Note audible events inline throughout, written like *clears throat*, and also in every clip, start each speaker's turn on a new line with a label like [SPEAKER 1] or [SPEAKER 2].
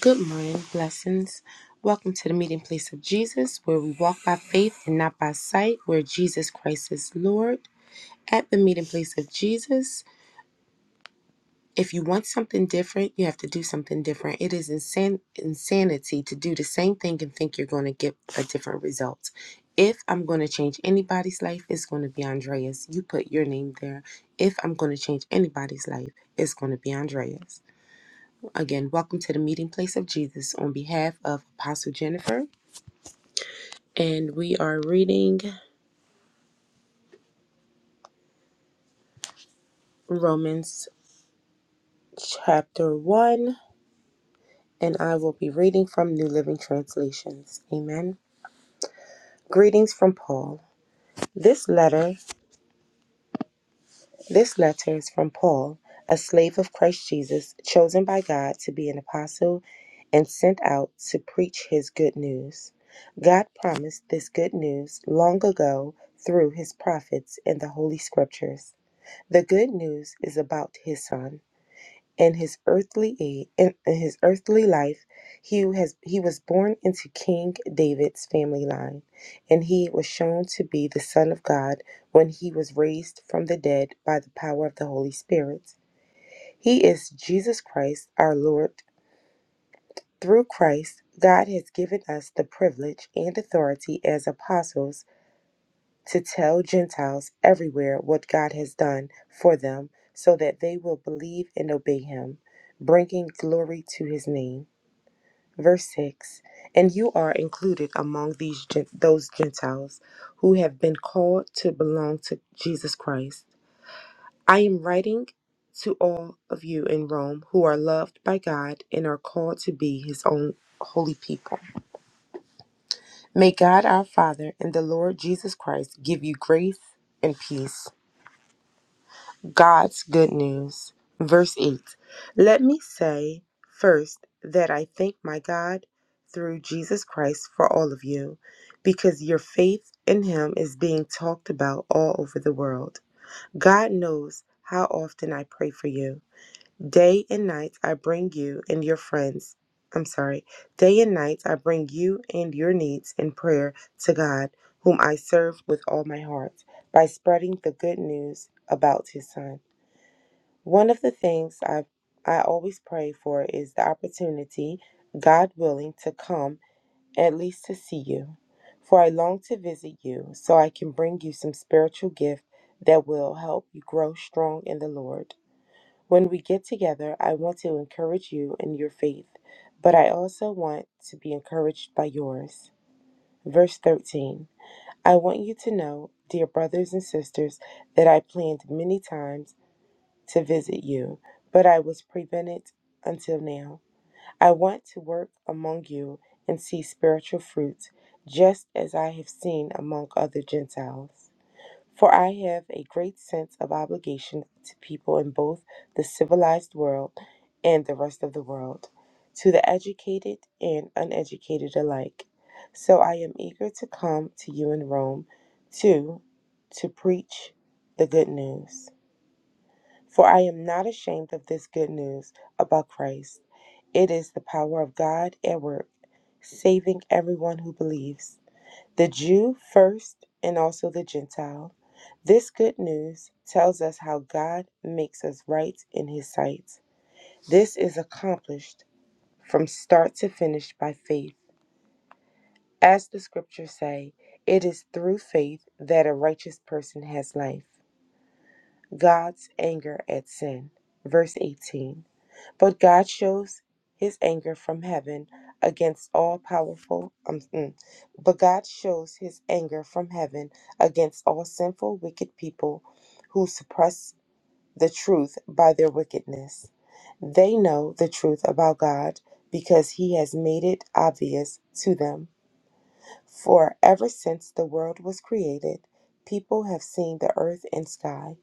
[SPEAKER 1] Good morning, blessings. Welcome to the meeting place of Jesus, where we walk by faith and not by sight, where Jesus Christ is Lord. At the meeting place of Jesus, if you want something different, you have to do something different. It is insan- insanity to do the same thing and think you're going to get a different result. If I'm going to change anybody's life, it's going to be Andreas. You put your name there. If I'm going to change anybody's life, it's going to be Andreas. Again, welcome to the meeting place of Jesus on behalf of Apostle Jennifer. And we are reading Romans chapter 1, and I will be reading from New Living Translations. Amen. Greetings from Paul. This letter, this letter is from Paul, a slave of Christ Jesus, chosen by God to be an apostle and sent out to preach his good news. God promised this good news long ago through his prophets in the Holy Scriptures. The good news is about his son. In his earthly aid, in, in his earthly life, he has he was born into King David's family line, and he was shown to be the son of God when he was raised from the dead by the power of the Holy Spirit. He is Jesus Christ, our Lord. Through Christ, God has given us the privilege and authority as apostles to tell Gentiles everywhere what God has done for them so that they will believe and obey him, bringing glory to his name. Verse 6 And you are included among these gen- those Gentiles who have been called to belong to Jesus Christ. I am writing to all of you in Rome who are loved by God and are called to be his own holy people. May God our Father and the Lord Jesus Christ give you grace and peace. God's good news. Verse 8 Let me say first that I thank my God through Jesus Christ for all of you, because your faith in him is being talked about all over the world. God knows how often I pray for you. Day and night I bring you and your friends. I'm sorry. Day and night I bring you and your needs in prayer to God, whom I serve with all my heart by spreading the good news about his son. One of the things I I always pray for is the opportunity, God willing, to come at least to see you. For I long to visit you so I can bring you some spiritual gift that will help you grow strong in the Lord. When we get together, I want to encourage you in your faith, but I also want to be encouraged by yours. Verse 13 I want you to know, dear brothers and sisters, that I planned many times to visit you, but I was prevented until now. I want to work among you and see spiritual fruits, just as I have seen among other Gentiles. For I have a great sense of obligation to people in both the civilized world and the rest of the world, to the educated and uneducated alike. So I am eager to come to you in Rome, too, to preach the good news. For I am not ashamed of this good news about Christ. It is the power of God at work, saving everyone who believes, the Jew first and also the Gentile. This good news tells us how God makes us right in his sight. This is accomplished from start to finish by faith. As the scriptures say, it is through faith that a righteous person has life. God's anger at sin. Verse 18. But God shows his anger from heaven against all powerful um, mm. but God shows his anger from heaven against all sinful wicked people who suppress the truth by their wickedness. They know the truth about God because he has made it obvious to them. For ever since the world was created, people have seen the earth and sky.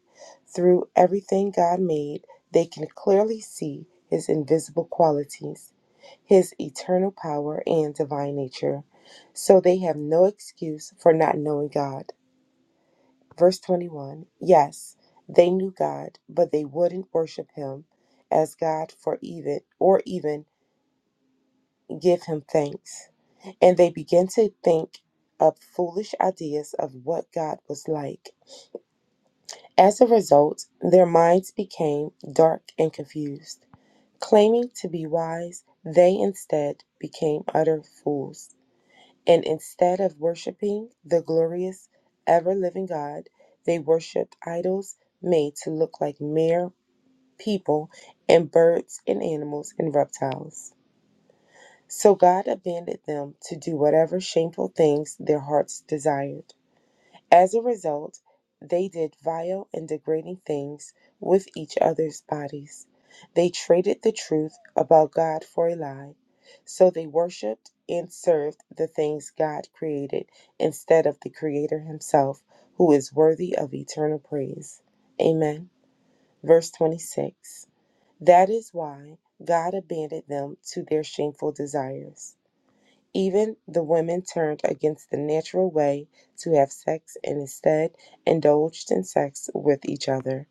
[SPEAKER 1] Through everything God made, they can clearly see his invisible qualities, his eternal power, and divine nature. So they have no excuse for not knowing God. Verse 21 Yes, they knew God, but they wouldn't worship him as God for even or even give him thanks. And they began to think up foolish ideas of what God was like. As a result, their minds became dark and confused. Claiming to be wise, they instead became utter fools. And instead of worshiping the glorious, ever living God, they worshiped idols made to look like mere people and birds and animals and reptiles. So God abandoned them to do whatever shameful things their hearts desired. As a result, they did vile and degrading things with each other's bodies. They traded the truth about God for a lie. So they worshiped and served the things God created instead of the Creator Himself, who is worthy of eternal praise. Amen. Verse 26 That is why God abandoned them to their shameful desires. Even the women turned against the natural way to have sex and instead indulged in sex with each other.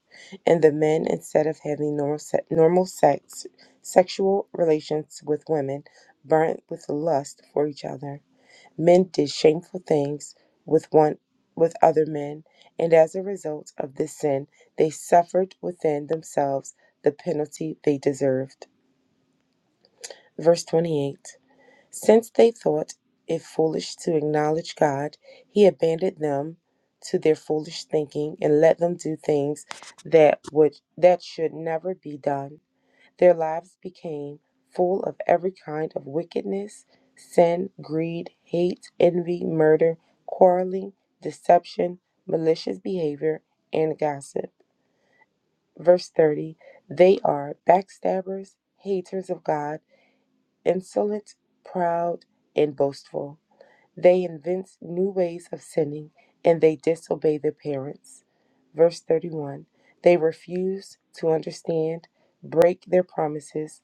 [SPEAKER 1] And the men, instead of having normal, se- normal sex, sexual relations with women, burnt with lust for each other. Men did shameful things with one with other men, and as a result of this sin, they suffered within themselves the penalty they deserved. Verse 28 since they thought it foolish to acknowledge God, he abandoned them to their foolish thinking and let them do things that would that should never be done. Their lives became full of every kind of wickedness, sin, greed, hate, envy, murder, quarreling, deception, malicious behavior, and gossip. Verse 30 They are backstabbers, haters of God, insolent, proud, and boastful. They invent new ways of sinning and they disobey their parents. Verse 31 They refuse to understand, break their promises,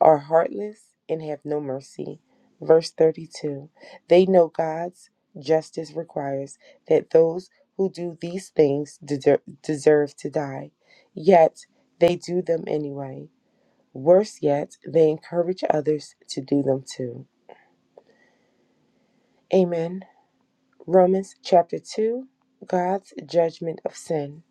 [SPEAKER 1] are heartless, and have no mercy. Verse 32 They know God's justice requires that those who do these things deser- deserve to die, yet they do them anyway. Worse yet, they encourage others to do them too. Amen. Romans chapter 2 God's judgment of sin.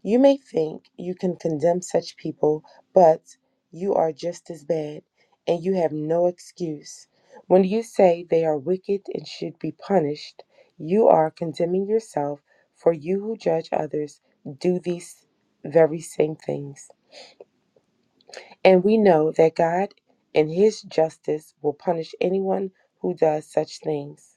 [SPEAKER 1] You may think you can condemn such people, but you are just as bad, and you have no excuse. When you say they are wicked and should be punished, you are condemning yourself, for you who judge others do these very same things. And we know that God, in His justice, will punish anyone who does such things.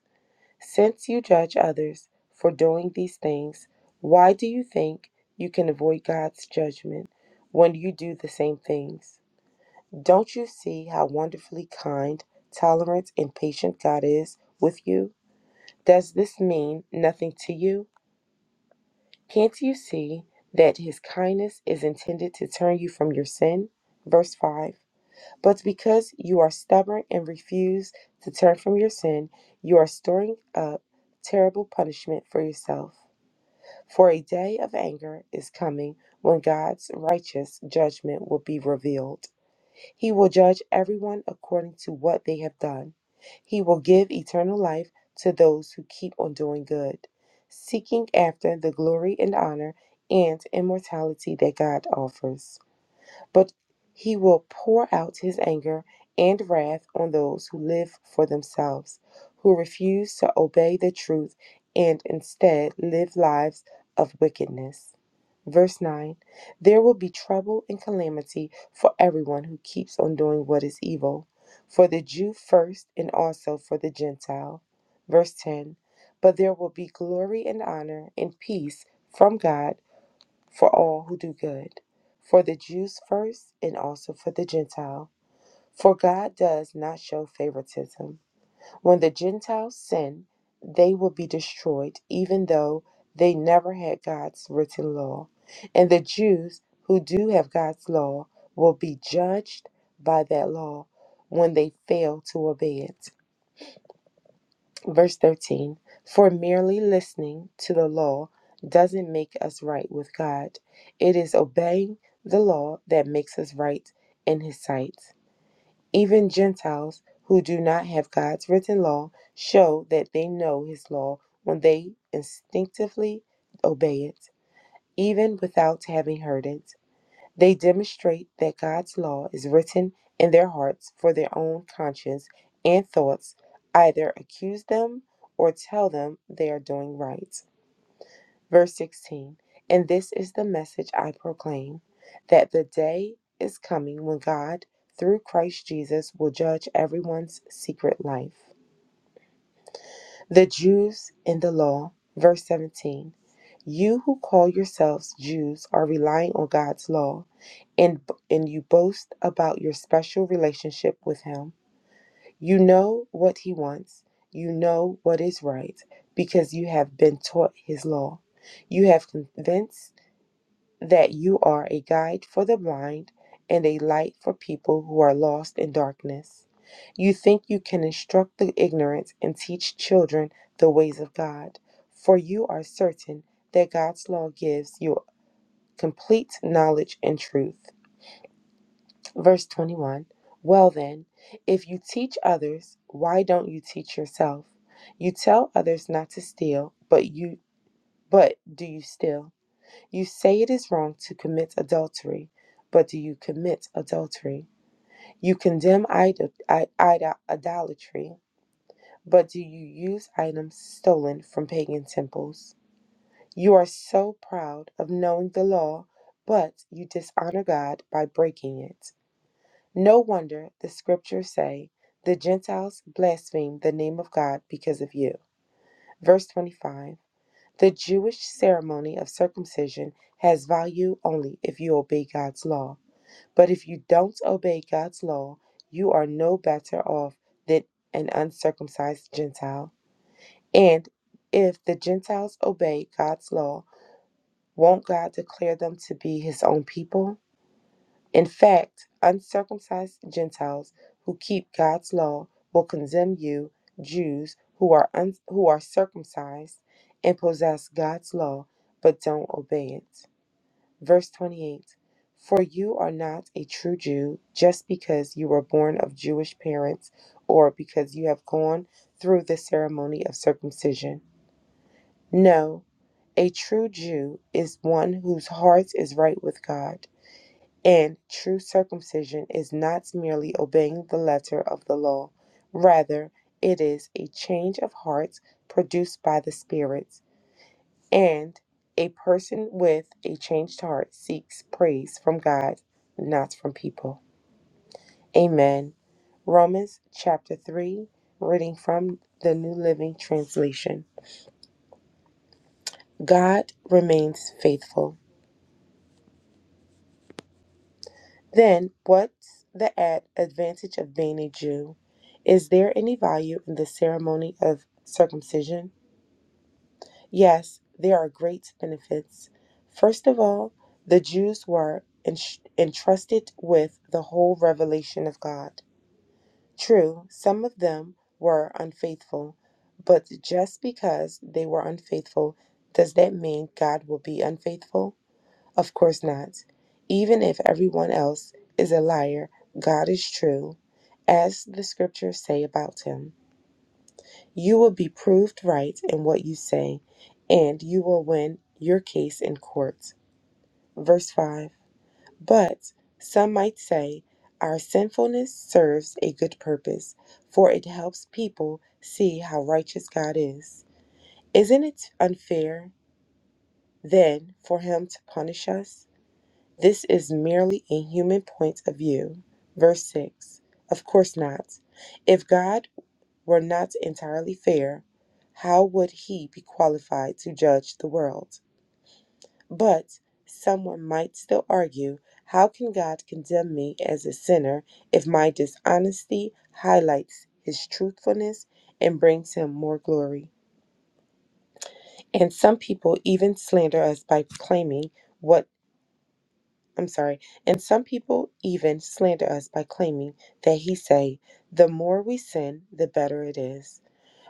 [SPEAKER 1] Since you judge others for doing these things, why do you think you can avoid God's judgment when you do the same things? Don't you see how wonderfully kind, tolerant, and patient God is with you? Does this mean nothing to you? Can't you see that His kindness is intended to turn you from your sin? Verse 5 but because you are stubborn and refuse to turn from your sin, you are storing up terrible punishment for yourself. For a day of anger is coming when God's righteous judgment will be revealed. He will judge everyone according to what they have done. He will give eternal life to those who keep on doing good, seeking after the glory and honor and immortality that God offers but he will pour out his anger and wrath on those who live for themselves, who refuse to obey the truth and instead live lives of wickedness. Verse 9 There will be trouble and calamity for everyone who keeps on doing what is evil, for the Jew first and also for the Gentile. Verse 10 But there will be glory and honor and peace from God for all who do good, for the Jews first and also for the Gentile. For God does not show favoritism. When the Gentiles sin, they will be destroyed, even though they never had God's written law. And the Jews who do have God's law will be judged by that law when they fail to obey it. Verse 13 For merely listening to the law doesn't make us right with God. It is obeying the law that makes us right in His sight. Even Gentiles who do not have God's written law show that they know His law when they instinctively obey it, even without having heard it. They demonstrate that God's law is written in their hearts for their own conscience and thoughts, either accuse them or tell them they are doing right. Verse 16 And this is the message I proclaim that the day is coming when God, through Christ Jesus, will judge everyone's secret life. The Jews in the law, verse 17. You who call yourselves Jews are relying on God's law and, and you boast about your special relationship with Him. You know what He wants, you know what is right, because you have been taught His law. You have convinced that you are a guide for the blind and a light for people who are lost in darkness. You think you can instruct the ignorant and teach children the ways of God, for you are certain that God's law gives you complete knowledge and truth. Verse 21 Well then, if you teach others, why don't you teach yourself? You tell others not to steal, but you but do you steal? You say it is wrong to commit adultery, but do you commit adultery? You condemn idol- i- idol- idolatry, but do you use items stolen from pagan temples? You are so proud of knowing the law, but you dishonor God by breaking it. No wonder the scriptures say, the Gentiles blaspheme the name of God because of you. Verse 25 The Jewish ceremony of circumcision has value only if you obey God's law But if you don't obey God's law, you are no better off than an uncircumcised Gentile. And if the Gentiles obey God's law, won't God declare them to be his own people? In fact, uncircumcised Gentiles who keep God's law will condemn you, Jews who are un- who are circumcised and possess God's law but don't obey it. Verse 28 For you are not a true Jew just because you were born of Jewish parents or because you have gone through the ceremony of circumcision. No, a true Jew is one whose heart is right with God. And true circumcision is not merely obeying the letter of the law, rather, it is a change of heart produced by the Spirit. And a person with a changed heart seeks praise from God, not from people. Amen. Romans chapter 3, reading from the New Living Translation. God remains faithful. Then, what's the ad- advantage of being a Jew? Is there any value in the ceremony of circumcision? Yes, there are great benefits. First of all, the Jews were ens- entrusted with the whole revelation of God. True, some of them were unfaithful, but just because they were unfaithful, does that mean God will be unfaithful? Of course not. Even if everyone else is a liar, God is true, as the scriptures say about him. You will be proved right in what you say, and you will win your case in court. Verse 5 But some might say, Our sinfulness serves a good purpose, for it helps people see how righteous God is. Isn't it unfair, then, for Him to punish us? This is merely a human point of view. Verse 6 Of course not. If God were not entirely fair, how would he be qualified to judge the world? But someone might still argue how can God condemn me as a sinner if my dishonesty highlights his truthfulness and brings him more glory? And some people even slander us by claiming what I'm sorry, and some people even slander us by claiming that he say, the more we sin, the better it is.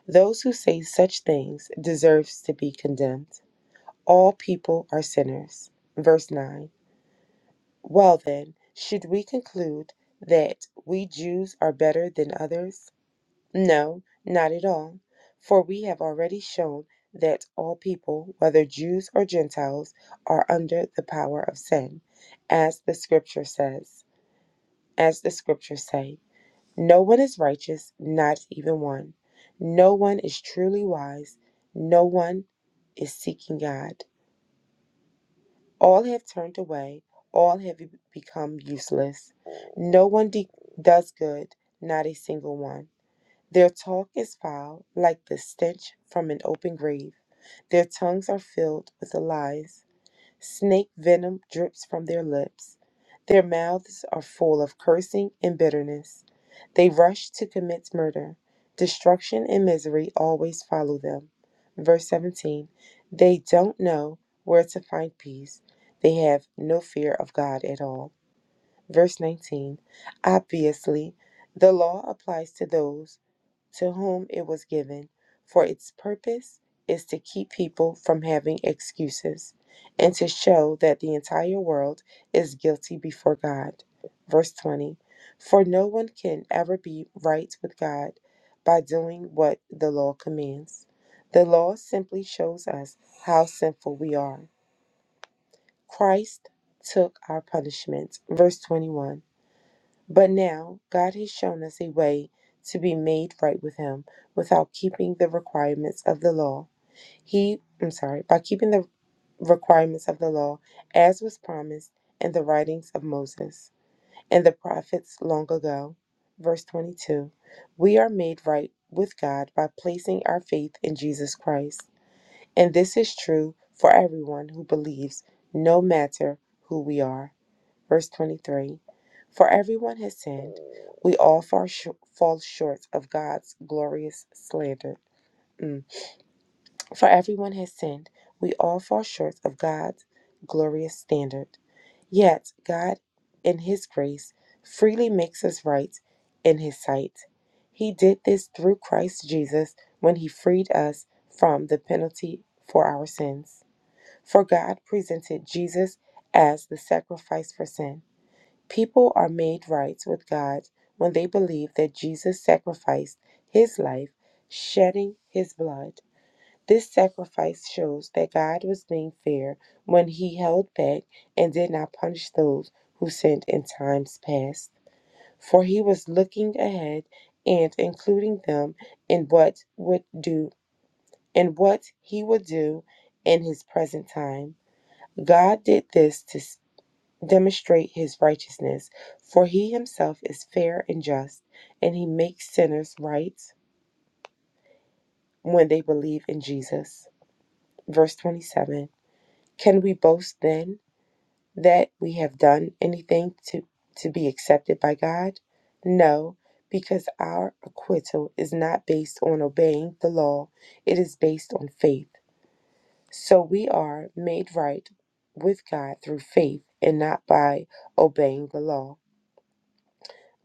[SPEAKER 1] Those who say such things deserves to be condemned. All people are sinners. Verse 9. Well then, should we conclude that we Jews are better than others? No, not at all. For we have already shown that all people, whether Jews or Gentiles, are under the power of sin, as the scripture says, as the scriptures say. No one is righteous, not even one. No one is truly wise. No one is seeking God. All have turned away. All have become useless. No one de- does good, not a single one. Their talk is foul, like the stench from an open grave. Their tongues are filled with lies. Snake venom drips from their lips. Their mouths are full of cursing and bitterness. They rush to commit murder. Destruction and misery always follow them. Verse 17 They don't know where to find peace. They have no fear of God at all. Verse 19 Obviously, the law applies to those to whom it was given, for its purpose is to keep people from having excuses and to show that the entire world is guilty before God. Verse 20 For no one can ever be right with God by doing what the law commands. The law simply shows us how sinful we are. Christ took our punishment. Verse 21 but now God has shown us a way to be made right with him without keeping the requirements of the law. He, I'm sorry, by keeping the requirements of the law as was promised in the writings of Moses and the prophets long ago. Verse 22 We are made right with God by placing our faith in Jesus Christ. And this is true for everyone who believes, no matter who we are. Verse 23 For everyone has sinned, we all far sh- fall short of God's glorious standard. Mm. For everyone has sinned, we all fall short of God's glorious standard. Yet, God, in His grace, freely makes us right in His sight. He did this through Christ Jesus when He freed us from the penalty for our sins. For God presented Jesus as the sacrifice for sin. People are made right with God when they believe that Jesus sacrificed his life, shedding his blood. This sacrifice shows that God was being fair when he held back and did not punish those who sinned in times past, for he was looking ahead and including them in what would do in what he would do in his present time. God did this to demonstrate his righteousness, for he himself is fair and just, and he makes sinners right when they believe in Jesus. Verse 27 Can we boast then that we have done anything to, to be accepted by God? No, because our acquittal is not based on obeying the law, it is based on faith. So we are made right with God through faith and not by obeying the law.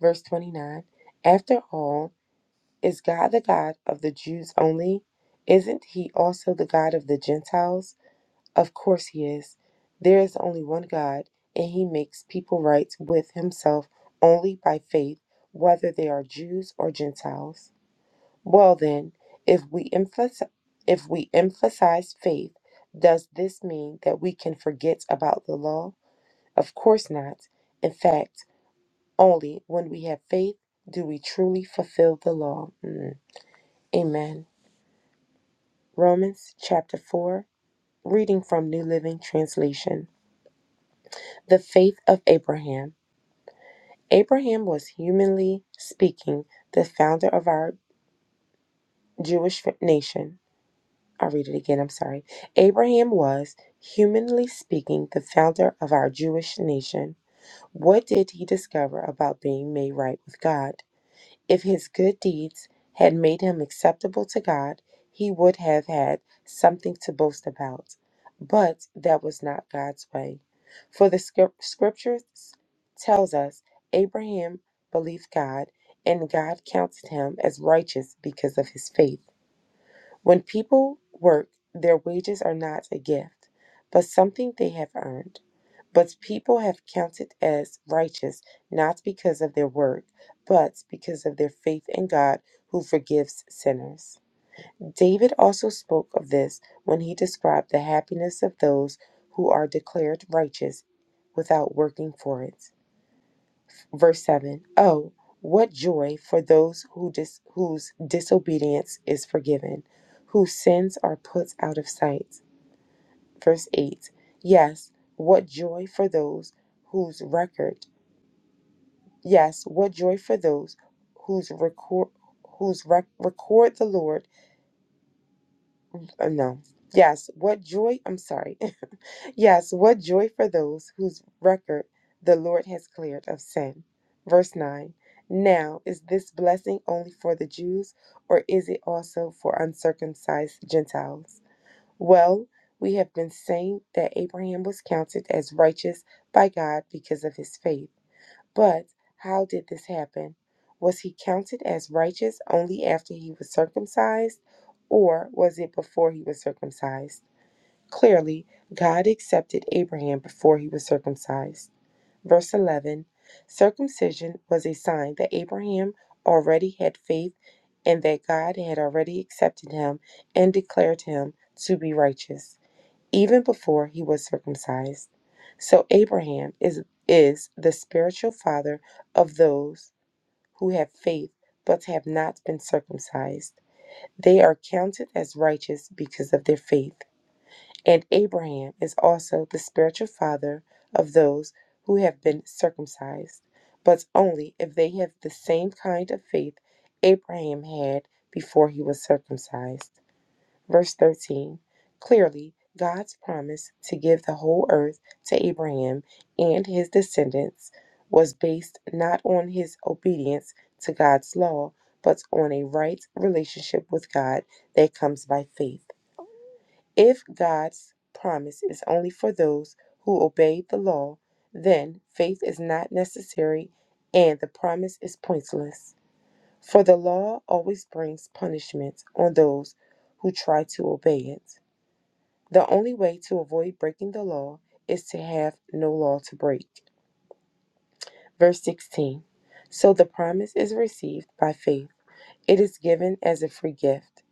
[SPEAKER 1] Verse 29 After all, is God the God of the Jews only? Isn't he also the God of the Gentiles? Of course he is. There is only one God, and he makes people right with himself only by faith, whether they are Jews or Gentiles. Well, then, if we emphasize, if we emphasize faith, does this mean that we can forget about the law? Of course not. In fact, only when we have faith do we truly fulfill the law. Mm. Amen. Romans chapter 4, reading from New Living Translation. The faith of Abraham. Abraham was, humanly speaking, the founder of our Jewish nation. I'll read it again, I'm sorry. Abraham was, humanly speaking, the founder of our Jewish nation. What did he discover about being made right with God? If his good deeds had made him acceptable to God, he would have had something to boast about. But that was not God's way. For the scrip- scriptures tells us Abraham believed God and God counted him as righteous because of his faith. When people work, their wages are not a gift, but something they have earned. But people have counted as righteous not because of their work, but because of their faith in God who forgives sinners. David also spoke of this when he described the happiness of those who are declared righteous without working for it. Verse 7 Oh, what joy for those who dis- whose disobedience is forgiven, whose sins are put out of sight. Verse 8 Yes, what joy for those whose record Yes, what joy for those whose record whose rec- record the Lord. Uh, no. Yes, what joy. I'm sorry. *laughs* yes, what joy for those whose record the Lord has cleared of sin. Verse 9. Now, is this blessing only for the Jews or is it also for uncircumcised Gentiles? Well, we have been saying that Abraham was counted as righteous by God because of his faith. But how did this happen? Was he counted as righteous only after he was circumcised, or was it before he was circumcised? Clearly, God accepted Abraham before he was circumcised. Verse 11 Circumcision was a sign that Abraham already had faith and that God had already accepted him and declared him to be righteous even before he was circumcised. So Abraham is, is the spiritual father of those who have faith but have not been circumcised. They are counted as righteous because of their faith. And Abraham is also the spiritual father of those who have been circumcised, but only if they have the same kind of faith Abraham had before he was circumcised. Verse 13 Clearly, God's promise to give the whole earth to Abraham and his descendants was based not on his obedience to God's law, but on a right relationship with God that comes by faith. If God's promise is only for those who obey the law, then faith is not necessary and the promise is pointless. For the law always brings punishment on those who try to obey it. The only way to avoid breaking the law is to have no law to break. Verse 16 So the promise is received by faith, it is given as a free gift.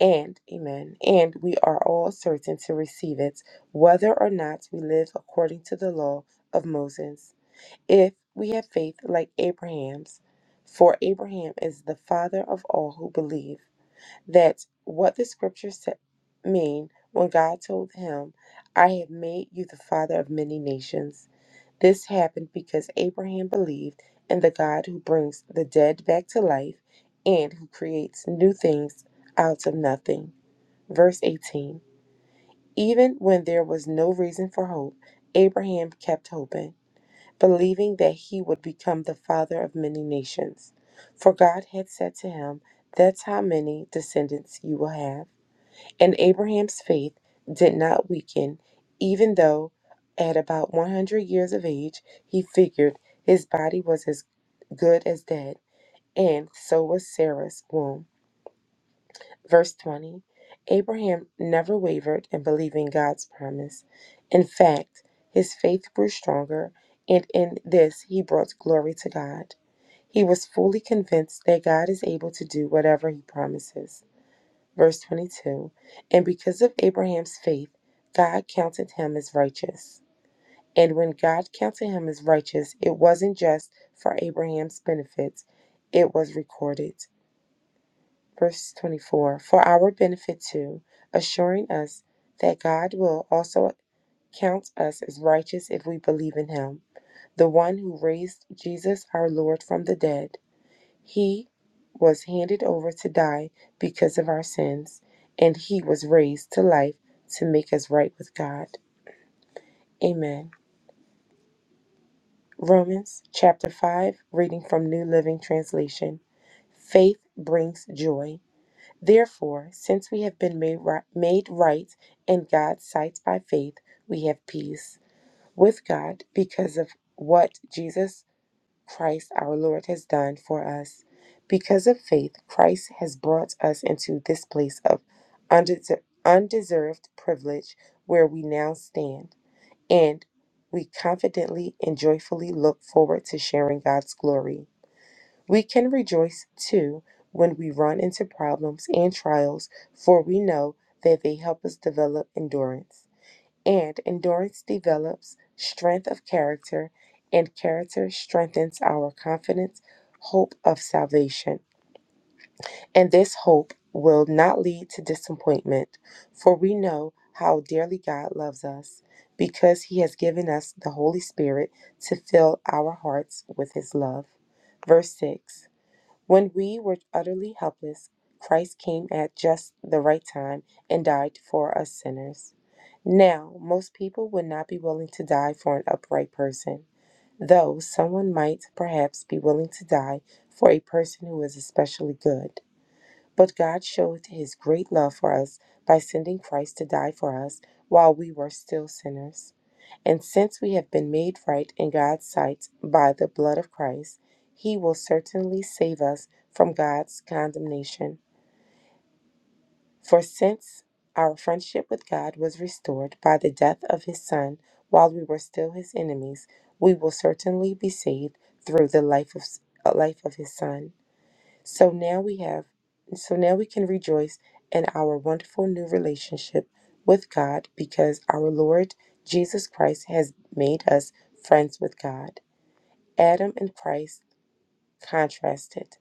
[SPEAKER 1] And, amen, and we are all certain to receive it, whether or not we live according to the law of Moses. If we have faith like Abraham's, for Abraham is the father of all who believe. That's what the scriptures sa- mean when God told him, I have made you the father of many nations. This happened because Abraham believed in the God who brings the dead back to life and who creates new things out of nothing. Verse 18 Even when there was no reason for hope, Abraham kept hoping, believing that he would become the father of many nations. For God had said to him, That's how many descendants you will have. And Abraham's faith did not weaken, even though at about 100 years of age he figured his body was as good as dead, and so was Sarah's womb. Verse 20 Abraham never wavered in believing God's promise. In fact, his faith grew stronger, and in this he brought glory to God. He was fully convinced that God is able to do whatever he promises. Verse 22 And because of Abraham's faith, God counted him as righteous. And when God counted him as righteous, it wasn't just for Abraham's benefit, it was recorded. Verse 24 For our benefit too, assuring us that God will also count us as righteous if we believe in him, the one who raised Jesus our Lord from the dead. He was handed over to die because of our sins, and he was raised to life to make us right with God. Amen. Romans chapter 5, reading from New Living Translation. Faith brings joy. Therefore, since we have been made right, made right in God's sight by faith, we have peace with God because of what Jesus Christ our Lord has done for us. Because of faith, Christ has brought us into this place of undeser- undeserved privilege where we now stand, and we confidently and joyfully look forward to sharing God's glory. We can rejoice too when we run into problems and trials, for we know that they help us develop endurance. And endurance develops strength of character, and character strengthens our confidence, hope of salvation. And this hope will not lead to disappointment, for we know how dearly God loves us, because He has given us the Holy Spirit to fill our hearts with His love. Verse 6 when we were utterly helpless, Christ came at just the right time and died for us sinners. Now, most people would not be willing to die for an upright person, though someone might perhaps be willing to die for a person who is especially good. But God showed his great love for us by sending Christ to die for us while we were still sinners. And since we have been made right in God's sight by the blood of Christ, he will certainly save us from God's condemnation. For since our friendship with God was restored by the death of his Son while we were still his enemies, we will certainly be saved through the life of, life of his Son. So now we have, so now we can rejoice in our wonderful new relationship with God because our Lord Jesus Christ has made us friends with God. Adam and Christ contrasted.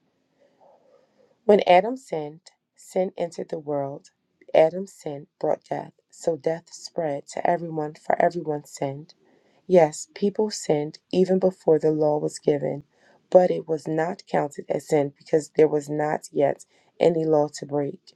[SPEAKER 1] When Adam sinned, sin entered the world. Adam's sin brought death, so death spread to everyone, for everyone sinned. Yes, people sinned even before the law was given, but it was not counted as sin because there was not yet any law to break.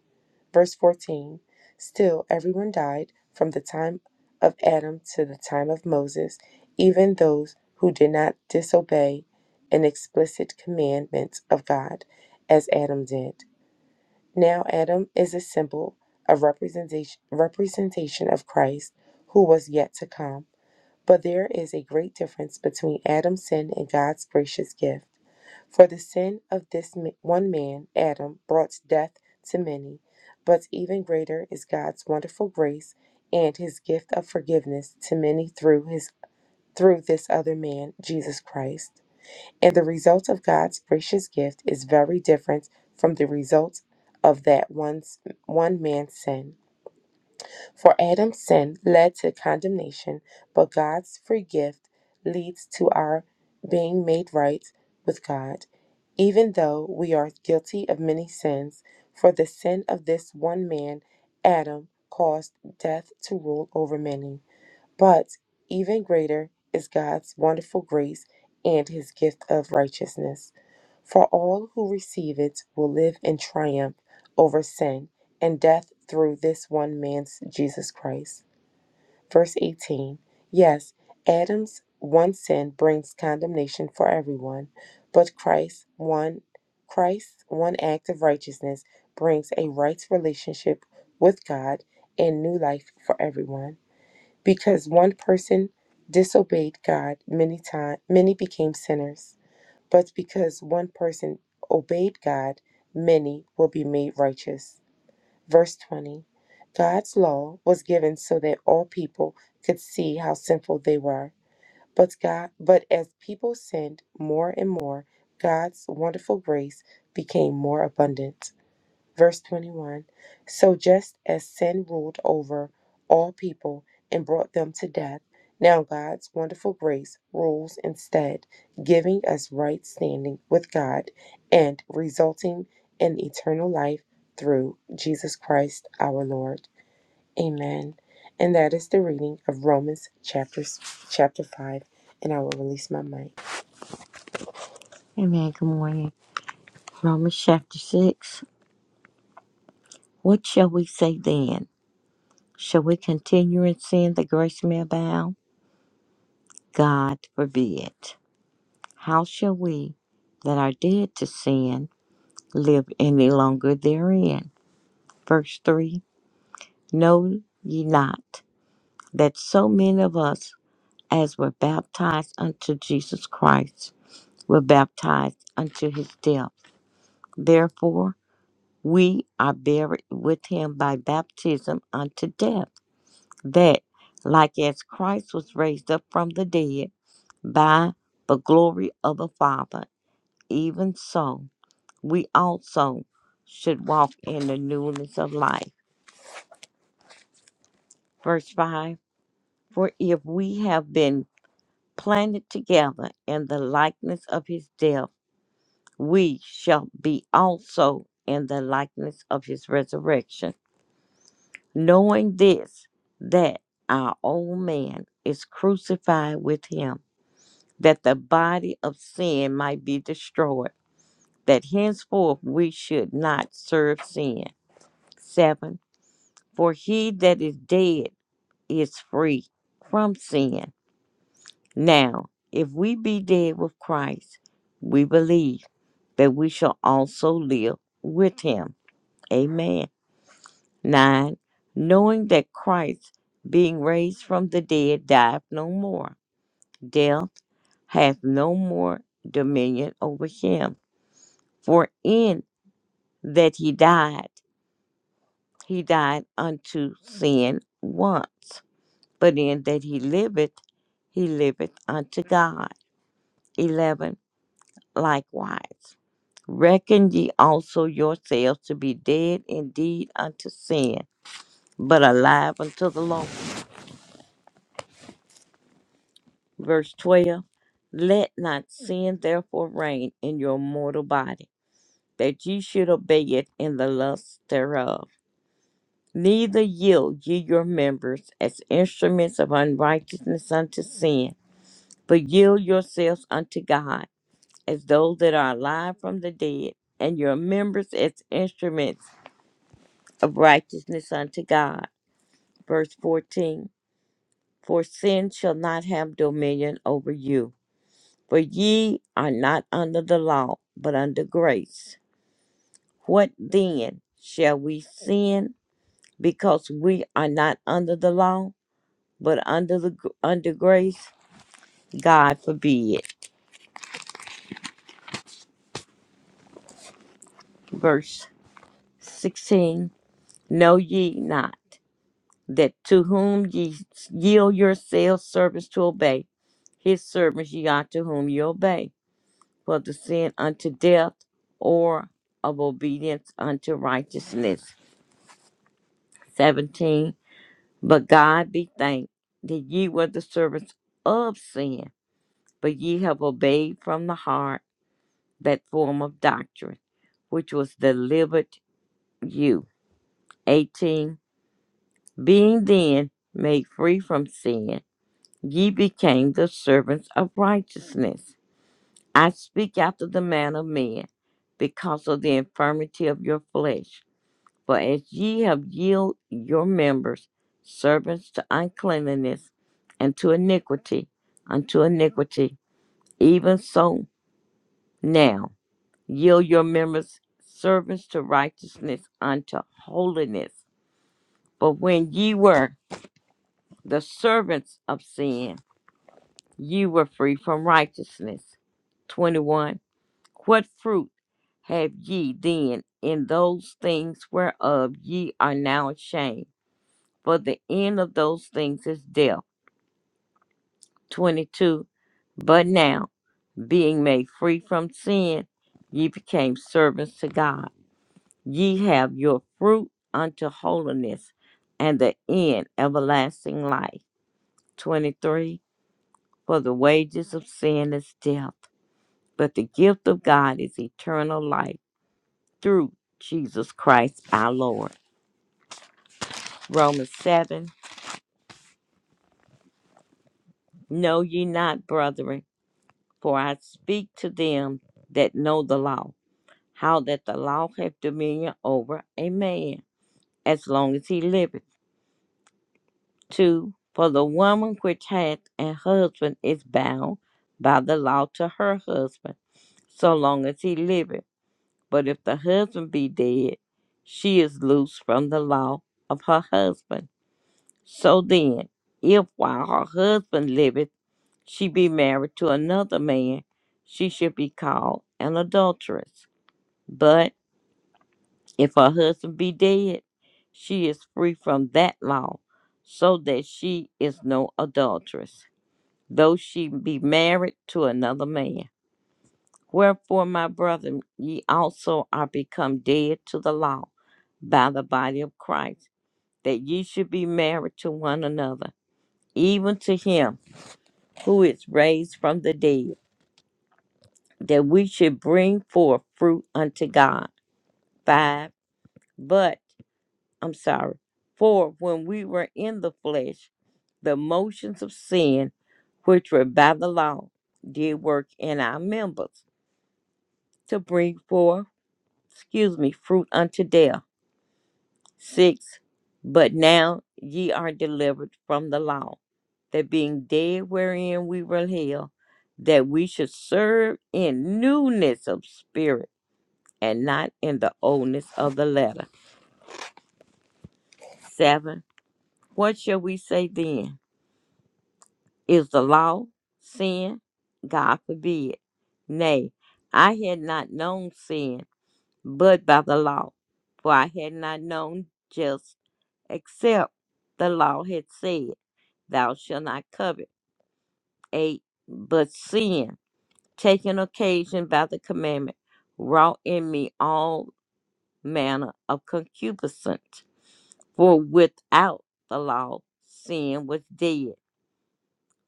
[SPEAKER 1] Verse 14 Still, everyone died from the time of Adam to the time of Moses, even those who did not disobey an explicit commandment of God, as Adam did. Now, Adam is a symbol a representation, representation of Christ who was yet to come. But there is a great difference between Adam's sin and God's gracious gift. For the sin of this ma- one man, Adam, brought death to many. But even greater is God's wonderful grace and his gift of forgiveness to many through his through this other man, Jesus Christ. And the result of God's gracious gift is very different from the result of that one's, one man's sin. For Adam's sin led to condemnation, but God's free gift leads to our being made right with God, even though we are guilty of many sins. For the sin of this one man, Adam, caused death to rule over many. But even greater is God's wonderful grace and his gift of righteousness. For all who receive it will live in triumph over sin and death through this one man's Jesus Christ. Verse 18 Yes, Adam's one sin brings condemnation for everyone, but Christ's one Christ's one act of righteousness brings a right relationship with God and new life for everyone. Because one person disobeyed God many times, many became sinners. But because one person obeyed God, many will be made righteous. Verse 20 God's law was given so that all people could see how sinful they were. But God, but as people sinned more and more, God's wonderful grace became more abundant. Verse 21 So just as sin ruled over all people and brought them to death, now God's wonderful grace rules instead, giving us right standing with God and resulting in eternal life through Jesus Christ our Lord. Amen. And that is the reading of Romans chapters, chapter 5. And I will release my mic.
[SPEAKER 2] Amen. Good morning. Romans chapter 6. What shall we say then? Shall we continue in sin that grace may abound? God forbid. How shall we that are dead to sin live any longer therein? Verse 3 Know ye not that so many of us as were baptized unto Jesus Christ were baptized unto his death? Therefore, we are buried with him by baptism unto death that, like as Christ was raised up from the dead by the glory of the Father, even so we also should walk in the newness of life. Verse 5 For if we have been planted together in the likeness of his death, we shall be also in the likeness of his resurrection, knowing this, that our old man is crucified with him that the body of sin might be destroyed, that henceforth we should not serve sin. 7. For he that is dead is free from sin. Now, if we be dead with Christ, we believe that we shall also live with him. Amen. 9. Knowing that Christ, being raised from the dead, died no more, death hath no more dominion over him. For in that he died, he died unto sin once, but in that he liveth, he liveth unto God. 11. Likewise, reckon ye also yourselves to be dead indeed unto sin, but alive unto the Lord. Verse 12. Let not sin therefore reign in your mortal body, that ye should obey it in the lust thereof. Neither yield ye your members as instruments of unrighteousness unto sin, but yield yourselves unto God as those that are alive from the dead, and your members as instruments of righteousness unto God. Verse 14 For sin shall not have dominion over you, for ye are not under the law, but under grace. What then? Shall we sin because we are not under the law? but under the under grace, God forbid. Verse sixteen: Know ye not that to whom ye yield yourselves servants to obey, his servants ye are to whom ye obey, for the sin unto death, or of obedience unto righteousness. Seventeen: But God be thanked that ye were the servants of sin, but ye have obeyed from the heart that form of doctrine which was delivered you. 18. Being then made free from sin, ye became the servants of righteousness. I speak after the manner of men, because of the infirmity of your flesh. For as ye have yielded your members servants to uncleanness and to iniquity, unto iniquity, even so now yield your members servants to righteousness unto holiness. But when ye were the servants of sin, you were free from righteousness. 21. What fruit have ye then in those things whereof ye are now ashamed? For the end of those things is death. 22. But now, being made free from sin, ye became servants to God. Ye have your fruit unto holiness, and the end everlasting life. 23 For the wages of sin is death, but the gift of God is eternal life through Jesus Christ our Lord. Romans 7 Know ye not, brethren, for I speak to them that know the law, how that the law hath dominion over a man, as long as he liveth. 2. For the woman which hath an husband is bound by the law to her husband, so long as he liveth. But if the husband be dead, she is loose from the law of her husband. So then, if while her husband liveth, she be married to another man, she should be called an adulteress. But if her husband be dead, she is free from that law, so that she is no adulteress, though she be married to another man. Wherefore, my brethren, ye also are become dead to the law by the body of Christ, that ye should be married to one another, even to him who is raised from the dead, that we should bring forth fruit unto God. Five, but, I'm sorry, for when we were in the flesh, the motions of sin, which were by the law, did work in our members to bring forth, excuse me, fruit unto death 6. But now ye are delivered from the law, that being dead wherein we were held, that we should serve in newness of spirit and not in the oldness of the letter. 7. What shall we say then? Is the law sin? God forbid. Nay, I had not known sin but by the law, for I had not known just except the law had said. thou shalt not covet. 8. But sin, taking occasion by the commandment, wrought in me all manner of concupiscence. For without the law, sin was dead.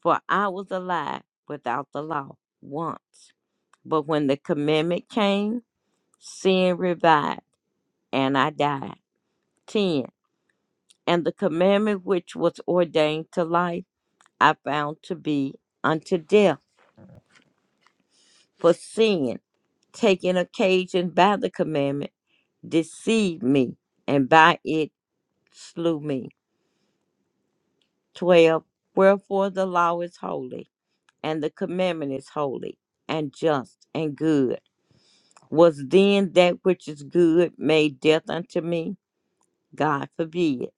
[SPEAKER 2] For I was alive without the law once. But when the commandment came, sin revived, and I died. 10. And the commandment which was ordained to life, I found to be unto death for sin, taking occasion by the commandment, deceived me, and by it slew me. 12. Wherefore the law is holy, and the commandment is holy, and just, and good. Was then that which is good made death unto me? God forbid.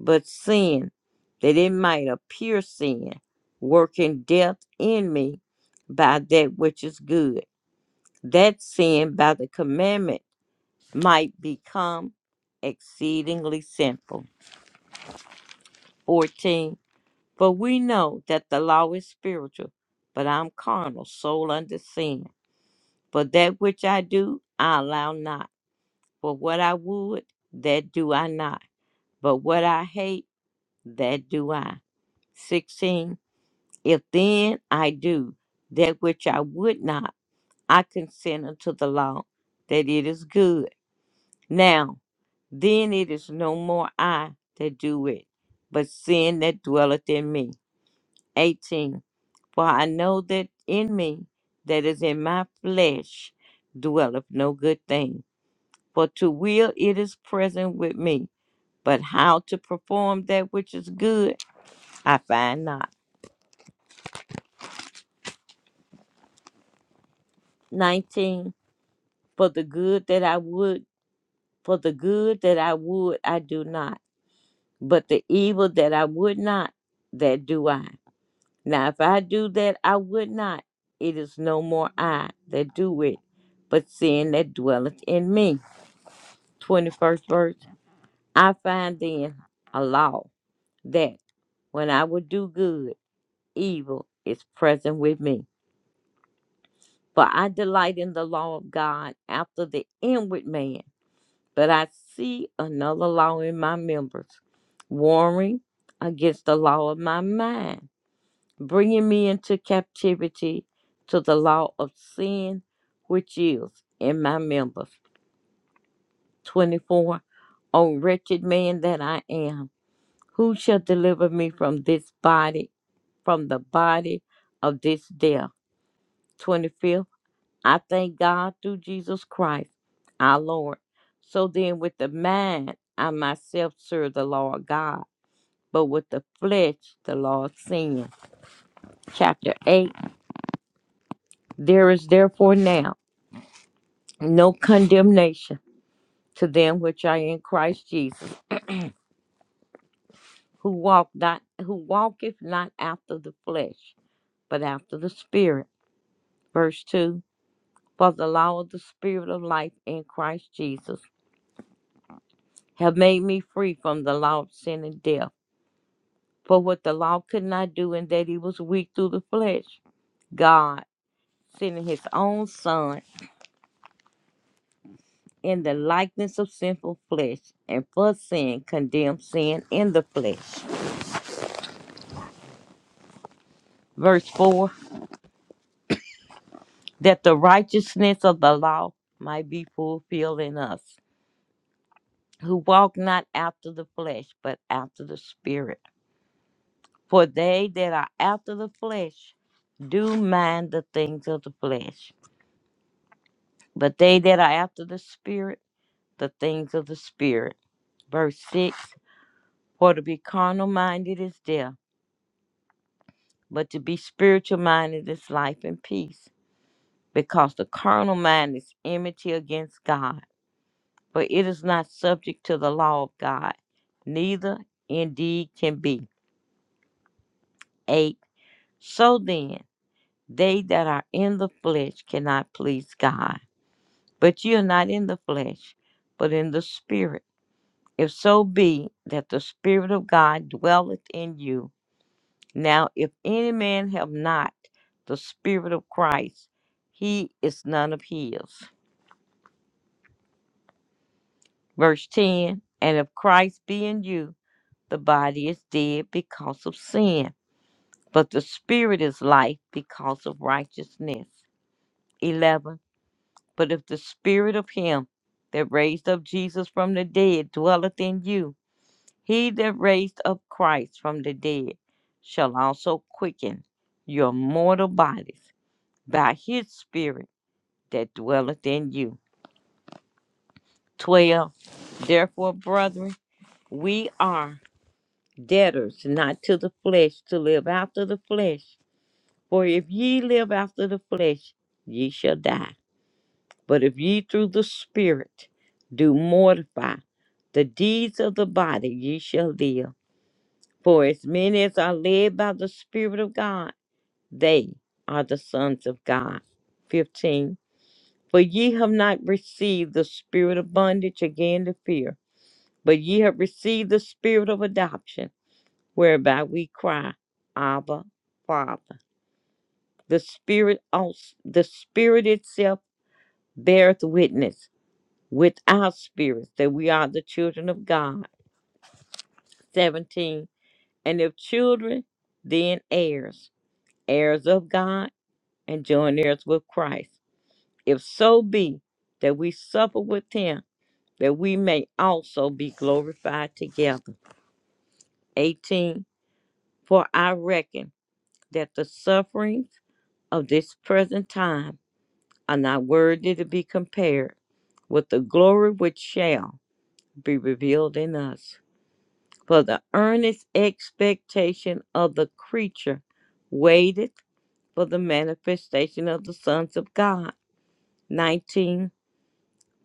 [SPEAKER 2] But sin, that it might appear sin, working death in me by that which is good. That sin by the commandment might become exceedingly sinful. 14. For we know that the law is spiritual, but I'm carnal, soul under sin. For that which I do, I allow not. For what I would, that do I not. But what I hate, that do I. 16. If then I do that which I would not, I consent unto the law that it is good. Now, then it is no more I that do it, but sin that dwelleth in me. 18. For I know that in me, that is in my flesh, dwelleth no good thing. For to will it is present with me, but how to perform that which is good, I find not. 19. For the good that I would, for the good that I would, I do not, but the evil that I would not, that do I. Now, if I do that, I would not. It is no more I that do it, but sin that dwelleth in me. 21st verse. I find then a law that when I would do good, evil is present with me. For I delight in the law of God after the inward man, but I see another law in my members, warring against the law of my mind bringing me into captivity to the law of sin which is in my members. 24. O wretched man that I am, who shall deliver me from this body, from the body of this death? 25. I thank God through Jesus Christ, our Lord. So then, with the mind, I myself serve the law of God, but with the flesh, the law of sin. Chapter 8. There is therefore now. no condemnation to them which are in Christ Jesus, who walk not who walketh not after the flesh, but after the spirit. Verse two For the law of the spirit of life in Christ Jesus have made me free from the law of sin and death. For what the law could not do in that he was weak through the flesh, God sending his own son in the likeness of sinful flesh, and for sin condemned sin in the flesh. Verse 4 that the righteousness of the law might be fulfilled in us, who walk not after the flesh, but after the Spirit. For they that are after the flesh do mind the things of the flesh, but they that are after the Spirit, the things of the Spirit. Verse 6 For to be carnal minded is death, but to be spiritual minded is life and peace, because the carnal mind is enmity against God for it is not subject to the law of God, neither indeed can be. 8. So then, they that are in the flesh cannot please God. But ye are not in the flesh, but in the Spirit. If so be that the Spirit of God dwelleth in you. Now, if any man have not the Spirit of Christ, he is none of his. Verse 10 And if Christ be in you, the body is dead because of sin But the spirit is life because of righteousness. 11. But if the spirit of him that raised up Jesus from the dead dwelleth in you, he that raised up Christ from the dead shall also quicken your mortal bodies by his spirit that dwelleth in you. 12. Therefore, brethren, we are debtors not to the flesh to live after the flesh. For if ye live after the flesh, ye shall die. But if ye through the Spirit do mortify the deeds of the body, ye shall live. For as many as are led by the Spirit of God, they are the sons of God. 15. For ye have not received the spirit of bondage again to fear, but ye have received the spirit of adoption, whereby we cry, Abba, Father. The Spirit also, the Spirit itself beareth witness with our spirits that we are the children of God. 17. And if children, then heirs, heirs of God, and joint heirs with Christ. If so be that we suffer with him, that we may also be glorified together. 18. For I reckon that the sufferings of this present time are not worthy to be compared with the glory which shall be revealed in us. for the earnest expectation of the creature waited for the manifestation of the sons of God. 19.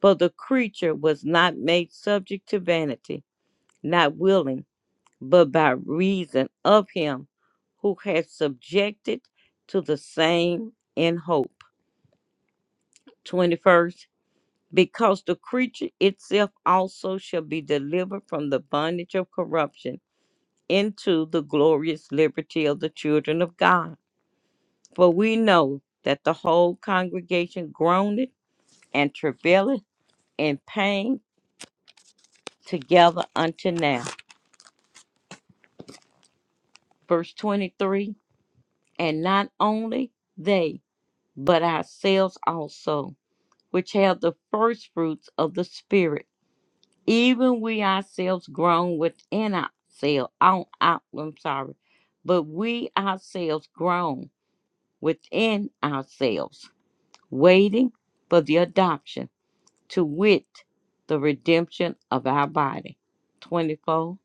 [SPEAKER 2] For the creature was not made subject to vanity, not willing, but by reason of him who has subjected to the same in hope. 21st. Because the creature itself also shall be delivered from the bondage of corruption into the glorious liberty of the children of God. For we know that the whole congregation groaneth and travaileth in pain together unto now. Verse 23 And not only they, but ourselves also, which have the first fruits of the Spirit, even we ourselves groan within ourselves. Oh, I- I'm sorry. But we ourselves groan within ourselves waiting for the adoption, to wit, the redemption of our body. 24.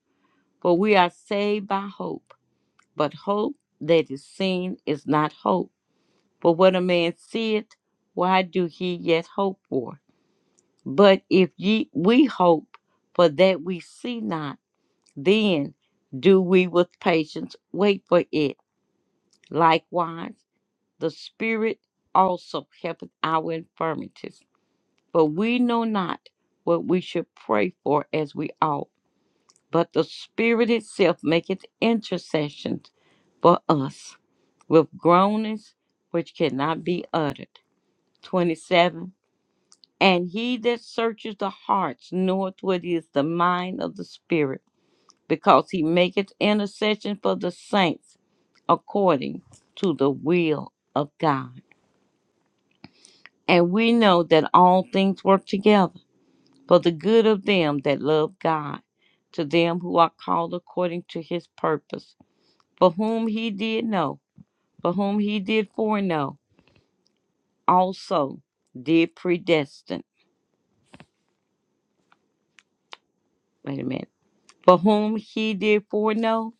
[SPEAKER 2] For we are saved by hope, but hope that is seen is not hope. For what a man seeth, why do he yet hope for? But if ye we hope for that we see not, then do we with patience wait for it. Likewise, the Spirit also helpeth our infirmities But we know not what we should pray for as we ought. But the Spirit itself maketh intercessions for us with groanings which cannot be uttered. 27. And he that searches the hearts knoweth what is the mind of the Spirit, because he maketh intercession for the saints according to the will of God. And we know that all things work together for the good of them that love God, to them who are called according to his purpose, for whom he did know, for whom he did foreknow, also did predestine. Wait a minute. For whom he did foreknow,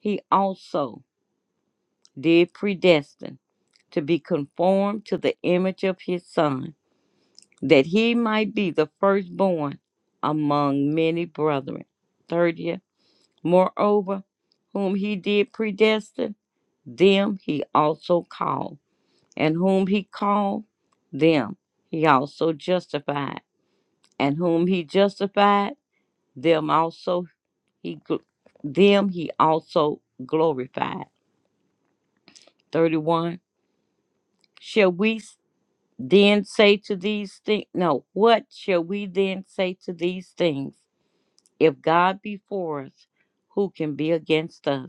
[SPEAKER 2] he also did predestine to be conformed to the image of his son, that he might be the firstborn among many brethren. 30th. Moreover, whom he did predestine, them he also called, and whom he called, them he also justified, and whom he justified, them also he gl- them he also glorified. 31 Shall we s- then say to these things no, what shall we then say to these things? If God be for us, who can be against us?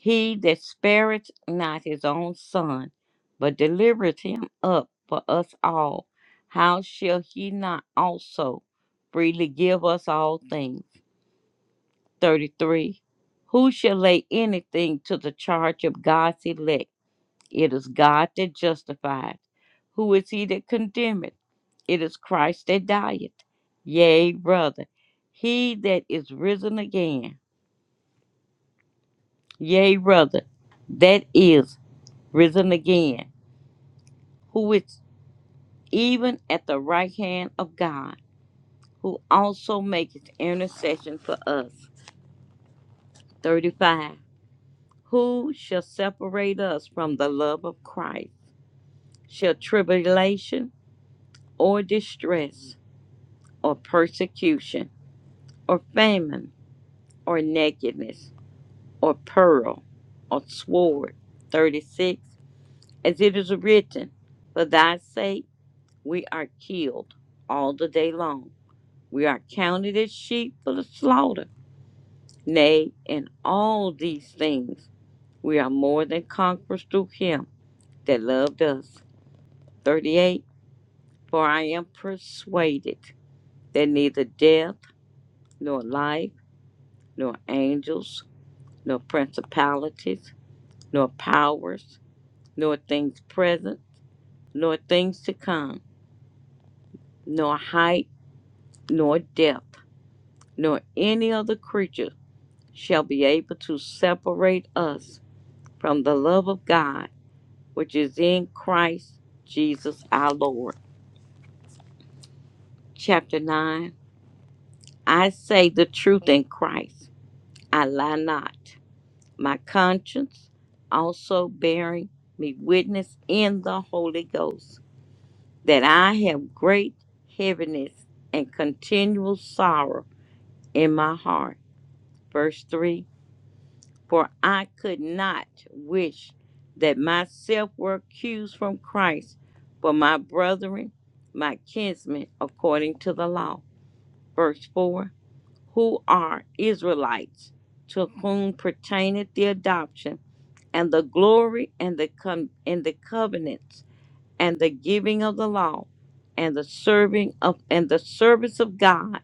[SPEAKER 2] He that spareth not his own son, but delivereth him up for us all, how shall he not also freely give us all things? 33. Who shall lay anything to the charge of God's elect? It is God that justifieth. Who is he that condemneth? It is Christ that dieth. Yea, brother, he that is risen again. Yea, brother, that is risen again who is even at the right hand of God, who also maketh intercession for us. 35. Who shall separate us from the love of Christ? Shall tribulation or distress or persecution or famine or nakedness or peril or sword? 36. As it is written, For thy sake we are killed all the day long. We are counted as sheep for the slaughter. Nay, in all these things, we are more than conquerors through him that loved us. 38. For I am persuaded that neither death, nor life, nor angels, nor principalities, nor powers, nor things present, nor things to come, nor height, nor depth, nor any other creature shall be able to separate us from the love of God, which is in Christ Jesus our Lord. Chapter 9 I say the truth in Christ, I lie not. My conscience also bearing me witness in the Holy Ghost that I have great heaviness and continual sorrow in my heart. Verse 3 for I could not wish that myself were accused from Christ for my brethren, my kinsmen, according to the law. Verse 4 Who are Israelites, to whom pertaineth the adoption, and the glory, and the, com- and the covenants, and the giving of the law, and the serving of and the service of God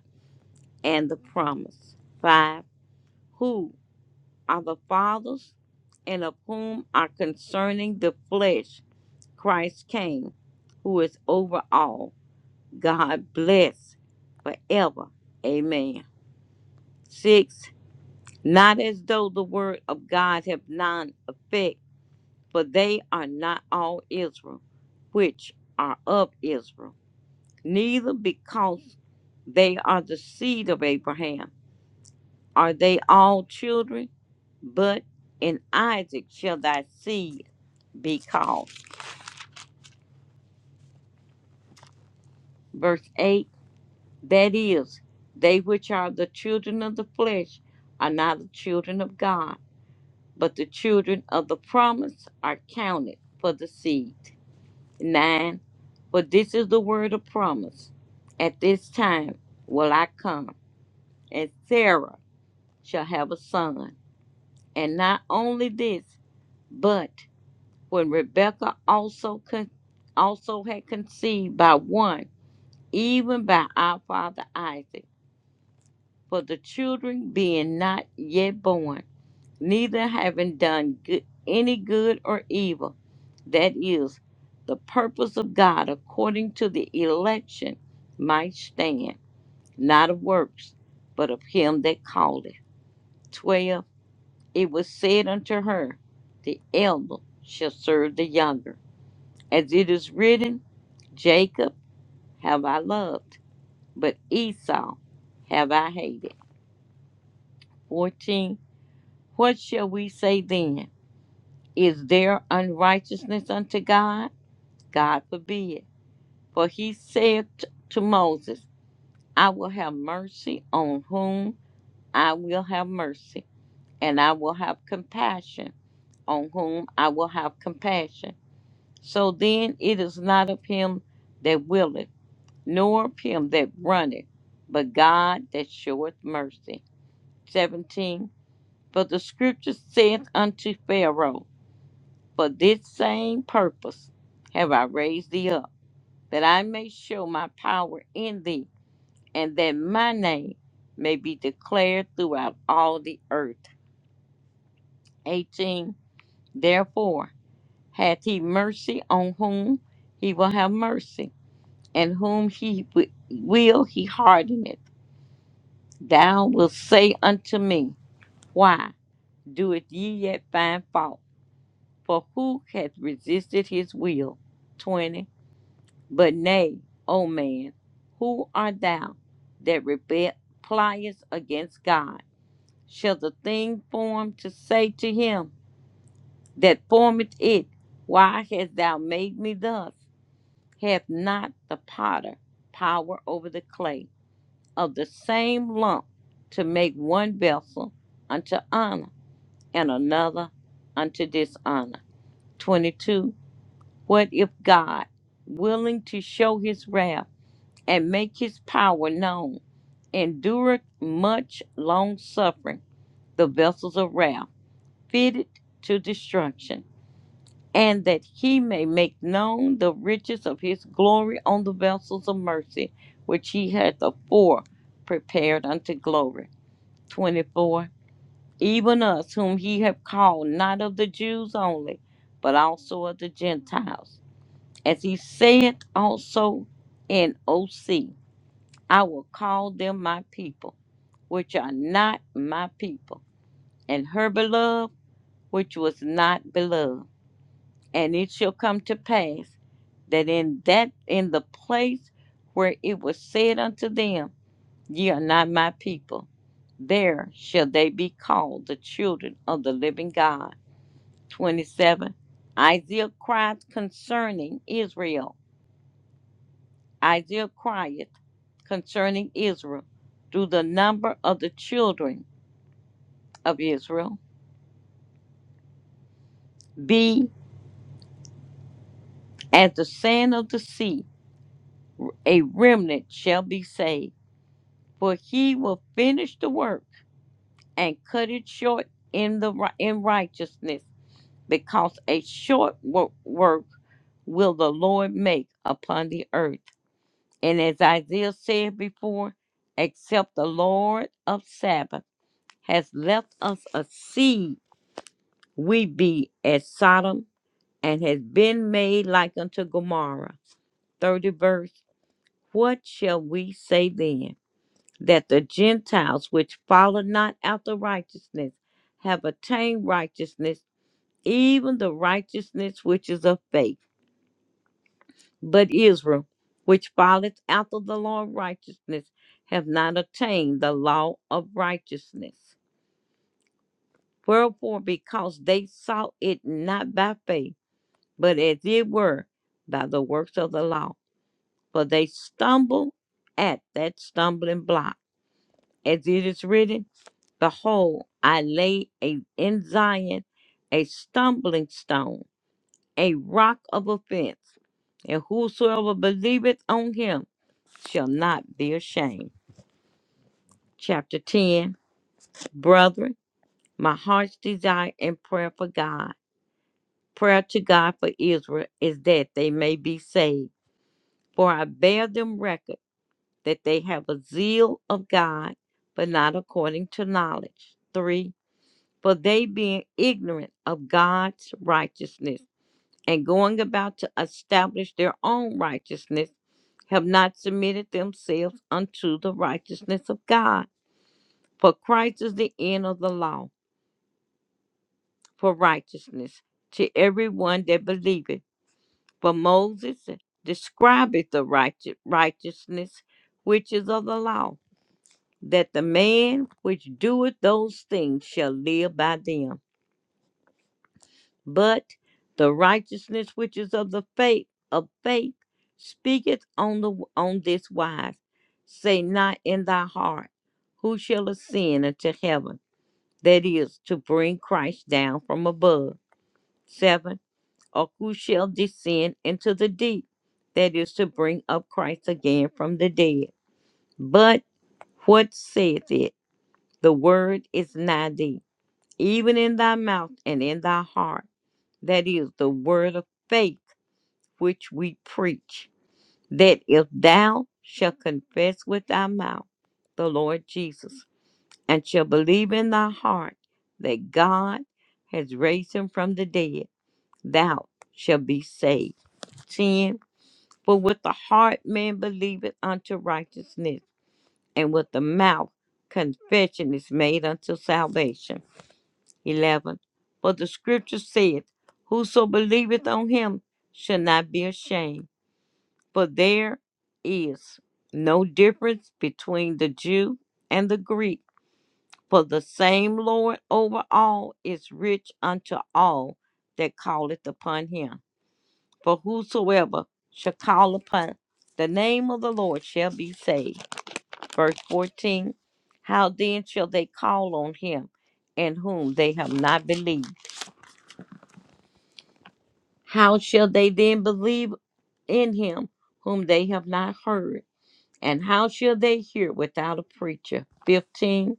[SPEAKER 2] and the promise. 5. who are the fathers, and of whom are concerning the flesh Christ came, who is over all. God bless forever. Amen. Six, not as though the word of God have none effect, for they are not all Israel, which are of Israel, neither because they are the seed of Abraham. Are they all children? But in Isaac shall thy seed be called. Verse 8 That is, they which are the children of the flesh are not the children of God, but the children of the promise are counted for the seed. 9 For this is the word of promise. At this time will I come, and Sarah shall have a son. And not only this, but when Rebekah also con- also had conceived by one, even by our father Isaac. for the children being not yet born, neither having done good, any good or evil. That is, the purpose of God according to the election might stand, not of works, but of him that called it. 12. It was said unto her, The elder shall serve the younger. As it is written, Jacob have I loved, but Esau have I hated. 14 What shall we say then? Is there unrighteousness unto God? God forbid. For he said t- to Moses, I will have mercy on whom I will have mercy, and I will have compassion on whom I will have compassion. So then it is not of him that willeth, nor of him that runneth, but God that showeth mercy. 17. For the scripture saith unto Pharaoh, For this same purpose have I raised thee up, that I may show my power in thee, and that my name may be declared throughout all the earth. 18. Therefore hath he mercy on whom he will have mercy, and whom he wi- will he hardeneth. Thou wilt say unto me, Why doeth ye yet find fault? For who hath resisted his will? 20. But nay, O man, who art thou that repliest against God? Shall the thing formed to say to him that formeth it, Why hast thou made me thus? Hath not the potter power over the clay of the same lump to make one vessel unto honor and another unto dishonor? 22. What if God, willing to show his wrath, and make his power known, endureth much long suffering the vessels of wrath, fitted to destruction, and that he may make known the riches of his glory on the vessels of mercy, which he hath afore prepared unto glory. 24. Even us, whom he hath called, not of the Jews only, but also of the Gentiles, as he saith also in OC. I will call them my people, which are not my people, and her beloved, which was not beloved. And it shall come to pass that in that in the place where it was said unto them, Ye are not my people, there shall they be called the children of the living God. 27. Isaiah crieth concerning Israel. Isaiah crieth concerning Israel through the number of the children of Israel. Be as the sand of the sea, a remnant shall be saved. For he will finish the work and cut it short in the ri- in righteousness, because a short wo- work will the Lord make upon the earth. And as Isaiah said before, except the Lord of Sabbath has left us a seed, we be as Sodom and has been made like unto Gomorrah. 30 verse. What shall we say then? That the Gentiles which follow not after righteousness have attained righteousness, even the righteousness which is of faith. But Israel, which followeth after the law of righteousness, have not attained the law of righteousness. Wherefore, because they sought it not by faith, but as it were by the works of the law, for they stumble at that stumbling block. as it is written, Behold, I lay a, in Zion a stumbling stone, a rock of offense, and whosoever believeth on him shall not be ashamed. Chapter 10 Brethren, my heart's desire and prayer for God, prayer to God for Israel is that they may be saved. For I bear them record that they have a zeal of God, but not according to knowledge. 3 for they being ignorant of God's righteousness and going about to establish their own righteousness, have not submitted themselves unto the righteousness of God. For Christ is the end of the law for righteousness to everyone that believeth. For Moses describeth the righteous, righteousness which is of the law, that the man which doeth those things shall live by them. but the righteousness which is of the faith of faith speaketh on the on this wise say not in thy heart who shall ascend into heaven that is to bring christ down from above seven or who shall descend into the deep that is to bring up christ again from the dead but what saith it the word is nigh thee even in thy mouth and in thy heart that is the word of faith which we preach, that if thou shalt confess with thy mouth the Lord Jesus, and shalt believe in thy heart that God has raised him from the dead, thou shalt be saved. 10. For with the heart man believeth unto righteousness, and with the mouth confession is made unto salvation. 11. For the scripture saith, Whoso believeth on him shall not be ashamed. For there is no difference between the Jew and the Greek, for the same Lord over all is rich unto all that calleth upon him. For whosoever shall call upon the name of the Lord shall be saved. Verse 14 How then shall they call on him in whom they have not believed? How shall they then believe in him whom they have not heard? And how shall they hear without a preacher? 15.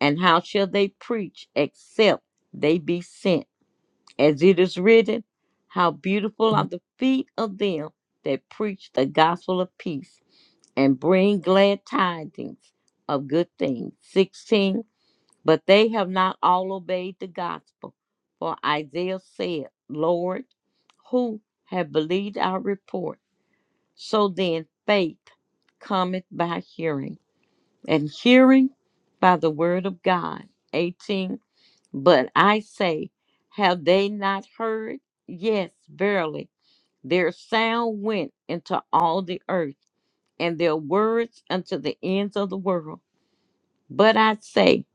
[SPEAKER 2] And how shall they preach except they be sent? As it is written, how beautiful are the feet of them that preach the gospel of peace and bring glad tidings of good things. 16. But they have not all obeyed the gospel. For Isaiah said, Lord, who have believed our report? So then faith cometh by hearing and hearing by the word of God. 18. But I say, have they not heard? Yes, verily, their sound went into all the earth, and their words unto the ends of the world. But I say,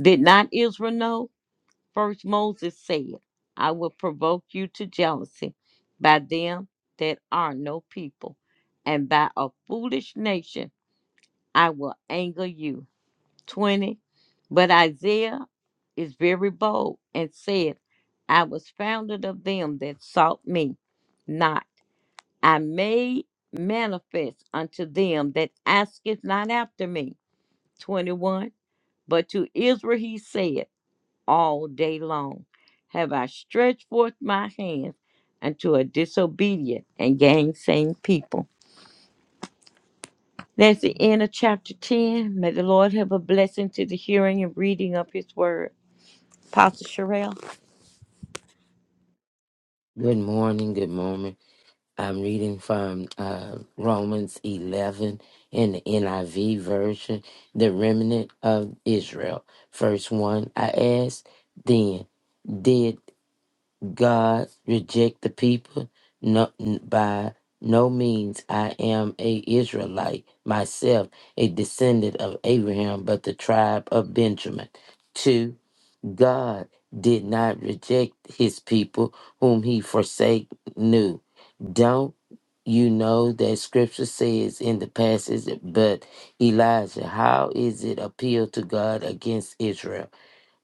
[SPEAKER 2] did not Israel know? First Moses said, I will provoke you to jealousy by them that are no people, and by a foolish nation I will anger you. 20. But Isaiah is very bold and said, I was founded of them that sought me not. I made manifest unto them that asketh not after me. 21. But to Israel he said, All day long have I stretched forth my hand unto a disobedient and gainsaying people. That's the end of chapter 10. May the Lord have a blessing to the hearing and reading of his word. Pastor Sherelle.
[SPEAKER 3] Good morning. Good morning. I'm reading from uh, Romans 11 in the NIV version, the remnant of Israel. Verse 1 I ask, then, did God reject the people? No, n- by no means. I am a Israelite myself, a descendant of Abraham, but the tribe of Benjamin. 2 God did not reject his people whom he forsake knew. Don't you know that scripture says in the passage, but Elijah, how is it appeal to God against Israel?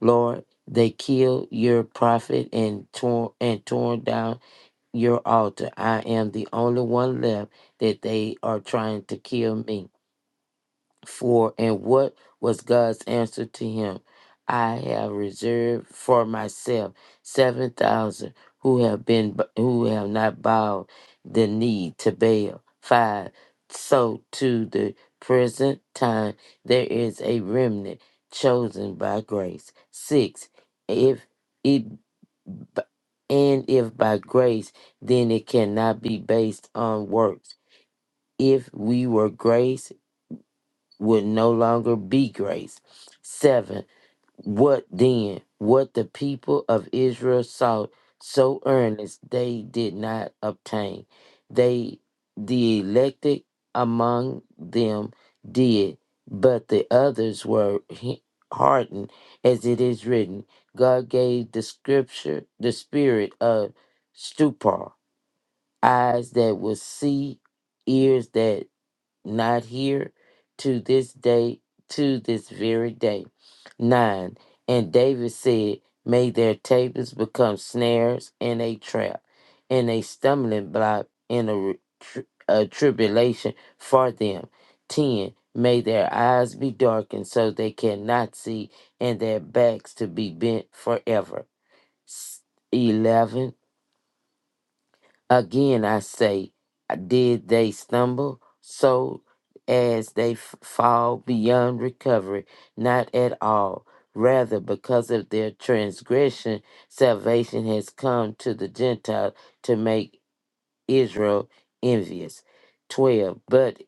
[SPEAKER 3] Lord, they killed your prophet and torn and torn down your altar. I am the only one left that they are trying to kill me for and what was God's answer to him? I have reserved for myself seven thousand who have been who have not bowed the knee to Baal. Five. So to the present time there is a remnant chosen by grace. Six. If it b- and if by grace, then it cannot be based on works. If we were grace would no longer be grace. Seven, what then? What the people of Israel sought so earnest they did not obtain. They, the elected among them, did, but the others were he- hardened, as it is written. God gave the scripture the spirit of stupor, eyes that would see, ears that not here to this day, to this very day. 9. And David said, May their tables become snares and a trap, and a stumbling block and a, re- tr- a tribulation for them. 10. May their eyes be darkened so they cannot see, and their backs to be bent forever. S- 11 Again, I say, uh, did they stumble so as they f- fall beyond recovery? Not at all. Rather, because of their transgression, salvation has come to the Gentile to make Israel envious. 12. But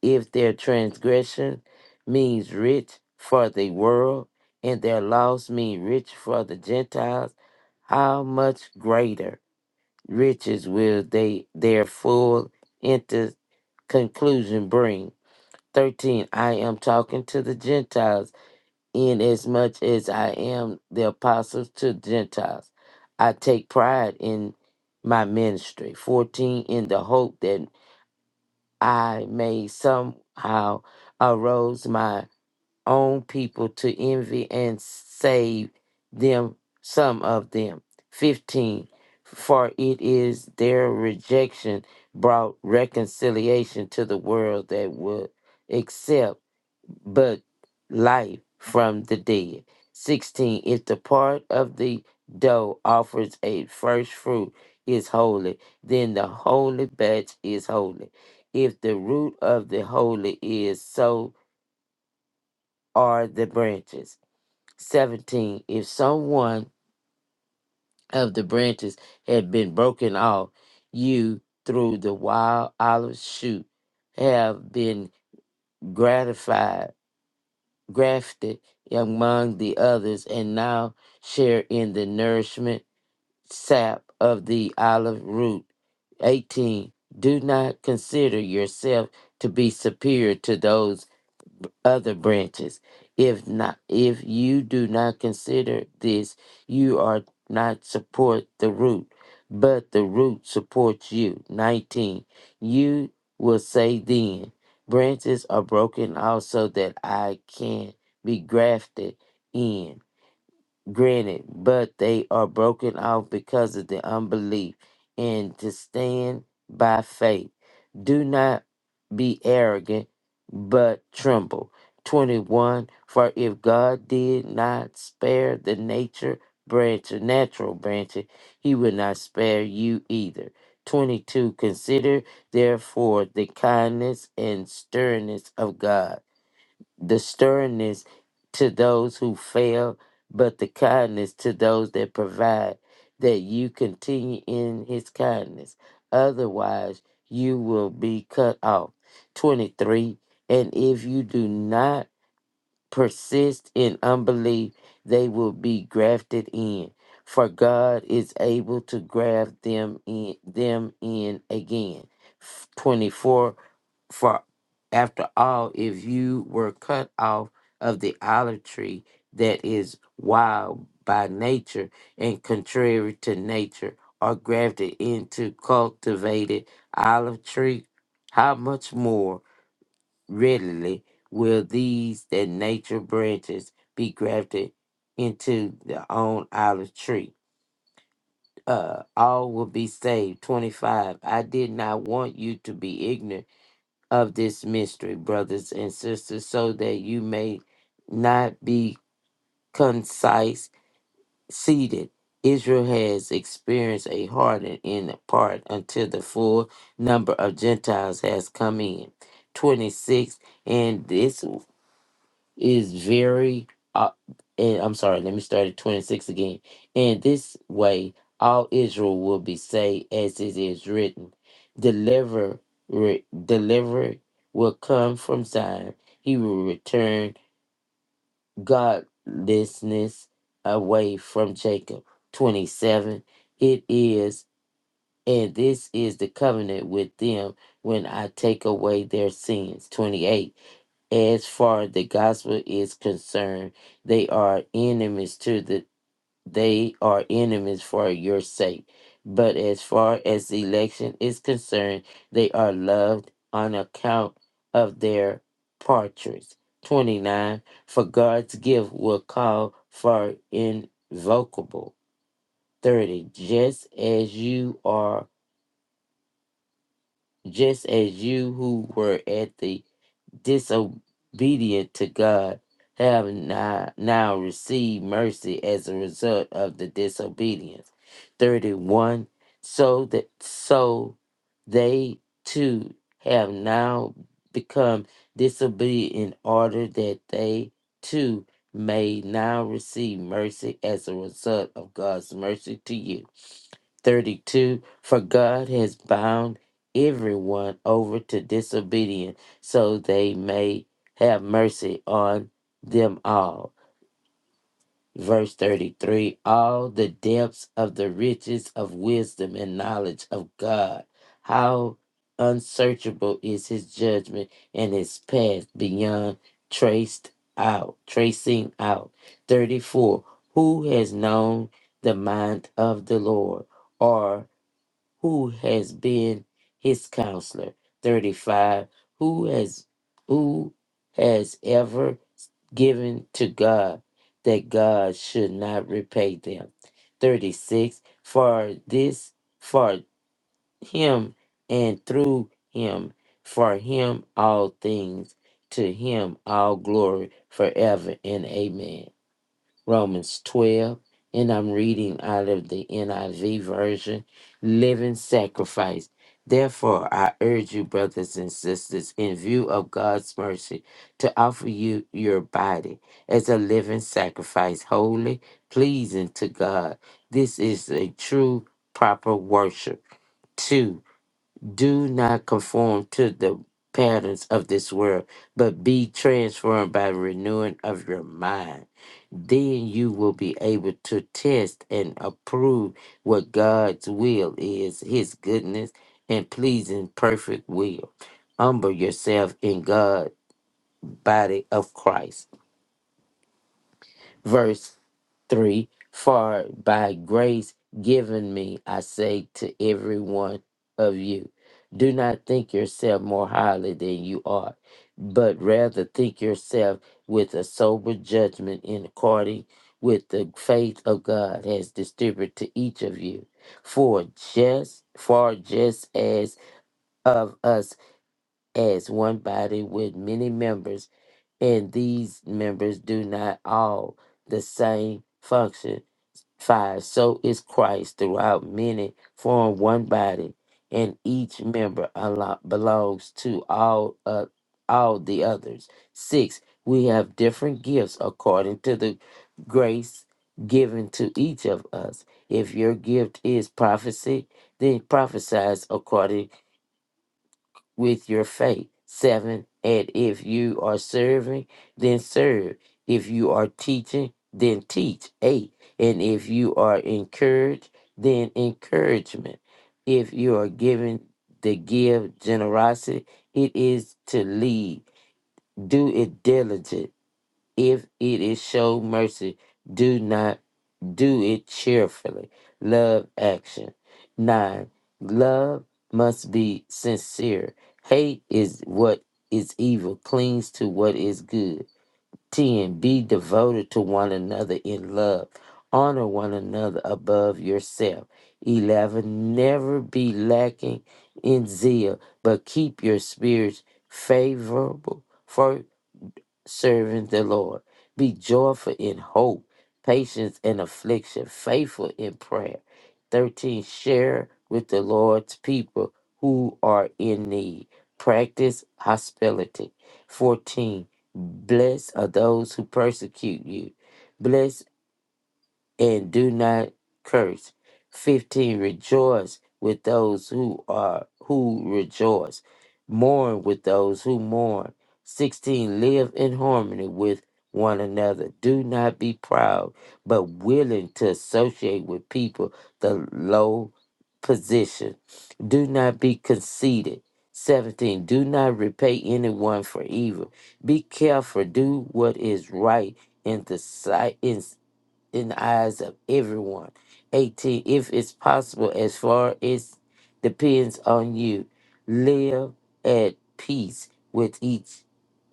[SPEAKER 3] if their transgression means rich for the world, and their loss mean rich for the Gentiles, how much greater? riches will they their full into conclusion bring. 13. I am talking to the Gentiles, inasmuch as I am the apostles to Gentiles. I take pride in my ministry. 14. In the hope that I may somehow arouse my own people to envy and save them, some of them. 15. For it is their rejection brought reconciliation to the world that would accept but life from the dead. 16. If the part of the dough offers a first fruit is holy, then the holy batch is holy. If the root of the holy is, so are the branches. 17 if someone of the branches had been broken off you through the wild olive shoot have been gratified grafted among the others and now share in the nourishment sap of the olive root 18 do not consider yourself to be superior to those other branches. If not, if you do not consider this, you are not support the root, but the root supports you. 19. You will say then, branches are broken also that I can be grafted in granted, but they are broken off because of the unbelief, and to stand by faith. Do not be arrogant, but tremble. 21 For if God did not spare the nature branch, natural branches, he will not spare you either. 22 Consider therefore the kindness and sternness of God the sternness to those who fail, but the kindness to those that provide, that you continue in his kindness. Otherwise, you will be cut off. 23. And if you do not persist in unbelief, they will be grafted in. For God is able to graft them in them in again. F- 24 For after all, if you were cut off of the olive tree that is wild by nature and contrary to nature, are grafted into cultivated olive tree, how much more? readily will these that nature branches be grafted into their own olive tree. Uh, all will be saved. 25. I did not want you to be ignorant of this mystery, brothers and sisters, so that you may not be concise seated. Israel has experienced a hardening in part until the full number of Gentiles has come in. 26. And this is very uh, and I'm sorry, let me start at 26 again. In this way all Israel will be saved as it is written. Deliver re, deliver will come from Zion. He will return godlessness away from Jacob. 27 It is and this is the covenant with them when I take away their sins. 28 as far the gospel is concerned, they are enemies to the they are enemies for your sake. But as far as the election is concerned, they are loved on account of their partridge. 29. For God's gift will call for invocable. 30. Just as you are, just as you who were at the disobedient to God have now, now received mercy as a result of the disobedience. 31. So that so they too have now become disobedient in order that they too may now receive mercy as a result of God's mercy to you. 32 For God has bound everyone over to disobedience, so they may have mercy on them all. Verse 33 All the depths of the riches of wisdom and knowledge of God, how unsearchable is his judgment and his path beyond traced out, tracing out. 34 Who has known the mind of the Lord? Or who has been his counselor 35 who has who has ever given to god that god should not repay them 36 for this for him and through him for him all things to him all glory forever and amen Romans 12, and I'm reading out of the NIV version, living sacrifice. Therefore, I urge you, brothers and sisters, in view of God's mercy, to offer you your body as a living sacrifice, holy, pleasing to God. This is a true, proper worship. 2. Do not conform to the patterns of this world, but be transformed by renewing of your mind. Then you will be able to test and approve what God's will is, his goodness and pleasing perfect will. Humble yourself in God, body of Christ. Verse 3 For by grace given me, I say to every one of you, do not think yourself more highly than you are, but rather think yourself with a sober judgment in according with the faith of God has distributed to each of you. For just for just as of us as one body with many members and these members do not all the same function. 5. So is Christ throughout many, form one body, and each member alo- belongs to all, uh, all the others. 6. We have different gifts according to the grace given to each of us. If your gift is prophecy, then prophesies according with your faith. Seven, and if you are serving, then serve. If you are teaching, then teach. Eight, and if you are encouraged, then encouragement. If you are given the give generosity, it is to lead. Do it diligent if it is show mercy, do not do it cheerfully. Love action. Nine, love must be sincere. Hate is what is evil, clings to what is good. Ten, be devoted to one another in love. Honor one another above yourself. Eleven, never be lacking in zeal, but keep your spirits favorable serving the Lord. Be joyful in hope, patience in affliction, faithful in prayer. 13. Share with the Lord's people who are in need. Practice hospitality. 14. Blessed are those who persecute you and do not curse. 15 Rejoice with those who are who rejoice. Mourn with those who mourn. 16 Live in harmony with one another. Do not be proud, but willing to associate with people the low position. Do not be conceited. 17 Do not repay anyone for evil. Be careful, do what is right in the sight in in the eyes of everyone. 18. If it's possible, as far as depends on you, live at peace with each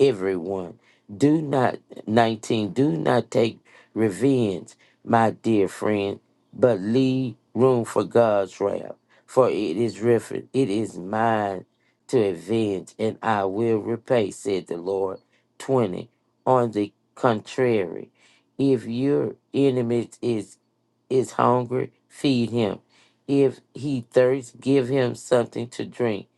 [SPEAKER 3] everyone. Do not 19. Do not take revenge, my dear friend, but leave room for God's wrath. For it is written, it is mine to avenge, and I will repay, said the Lord. 20. On the contrary, if your enemy is is hungry, feed him. If he thirsts, give him something to drink.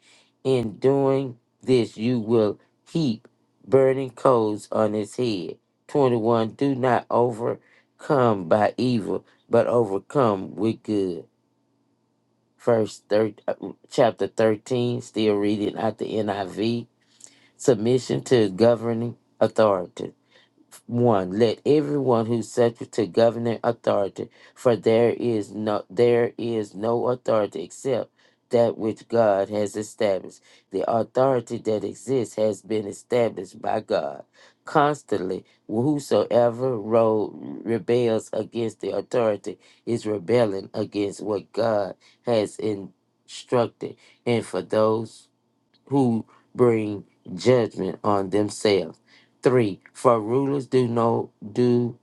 [SPEAKER 3] In doing this, you will heap burning coals on his head. 21. Do not overcome by evil, but overcome with good. First, thir- uh, chapter 13, still reading out the NIV. Submission to governing authorities. 1 let everyone who's subject to governing authority for there is no there is no authority except that which god has established the authority that exists has been established by god constantly whosoever ro- rebels against the authority is rebelling against what god has instructed and for those who bring judgment on themselves. Three, for rulers do no do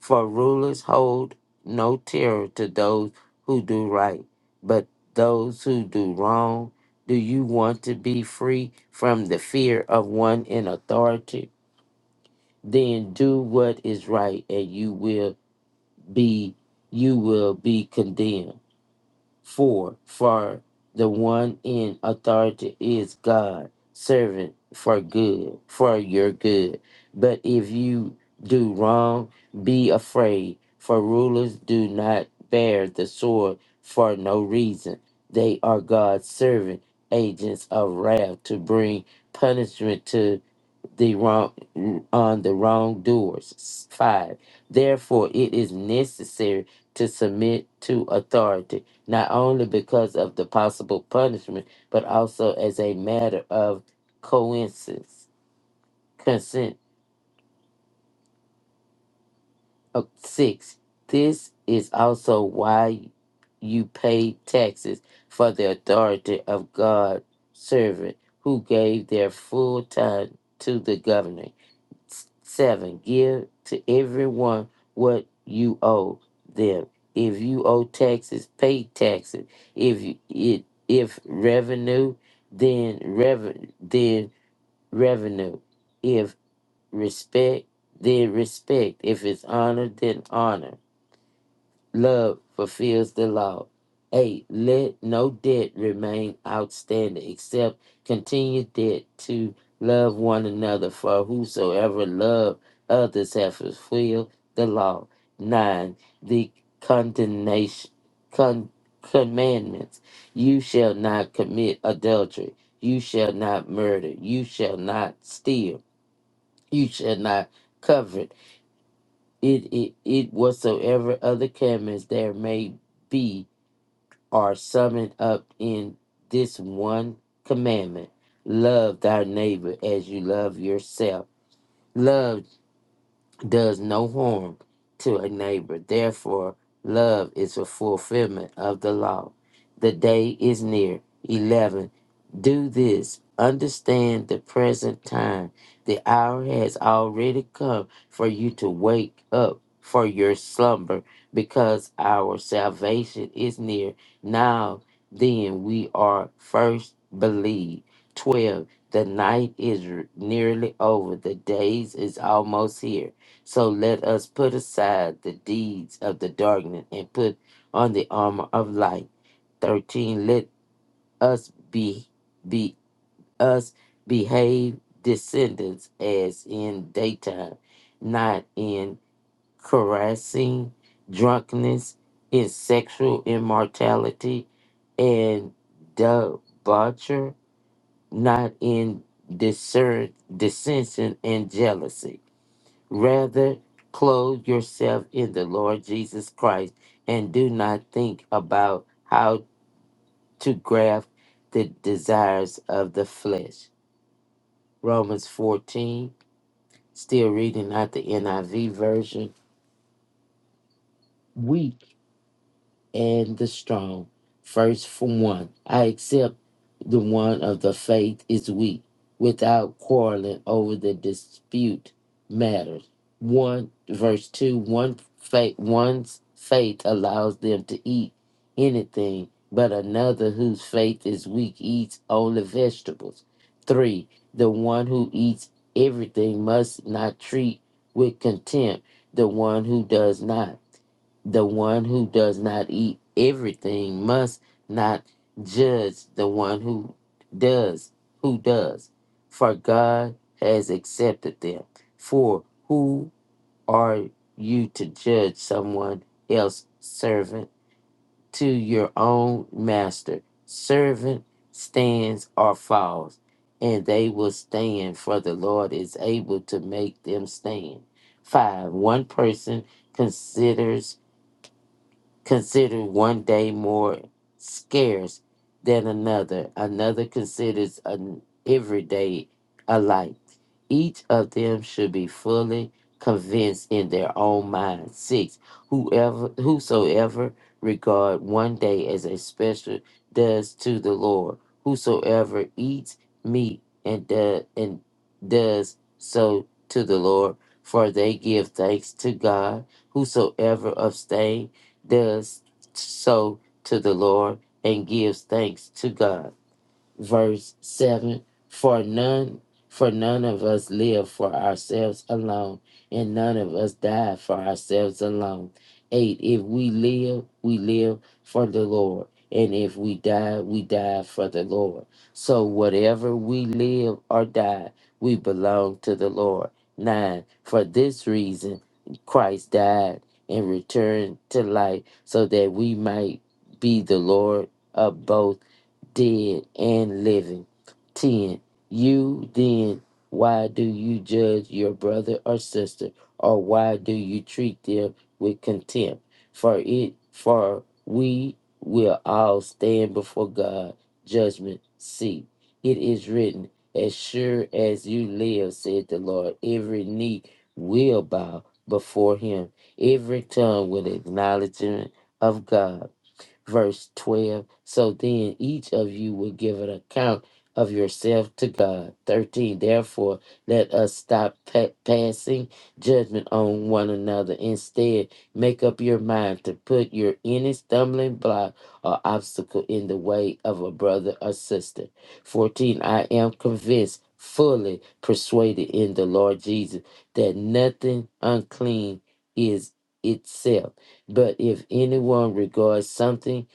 [SPEAKER 3] for rulers hold no terror to those who do right, but those who do wrong. Do you want to be free from the fear of one in authority? Then do what is right and you will be you will be condemned. 4. For the one in authority is God, servant for good, for your good. But if you do wrong, be afraid, for rulers do not bear the sword for no reason. They are God's servant, agents of wrath to bring punishment to the wrong on the wrongdoers. S- Five. Therefore, it is necessary to submit to authority, not only because of the possible punishment, but also as a matter of coincidence consent. Uh, Six. This is also why you pay taxes for the authority of God's servant who gave their full time to the governor. seven give to everyone what you owe them if you owe taxes pay taxes if you, it if revenue then reven then revenue if respect then respect if it's honor then honor Love fulfills the law. 8. Let no debt remain outstanding except continued debt to love one another, for whosoever love others have fulfilled the law. 9. The condemnation, con- commandments. You shall not commit adultery. You shall not murder. You shall not steal. You shall not covet it, it, it whatsoever other commandments there may be are summed up in this one commandment love thy neighbor as you love yourself love does no harm to a neighbor. Therefore, love is a fulfillment of the law. The day is near. 11. Do this. Understand the present time. The hour has already come for you to wake up for your slumber because our salvation is near. Now, then, we are first believed. 12. The night is r- nearly over. The days is almost here so let us put aside the deeds of the darkness and put on the armor of light. 13 let us be be us behave descendants as in daytime not in caressing drunkenness in sexual immortality and debauchery not in discern dissension and jealousy Rather, clothe yourself in the Lord Jesus Christ and do not think about how to graft the desires of the flesh. Romans 14, still reading out the NIV version. and the strong, first from one. I accept the one of the faith is weak, without quarreling over the dispute matters. One verse two, one faith one's faith allows them to eat anything, but another whose faith is weak eats only vegetables. Three, the one who eats everything must not treat with contempt the one who does not. The one who does not eat everything must not judge the one who does, who does, for God has accepted them. For who are you to judge someone else servant to your own master? Servant stands or falls, and they will stand, for the Lord is able to make them stand. Five, one person considers consider one day more scarce than another. Another considers an every day alike. Each of them should be fully convinced in their own mind. Six, whoever whosoever regard one day as a special does to the Lord. Whosoever eats meat and does and does so to the Lord, for they give thanks to God. Whosoever abstain does so to the Lord and gives thanks to God verse 7 for none for none of us live for ourselves alone and none of us die for ourselves alone 8 if we live we live for the lord and if we die we die for the lord so whatever we live or die we belong to the lord 9 for this reason christ died and returned to life so that we might be the lord of both dead and living. 10. You then, why do you judge your brother or sister, or why do you treat them with contempt? For it, for we will all stand before God, judgment seat. It is written, As sure as you live, said the Lord, every knee will bow before him, every tongue will acknowledge him of God verse 12. So then each of you will give an account of yourself to God. 13. Therefore, let us stop pa- passing judgment on one another. Instead, make up your mind to put your any stumbling block or obstacle in the way of a brother or sister. 14. I am convinced, fully persuaded in the Lord Jesus that nothing unclean is itself but if anyone regards something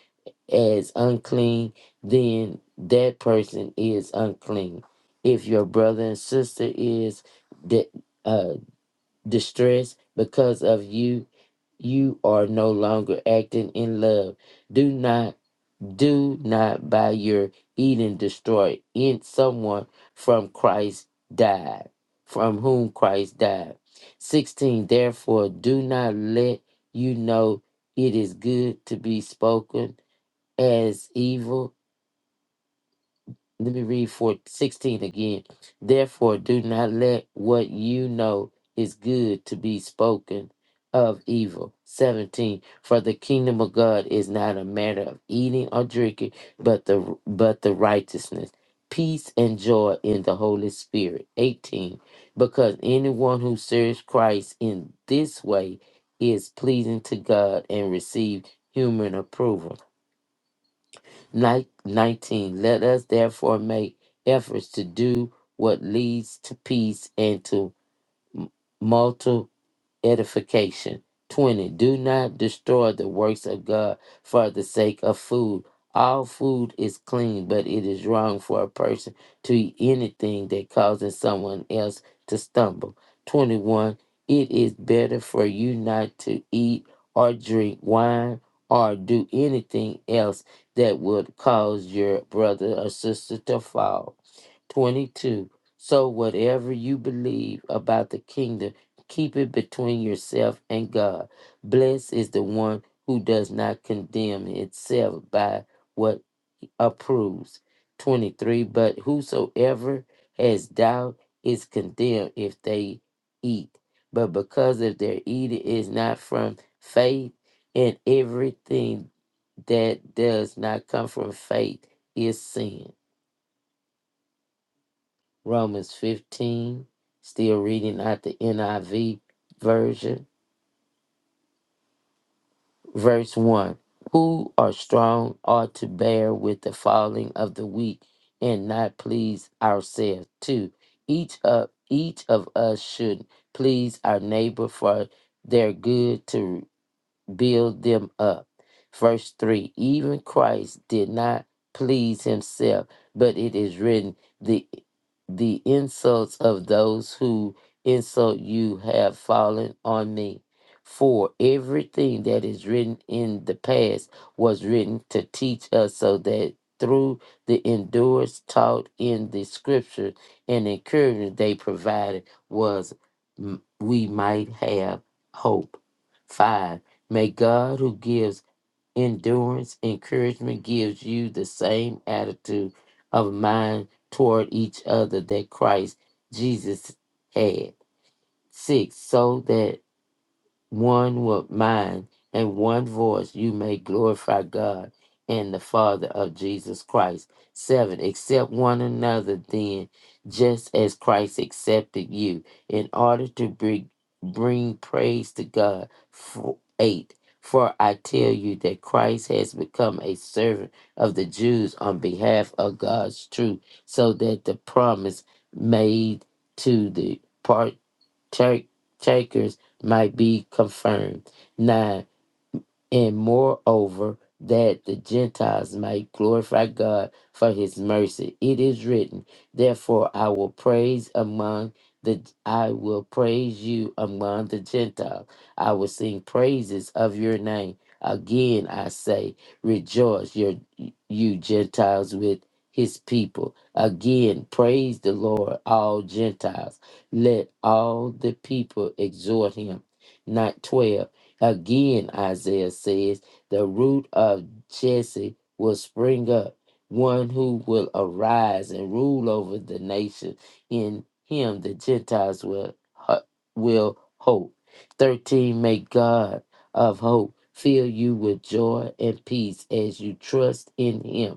[SPEAKER 3] as unclean, then that person is unclean. If your brother and sister is di- uh, distressed because of you, you are no longer acting in love. Do not do not by your eating destroy in someone from Christ died, from whom Christ died. 16. Therefore, do not let you know it is good to be spoken as evil let me read for 16 again. Therefore, do not let what you know is good to be spoken of evil. 17. For the kingdom of God is not a matter of eating or drinking, but the but the righteousness, peace and joy in the Holy Spirit. 18. Because anyone who serves Christ in this way is pleasing to God and receive human approval. Ni- 19. Let us therefore make efforts to do what leads to peace and to edification. 20. Do not destroy the works of God for the sake of food. All food is clean, but it is wrong for a person to eat anything that causes someone else to stumble. 21. It is better for you not to eat or drink wine or do anything else that would cause your brother or sister to fall. 22. So whatever you believe about the kingdom, keep it between yourself and God. Blessed is the one who does not condemn itself by what approves. 23. But whosoever has doubt is condemned if they eat. But because of their eating is not from faith, and everything that does not come from faith is sin. Romans 15, still reading out the NIV version, verse 1. Who are strong ought to bear with the falling of the weak and not please ourselves. 2. Each of, each of us should please our neighbor for their good to. build them up. Verse 3 Even Christ did not please himself, but it is written, the, the insults of those who insult you have fallen on me. For everything that is written in the past was written to teach us so that through the endurance taught in the scripture and encouragement they provided was m- we might have hope. Five May God, who gives endurance, encouragement, gives you the same attitude of mind toward each other that Christ Jesus had. Six, so that one with mind and one voice you may glorify God and the Father of Jesus Christ. Seven, accept one another then, just as Christ accepted you, in order to bring, bring praise to God. Four, eight, for I tell you that Christ has become a servant of the Jews on behalf of God's truth, so that the promise made to the part. Take might be confirmed. Nine, and moreover, that the Gentiles might glorify God for his mercy. It is written, Therefore I will praise among the I will praise you among the Gentiles. I will sing praises of your name. Again I say, rejoice your you Gentiles with his people. Again, praise the Lord, all Gentiles. Let all the people exhort him. Not 12. Again, Isaiah says, the root of Jesse will spring up, one who will arise and rule over the nation. In him, the Gentiles will, ho- will hope. 13, may God of hope fill you with joy and peace as you trust in him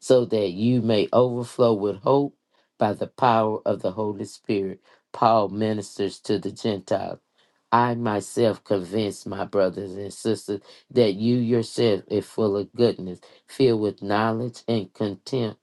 [SPEAKER 3] so that you may overflow with hope by the power of the Holy Spirit. Paul ministers to the Gentiles. I myself convince my brothers and sisters that you yourself are full of goodness, filled with knowledge and contempt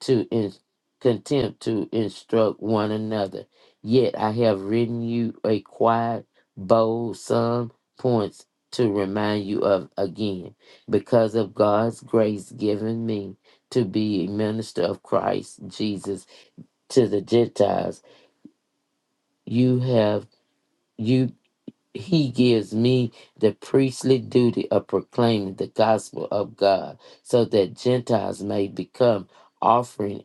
[SPEAKER 3] to in, contempt to instruct one another. Yet I have written you a quiet, bold some points to remind you of again, because of God's grace given me to be a minister of Christ Jesus to the Gentiles. You have you he gives me the priestly duty of proclaiming the gospel of God so that Gentiles may become offering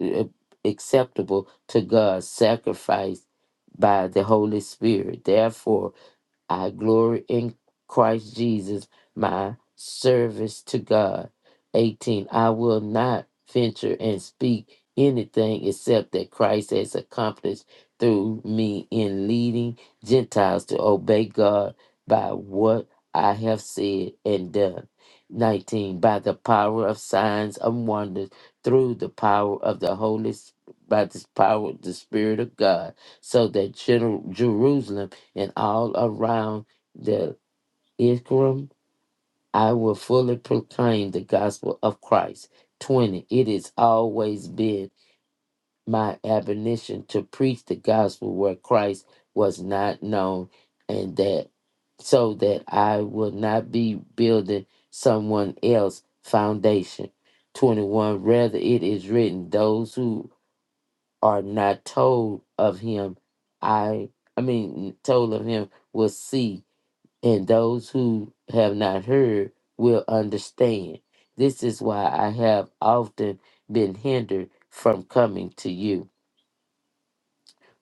[SPEAKER 3] uh, acceptable to God, sacrificed by the Holy Spirit. Therefore, I glory in Christ Jesus, my service to God. 18. I will not venture and speak anything except that Christ has accomplished through me in leading Gentiles to obey God by what I have said and done. 19. By the power of signs and wonders, through the power of the Holy Spirit, by the power of the Spirit of God, so that Jeru- Jerusalem and all around the Ikram, I will fully proclaim the gospel of Christ. 20. It has always been my admonition to preach the gospel where Christ was not known, and that so that I will not be building someone else's foundation. 21. Rather, it is written, those who are not told of him, I, I mean, told of him will see and those who have not heard will understand. This is why I have often been hindered from coming to you.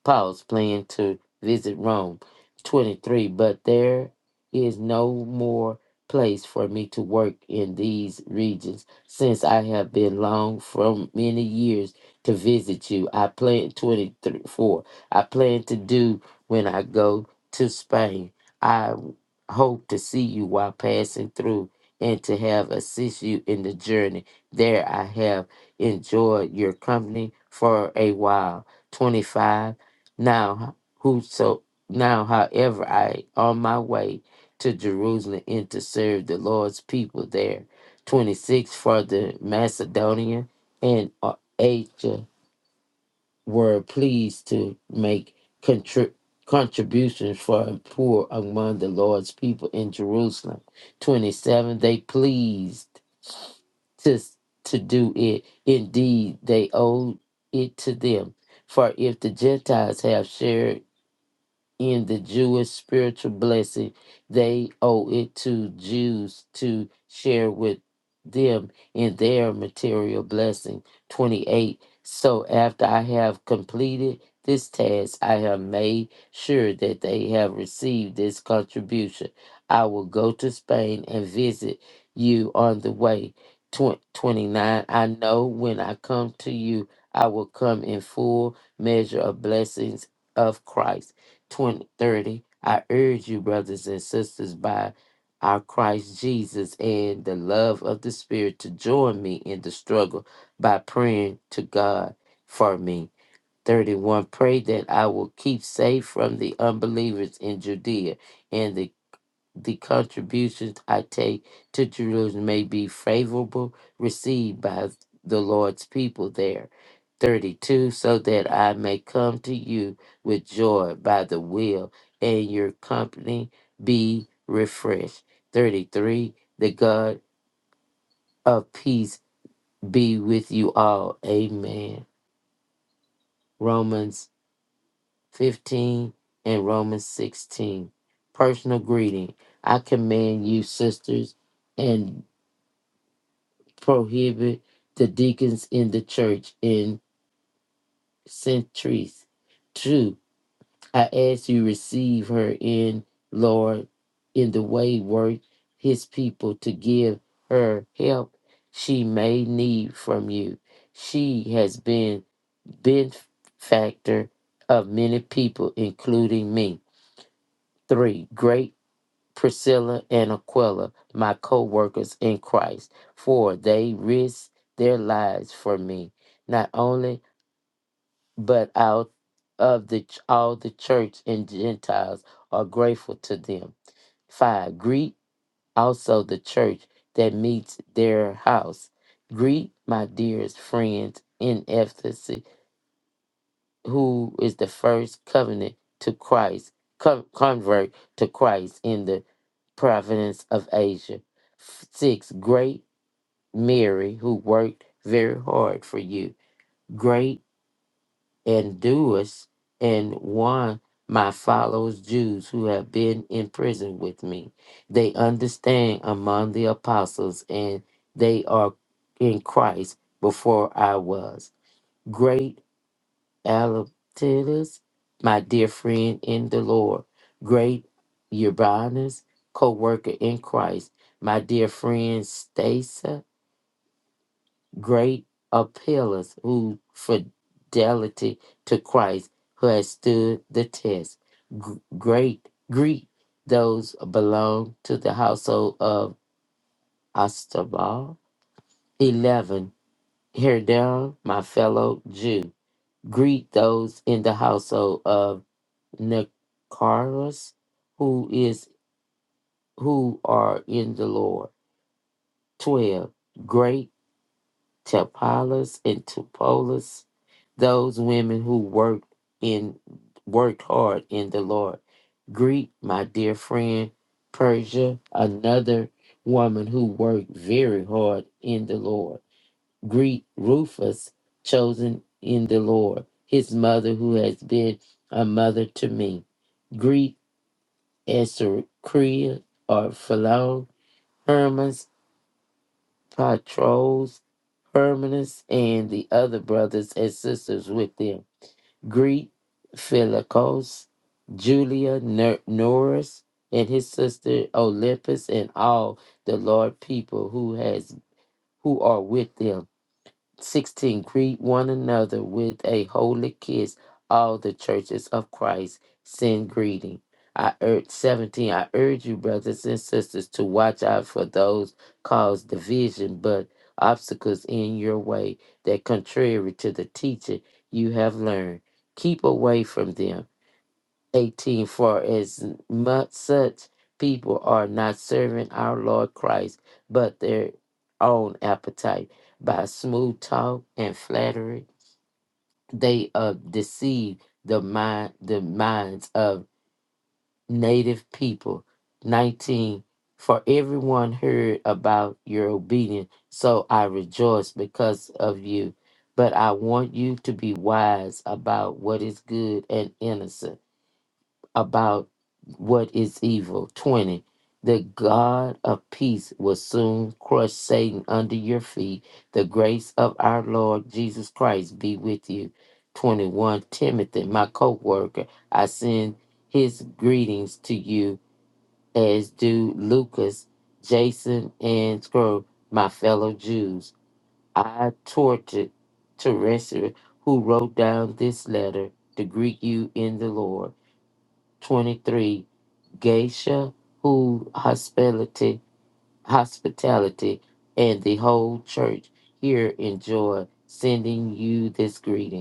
[SPEAKER 3] Paul's plan to visit Rome. 23. But there is no more place for me to work in these regions, since I have been long from many years to visit you. I plan 24. I plan to do when I go to Spain. I hope to see you while passing through and to have assist you in the journey. There I have enjoyed your company for a while. 25 now, whoso now, however, I on my way to Jerusalem and to serve the Lord's people there. Twenty six for the Macedonia and uh, Asia were pleased to make contri- contributions for the poor among the Lord's people in Jerusalem. Twenty seven they pleased to to do it. Indeed, they owed it to them. For if the Gentiles have shared in the Jewish spiritual blessing, they owe it to Jews to share with them in their material blessing. 28. So after I have completed this task, I have made sure that they have received this contribution. I will go to Spain and visit you on the way. Twen- 29. I know when I come to you, I will come in full measure of blessings of Christ 20 30. I urge you, brothers and sisters, by our Christ Jesus and the love of the Spirit, to join me in the struggle by praying to God for me. 31. Pray that I will keep safe from the unbelievers in Judea and the the contributions I take to Jerusalem may be favorable received by the Lord's people there. 32 So that I may come to you with joy by the will, and your company be refreshed. 33 The God of peace be with you all. Amen. Romans 15 and Romans 16. Personal greeting. I command you, sisters, and prohibit the deacons in the church in centuries. Two, I ask you receive her in Lord in the way worth his people to give her help she may need from you. She has been benefactor of many people, including me. Three, great Priscilla and Aquila, my co workers in Christ, for they risked their lives for me, not only, but out of the ch- all the church and Gentiles are grateful to them. Five, greet also the church that meets their house. Greet my dearest friends in Ephesus, who is the first covenant to Christ, con- convert to Christ in the province of Asia. Six, great Mary, who worked very hard for you. Great Anduas and one, my followers, Jews, who have been in prison with me. They understand among the apostles, and they are in Christ before I was. Great Alabatus, my dear friend in the Lord, great Urbanus, co worker in Christ, my dear friend Stasa, great Apelles, who fidelity to Christ, who has stood the test. G- great greet those belong to the household of Astabal. 11. Hear down, my fellow Jew. Greet those in the household of Nicaros, who is who are in the Lord. Twelve great Tepalas and Tupolas, those women who work in worked hard in the Lord. Greet my dear friend Persia, another woman who worked very hard in the Lord. Greet Rufus, chosen in the Lord, his mother who has been a mother to me. Greet. Esther Korea or Philo, Hermas, Patros, Hermanus, and the other brothers and sisters with them. Greet Philocos, Julia Ner- Norris, and his sister Olympus, and all the Lord people who has who are with them. 16 greet one another with a holy kiss all the churches of christ send greeting i urge 17 i urge you brothers and sisters to watch out for those cause division but obstacles in your way that contrary to the teaching you have learned keep away from them 18 For as much such people are not serving our Lord Christ, but their own appetite. By smooth talk and flattery, they uh, deceive the mind the minds of native people. 19 For everyone heard about your obedience, so I rejoice because of you. But I want you to be wise about what is good and innocent about what is evil. 20. The God of peace will soon crush Satan under your feet. The grace of our Lord Jesus Christ be with you. 21. Timothy, my co worker, I send his greetings to you, as do Lucas, Jason, and Scrub, my fellow Jews. I tortured Teresa, who wrote down this letter, to greet you in the Lord. 23 Geisha, who hospitality, hospitality, and the whole church here enjoy sending you this greeting.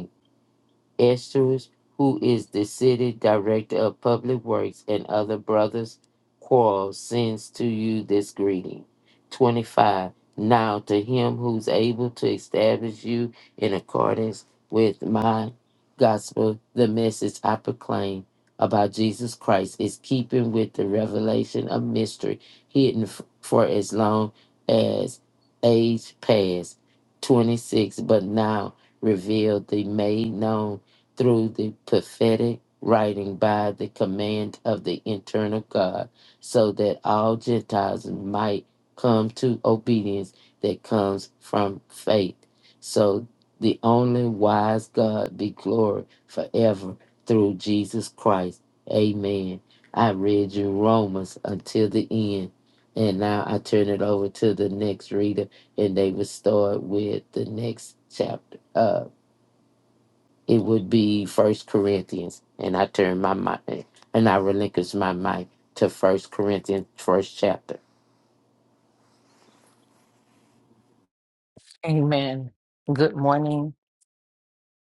[SPEAKER 3] Esters, who is the city director of public works, and other brothers Quarles sends to you this greeting. 25. Now to him who's able to establish you in accordance with my gospel, the message I proclaim about Jesus Christ is keeping with the revelation of mystery hidden f- for as long as age past. 26. But now revealed, they made known through the prophetic writing by the command of the internal God, so that all Gentiles might come to obedience that comes from faith. So the only wise God be glory forever through Jesus Christ. Amen. I read you Romans until the end. And now I turn it over to the next reader, and they will start with the next chapter. Uh, it would be First Corinthians, and I turn my mind and I relinquish my mind to First Corinthians, first chapter.
[SPEAKER 4] Amen. Good morning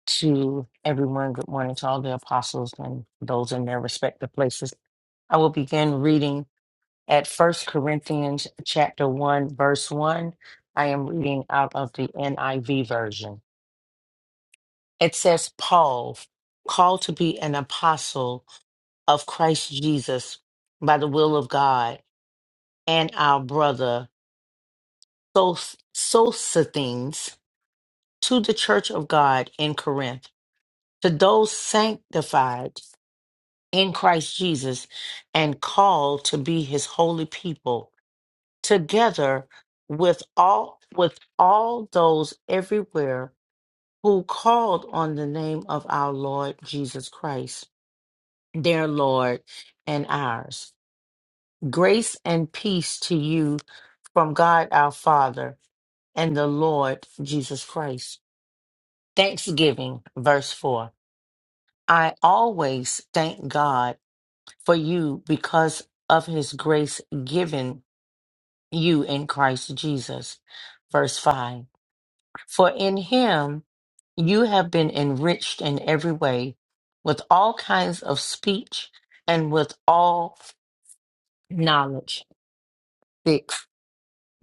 [SPEAKER 4] to everyone. Good morning to all the apostles and those in their respective places. I will begin reading at First Corinthians chapter 1 verse 1. I am reading out of the NIV version. It says Paul, called to be an apostle of Christ Jesus by the will of God, and our brother Sos- Sosthenes to the church of God in Corinth to those sanctified in Christ Jesus and called to be his holy people together with all with all those everywhere who called on the name of our Lord Jesus Christ their Lord and ours grace and peace to you from God our Father and the Lord Jesus Christ thanksgiving verse 4 I always thank God for you because of his grace given you in Christ Jesus. Verse 5 For in him you have been enriched in every way with all kinds of speech and with all knowledge. 6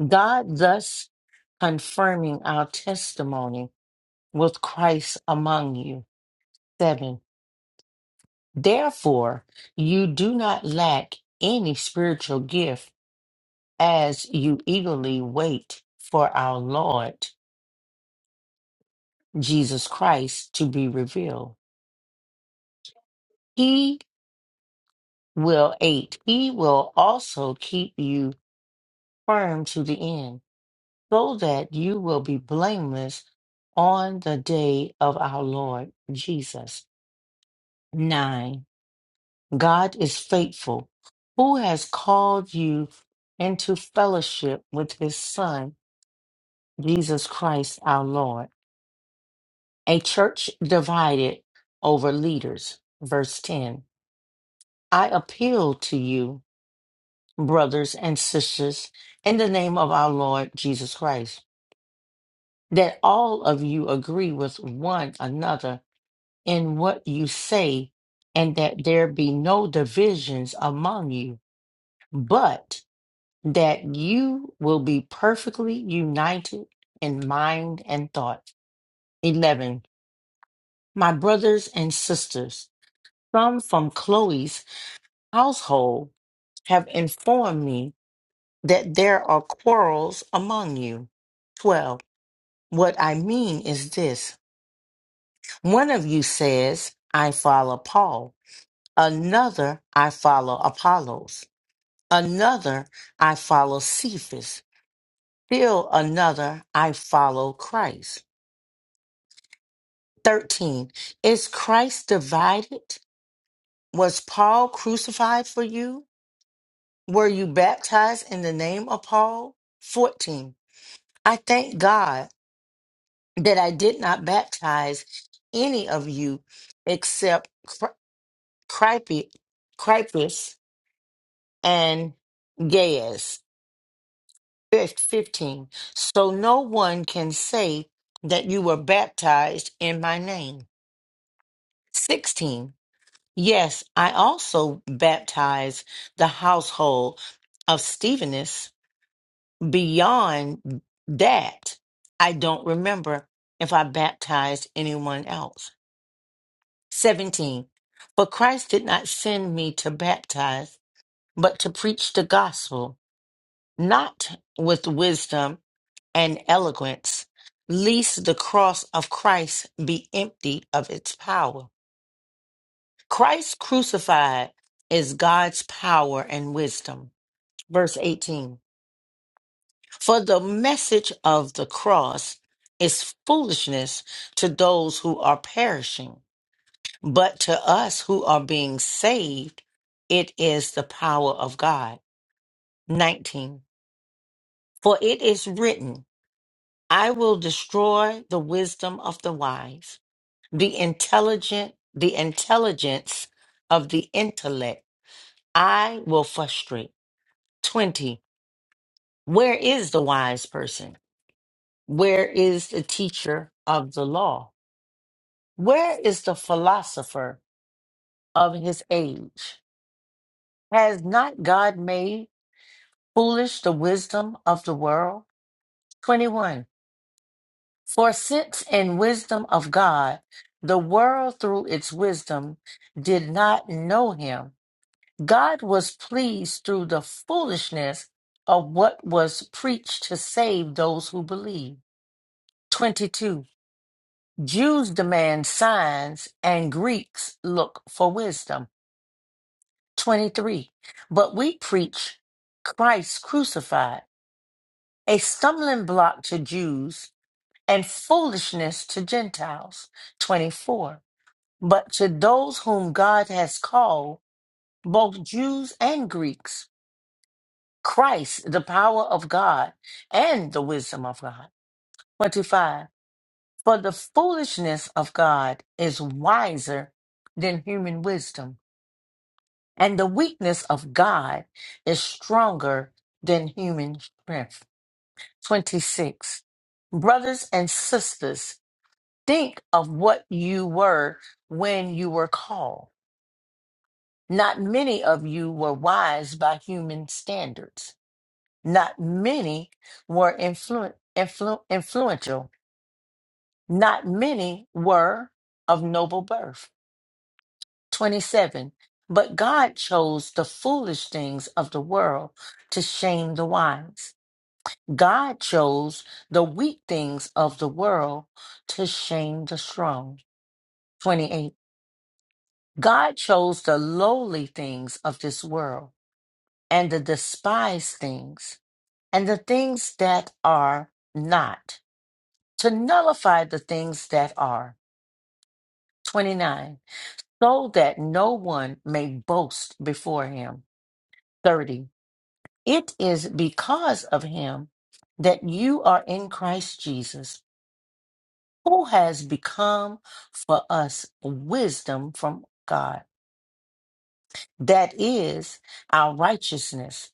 [SPEAKER 4] God thus confirming our testimony with Christ among you. 7 Therefore, you do not lack any spiritual gift as you eagerly wait for our Lord Jesus Christ to be revealed. He will aid, he will also keep you firm to the end, so that you will be blameless on the day of our Lord Jesus. Nine, God is faithful, who has called you into fellowship with his Son, Jesus Christ our Lord. A church divided over leaders. Verse 10 I appeal to you, brothers and sisters, in the name of our Lord Jesus Christ, that all of you agree with one another in what you say, and that there be no divisions among you, but that you will be perfectly united in mind and thought. 11. My brothers and sisters, some from Chloe's household have informed me that there are quarrels among you. 12. What I mean is this one of you says, I follow Paul, another, I follow Apollos, another, I follow Cephas, still another, I follow Christ. 13. Is Christ divided? Was Paul crucified for you? Were you baptized in the name of Paul? 14. I thank God that I did not baptize any of you except Cri- Cripe- Crippus and Gaius. Verse 15. So no one can say that you were baptized in my name. 16. Yes, I also baptized the household of Stephanus. Beyond that, I don't remember if I baptized anyone else. 17. For Christ did not send me to baptize, but to preach the gospel, not with wisdom and eloquence, lest the cross of Christ be empty of its power. Christ crucified is God's power and wisdom. Verse 18. For the message of the cross is foolishness to those who are perishing But to us who are being saved, it is the power of God. 19. For it is written, I will destroy the wisdom of the wise, the intelligent, the intelligence of the intellect. I will frustrate. 20. Where is the wise person? Where is the teacher of the law? Where is the philosopher of his age? Has not God made foolish the wisdom of the world? 21. For since in wisdom of God, the world through its wisdom did not know him, God was pleased through the foolishness of what was preached to save those who believe. 22. Jews demand signs and Greeks look for wisdom. 23. But we preach Christ crucified, a stumbling block to Jews and foolishness to Gentiles. 24. But to those whom God has called, both Jews and Greeks, Christ, the power of God and the wisdom of God. 25. For the foolishness of God is wiser than human wisdom, and the weakness of God is stronger than human strength. 26. Brothers and sisters, think of what you were when you were called. Not many of you were wise by human standards. Not many were influ- influ- influential. Not many were of noble birth. 27. But God chose the foolish things of the world to shame the wise. God chose the weak things of the world to shame the strong. 28. God chose the lowly things of this world and the despised things and the things that are not to nullify the things that are. 29. So that no one may boast before him. 30. It is because of him that you are in Christ Jesus, who has become for us wisdom from God. That is our righteousness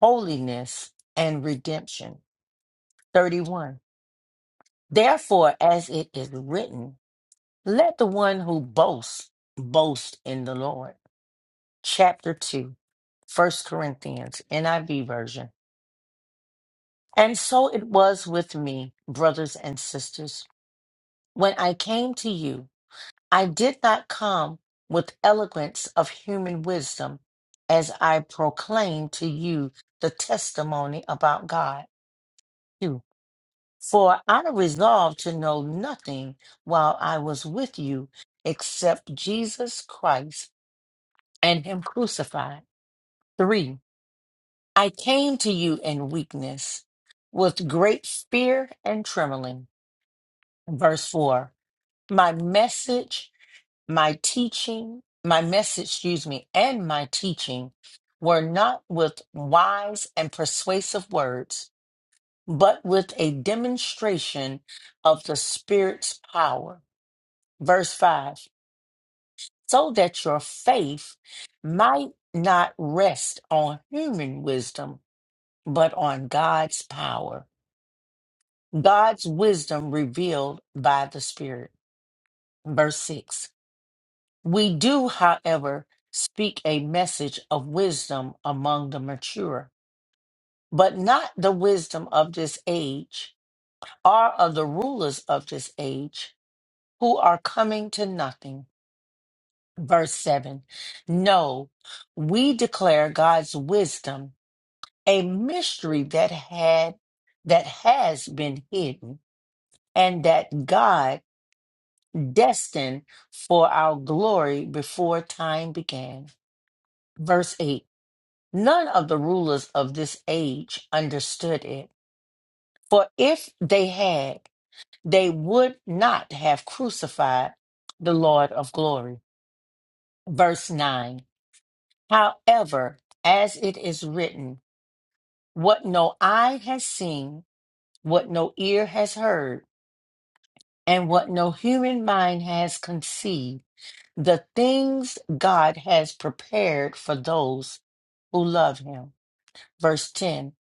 [SPEAKER 4] holiness and redemption. 31. Therefore, as it is written, let the one who boasts boast in the Lord. Chapter 2, First Corinthians, NIV version. And so it was with me, brothers and sisters. When I came to you, I did not come with eloquence of human wisdom as I proclaimed to you the testimony about God. For I resolved to know nothing while I was with you except Jesus Christ and Him crucified. Three, I came to you in weakness, with great fear and trembling. Verse four, my message, my teaching, my message, excuse me, and my teaching were not with wise and persuasive words, but with a demonstration of the Spirit's power verse 5 so that your faith might not rest on human wisdom but on God's power God's wisdom revealed by the spirit verse 6 we do however speak a message of wisdom among the mature but not the wisdom of this age or of the rulers of this age who are coming to nothing verse 7. No, we declare God's wisdom, a mystery that had that has been hidden and that God destined for our glory before time began. Verse 8. None of the rulers of this age understood it, for if they had, they would not have crucified the Lord of glory. Verse 9. However, as it is written, what no eye has seen, what no ear has heard, and what no human mind has conceived, the things God has prepared for those who love him. Verse 10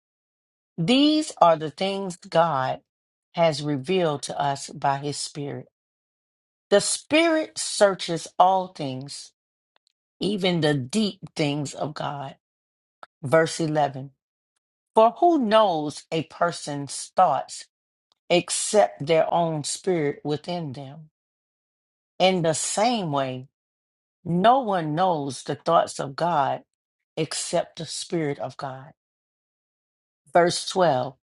[SPEAKER 4] These are the things God has revealed to us by his Spirit. The Spirit searches all things, even the deep things of God. Verse 11 For who knows a person's thoughts? except their own spirit within them. In the same way, no one knows the thoughts of God except the Spirit of God. Verse 12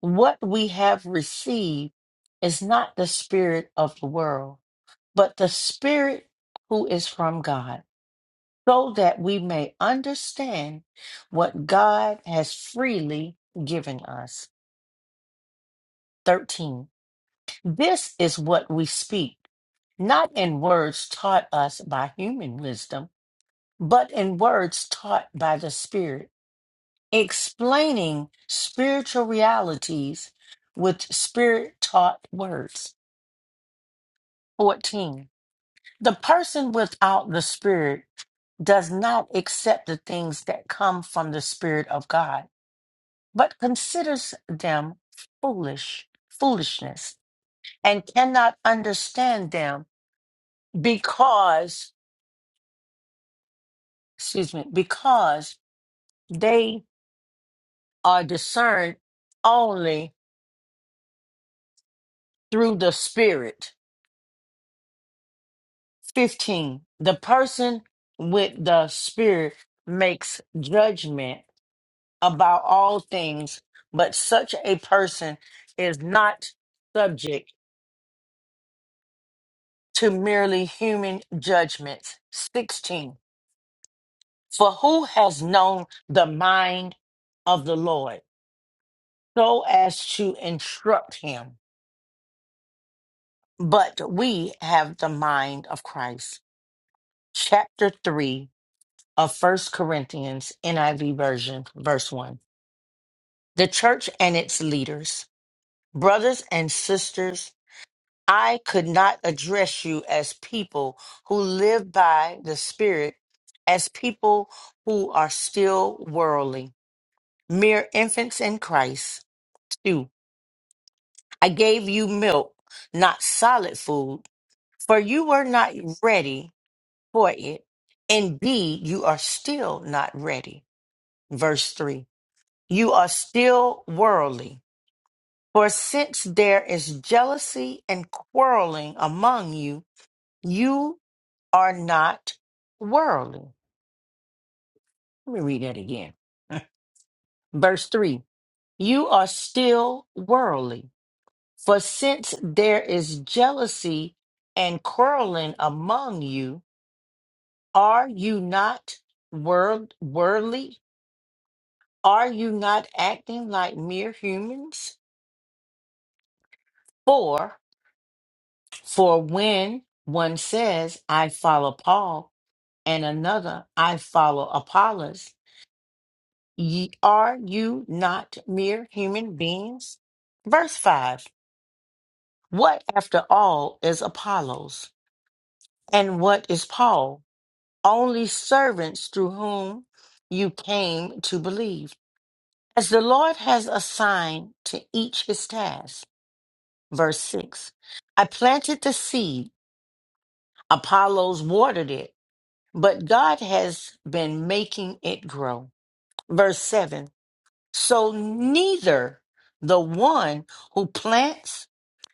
[SPEAKER 4] What we have received is not the Spirit of the world, but the Spirit who is from God, so that we may understand what God has freely given us. 13. This is what we speak not in words taught us by human wisdom, but in words taught by the Spirit, explaining spiritual realities with Spirit taught words. 14. The person without the Spirit does not accept the things that come from the Spirit of God, but considers them foolish, foolishness, and cannot understand them because, excuse me, because they are discerned only through the spirit. 15. The person with the spirit makes judgment about all things, but such a person is not subject to merely human judgments. 16. For who has known the mind of the Lord so as to instruct him? But we have the mind of Christ. Chapter 3 of First Corinthians, NIV version, verse 1. The church and its leaders, brothers and sisters, I could not address you as people who live by the Spirit, as people who are still worldly, mere infants in Christ. 2. I gave you milk, not solid food, for you were not ready for it. Indeed, you are still not ready. Verse 3. you are still worldly. For since there is jealousy and quarreling among you, you are not worldly. Let me read that again. *laughs* Verse 3 You are still worldly. For since there is jealousy and quarreling among you, are you not world, worldly? Are you not acting like mere humans? Four, For when one says, I follow Paul, and another, I follow Apollos, ye, are you not mere human beings? Verse 5 What, after all, is Apollos, and what is Paul? Only servants through whom you came to believe, as the Lord has assigned to each his task. Verse 6 I planted the seed, Apollos watered it but God has been making it grow. Verse 7 So neither the one who plants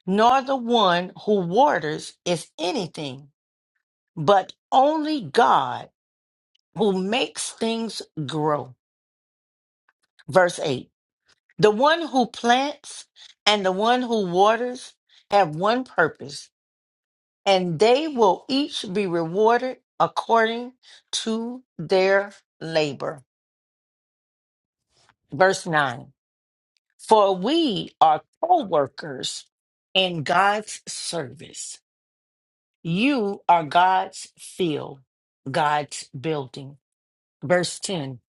[SPEAKER 4] nor the one who waters is anything, but only God who makes things grow. Verse 8 The one who plants and the one who waters have one purpose, and they will each be rewarded according to their labor. Verse 9. For we are co workers in God's service. You are God's field, God's building. Verse 10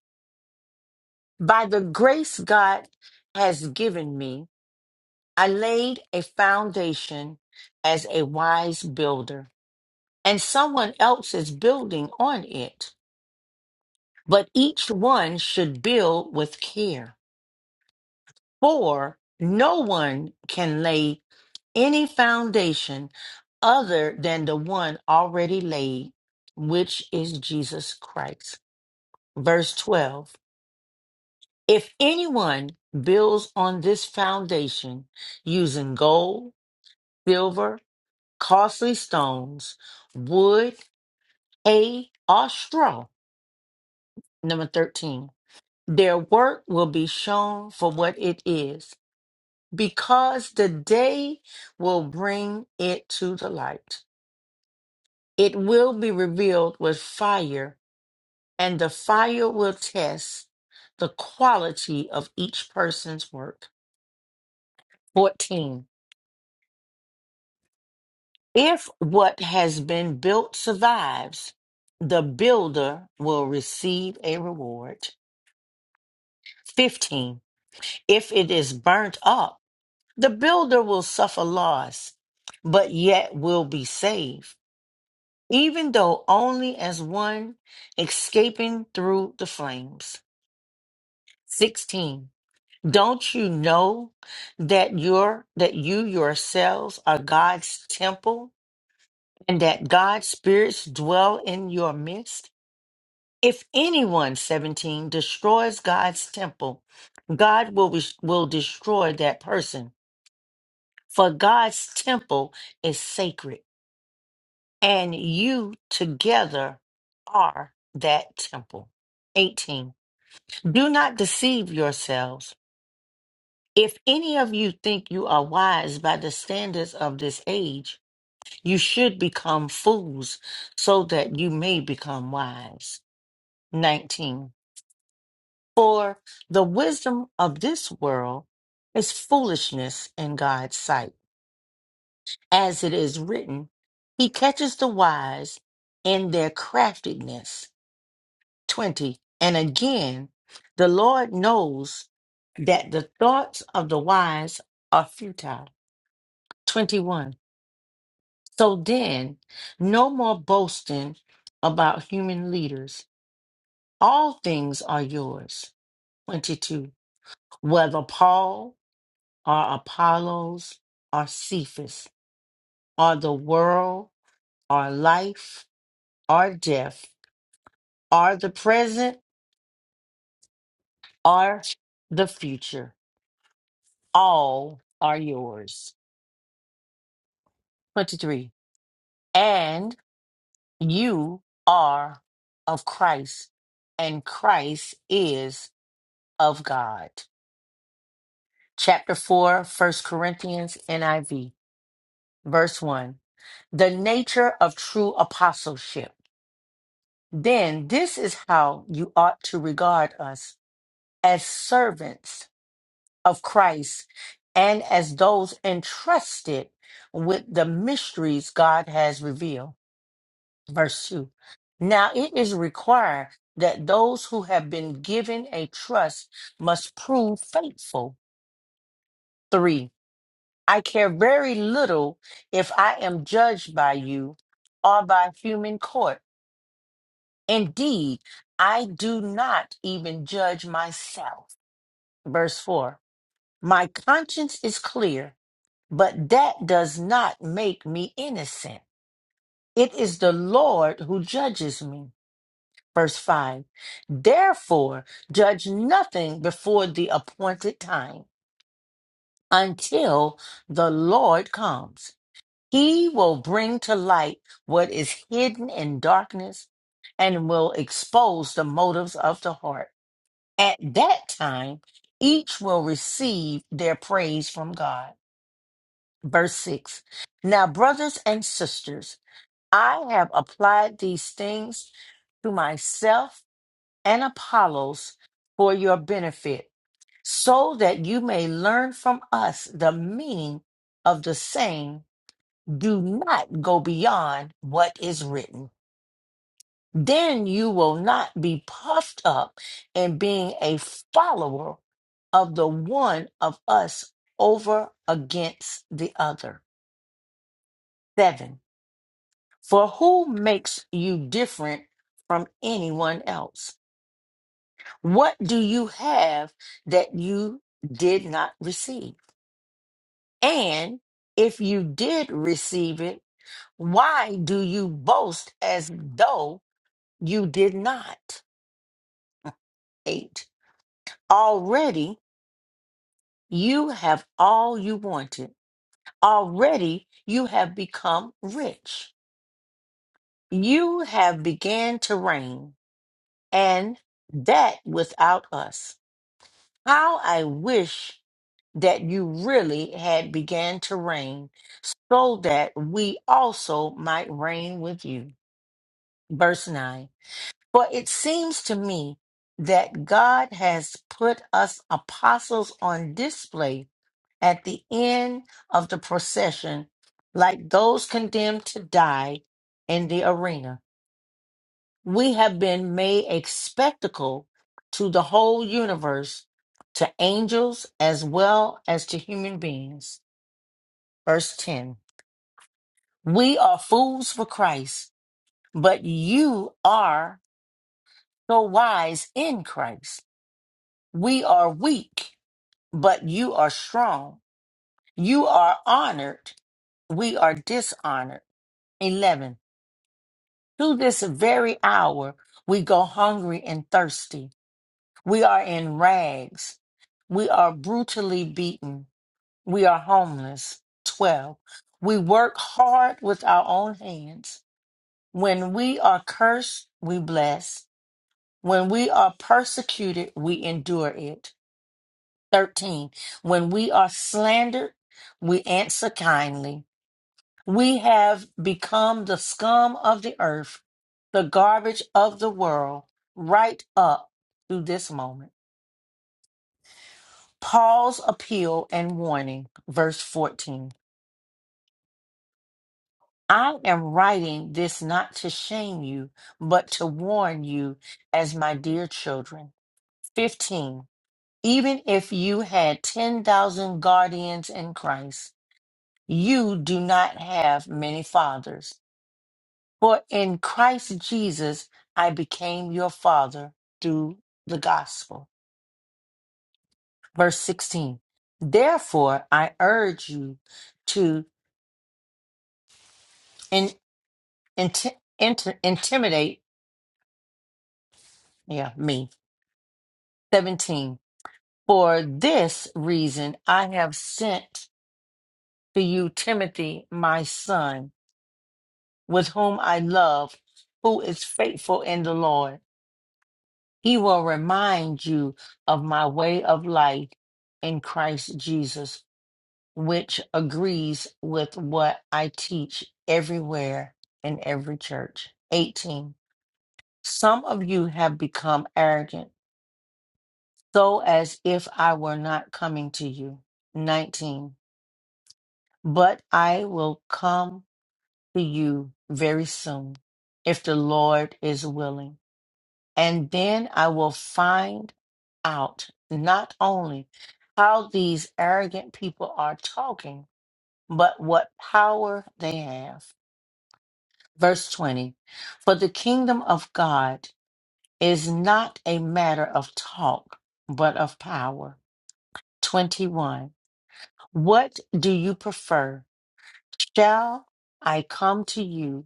[SPEAKER 4] By the grace God has given me, I laid a foundation as a wise builder, and someone else is building on it. But each one should build with care For no one can lay any foundation other than the one already laid, which is Jesus Christ. Verse 12 If anyone builds on this foundation using gold, silver, costly stones, wood, hay, or straw, number 13, their work will be shown for what it is because the day will bring it to the light. It will be revealed with fire, and the fire will test the quality of each person's work. 14. If what has been built survives, the builder will receive a reward. 15. If it is burnt up, the builder will suffer loss, but yet will be saved even though only as one escaping through the flames. 16. Don't you know that your that you yourselves are God's temple and that God's spirits dwell in your midst? If anyone, 17, destroys God's temple, God will, will destroy that person. For God's temple is sacred and you together are that temple. 18. Do not deceive yourselves. If any of you think you are wise by the standards of this age, you should become fools so that you may become wise. 19. For the wisdom of this world is foolishness in God's sight. As it is written, He catches the wise in their craftiness. 20. And again, the Lord knows that the thoughts of the wise are futile. 21. So then, no more boasting about human leaders. All things are yours. 22. Whether Paul or Apollos or Cephas or the world or life or death or the present or the future, all are yours. 23. And you are of Christ, and Christ is of God. Chapter 4, First Corinthians, NIV, verse 1 the nature of true apostleship. Then this is how you ought to regard us as servants of Christ and as those entrusted with the mysteries God has revealed. verse 2. Now it is required that those who have been given a trust must prove faithful. 3. I care very little if I am judged by you or by human court. Indeed, I do not even judge myself. Verse 4. My conscience is clear, but that does not make me innocent. It is the Lord who judges me. Verse 5 Therefore, judge nothing before the appointed time until the Lord comes. He will bring to light what is hidden in darkness and will expose the motives of the heart. At that time, each will receive their praise from God. Verse 6 Now, brothers and sisters, I have applied these things to myself and Apollos for your benefit, so that you may learn from us the meaning of the saying, do not go beyond what is written. Then you will not be puffed up in being a follower of the one of us over against the other. Seven, for who makes you different from anyone else? What do you have that you did not receive? And if you did receive it, why do you boast as though you did not? Eight. Already you have all you wanted. Already you have become rich. You have began to reign, and that without us. How I wish that you really had began to reign so that we also might reign with you. Verse 9. For it seems to me that God has put us apostles on display at the end of the procession, like those condemned to die in the arena. We have been made a spectacle to the whole universe, to angels as well as to human beings. Verse 10 We are fools for Christ, but you are so wise in Christ. We are weak, but you are strong. You are honored, we are dishonored. 11 To this very hour, we go hungry and thirsty. We are in rags. We are brutally beaten. We are homeless. 12. We work hard with our own hands. When we are cursed, we bless. When we are persecuted, we endure it. 13. When we are slandered, we answer kindly. We have become the scum of the earth, the garbage of the world, right up to this moment. Paul's appeal and warning, verse 14. I am writing this not to shame you, but to warn you as my dear children. 15. Even if you had 10,000 guardians in Christ, you do not have many fathers. For in Christ Jesus, I became your father through the gospel. Verse 16. Therefore, I urge you to in int- int- intimidate yeah me 17 for this reason i have sent to you timothy my son with whom i love who is faithful in the lord he will remind you of my way of life in christ jesus which agrees with what i teach everywhere in every church 18 some of you have become arrogant so as if I were not coming to you. 19. But I will come to you very soon, if the Lord is willing. And then I will find out not only how these arrogant people are talking, but what power they have. Verse 20 For the kingdom of God is not a matter of talk, but of power. 21 What do you prefer? Shall I come to you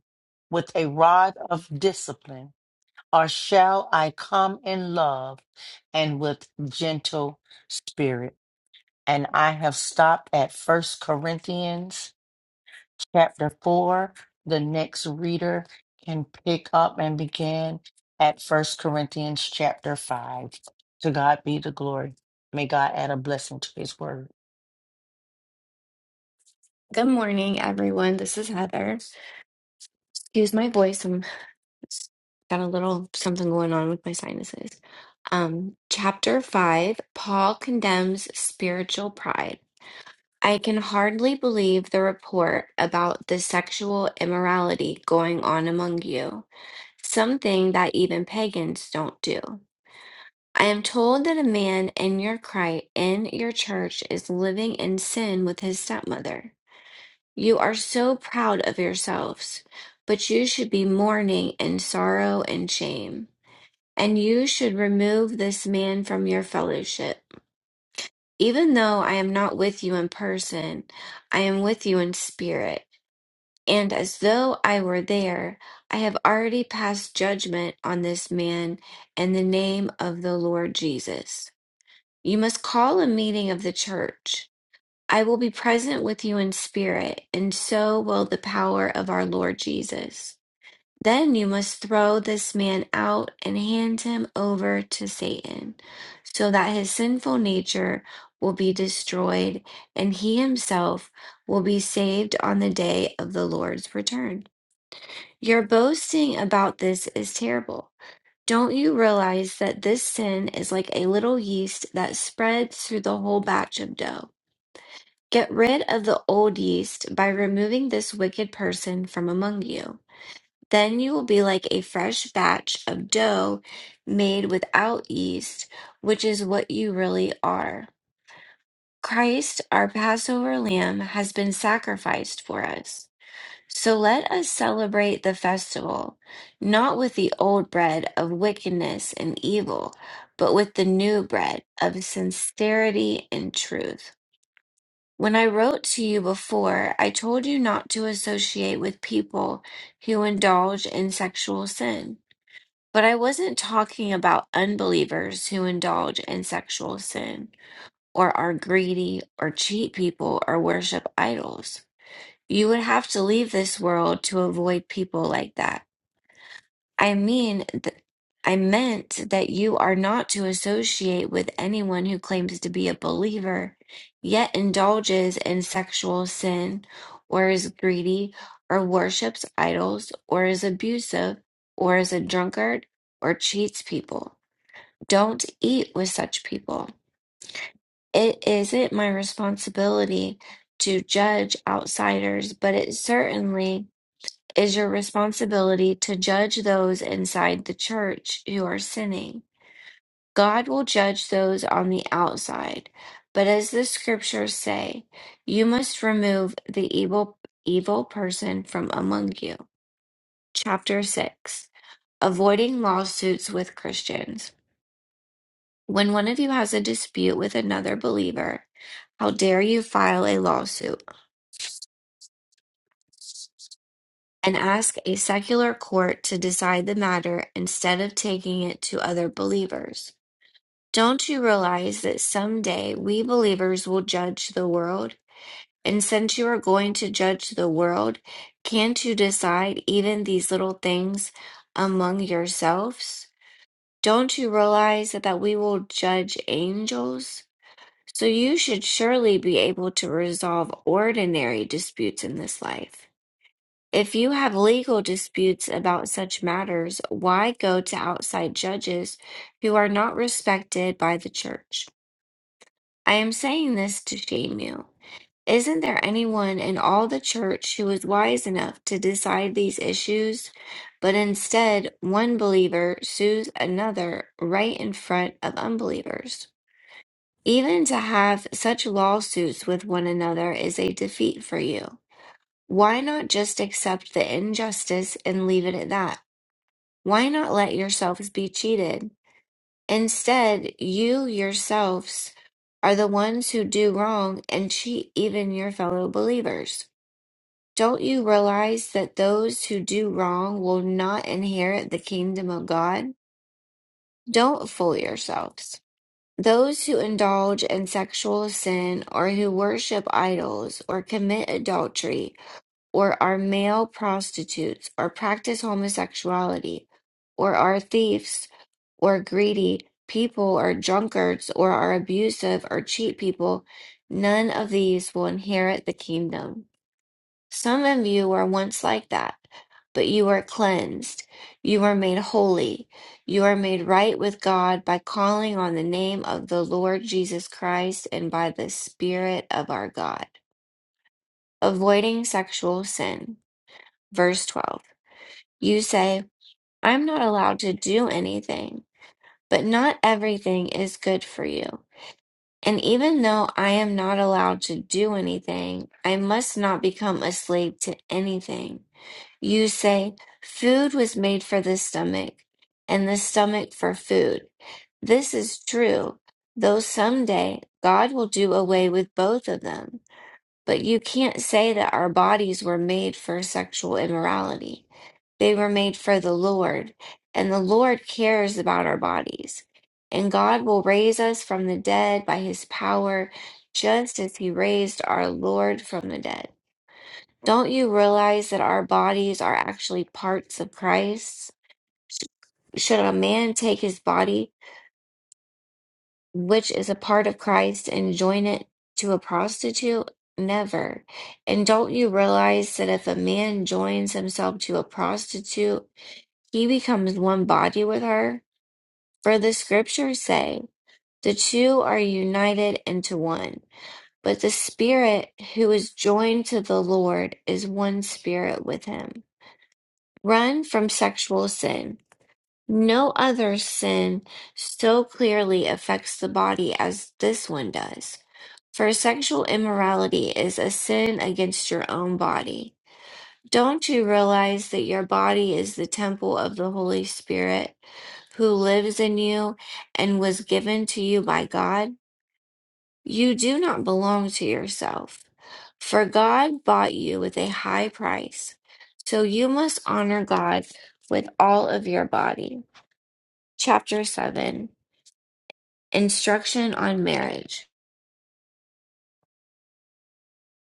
[SPEAKER 4] with a rod of discipline, or shall I come in love and with gentle spirit? And I have stopped at First Corinthians chapter 4. The next reader can pick up and begin at First Corinthians chapter 5. To God be the glory. May God add a blessing to his word.
[SPEAKER 5] Good morning, everyone. This is Heather. Excuse my voice. I'm got a little something going on with my sinuses. Um, chapter five, Paul condemns spiritual pride. I can hardly believe the report about the sexual immorality going on among you, something that even pagans don't do. I am told that a man in your cri- in your church is living in sin with his stepmother. You are so proud of yourselves, but you should be mourning in sorrow and shame. And you should remove this man from your fellowship. Even though I am not with you in person, I am with you in spirit. And as though I were there, I have already passed judgment on this man in the name of the Lord Jesus. You must call a meeting of the church I will be present with you in spirit, and so will the power of our Lord Jesus. Then you must throw this man out and hand him over to Satan, so that his sinful nature will be destroyed and he himself will be saved on the day of the Lord's return. Your boasting about this is terrible. Don't you realize that this sin is like a little yeast that spreads through the whole batch of dough? Get rid of the old yeast by removing this wicked person from among you. Then you will be like a fresh batch of dough made without yeast, which is what you really are. Christ, our Passover lamb, has been sacrificed for us. So let us celebrate the festival, not with the old bread of wickedness and evil, but with the new bread of sincerity and truth. When I wrote to you before, I told you not to associate with people who indulge in sexual sin. But I wasn't talking about unbelievers who indulge in sexual sin or are greedy or cheat people or worship idols. You would have to leave this world to avoid people like that. I mean, th- I meant that you are not to associate with anyone who claims to be a believer, yet indulges in sexual sin, or is greedy, or worships idols, or is abusive, or is a drunkard, or cheats people. Don't eat with such people. It isn't my responsibility to judge outsiders, but it certainly is your responsibility to judge those inside the church who are sinning. God will judge those on the outside. But as the scriptures say, you must remove the evil evil person from among you. Chapter 6. Avoiding lawsuits with Christians. When one of you has a dispute with another believer, how dare you file a lawsuit and ask a secular court to decide the matter instead of taking it to other believers? Don't you realize that someday we believers will judge the world? And since you are going to judge the world, can't you decide even these little things among yourselves? Don't you realize that, that we will judge angels? So you should surely be able to resolve ordinary disputes in this life. If you have legal disputes about such matters, why go to outside judges who are not respected by the church? I am saying this to shame you. Isn't there anyone in all the church who is wise enough to decide these issues? But instead, one believer sues another right in front of unbelievers. Even to have such lawsuits with one another is a defeat for you. Why not just accept the injustice and leave it at that? Why not let yourselves be cheated? Instead, you yourselves are the ones who do wrong and cheat even your fellow believers. Don't you realize that those who do wrong will not inherit the kingdom of God? Don't fool yourselves. Those who indulge in sexual sin or who worship idols or commit adultery or are male prostitutes, or practice homosexuality, or are thieves, or greedy people, or drunkards, or are abusive, or cheat people, none of these will inherit the kingdom. Some of you were once like that, but you were cleansed. You were made holy. You are made right with God by calling on the name of the Lord Jesus Christ and by the Spirit of our God. Avoiding sexual sin. Verse 12. You say, I'm not allowed to do anything, but not everything is good for you. And even though I am not allowed to do anything, I must not become a slave to anything. You say, Food was made for the stomach, and the stomach for food. This is true, though someday God will do away with both of them. But you can't say that our bodies were made for sexual immorality. They were made for the Lord, and the Lord cares about our bodies. And God will raise us from the dead by his power, just as he raised our Lord from the dead. Don't you realize that our bodies are actually parts of Christ? Should a man take his body? which is a part of Christ and join it to a prostitute? Never. And don't you realize that if a man joins himself to a prostitute, he becomes one body with her? For the scriptures say, the two are united into one. But the spirit who is joined to the Lord is one spirit with him. Run from sexual sin. No other sin so clearly affects the body as this one does. For sexual immorality is a sin against your own body. Don't you realize that your body is the temple of the Holy Spirit who lives in you and was given to you by God? You do not belong to yourself, for God bought you with a high price. So you must honor God with all of your body. Chapter 7 Instruction on Marriage.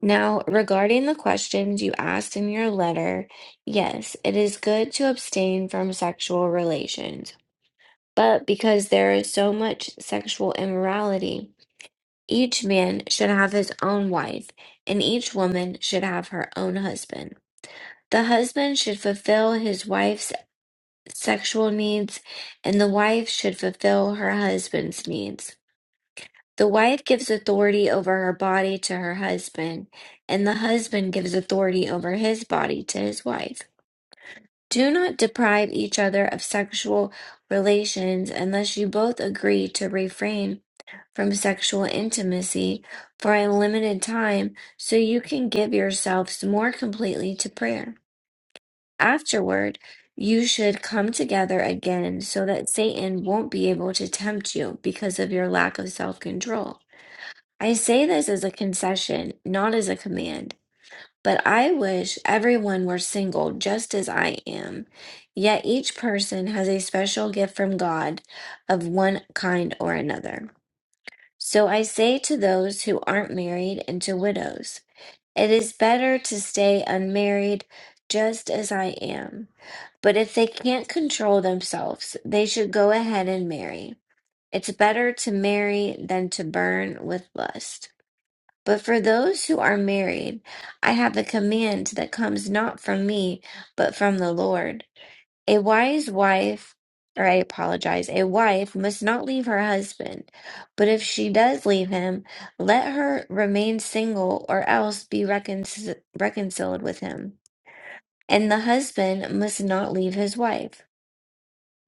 [SPEAKER 5] Now, regarding the questions you asked in your letter, yes, it is good to abstain from sexual relations. But because there is so much sexual immorality, each man should have his own wife, and each woman should have her own husband. The husband should fulfill his wife's sexual needs, and the wife should fulfill her husband's needs. The wife gives authority over her body to her husband, and the husband gives authority over his body to his wife. Do not deprive each other of sexual relations unless you both agree to refrain from sexual intimacy for a limited time so you can give yourselves more completely to prayer. Afterward, you should come together again so that Satan won't be able to tempt you because of your lack of self control. I say this as a concession, not as a command, but I wish everyone were single just as I am. Yet each person has a special gift from God of one kind or another. So I say to those who aren't married and to widows, it is better to stay unmarried just as I am. But if they can't control themselves, they should go ahead and marry. It's better to marry than to burn with lust. But for those who are married, I have a command that comes not from me, but from the Lord. A wise wife, or I apologize, a wife must not leave her husband, but if she does leave him, let her remain single or else be reconcil- reconciled with him. And the husband must not leave his wife.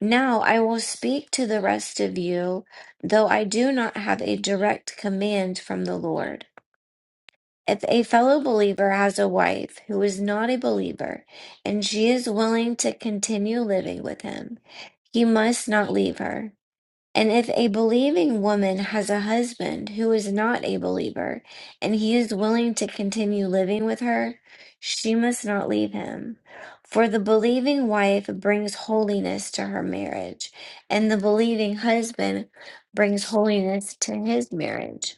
[SPEAKER 5] Now I will speak to the rest of you, though I do not have a direct command from the Lord. If a fellow believer has a wife who is not a believer, and she is willing to continue living with him, he must not leave her. And if a believing woman has a husband who is not a believer, and he is willing to continue living with her, she must not leave him. For the believing wife brings holiness to her marriage, and the believing husband brings holiness to his marriage.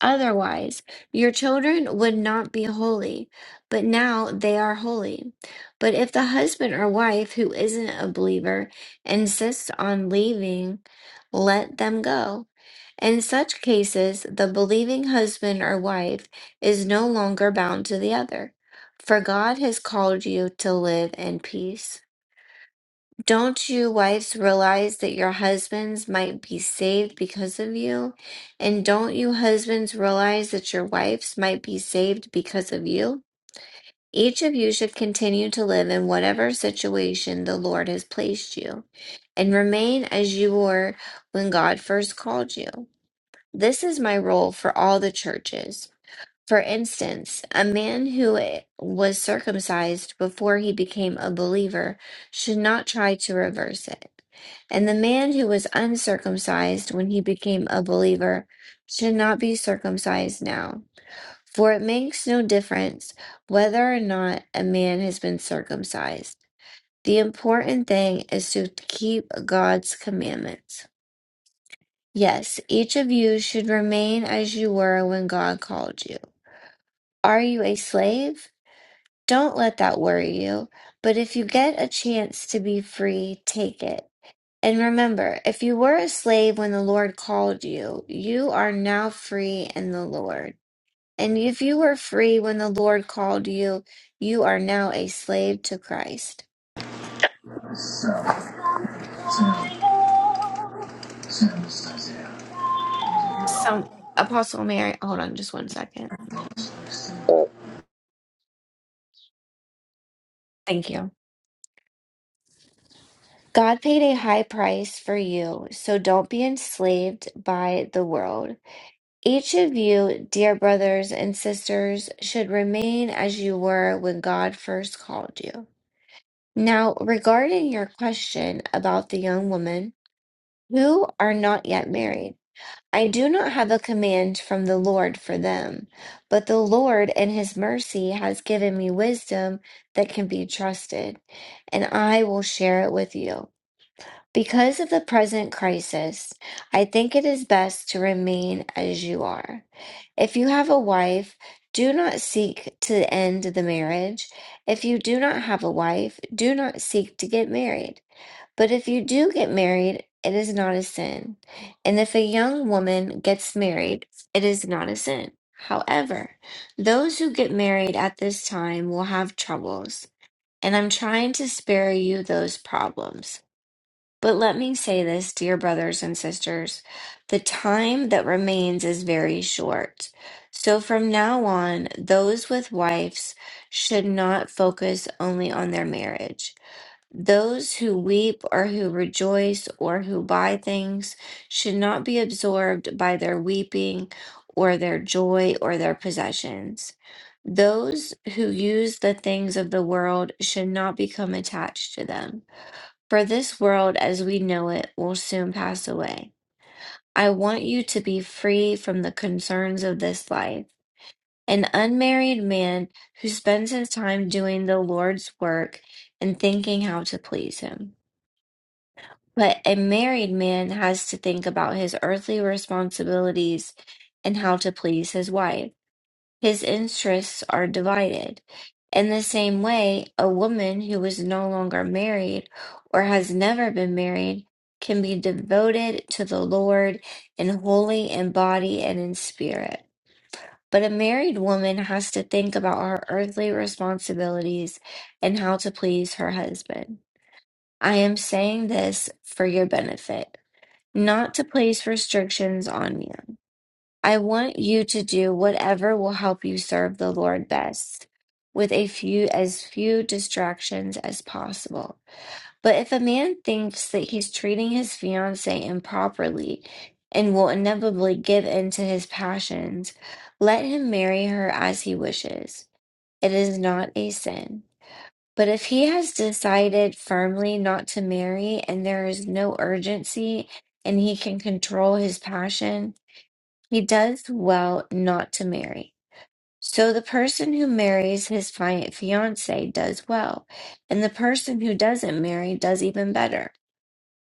[SPEAKER 5] Otherwise, your children would not be holy, but now they are holy. But if the husband or wife who isn't a believer insists on leaving, let them go. In such cases, the believing husband or wife is no longer bound to the other, for God has called you to live in peace. Don't you wives realize that your husbands might be saved because of you? And don't you husbands realize that your wives might be saved because of you? Each of you should continue to live in whatever situation the Lord has placed you, and remain as you were when God first called you. This is my role for all the churches. For instance, a man who was circumcised before he became a believer should not try to reverse it. And the man who was uncircumcised when he became a believer should not be circumcised now. For it makes no difference whether or not a man has been circumcised. The important thing is to keep God's commandments. Yes, each of you should remain as you were when God called you. Are you a slave? Don't let that worry you, but if you get a chance to be free, take it. And remember, if you were a slave when the Lord called you, you are now free in the Lord. And if you were free when the Lord called you, you are now a slave to Christ.
[SPEAKER 6] So, so, so. so.
[SPEAKER 5] Some Apostle Mary, hold on just one second. Thank you. God paid a high price for you, so don't be enslaved by the world. Each of you, dear brothers and sisters, should remain as you were when God first called you. Now, regarding your question about the young women who are not yet married, I do not have a command from the Lord for them, but the Lord in his mercy has given me wisdom that can be trusted, and I will share it with you. Because of the present crisis, I think it is best to remain as you are. If you have a wife, do not seek to end the marriage. If you do not have a wife, do not seek to get married. But if you do get married, it is not a sin. And if a young woman gets married, it is not a sin. However, those who get married at this time will have troubles, and I'm trying to spare you those problems. But let me say this, dear brothers and sisters, the time that remains is very short. So from now on, those with wives should not focus only on their marriage. Those who weep or who rejoice or who buy things should not be absorbed by their weeping or their joy or their possessions. Those who use the things of the world should not become attached to them. For this world as we know it will soon pass away. I want you to be free from the concerns of this life. An unmarried man who spends his time doing the Lord's work and thinking how to please him. But a married man has to think about his earthly responsibilities and how to please his wife. His interests are divided. In the same way, a woman who is no longer married or has never been married can be devoted to the Lord in wholly in body and in spirit. But a married woman has to think about her earthly responsibilities and how to please her husband. I am saying this for your benefit, not to place restrictions on you. I want you to do whatever will help you serve the Lord best, with a few as few distractions as possible. But if a man thinks that he's treating his fiancée improperly and will inevitably give in to his passions, let him marry her as he wishes. It is not a sin. But if he has decided firmly not to marry and there is no urgency and he can control his passion, he does well not to marry. So the person who marries his fi- fiancée does well, and the person who doesn't marry does even better.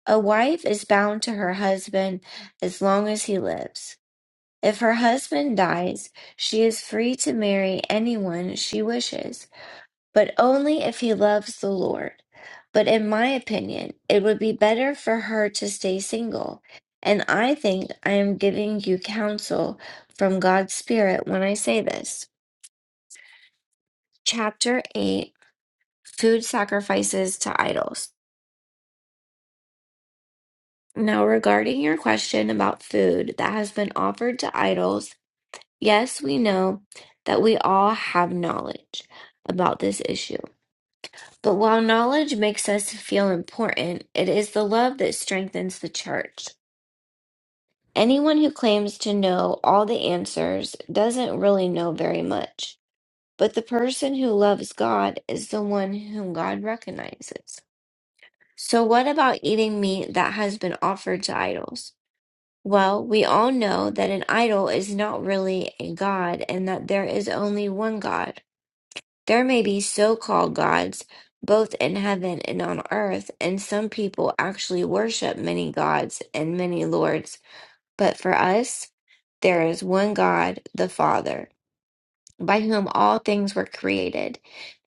[SPEAKER 5] A wife is bound to her husband as long as he lives. If her husband dies, she is free to marry anyone she wishes but only if he loves the Lord. But in my opinion, it would be better for her to stay single. And I think I am giving you counsel from God's Spirit when I say this. Chapter 8 Food Sacrifices to Idols. Now, regarding your question about food that has been offered to idols, yes, we know that we all have knowledge about this issue. But while knowledge makes us feel important, it is the love that strengthens the church. Anyone who claims to know all the answers doesn't really know very much. But the person who loves God is the one whom God recognizes. So, what about eating meat that has been offered to idols? Well, we all know that an idol is not really a god and that there is only one God. There may be so-called gods both in heaven and on earth, and some people actually worship many gods and many lords. But for us, there is one God, the Father, by whom all things were created,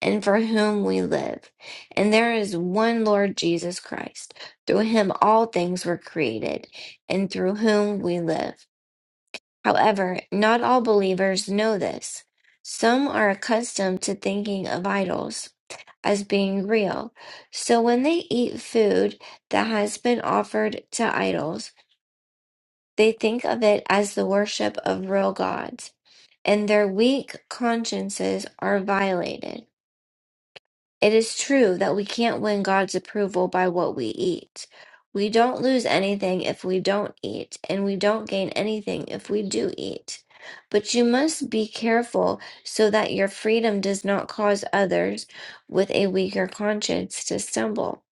[SPEAKER 5] and for whom we live. And there is one Lord Jesus Christ. Through him all things were created, and through whom we live. However, not all believers know this. Some are accustomed to thinking of idols as being real. So when they eat food that has been offered to idols, they think of it as the worship of real gods, and their weak consciences are violated. It is true that we can't win God's approval by what we eat. We don't lose anything if we don't eat, and we don't gain anything if we do eat. But you must be careful so that your freedom does not cause others with a weaker conscience to stumble.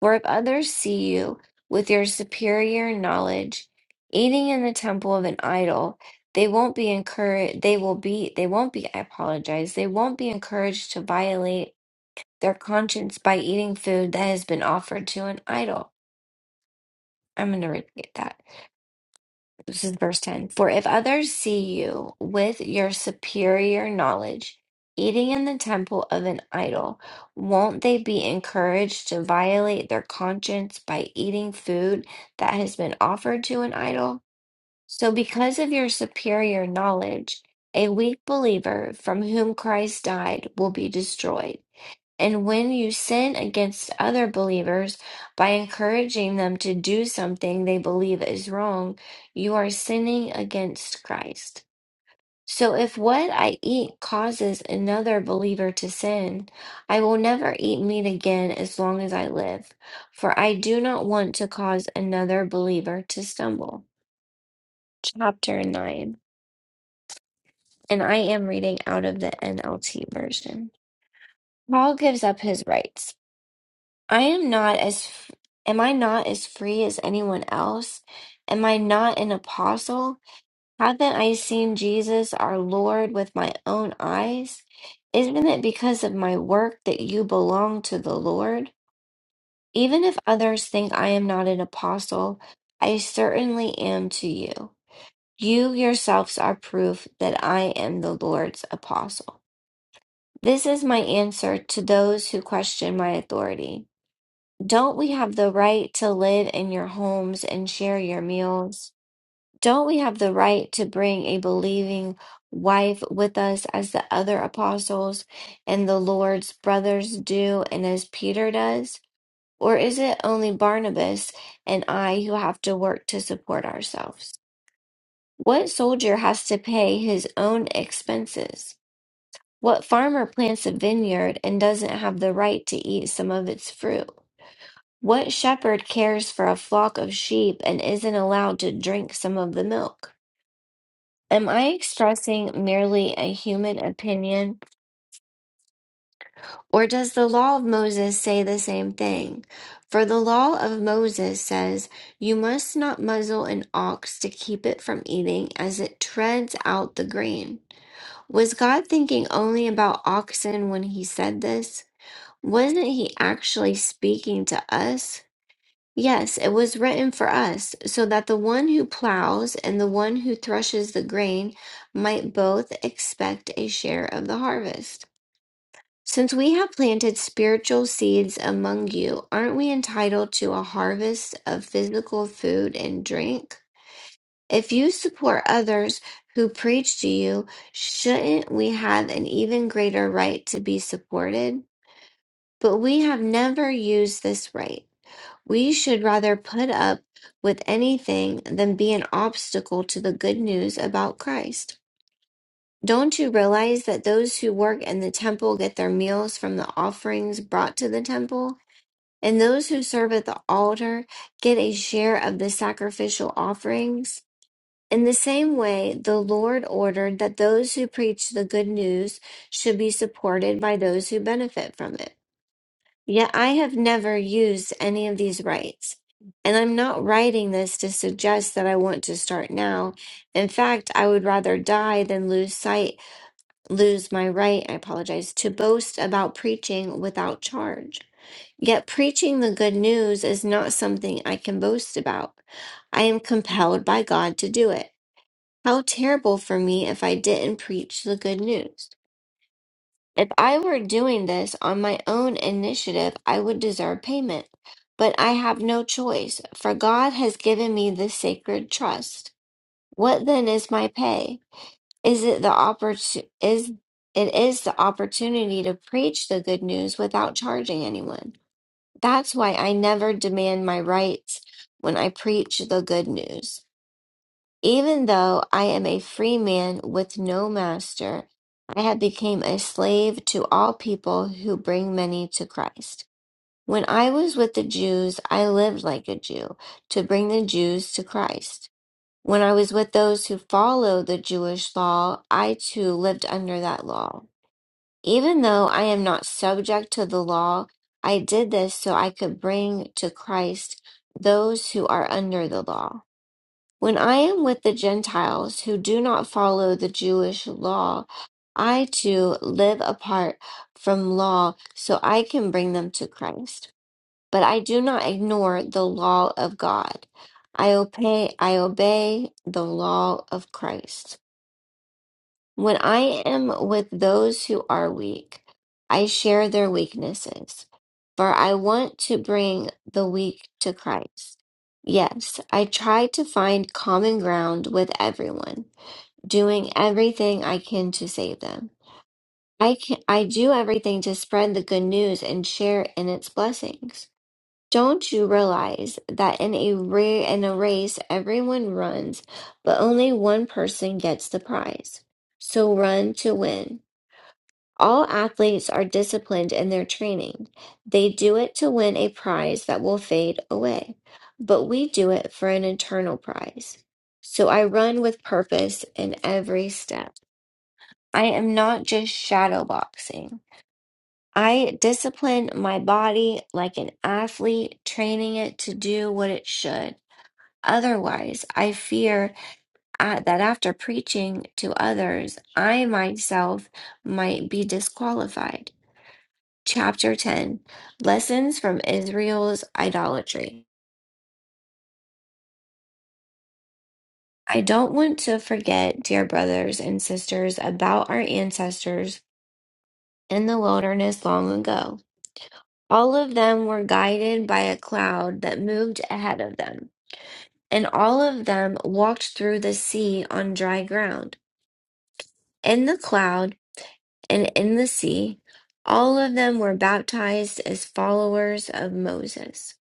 [SPEAKER 5] For if others see you with your superior knowledge eating in the temple of an idol, they won't be encouraged. They will be. They won't be. I apologize. They won't be encouraged to violate their conscience by eating food that has been offered to an idol. I'm going to repeat that. This is verse 10. For if others see you with your superior knowledge eating in the temple of an idol, won't they be encouraged to violate their conscience by eating food that has been offered to an idol? So, because of your superior knowledge, a weak believer from whom Christ died will be destroyed And when you sin against other believers by encouraging them to do something they believe is wrong, you are sinning against Christ. So if what I eat causes another believer to sin, I will never eat meat again as long as I live, for I do not want to cause another believer to stumble. Chapter 9. And I am reading out of the NLT version. Paul gives up his rights. I am not as, f- am I not as free as anyone else? Am I not an apostle? Haven't I seen Jesus our Lord with my own eyes? Isn't it because of my work that you belong to the Lord? Even if others think I am not an apostle, I certainly am to you. You yourselves are proof that I am the Lord's apostle. This is my answer to those who question my authority. Don't we have the right to live in your homes and share your meals? Don't we have the right to bring a believing wife with us as the other apostles and the Lord's brothers do and as Peter does? Or is it only Barnabas and I who have to work to support ourselves? What soldier has to pay his own expenses? What farmer plants a vineyard and doesn't have the right to eat some of its fruit? What shepherd cares for a flock of sheep and isn't allowed to drink some of the milk? Am I expressing merely a human opinion, or does the law of Moses say the same thing? For the law of Moses says, You must not muzzle an ox to keep it from eating as it treads out the grain. Was God thinking only about oxen when he said this? Wasn't he actually speaking to us? Yes, it was written for us, so that the one who plows and the one who threshes the grain might both expect a share of the harvest. Since we have planted spiritual seeds among you, aren't we entitled to a harvest of physical food and drink? If you support others who preach to you, shouldn't we have an even greater right to be supported? But we have never used this right. We should rather put up with anything than be an obstacle to the good news about Christ. Don't you realize that those who work in the temple get their meals from the offerings brought to the temple? And those who serve at the altar get a share of the sacrificial offerings? In the same way, the Lord ordered that those who preach the good news should be supported by those who benefit from it. Yet I have never used any of these rights. And I'm not writing this to suggest that I want to start now. In fact, I would rather die than lose sight, lose my right, I apologize, to boast about preaching without charge. Yet preaching the good news is not something I can boast about. I am compelled by God to do it. How terrible for me if I didn't preach the good news. If I were doing this on my own initiative, I would deserve payment. But I have no choice, for God has given me this sacred trust. What then is my pay? Is it the oppor- is it is the opportunity to preach the good news without charging anyone. That's why I never demand my rights when I preach the good news. Even though I am a free man with no master, I have become a slave to all people who bring many to Christ. When I was with the Jews, I lived like a Jew to bring the Jews to Christ. When I was with those who follow the Jewish law, I too lived under that law. Even though I am not subject to the law, I did this so I could bring to Christ those who are under the law when I am with the Gentiles who do not follow the Jewish law, I too live apart from law so I can bring them to Christ. But I do not ignore the law of God. I obey, I obey the law of Christ. When I am with those who are weak, I share their weaknesses, for I want to bring the weak to Christ. Yes, I try to find common ground with everyone, doing everything I can to save them. I can, I do everything to spread the good news and share in its blessings. Don't you realize that in a ra- in a race everyone runs, but only one person gets the prize? So run to win. All athletes are disciplined in their training. They do it to win a prize that will fade away, but we do it for an eternal prize. So I run with purpose in every step. I am not just shadow boxing. I discipline my body like an athlete, training it to do what it should. Otherwise, I fear uh, that after preaching to others, I myself might be disqualified. Chapter 10 Lessons from Israel's Idolatry. I don't want to forget, dear brothers and sisters, about our ancestors in the wilderness long ago. All of them were guided by a cloud that moved ahead of them. And all of them walked through the sea on dry ground, in the cloud and in the sea. All of them were baptized as followers of Moses.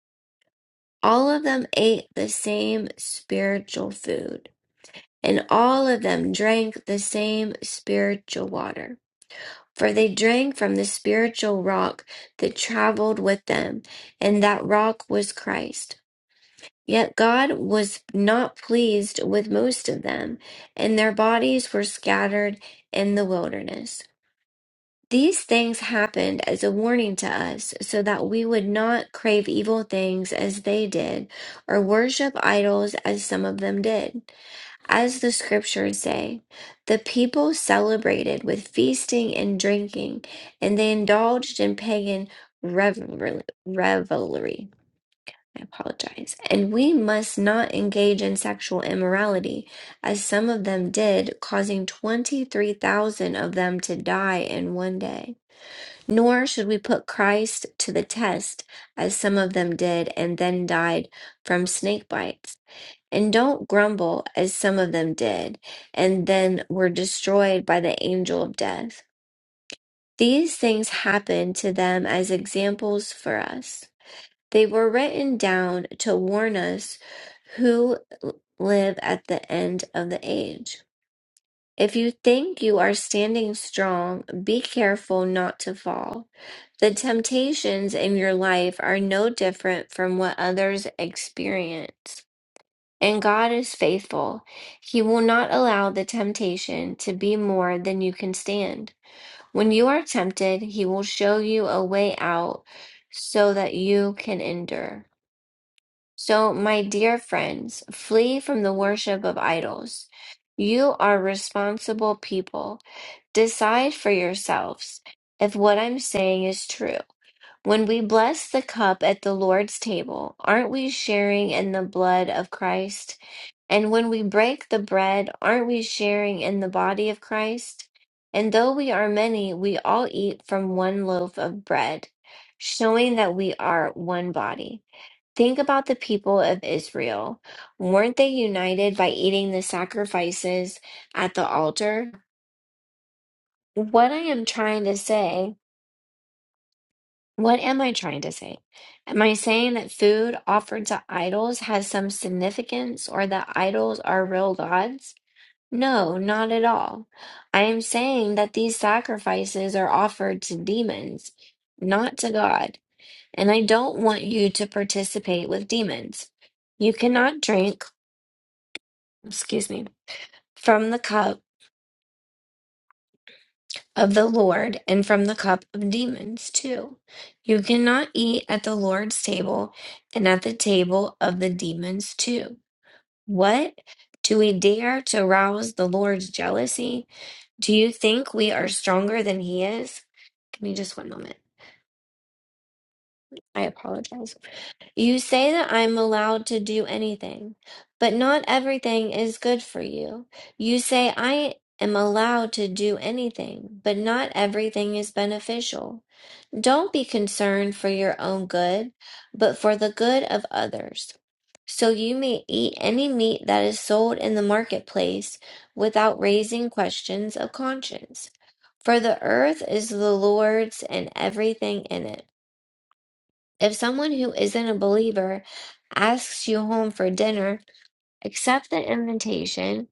[SPEAKER 5] All of them ate the same spiritual food, and all of them drank the same spiritual water. For they drank from the spiritual rock that traveled with them, and that rock was Christ. Yet God was not pleased with most of them, and their bodies were scattered in the wilderness. These things happened as a warning to us, so that we would not crave evil things as they did, or worship idols as some of them did. As the scriptures say, the people celebrated with feasting and drinking, and they indulged in pagan revelry. revelry. I apologize. And we must not engage in sexual immorality, as some of them did, causing 23,000 of them to die in one day. Nor should we put Christ to the test, as some of them did and then died from snake bites. And don't grumble, as some of them did, and then were destroyed by the angel of death. These things happened to them as examples for us. They were written down to warn us who live at the end of the age. If you think you are standing strong, be careful not to fall. The temptations in your life are no different from what others experience. And God is faithful. He will not allow the temptation to be more than you can stand. When you are tempted, He will show you a way out so that you can endure. So, my dear friends, flee from the worship of idols. You are responsible people. Decide for yourselves if what I'm saying is true. When we bless the cup at the Lord's table, aren't we sharing in the blood of Christ? And when we break the bread, aren't we sharing in the body of Christ? And though we are many, we all eat from one loaf of bread, showing that we are one body. Think about the people of Israel. Weren't they united by eating the sacrifices at the altar? What I am trying to say, what am I trying to say? Am I saying that food offered to idols has some significance or that idols are real gods? No, not at all. I am saying that these sacrifices are offered to demons, not to God. And I don't want you to participate with demons. You cannot drink excuse me, from the cup of the Lord and from the cup of demons too. You cannot eat at the Lord's table and at the table of the demons too. What? Do we dare to rouse the Lord's jealousy? Do you think we are stronger than he is? Give me just one moment. I apologize. You say that I'm allowed to do anything, but not everything is good for you. You say I am allowed to do anything, but not everything is beneficial. Don't be concerned for your own good, but for the good of others. So you may eat any meat that is sold in the marketplace without raising questions of conscience. For the earth is the Lord's and everything in it if someone who isn't a believer asks you home for dinner, accept the invitation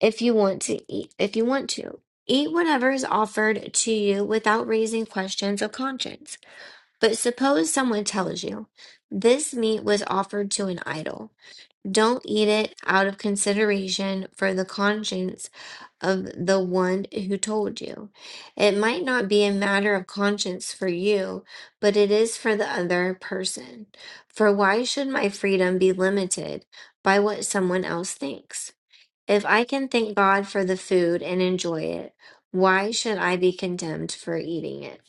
[SPEAKER 5] if you want to eat if you want to. Eat whatever is offered to you without raising questions of conscience. But suppose someone tells you, this meat was offered to an idol. Don't eat it out of consideration for the conscience of the one who told you. It might not be a matter of conscience for you, but it is for the other person. For why should my freedom be limited by what someone else thinks? If I can thank God for the food and enjoy it, why should I be condemned for eating it?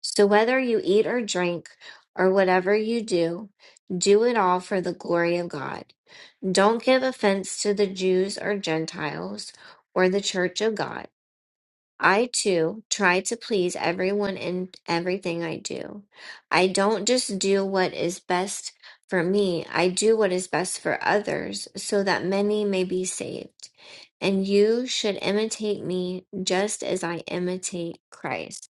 [SPEAKER 5] So, whether you eat or drink or whatever you do, do it all for the glory of God. Don't give offense to the Jews or Gentiles or the church of God. I too try to please everyone in everything I do. I don't just do what is best for me, I do what is best for others so that many may be saved. And you should imitate me just as I imitate Christ.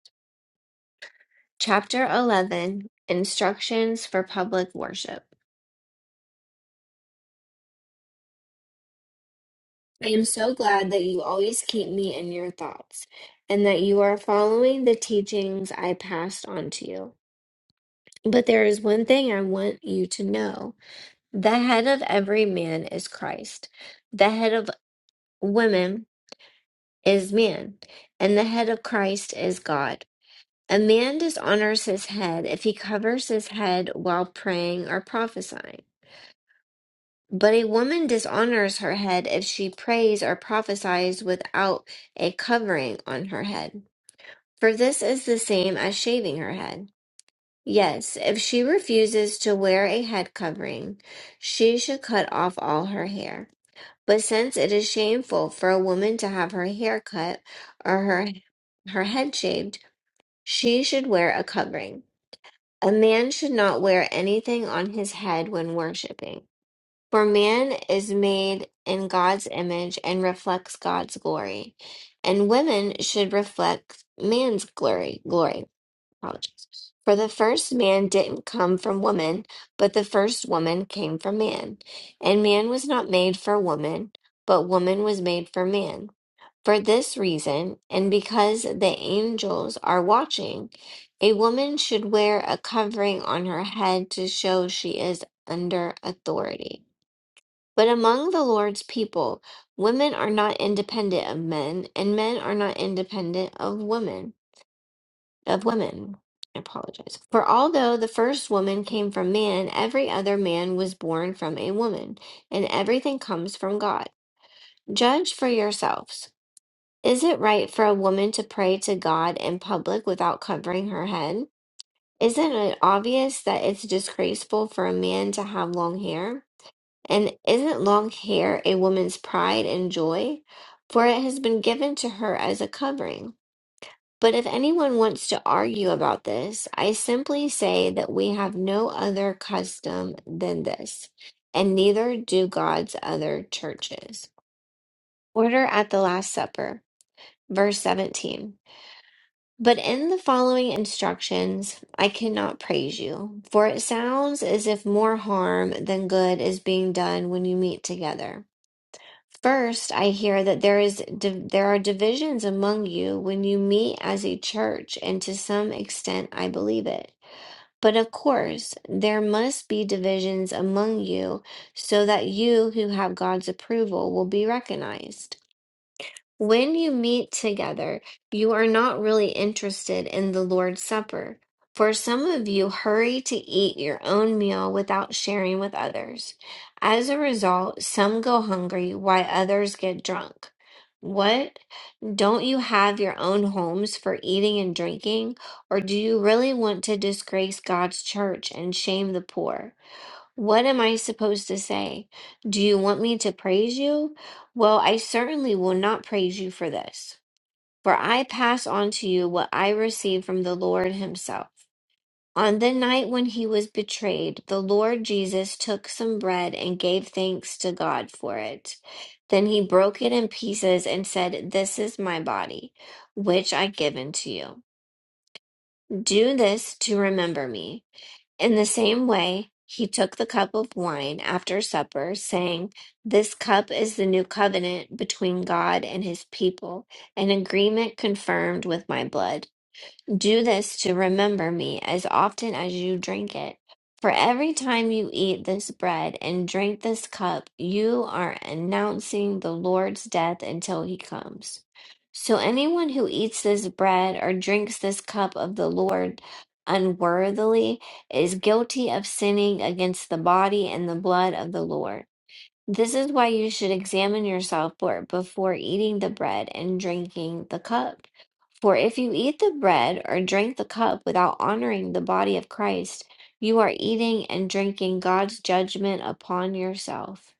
[SPEAKER 5] Chapter 11 Instructions for Public Worship. I am so glad that you always keep me in your thoughts and that you are following the teachings I passed on to you. But there is one thing I want you to know. The head of every man is Christ. The head of women is man, and the head of Christ is God. A man dishonors his head if he covers his head while praying or prophesying. But a woman dishonors her head if she prays or prophesies without a covering on her head. For this is the same as shaving her head. Yes, if she refuses to wear a head covering, she should cut off all her hair. But since it is shameful for a woman to have her hair cut or her her head shaved, she should wear a covering. A man should not wear anything on his head when worshiping. For man is made in God's image and reflects God's glory, and women should reflect man's glory. Glory. Apologies. For the first man didn't come from woman, but the first woman came from man. And man was not made for woman, but woman was made for man. For this reason, and because the angels are watching, a woman should wear a covering on her head to show she is under authority. But among the Lord's people, women are not independent of men, and men are not independent of women of women. I apologize. For although the first woman came from man, every other man was born from a woman, and everything comes from God. Judge for yourselves. Is it right for a woman to pray to God in public without covering her head? Isn't it obvious that it's disgraceful for a man to have long hair? And isn't long hair a woman's pride and joy? For it has been given to her as a covering. But if anyone wants to argue about this, I simply say that we have no other custom than this, and neither do God's other churches. Order at the Last Supper, verse 17. But in the following instructions, I cannot praise you, for it sounds as if more harm than good is being done when you meet together. First, I hear that there is div there are divisions among you when you meet as a church, and to some extent I believe it. But of course, there must be divisions among you so that you who have God's approval will be recognized. When you meet together, you are not really interested in the Lord's Supper, for some of you hurry to eat your own meal without sharing with others. As a result, some go hungry while others get drunk. What? Don't you have your own homes for eating and drinking? Or do you really want to disgrace God's church and shame the poor? What am I supposed to say? Do you want me to praise you? Well, I certainly will not praise you for this, for I pass on to you what I received from the Lord Himself. On the night when He was betrayed, the Lord Jesus took some bread and gave thanks to God for it. Then He broke it in pieces and said, This is my body, which I give unto you. Do this to remember me. In the same way, he took the cup of wine after supper, saying, This cup is the new covenant between God and his people, an agreement confirmed with my blood. Do this to remember me as often as you drink it. For every time you eat this bread and drink this cup, you are announcing the Lord's death until he comes. So anyone who eats this bread or drinks this cup of the Lord unworthily is guilty of sinning against the body and the blood of the Lord. This is why you should examine yourself for- before eating the bread and drinking the cup. For if you eat the bread or drink the cup without honoring the body of Christ, you are eating and drinking God's judgment upon yourself.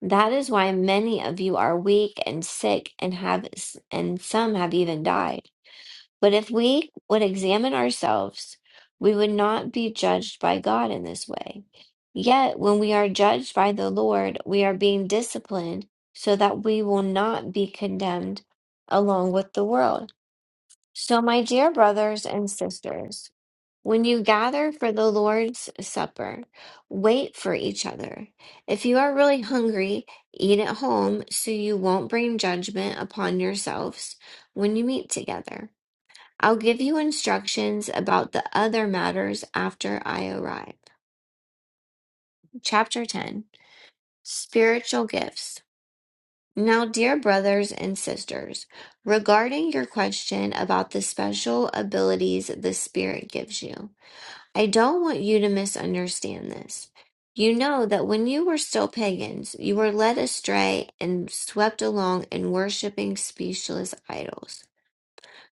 [SPEAKER 5] That is why many of you are weak and sick and have and some have even died. But if we would examine ourselves, we would not be judged by God in this way. Yet when we are judged by the Lord, we are being disciplined so that we will not be condemned along with the world. So, my dear brothers and sisters, when you gather for the Lord's Supper, wait for each other. If you are really hungry, eat at home so you won't bring judgment upon yourselves when you meet together. I'll give you instructions about the other matters after I arrive. Chapter 10 Spiritual Gifts. Now, dear brothers and sisters, regarding your question about the special abilities the Spirit gives you. I don't want you to misunderstand this. You know that when you were still pagans, you were led astray and swept along in worshiping speechless idols.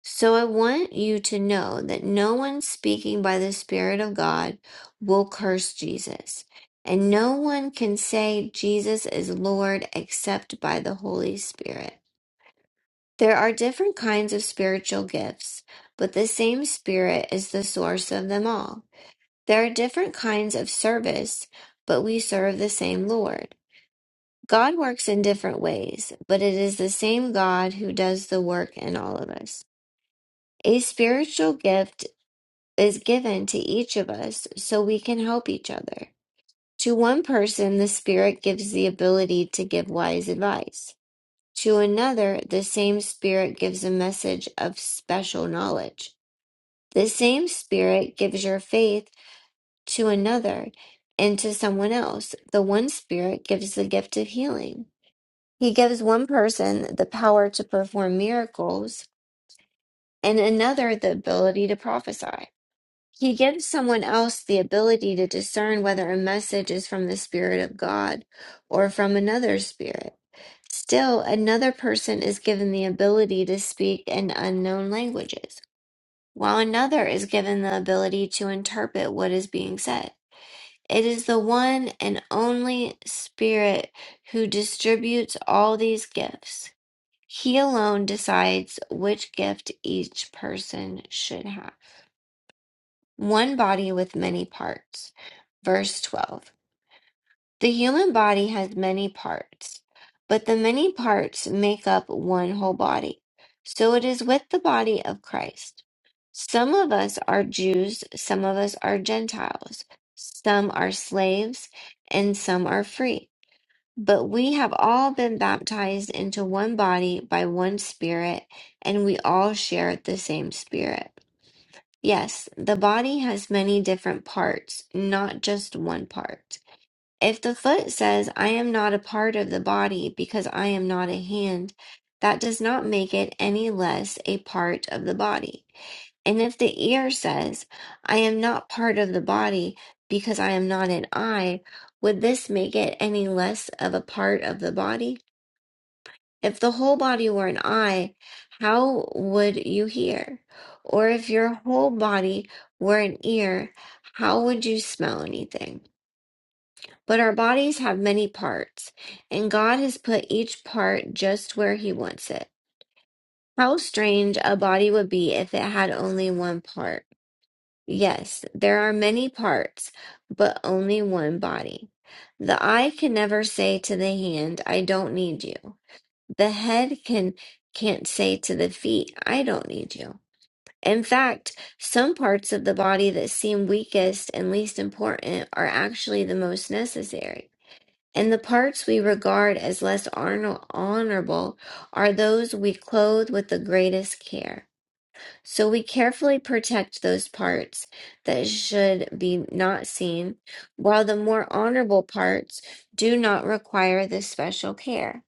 [SPEAKER 5] So I want you to know that no one speaking by the Spirit of God will curse Jesus, and no one can say Jesus is Lord except by the Holy Spirit. There are different kinds of spiritual gifts, but the same Spirit is the source of them all. There are different kinds of service, but we serve the same Lord. God works in different ways, but it is the same God who does the work in all of us. A spiritual gift is given to each of us so we can help each other. To one person, the Spirit gives the ability to give wise advice. To another, the same Spirit gives a message of special knowledge. The same Spirit gives your faith to another and to someone else. The one Spirit gives the gift of healing. He gives one person the power to perform miracles and another the ability to prophesy. He gives someone else the ability to discern whether a message is from the Spirit of God or from another Spirit. Still, another person is given the ability to speak in unknown languages, while another is given the ability to interpret what is being said. It is the one and only Spirit who distributes all these gifts. He alone decides which gift each person should have. One body with many parts. Verse 12. The human body has many parts, but the many parts make up one whole body. So it is with the body of Christ. Some of us are Jews, some of us are Gentiles, some are slaves, and some are free. But we have all been baptized into one body by one Spirit, and we all share the same Spirit. Yes, the body has many different parts, not just one part. If the foot says, I am not a part of the body because I am not a hand, that does not make it any less a part of the body. And if the ear says, I am not part of the body because I am not an eye, would this make it any less of a part of the body? If the whole body were an eye, how would you hear? Or if your whole body were an ear, how would you smell anything? But our bodies have many parts, and God has put each part just where He wants it. How strange a body would be if it had only one part. Yes, there are many parts, but only one body. The eye can never say to the hand, I don't need you. The head can can't say to the feet, I don't need you. In fact, some parts of the body that seem weakest and least important are actually the most necessary. And the parts we regard as less honor- honorable are those we clothe with the greatest care. So we carefully protect those parts that should be not seen, while the more honorable parts do not require this special care.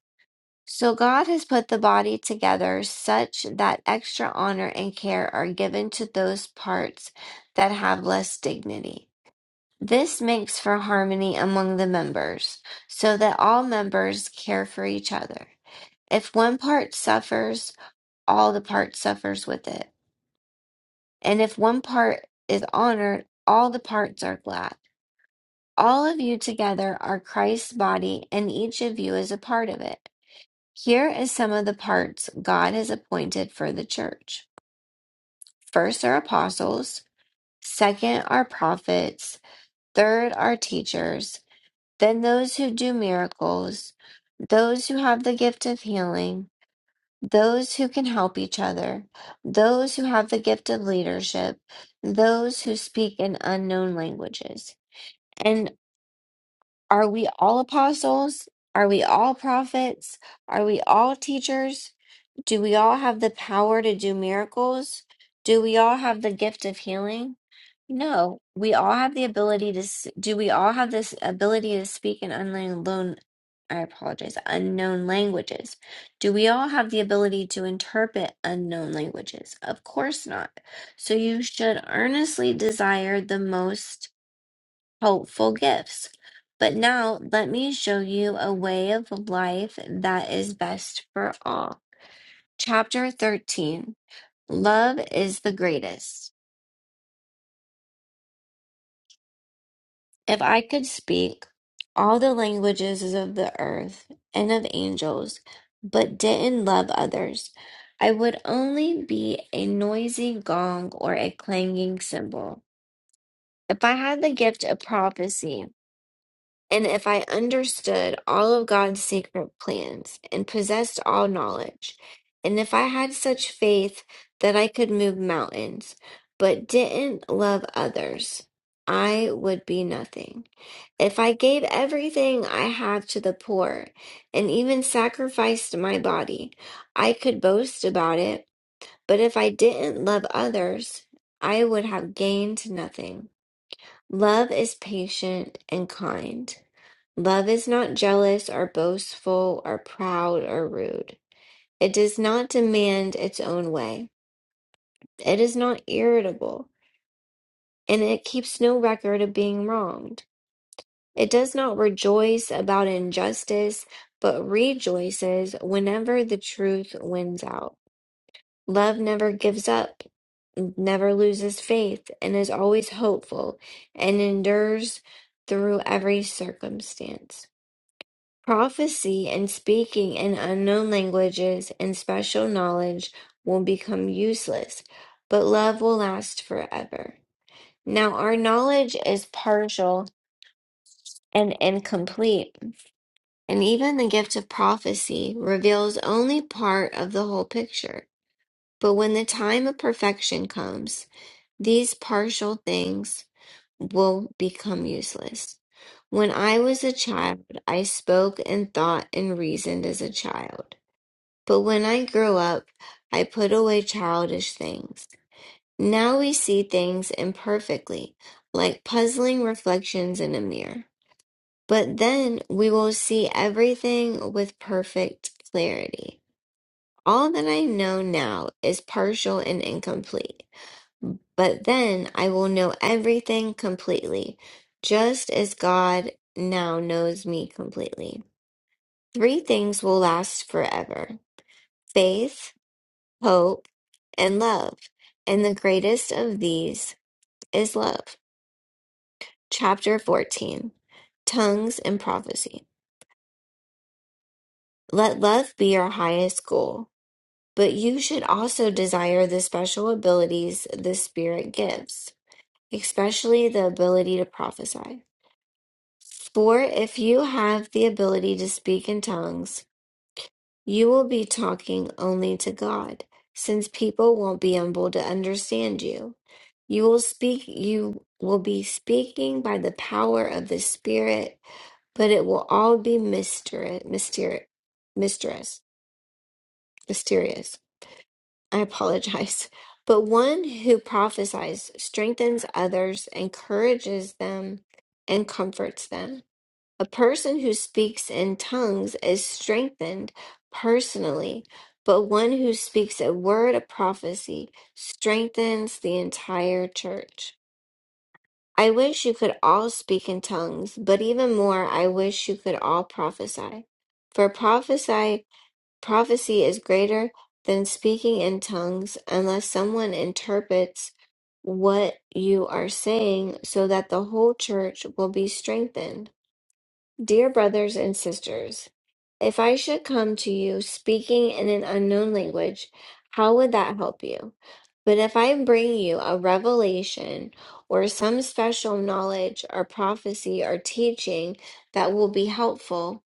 [SPEAKER 5] So God has put the body together such that extra honor and care are given to those parts that have less dignity. This makes for harmony among the members, so that all members care for each other. If one part suffers, all the part suffers with it. And if one part is honored, all the parts are glad. All of you together are Christ's body, and each of you is a part of it. Here is some of the parts God has appointed for the church. First are apostles, second are prophets, third are teachers, Then those who do miracles, those who have the gift of healing, those who can help each other, those who have the gift of leadership, those who speak in unknown languages. and. Are we all apostles? Are we all prophets? Are we all teachers? Do we all have the power to do miracles? Do we all have the gift of healing? No, we all have the ability to. s- Do we all have this ability to speak in unknown? I apologize, unknown languages. Do we all have the ability to interpret unknown languages? Of course not. So you should earnestly desire the most hopeful gifts. But now let me show you a way of life that is best for all. Chapter 13 Love is the greatest. If I could speak all the languages of the earth and of angels, but didn't love others, I would only be a noisy gong or a clanging cymbal. If I had the gift of prophecy, And if I understood all of God's secret plans and possessed all knowledge, and if I had such faith that I could move mountains, but didn't love others, I would be nothing. If I gave everything I have to the poor and even sacrificed my body, I could boast about it. But if I didn't love others, I would have gained nothing. Love is patient and kind. Love is not jealous or boastful or proud or rude. It does not demand its own way. It is not irritable, and it keeps no record of being wronged. It does not rejoice about injustice, but rejoices whenever the truth wins out. Love never gives up, never loses faith, and is always hopeful and endures through every circumstance. Prophecy and speaking in unknown languages and special knowledge will become useless, but love will last forever. Now, our knowledge is partial and incomplete, and even the gift of prophecy reveals only part of the whole picture. But when the time of perfection comes, these partial things will become useless. When I was a child, I spoke and thought and reasoned as a child. But when I grew up, I put away childish things. Now we see things imperfectly, like puzzling reflections in a mirror. But then we will see everything with perfect clarity. All that I know now is partial and incomplete, but then I will know everything completely, just as God now knows me completely. Three things will last forever faith, hope, and love. And the greatest of these is love. Chapter 14 Tongues and Prophecy. Let love be your highest goal, but you should also desire the special abilities the Spirit gives, especially the ability to prophesy. For if you have the ability to speak in tongues, You will be talking only to God, since people won't be able to understand you. You will speak, you will be speaking by the power of the Spirit, but it will all be myster- myster- mysterious. Mysterious. I apologize. *laughs* But one who prophesies strengthens others, encourages them, and comforts them. A person who speaks in tongues is strengthened personally, but one who speaks a word of prophecy strengthens the entire church. I wish you could all speak in tongues, but even more, I wish you could all prophesy. For prophesy, prophecy is greater than speaking in tongues unless someone interprets what you are saying so that the whole church will be strengthened. Dear brothers and sisters, if I should come to you speaking in an unknown language, how would that help you? But if I bring you a revelation or some special knowledge or prophecy or teaching that will be helpful,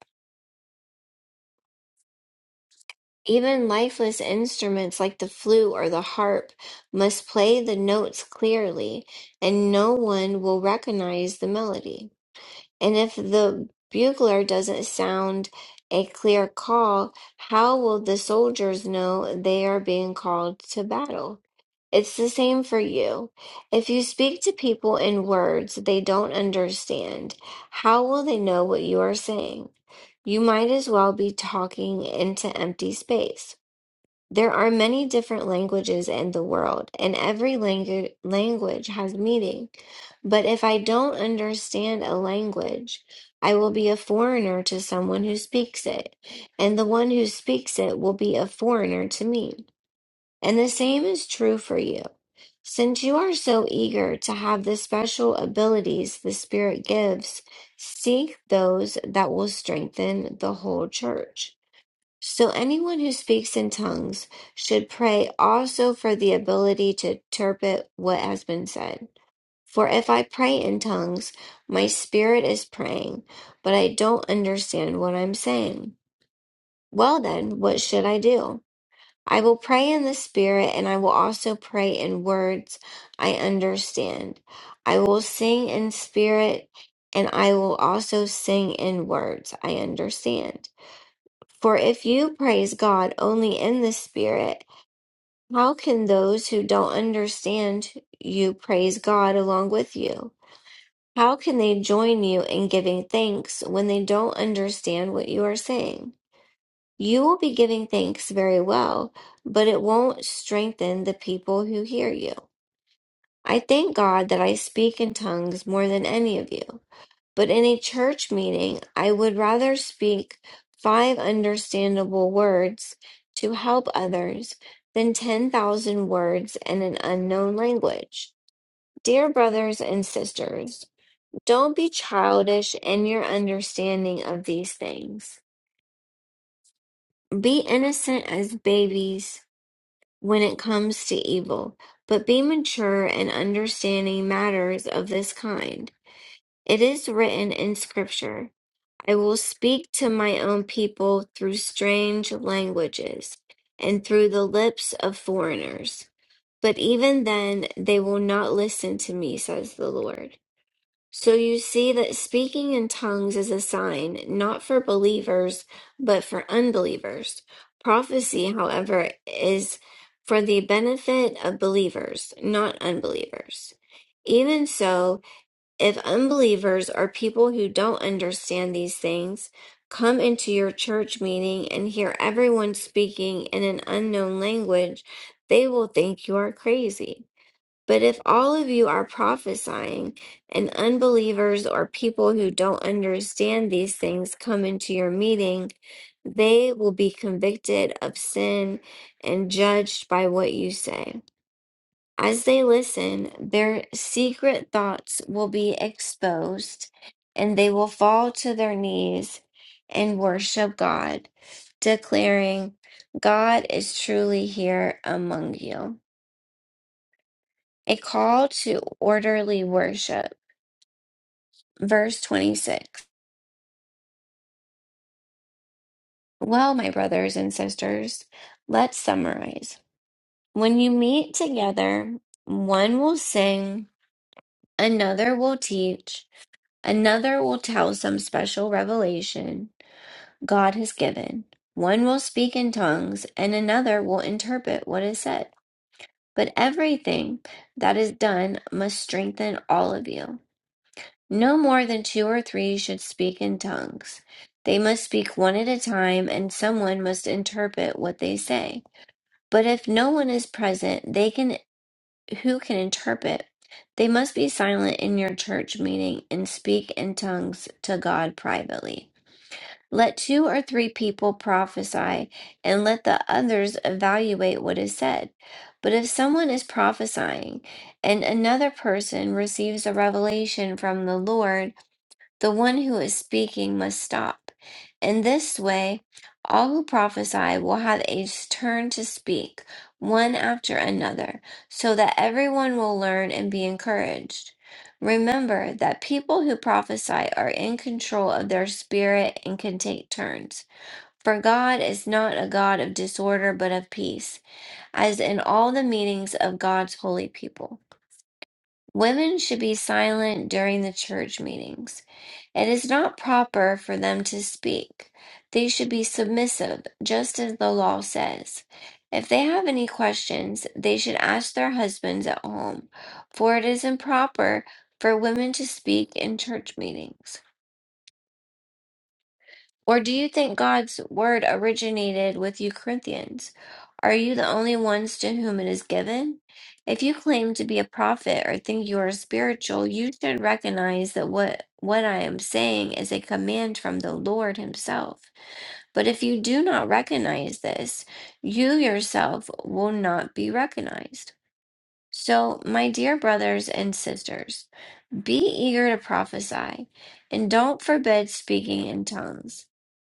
[SPEAKER 5] even lifeless instruments like the flute or the harp must play the notes clearly, and no one will recognize the melody. And if the bugler doesn't sound a clear call, how will the soldiers know they are being called to battle? It's the same for you. If you speak to people in words they don't understand, how will they know what you are saying? You might as well be talking into empty space. There are many different languages in the world, and every langu- language has meaning. But if I don't understand a language, I will be a foreigner to someone who speaks it, and the one who speaks it will be a foreigner to me. And the same is true for you. Since you are so eager to have the special abilities the Spirit gives, seek those that will strengthen the whole church. So, anyone who speaks in tongues should pray also for the ability to interpret what has been said. For if I pray in tongues, my spirit is praying, but I don't understand what I'm saying. Well, then, what should I do? I will pray in the spirit, and I will also pray in words I understand. I will sing in spirit, and I will also sing in words I understand. For if you praise God only in the spirit, how can those who don't understand you praise God along with you? How can they join you in giving thanks when they don't understand what you are saying? You will be giving thanks very well, but it won't strengthen the people who hear you. I thank God that I speak in tongues more than any of you, but in a church meeting, I would rather speak five understandable words to help others than 10,000 words in an unknown language. Dear brothers and sisters, don't be childish in your understanding of these things. Be innocent as babies when it comes to evil, but be mature in understanding matters of this kind. It is written in Scripture I will speak to my own people through strange languages and through the lips of foreigners. But even then, they will not listen to me, says the Lord. So you see that speaking in tongues is a sign, not for believers, but for unbelievers. Prophecy, however, is for the benefit of believers, not unbelievers. Even so, if unbelievers or people who don't understand these things come into your church meeting and hear everyone speaking in an unknown language, they will think you are crazy. But if all of you are prophesying, and unbelievers or people who don't understand these things come into your meeting, they will be convicted of sin and judged by what you say. As they listen, their secret thoughts will be exposed, and they will fall to their knees and worship God, declaring, God is truly here among you. A call to orderly worship. Verse 26. Well, my brothers and sisters, let's summarize. When you meet together, one will sing, another will teach, another will tell some special revelation God has given. One will speak in tongues, and another will interpret what is said. But everything that is done must strengthen all of you. No more than two or three should speak in tongues. They must speak one at a time, and someone must interpret what they say. But if no one is present, they can who can interpret? They must be silent in your church meeting and speak in tongues to God privately. Let two or three people prophesy, and let the others evaluate what is said. But if someone is prophesying, and another person receives a revelation from the Lord, the one who is speaking must stop. In this way, all who prophesy will have a turn to speak, one after another, so that everyone will learn and be encouraged. Remember that people who prophesy are in control of their spirit and can take turns. For God is not a God of disorder but of peace, as in all the meetings of God's holy people. Women should be silent during the church meetings. It is not proper for them to speak. They should be submissive, just as the law says. If they have any questions, they should ask their husbands at home, for it is improper for women to speak in church meetings. Or do you think God's word originated with you Corinthians? Are you the only ones to whom it is given? If you claim to be a prophet or think you are spiritual, you should recognize that what, what I am saying is a command from the Lord Himself. But if you do not recognize this, you yourself will not be recognized. So, my dear brothers and sisters, be eager to prophesy, and don't forbid speaking in tongues,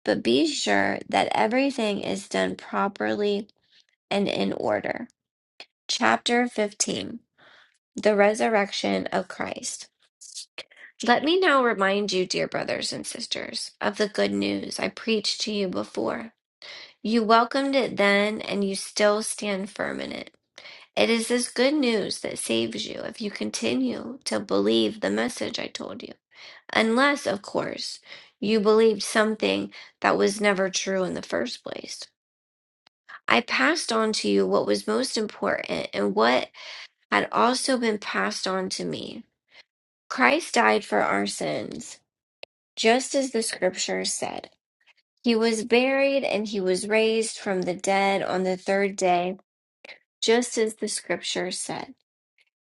[SPEAKER 5] but be sure that everything is done properly and in order. Chapter 15 The Resurrection of Christ. Let me now remind you, dear brothers and sisters, of the good news I preached to you before. You welcomed it then, and you still stand firm in it. It is this good news that saves you if you continue to believe the message I told you. Unless, of course, you believed something that was never true in the first place. I passed on to you what was most important and what had also been passed on to me. Christ died for our sins, just as the scriptures said. He was buried and he was raised from the dead on the third day, just as the scriptures said.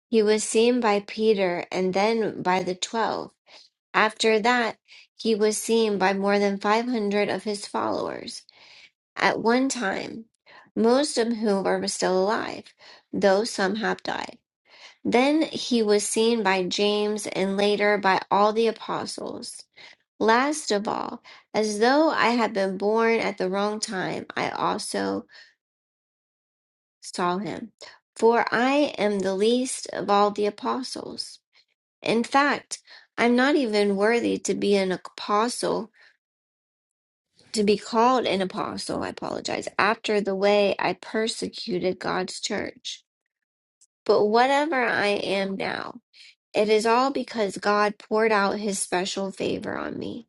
[SPEAKER 5] He was seen by Peter and then by the twelve. After that, he was seen by more than 500 of his followers at one time, most of whom are still alive, though some have died. Then he was seen by James and later by all the apostles. Last of all, as though I had been born at the wrong time, I also saw him. For I am the least of all the apostles. In fact, I'm not even worthy to be an apostle to be called an apostle, I apologize, after the way I persecuted God's church. But whatever I am now, it is all because God poured out his special favor on me,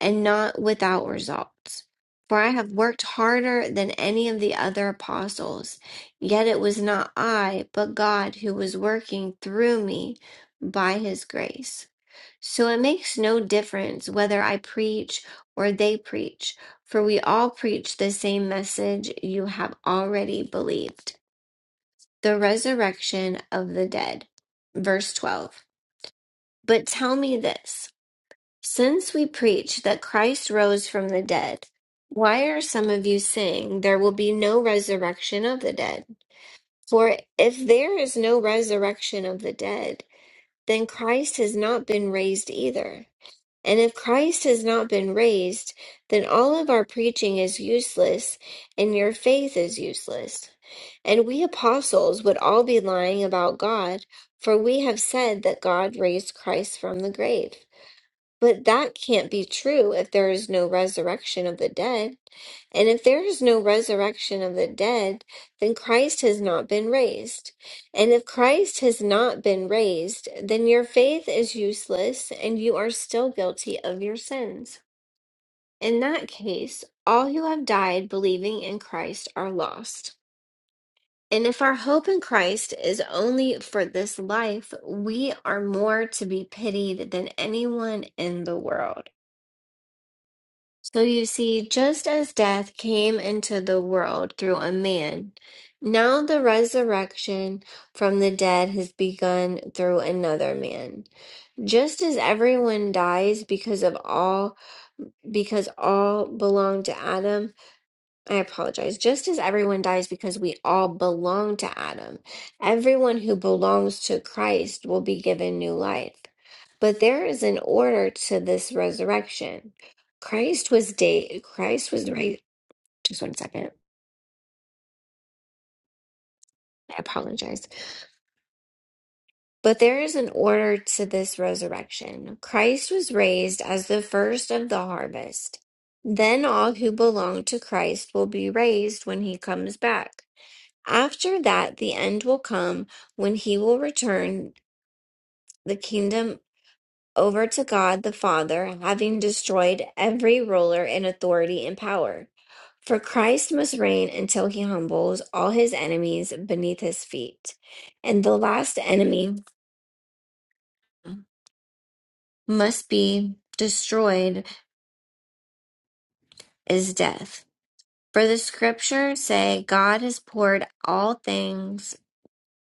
[SPEAKER 5] and not without results. For I have worked harder than any of the other apostles, yet it was not I, but God who was working through me by his grace. So it makes no difference whether I preach or they preach, for we all preach the same message you have already believed the resurrection of the dead. Verse 12. But tell me this since we preach that Christ rose from the dead, why are some of you saying there will be no resurrection of the dead? For if there is no resurrection of the dead, then Christ has not been raised either. And if Christ has not been raised, then all of our preaching is useless and your faith is useless. And we apostles would all be lying about God, for we have said that God raised Christ from the grave. But that can't be true if there is no resurrection of the dead. And if there is no resurrection of the dead, then Christ has not been raised. And if Christ has not been raised, then your faith is useless and you are still guilty of your sins. In that case, all who have died believing in Christ are lost. And if our hope in Christ is only for this life, we are more to be pitied than anyone in the world. So you see, just as death came into the world through a man, now the resurrection from the dead has begun through another man. Just as everyone dies because of all, because all belong to Adam, I apologize. Just as everyone dies because we all belong to Adam, everyone who belongs to Christ will be given new life. But there is an order to this resurrection. Christ was day Christ was right. Just one second. I apologize. But there is an order to this resurrection. Christ was raised as the first of the harvest. Then all who belong to Christ will be raised when he comes back. After that, the end will come when he will return the kingdom over to God the Father, having destroyed every ruler and authority and power. For Christ must reign until he humbles all his enemies beneath his feet. And the last enemy must be destroyed is death. For the scriptures say God has poured all things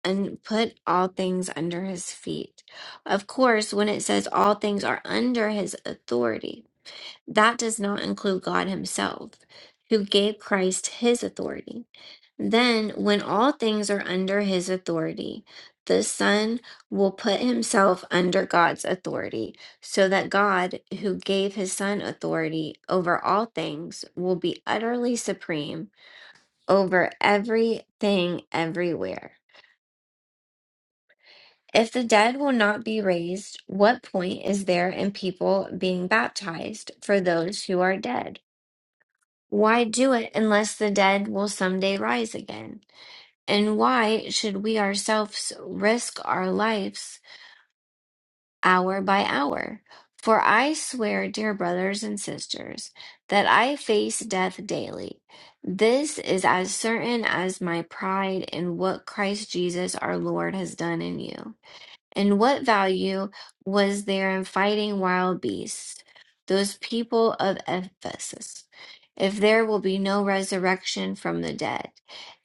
[SPEAKER 5] and put all things under his feet. Of course, when it says all things are under his authority, that does not include God himself, who gave Christ his authority. Then, when all things are under his authority, the Son will put himself under God's authority, so that God, who gave his Son authority over all things, will be utterly supreme over everything everywhere. If the dead will not be raised, what point is there in people being baptized for those who are dead? Why do it unless the dead will someday rise again? And why should we ourselves risk our lives hour by hour? For I swear, dear brothers and sisters, that I face death daily. This is as certain as my pride in what Christ Jesus our Lord has done in you. And what value was there in fighting wild beasts, those people of Ephesus, if there will be no resurrection from the dead?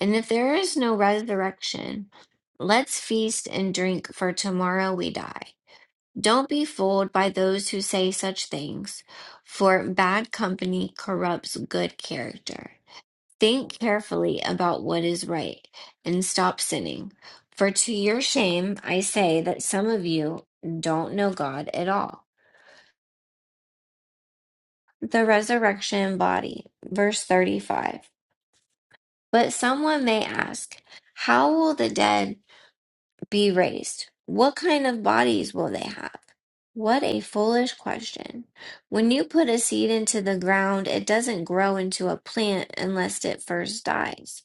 [SPEAKER 5] And if there is no resurrection, let's feast and drink, for tomorrow we die. Don't be fooled by those who say such things, for bad company corrupts good character. Think carefully about what is right and stop sinning. For to your shame, I say that some of you don't know God at all. The resurrection body, verse 35. But someone may ask, How will the dead be raised? What kind of bodies will they have? What a foolish question. When you put a seed into the ground, it doesn't grow into a plant unless it first dies.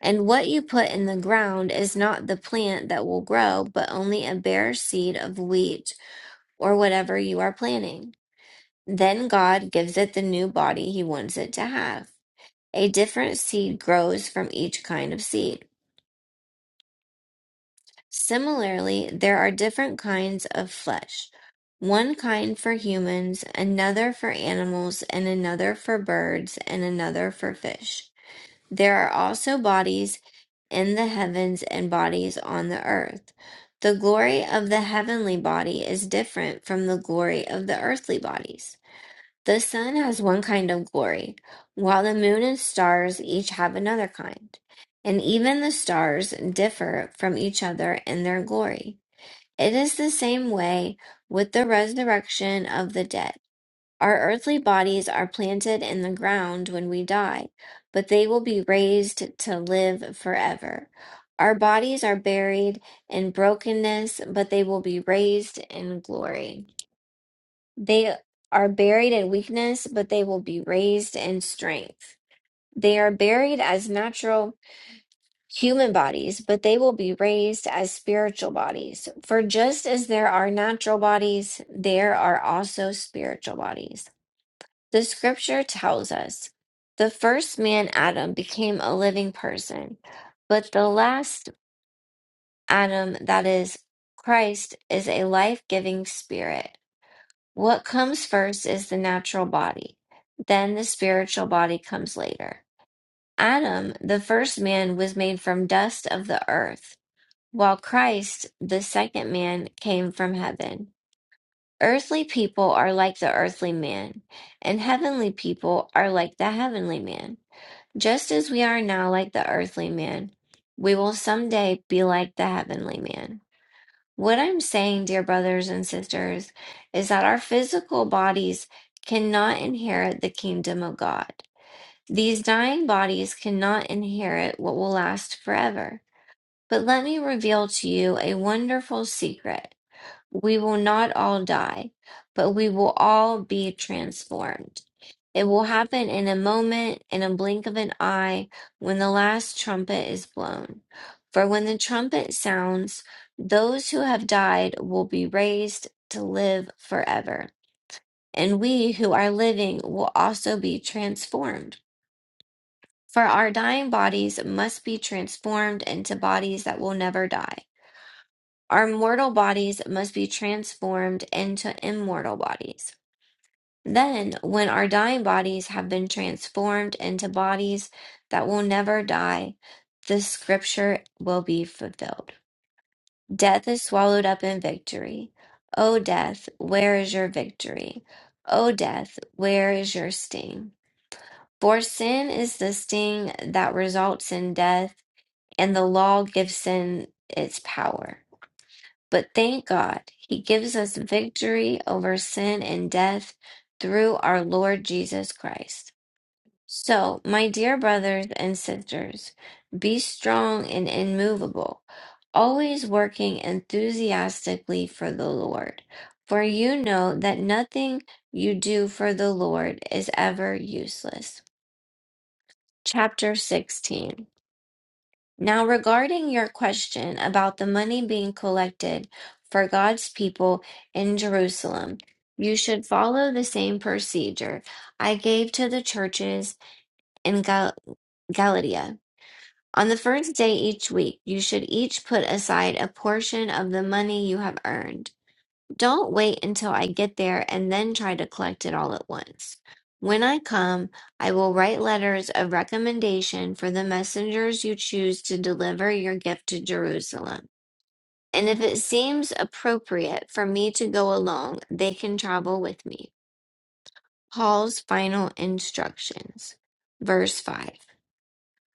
[SPEAKER 5] And what you put in the ground is not the plant that will grow, but only a bare seed of wheat or whatever you are planting. Then God gives it the new body he wants it to have. A different seed grows from each kind of seed. Similarly, there are different kinds of flesh. One kind for humans, another for animals, and another for birds, and another for fish. There are also bodies. in the heavens and bodies on the earth. The glory of the heavenly body is different from the glory of the earthly bodies. The sun has one kind of glory, while the moon and stars each have another kind. And even the stars differ from each other in their glory. It is the same way with the resurrection of the dead. Our earthly bodies are planted in the ground when we die, but they will be raised to live forever. Our bodies are buried in brokenness, but they will be raised in glory. They are buried in weakness, but they will be raised in strength. They are buried as natural human bodies, but they will be raised as spiritual bodies. For just as there are natural bodies, there are also spiritual bodies. The scripture tells us the first man, Adam, became a living person, but the last Adam, that is Christ, is a life giving spirit. What comes first is the natural body, then the spiritual body comes later. Adam, the first man, was made from dust of the earth, while Christ, the second man, came from heaven. Earthly people are like the earthly man, and heavenly people are like the heavenly man. Just as we are now like the earthly man, we will someday be like the heavenly man. What I'm saying, dear brothers and sisters, is that our physical bodies cannot inherit the kingdom of God. These dying bodies cannot inherit what will last forever. But let me reveal to you a wonderful secret. We will not all die, but we will all be transformed. It will happen in a moment, in a blink of an eye, when the last trumpet is blown. For when the trumpet sounds, those who have died will be raised to live forever, and we who are living will also be transformed. For our dying bodies must be transformed into bodies that will never die. Our mortal bodies must be transformed into immortal bodies. Then, when our dying bodies have been transformed into bodies that will never die, the scripture will be fulfilled. Death is swallowed up in victory. O death, where is your victory? O death, where is your sting? For sin is the sting that results in death, and the law gives sin its power. But thank God, He gives us victory over sin and death through our Lord Jesus Christ. So, my dear brothers and sisters, be strong and immovable, always working enthusiastically for the Lord, for you know that nothing you do for the Lord is ever useless. Chapter 16. Now, regarding your question about the money being collected for God's people in Jerusalem, you should follow the same procedure I gave to the churches in Gal- Galatia. On the first day each week, you should each put aside a portion of the money you have earned. Don't wait until I get there and then try to collect it all at once. When I come, I will write letters of recommendation for the messengers you choose to deliver your gift to Jerusalem. And if it seems appropriate for me to go along, they can travel with me. Paul's final instructions. Verse 5.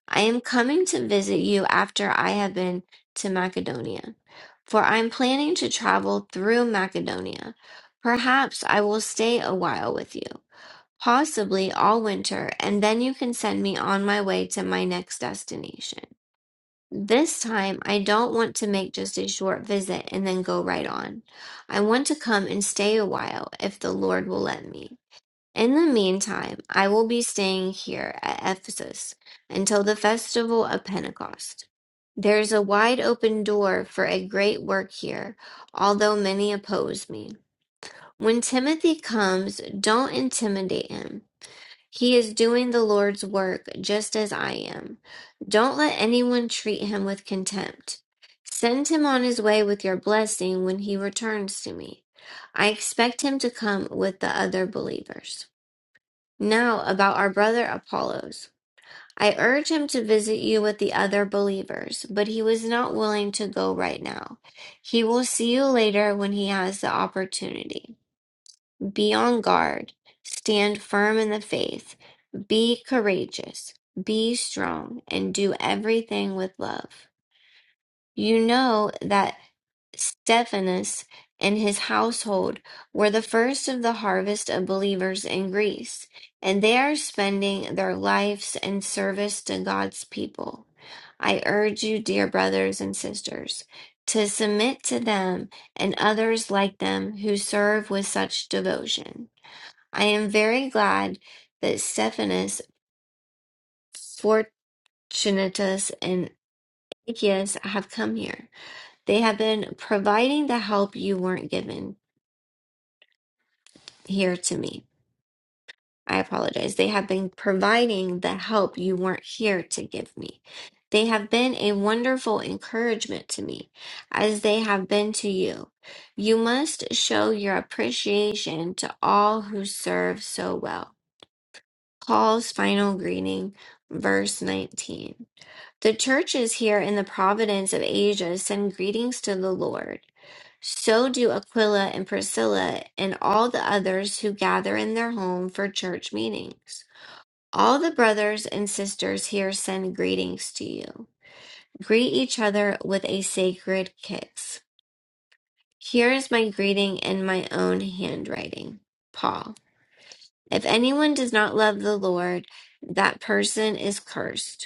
[SPEAKER 5] I am coming to visit you after I have been to Macedonia, for I am planning to travel through Macedonia. Perhaps I will stay a while with you, possibly all winter, and then you can send me on my way to my next destination. This time, I don't want to make just a short visit and then go right on. I want to come and stay a while if the Lord will let me. In the meantime, I will be staying here at Ephesus until the festival of Pentecost. There is a wide open door for a great work here, although many oppose me. When Timothy comes, don't intimidate him. He is doing the Lord's work just as I am. Don't let anyone treat him with contempt. Send him on his way with your blessing when he returns to me. I expect him to come with the other believers. Now about our brother Apollos. I urged him to visit you with the other believers, but he was not willing to go right now. He will see you later when he has the opportunity. Be on guard. Stand firm in the faith. Be courageous. Be strong and do everything with love. You know that. Stephanus and his household were the first of the harvest of believers in Greece, and they are spending their lives in service to God's people. I urge you, dear brothers and sisters, to submit to them and others like them who serve with such devotion. I am very glad that Stephanus, Fortunatus, and Tychicus have come here. They have been providing the help you weren't given. here to me. I apologize. They have been providing the help you weren't here to give me. They have been a wonderful encouragement to me, as they have been to you. You must show your appreciation to all who serve so well. Paul's final greeting, verse 19. The churches here in the province of Asia send greetings to the Lord. So do Aquila and Priscilla and all the others who gather in their home for church meetings. All the brothers and sisters here send greetings to you. Greet each other with a sacred kiss. Here is my greeting in my own handwriting. Paul. If anyone does not love the Lord, that person is cursed.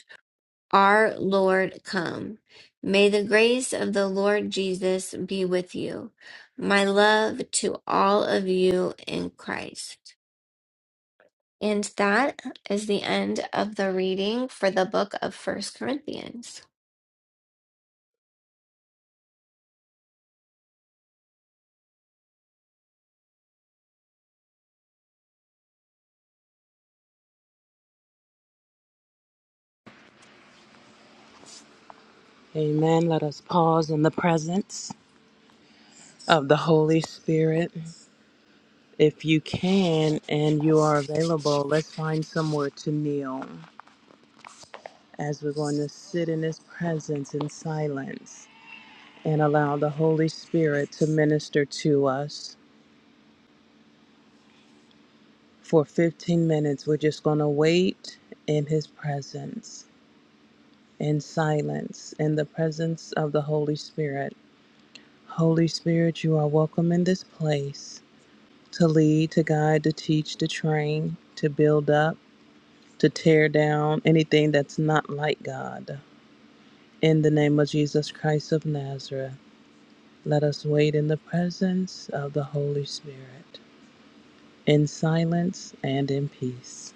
[SPEAKER 5] Our Lord come. May the grace of the Lord Jesus be with you. My love to all of you in Christ. And that is the end of the reading for the book of First Corinthians.
[SPEAKER 7] Amen. Let us pause in the presence of the Holy Spirit. If you can and you are available, let's find somewhere to kneel as we're going to sit in His presence in silence and allow the Holy Spirit to minister to us. For 15 minutes, we're just going to wait in His presence in silence in the presence of the Holy Spirit. Holy Spirit, you are welcome in this place. to lead, to guide, to teach, to train, to build up, to tear down anything that's not like God. In the name of Jesus Christ of Nazareth, let us wait in the presence of the Holy Spirit in silence and in peace.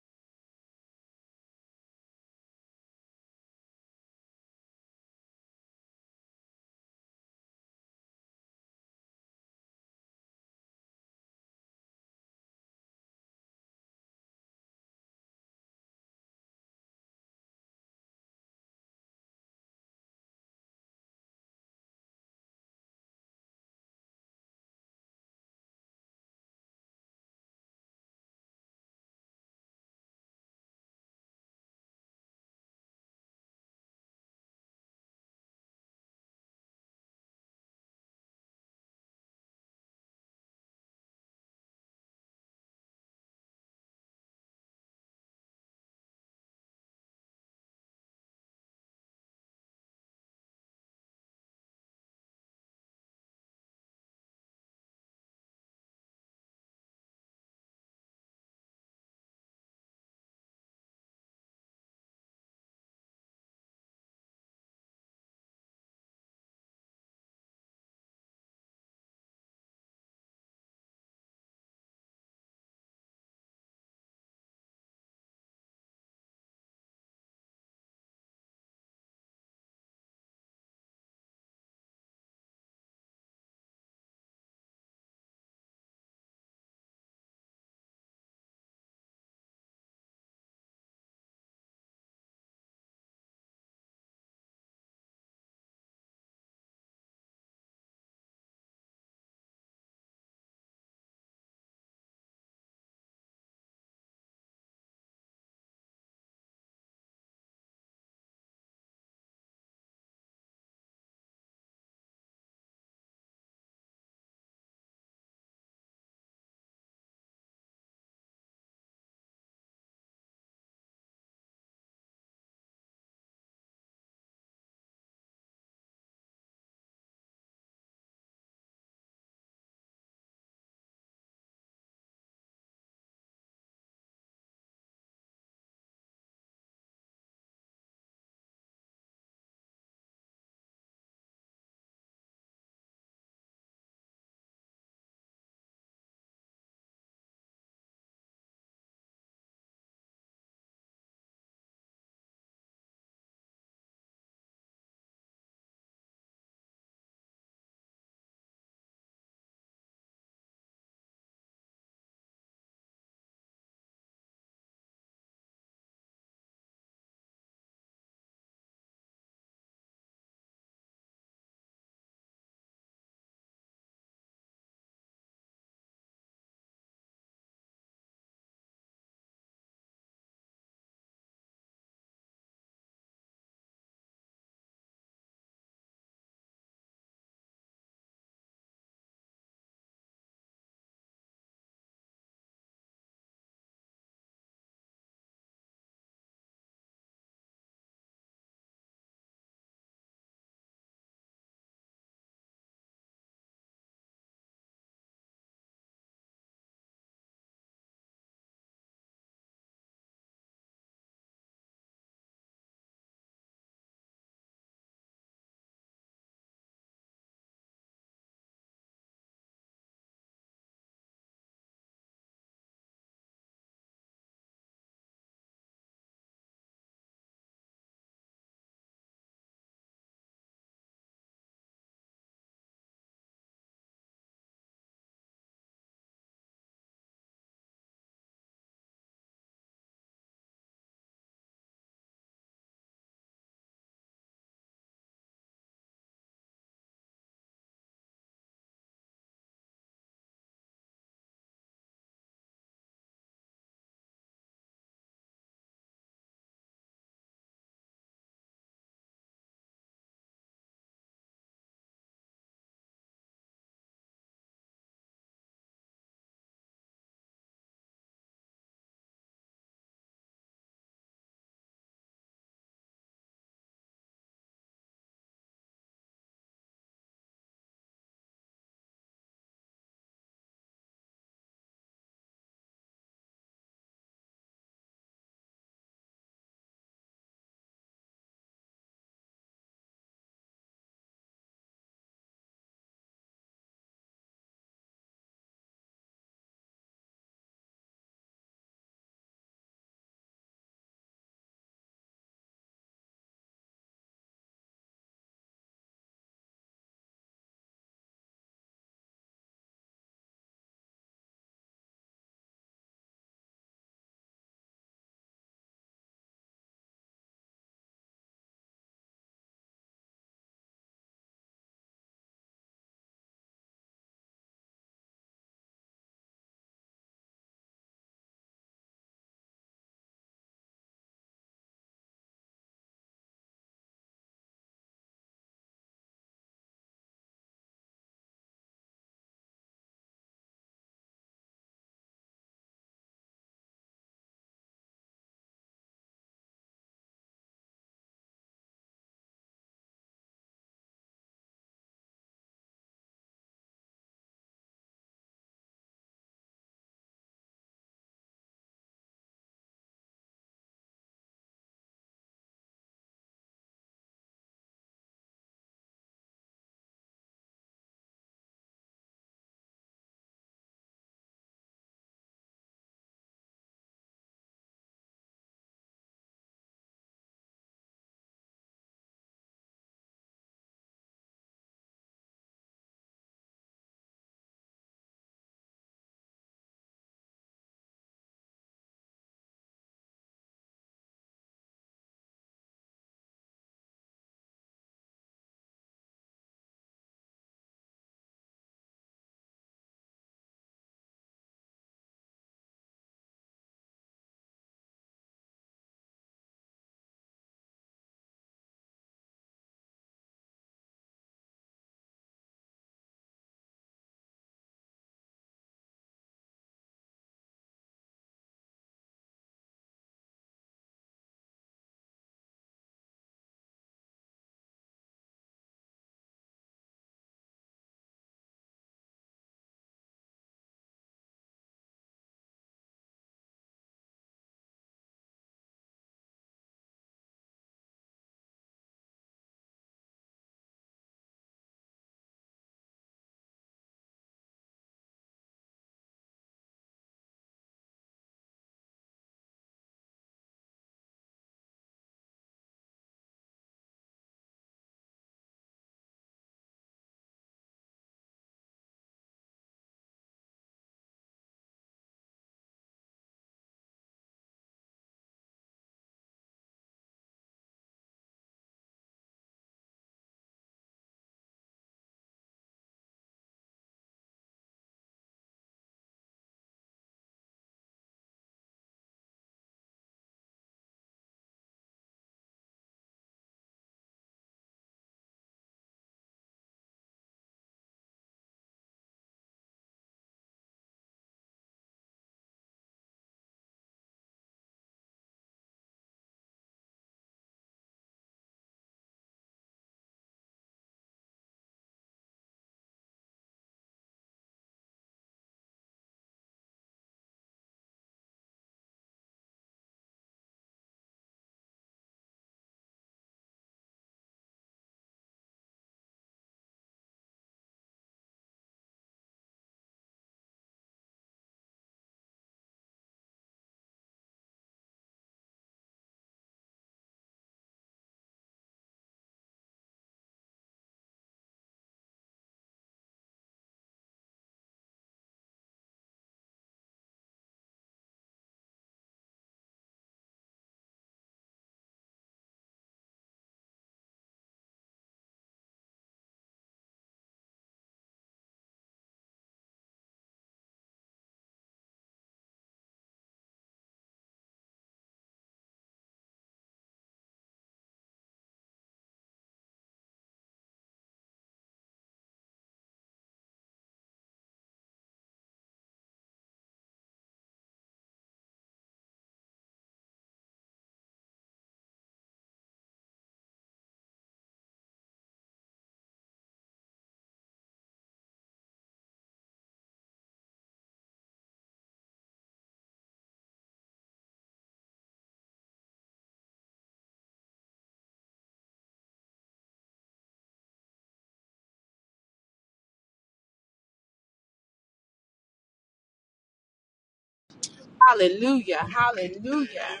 [SPEAKER 1] Hallelujah. Hallelujah.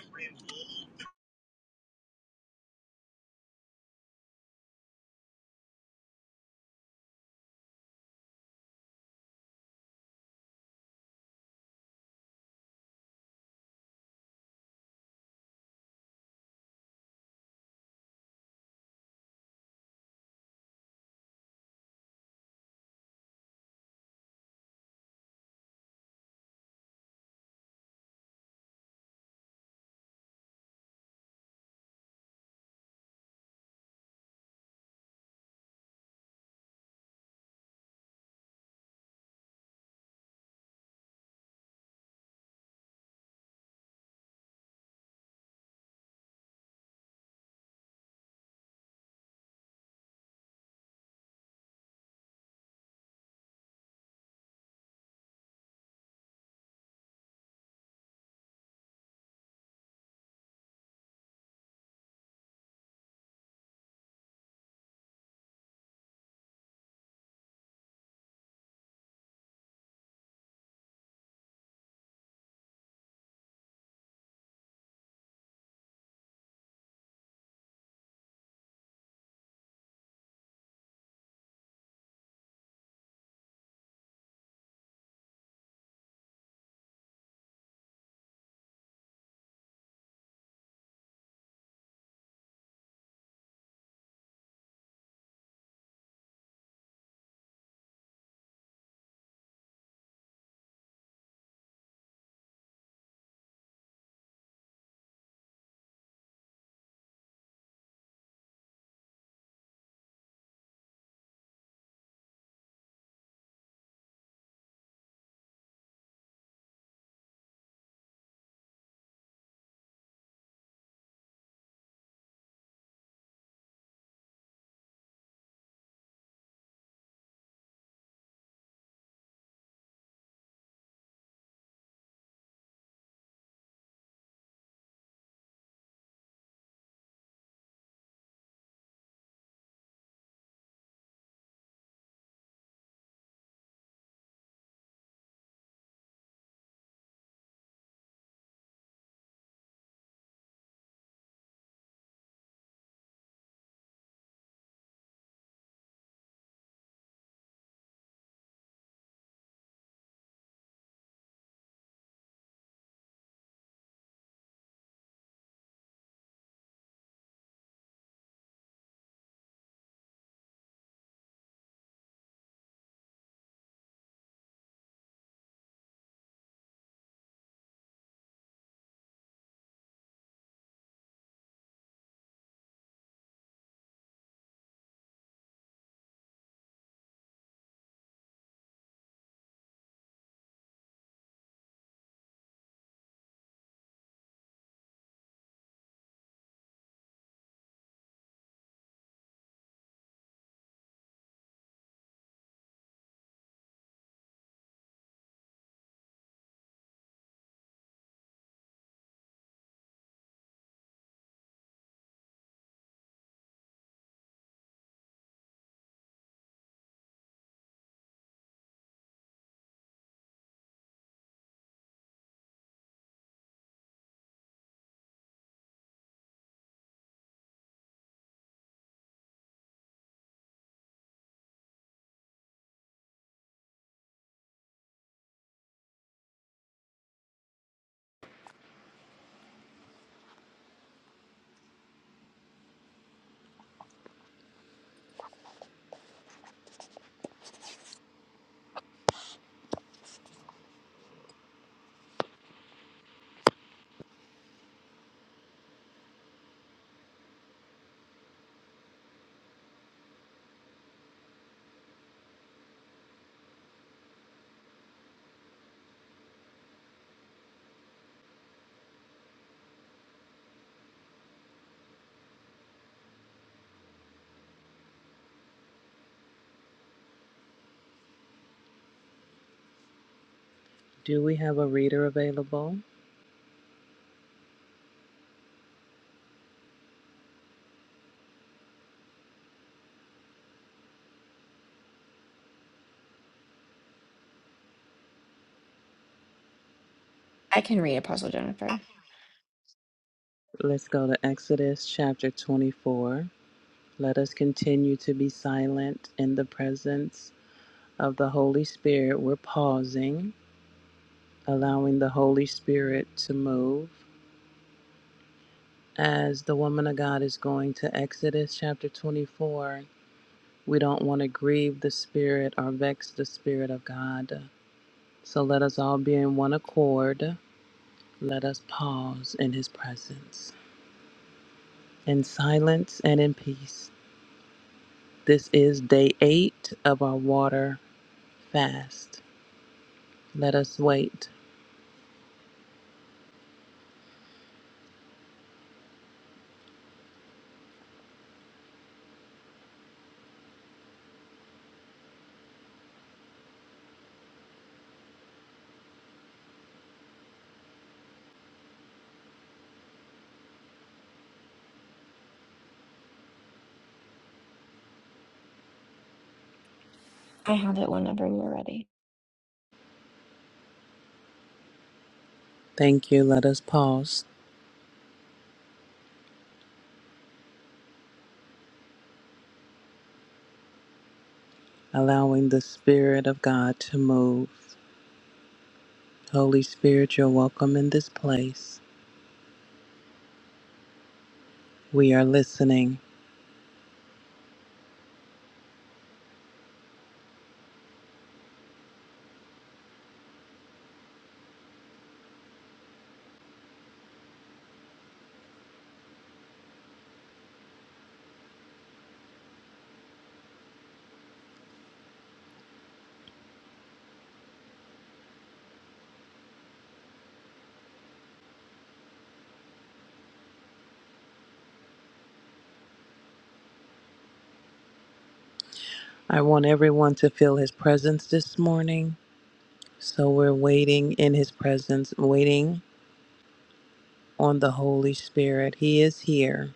[SPEAKER 7] Do we have a reader available?
[SPEAKER 5] I can read Apostle Jennifer.
[SPEAKER 7] Let's go to Exodus chapter 24. Let us continue to be silent in the presence of the Holy Spirit. We're pausing allowing the Holy Spirit to move. As the woman of God is going to Exodus chapter 24, we don't want to grieve the Spirit or vex the Spirit of God. So let us all be in one accord. Let us pause in His presence in silence and in peace. This is day eight of our water fast. Let us wait.
[SPEAKER 5] I have it whenever you're ready.
[SPEAKER 7] Thank you. Let us pause, allowing the Spirit of God to move. Holy Spirit, you're welcome in this place. We are listening. I want everyone to feel His presence this morning. So we're waiting in His presence, waiting on the Holy Spirit. He is here.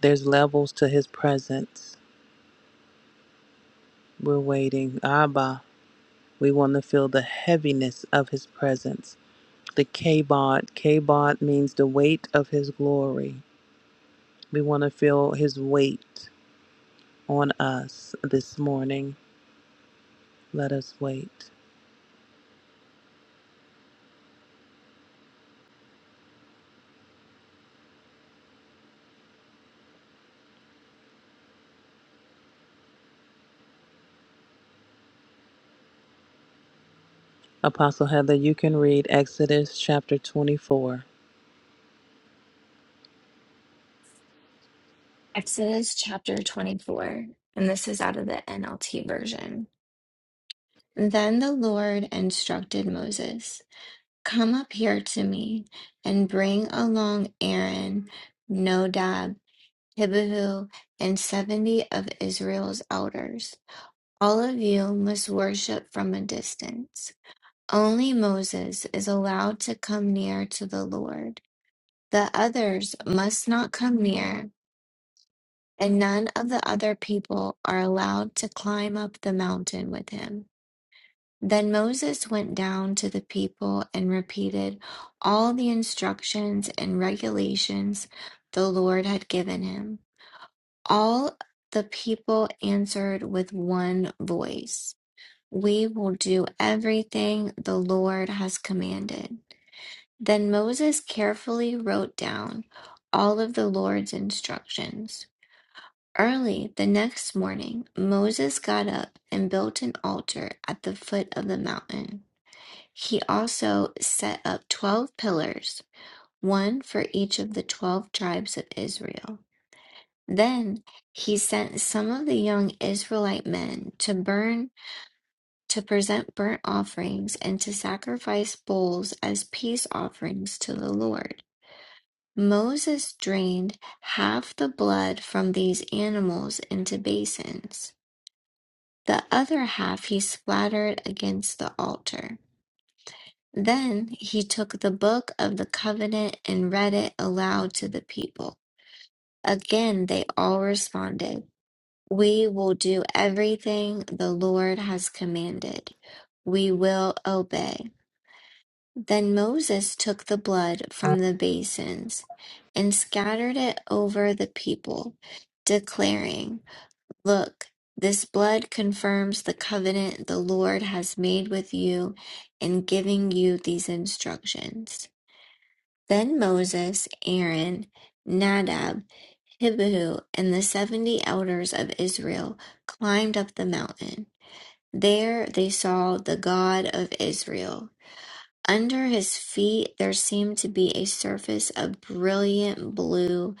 [SPEAKER 7] There's levels to His presence. We're waiting. Abba, we want to feel the heaviness of His presence. The kabod. Kabod means the weight of His glory. We want to feel His weight on us this morning. Let us wait. Apostle Heather, you can read Exodus chapter 24.
[SPEAKER 5] Exodus chapter 24, and this is out of the NLT version. Then the Lord instructed Moses. Come up here to me, and bring along Aaron, Nodab, Abihu, and seventy of Israel's elders. All of you must worship from a distance. Only Moses is allowed to come near to the Lord. The others must not come near, and none of the other people are allowed to climb up the mountain with him. Then Moses went down to the people and repeated all the instructions and regulations the Lord had given him. All the people answered with one voice, We will do everything the Lord has commanded. Then Moses carefully wrote down all of the Lord's instructions. Early the next morning, Moses got up and built an altar at the foot of the mountain. He also set up 12 pillars, one for each of the 12 tribes of Israel. Then he sent some of the young Israelite men to burn, to present burnt offerings, and to sacrifice bulls as peace offerings to the Lord. Moses drained half the blood from these animals into basins. The other half he splattered against the altar. Then he took the book of the covenant and read it aloud to the people. Again, they all responded, We will do everything the Lord has commanded. We will obey. Then Moses took the blood from the basins and scattered it over the people, declaring, Look, this blood confirms the covenant the Lord has made with you in giving you these instructions. Then Moses, Aaron, Nadab, Abihu, and the seventy elders of Israel climbed up the mountain. There they saw the God of Israel. Under his feet there seemed to be a surface of brilliant blue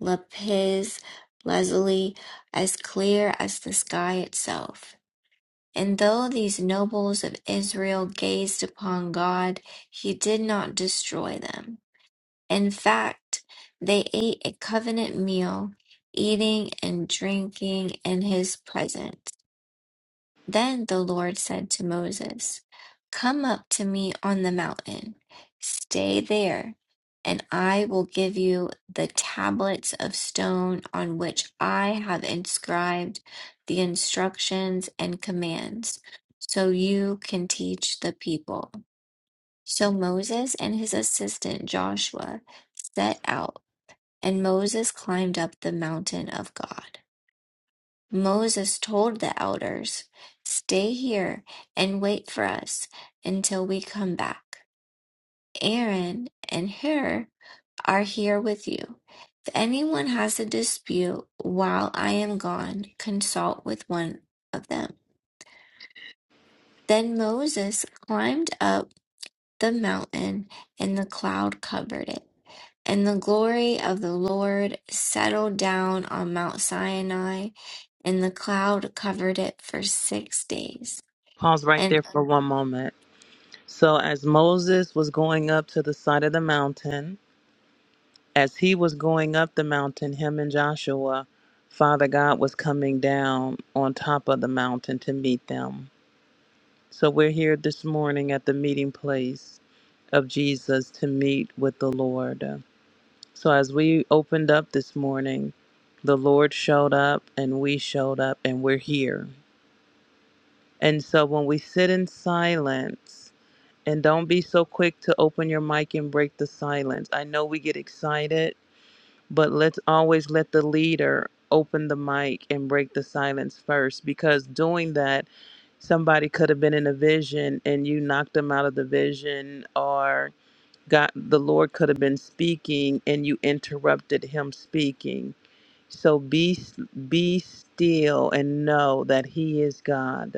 [SPEAKER 5] lapis lazuli, as clear as the sky itself. And though these nobles of Israel gazed upon God, he did not destroy them. In fact, they ate a covenant meal, eating and drinking in his presence. Then the Lord said to Moses, Come up to me on the mountain, stay there, and I will give you the tablets of stone on which I have inscribed the instructions and commands, so you can teach the people. So Moses and his assistant Joshua set out and Moses climbed up the mountain of God. Moses told the elders, Stay here and wait for us until we come back. Aaron and Hur are here with you. If anyone has a dispute while I am gone, consult with one of them. Then Moses climbed up the mountain, and the cloud covered it. And the glory of the Lord settled down on Mount Sinai, and the cloud covered it for six days.
[SPEAKER 7] Pause right there
[SPEAKER 5] And,
[SPEAKER 7] for one moment. So, as Moses was going up to the side of the mountain, as he was going up the mountain, him and Joshua, Father God was coming down on top of the mountain to meet them. So, we're here this morning at the meeting place of Jesus to meet with the Lord. So, as we opened up this morning, the Lord showed up and we showed up and we're here. And so when we sit in silence, and don't be so quick to open your mic and break the silence. I know we get excited, but let's always let the leader open the mic and break the silence first because doing that, somebody could have been in a vision and you knocked them out of the vision or God the Lord could have been speaking and you interrupted him speaking. So be be still and know that he is God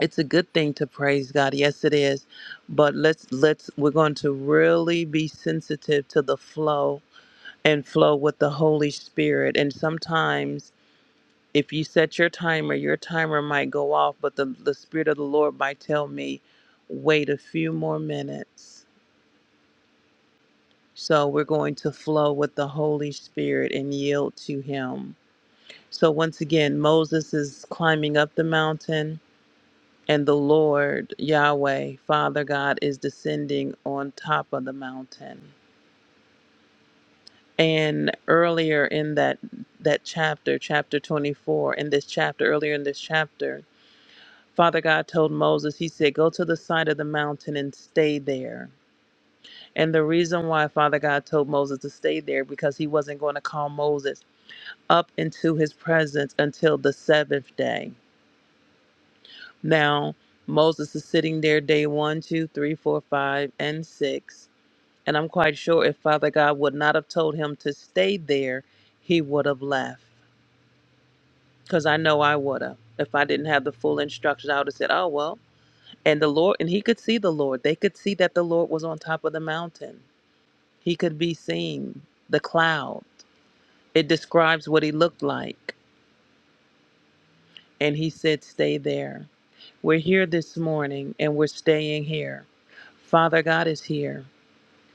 [SPEAKER 7] it's a good thing to praise God. Yes, it is. But let's let's we're going to really be sensitive to the flow and flow with the Holy Spirit. And sometimes if you set your timer, your timer might go off, but the, the Spirit of the Lord might tell me, wait a few more minutes. So we're going to flow with the Holy Spirit and yield to Him. So once again, Moses is climbing up the mountain And the Lord Yahweh, Father God, is descending on top of the mountain. And earlier in that that chapter, chapter 24, in this chapter, earlier in this chapter, Father God told Moses, he said, Go to the side of the mountain and stay there. And the reason why Father God told Moses to stay there because he wasn't going to call Moses up into his presence until the seventh day. Now, Moses is sitting there day one, two, three, four, five, and six And I'm quite sure if Father God would not have told him to stay there, he would have left. Because I know I would have. If I didn't have the full instructions, I would have said, oh, well. And the Lord, and he could see the Lord. They could see that the Lord was on top of the mountain. He could be seen, the cloud. It describes what he looked like. And he said, stay there. We're here this morning and we're staying here. Father God is here.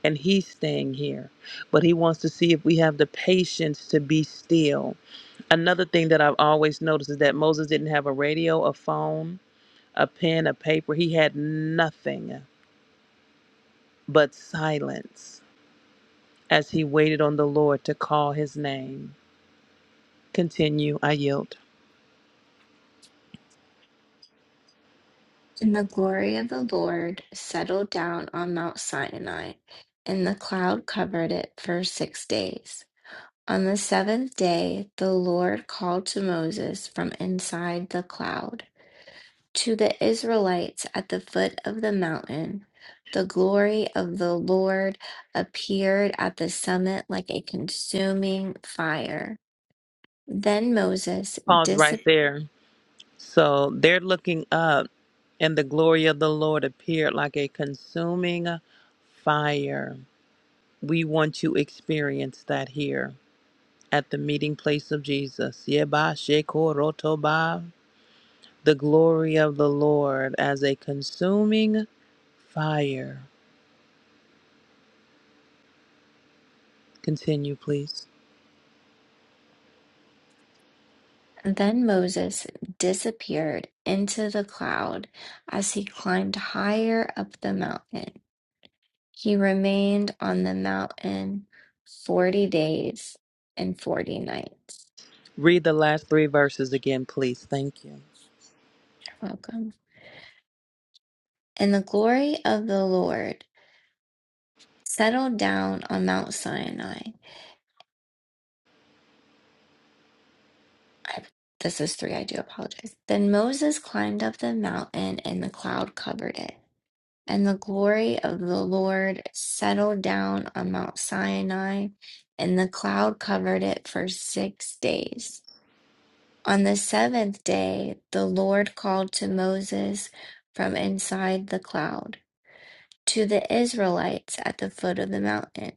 [SPEAKER 7] and he's staying here. But he wants to see if we have the patience to be still. Another thing that I've always noticed is that Moses didn't have a radio, a phone, a pen, a paper. He had nothing but silence as he waited on the Lord to call his name. Continue, I yield.
[SPEAKER 5] the glory of the Lord settled down on Mount Sinai, and the cloud covered it for six days. On the seventh day, the Lord called to Moses from inside the cloud. To the Israelites at the foot of the mountain, the glory of the Lord appeared at the summit like a consuming fire. Then Moses
[SPEAKER 7] Pause
[SPEAKER 5] dis-
[SPEAKER 7] right there. So they're looking up and the glory of the Lord appeared like a consuming fire. We want to experience that here at the meeting place of Jesus. Yeba shekorotoba. The glory of the Lord as a consuming fire. Continue, please.
[SPEAKER 5] then Moses disappeared into the cloud as he climbed higher up the mountain. He remained on the mountain 40 days and 40 nights.
[SPEAKER 7] Read the last three verses again, please. Thank you.
[SPEAKER 5] Welcome. And the glory of the Lord settled down on Mount Sinai. I, this is three, I do apologize. Then Moses climbed up the mountain, and the cloud covered it. And the glory of the Lord settled down on Mount Sinai, and the cloud covered it for six days. On the seventh day, the Lord called to Moses from inside the cloud to the Israelites at the foot of the mountain.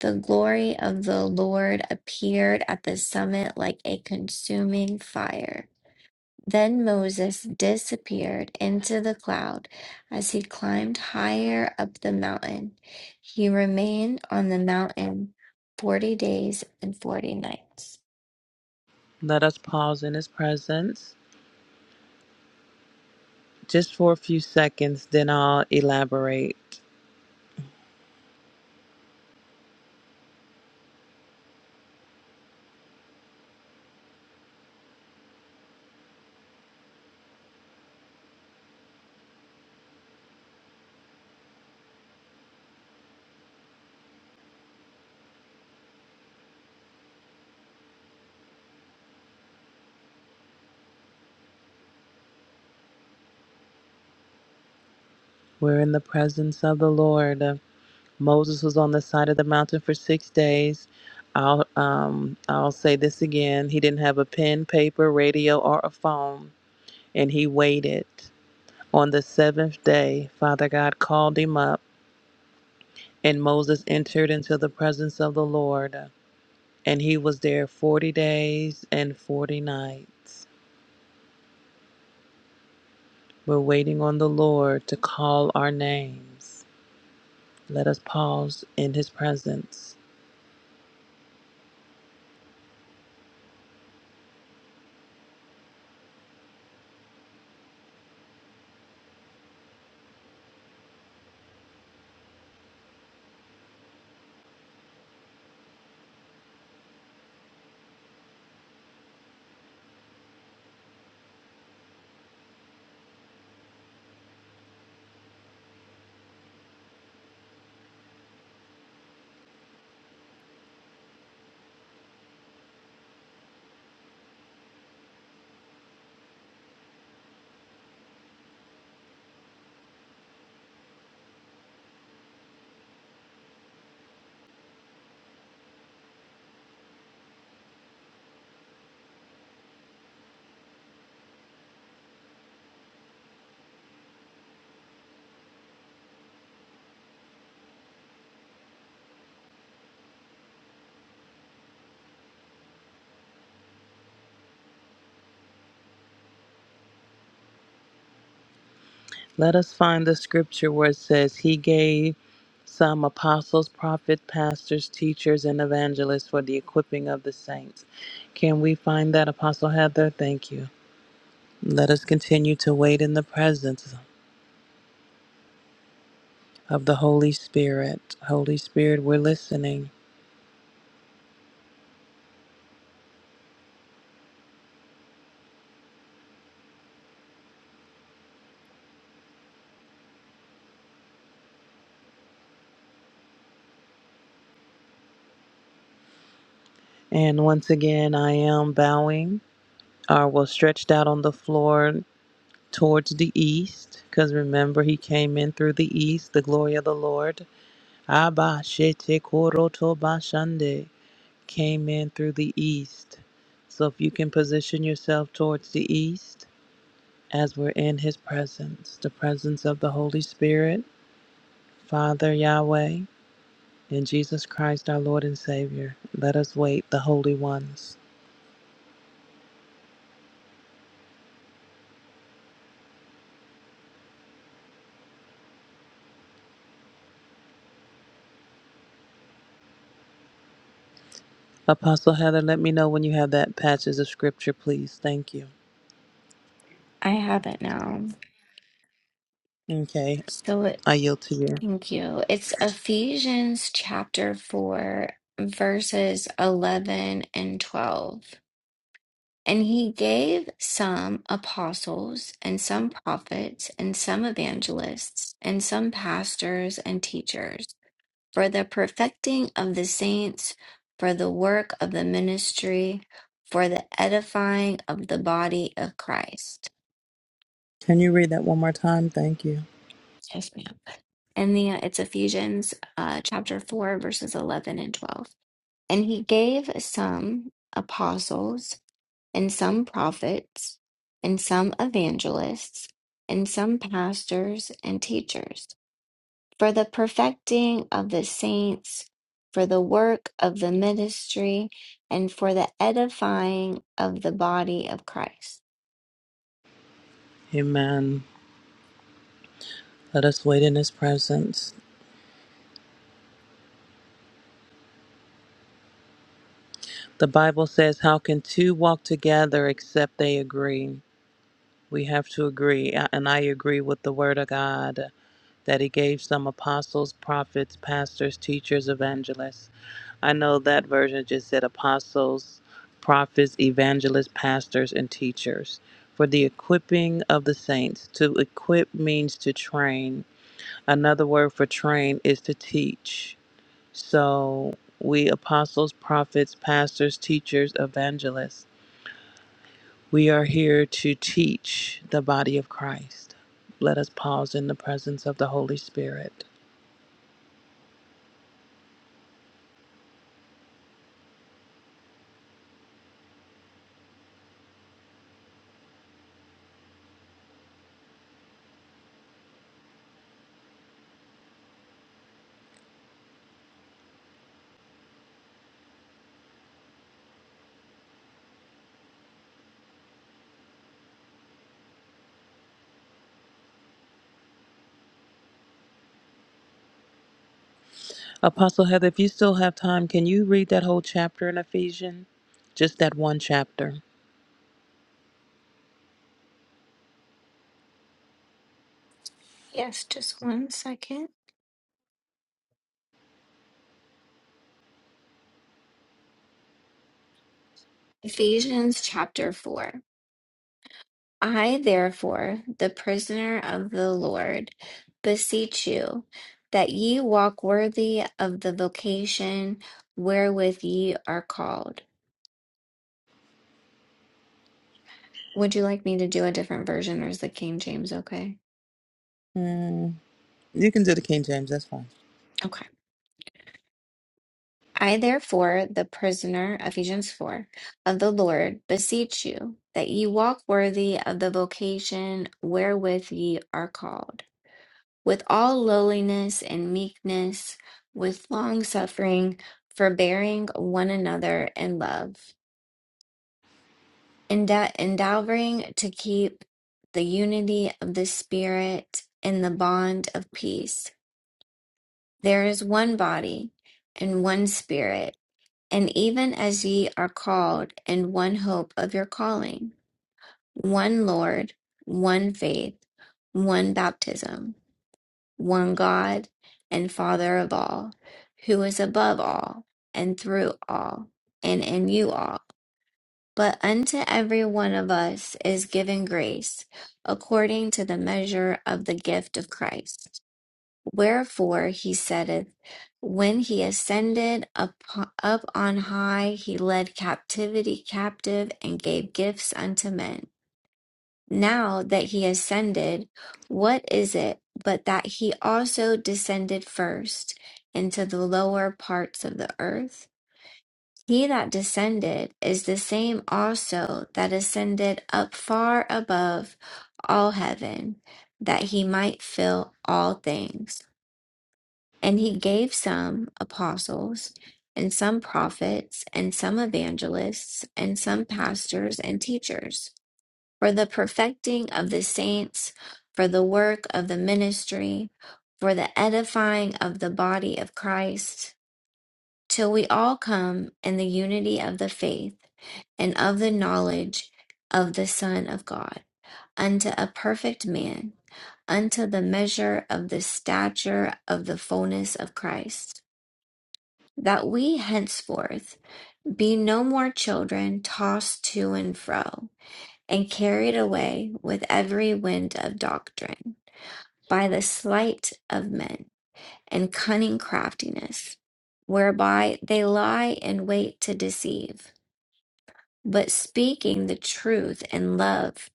[SPEAKER 5] The glory of the Lord appeared at the summit like a consuming fire. Then Moses disappeared into the cloud as he climbed higher up the mountain. He remained on the mountain 40 days and 40 nights.
[SPEAKER 7] Let us pause in his presence just for a few seconds, then I'll elaborate. We're in the presence of the Lord. Moses was on the side of the mountain for six days. I'll, um, I'll say this again. He didn't have a pen, paper, radio, or a phone, and he waited. On the seventh day, Father God called him up, and Moses entered into the presence of the Lord, and he was there 40 days and 40 nights. We're waiting on the Lord to call our names. Let us pause in his presence Let us find the scripture where it says, He gave some apostles, prophets, pastors, teachers, and evangelists for the equipping of the saints. Can we find that, Apostle Heather? Thank you. Let us continue to wait in the presence of the Holy Spirit. Holy Spirit, we're listening. And once again, I am bowing, or well, stretched out on the floor towards the east, because remember, He came in through the east, the glory of the Lord. Abba Shete Koroto Bashande came in through the east. So if you can position yourself towards the east as we're in his presence, the presence of the Holy Spirit, Father Yahweh, and Jesus Christ our Lord and Savior. Let us wait, the holy ones. Apostle Heather, let me know when you have that passage of scripture, please. Thank you.
[SPEAKER 5] I have it now.
[SPEAKER 7] Okay,
[SPEAKER 5] So it-
[SPEAKER 7] I yield to you.
[SPEAKER 5] thank you. It's Ephesians chapter 4, verses 11 and 12. And he gave some apostles, and some prophets, and some evangelists, and some pastors and teachers, for the perfecting of the saints, for the work of the ministry, for the edifying of the body of Christ.
[SPEAKER 7] Can you read that one more time? Thank you.
[SPEAKER 5] Yes, ma'am. And the it's Ephesians uh, chapter four verses eleven and twelve. And he gave some apostles and some prophets, and some evangelists, and some pastors and teachers, for the perfecting of the saints, for the work of the ministry, and for the edifying of the body of Christ.
[SPEAKER 7] Amen. Let us wait in his presence. The Bible says, How can two walk together except they agree? We have to agree. And I agree with the Word of God that He gave some apostles, prophets, pastors, teachers, evangelists. I know that version just said apostles, prophets, evangelists, pastors, and teachers. For the equipping of the saints. To equip means to train. Another word for train is to teach. So we apostles, prophets, pastors, teachers, evangelists We are here to teach the body of Christ. Let us pause in the presence of the Holy Spirit. Apostle Heather, if you still have time, can you read that whole chapter in Ephesians? Just that one chapter.
[SPEAKER 5] Yes, just one second. Ephesians chapter 4. I, therefore, the prisoner of the Lord, beseech you that ye walk worthy of the vocation wherewith ye are called. Would you like me to do a different version or is the King James okay?
[SPEAKER 7] Mm, you can do the King James, that's fine.
[SPEAKER 5] Okay. I, therefore, the prisoner, Ephesians 4, of the Lord, beseech you that ye walk worthy of the vocation wherewith ye are called with all lowliness and meekness, with long suffering, forbearing one another in love, enda- endeavoring to keep the unity of the Spirit in the bond of peace. There is one body and one Spirit, and even as ye are called in one hope of your calling, one Lord, one faith, one baptism one God and Father of all, who is above all, and through all, and in you all. But unto every one of us is given grace according to the measure of the gift of Christ. Wherefore he saith, When he ascended up, up on high, he led captivity captive and gave gifts unto men. Now that he ascended, what is it but that he also descended first into the lower parts of the earth? He that descended is the same also that ascended up far above all heaven, that he might fill all things. And he gave some apostles, and some prophets, and some evangelists, and some pastors and teachers for the perfecting of the saints, for the work of the ministry, for the edifying of the body of Christ, till we all come in the unity of the faith and of the knowledge of the Son of God, unto a perfect man, unto the measure of the stature of the fullness of Christ, that we henceforth be no more children tossed to and fro and carried away with every wind of doctrine, by the sleight of men and cunning craftiness, whereby they lie in wait to deceive. But speaking the truth in love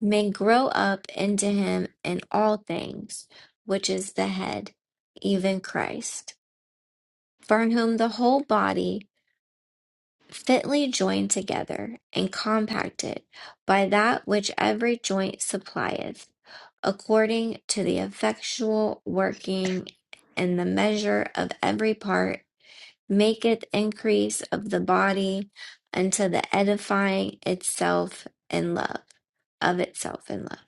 [SPEAKER 5] may grow up into him in all things, which is the head, even Christ, from whom the whole body, fitly joined together and compacted by that which every joint supplieth according to the effectual working and the measure of every part, maketh increase of the body unto the edifying itself in love, of itself in love.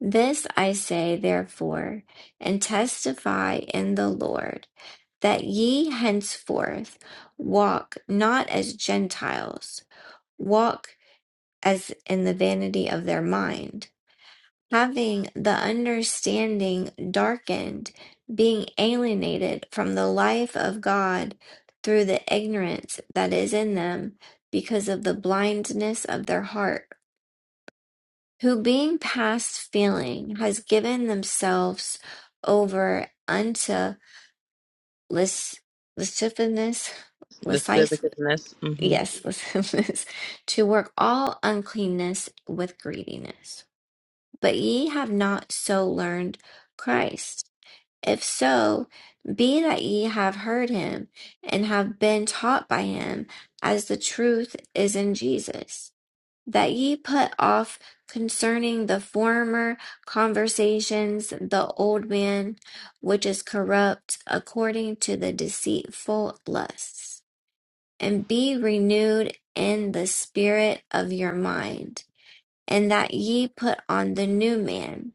[SPEAKER 5] This I say, therefore, and testify in the Lord, that ye henceforth walk not as Gentiles, walk as in the vanity of their mind having the understanding darkened, being alienated from the life of God through the ignorance that is in them because of the blindness of their heart, who being past feeling has given themselves over unto lis- lasciviousness,
[SPEAKER 7] The
[SPEAKER 5] lasciv-
[SPEAKER 7] civicness. hmm
[SPEAKER 5] yes, *laughs* lasciviousness, to work all uncleanness with greediness. But ye have not so learned Christ If so, be that ye have heard him and have been taught by him, as the truth is in Jesus, that ye put off concerning the former conversations the old man, which is corrupt according to the deceitful lusts, and be renewed in the spirit of your mind and that ye put on the new man,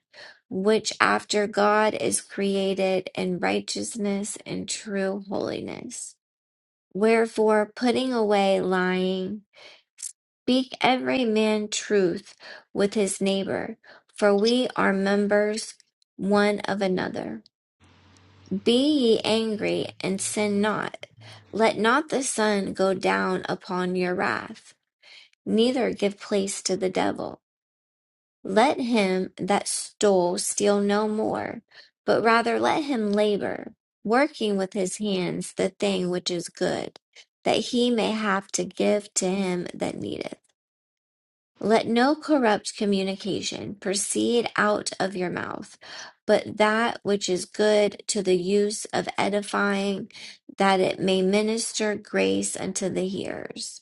[SPEAKER 5] which after God is created in righteousness and true holiness. Wherefore, putting away lying, speak every man truth with his neighbor, for we are members one of another. Be ye angry and sin not. Let not the sun go down upon your wrath, neither give place to the devil. Let him that stole steal no more, but rather let him labor, working with his hands the thing which is good, that he may have to give to him that needeth. Let no corrupt communication proceed out of your mouth, but that which is good to the use of edifying, that it may minister grace unto the hearers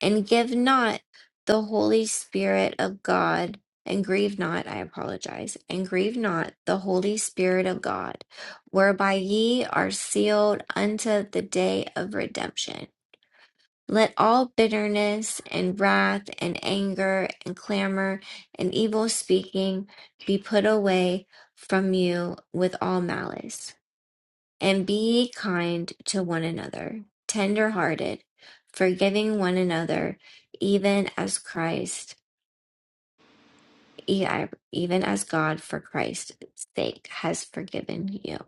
[SPEAKER 5] and give not the Holy Spirit of God, and grieve not, I apologize, and grieve not the Holy Spirit of God, whereby ye are sealed unto the day of redemption. Let all bitterness and wrath and anger and clamor and evil speaking be put away from you with all malice. And be kind to one another, tender hearted, forgiving one another, even as Christ, e- even as God for Christ's sake has forgiven you.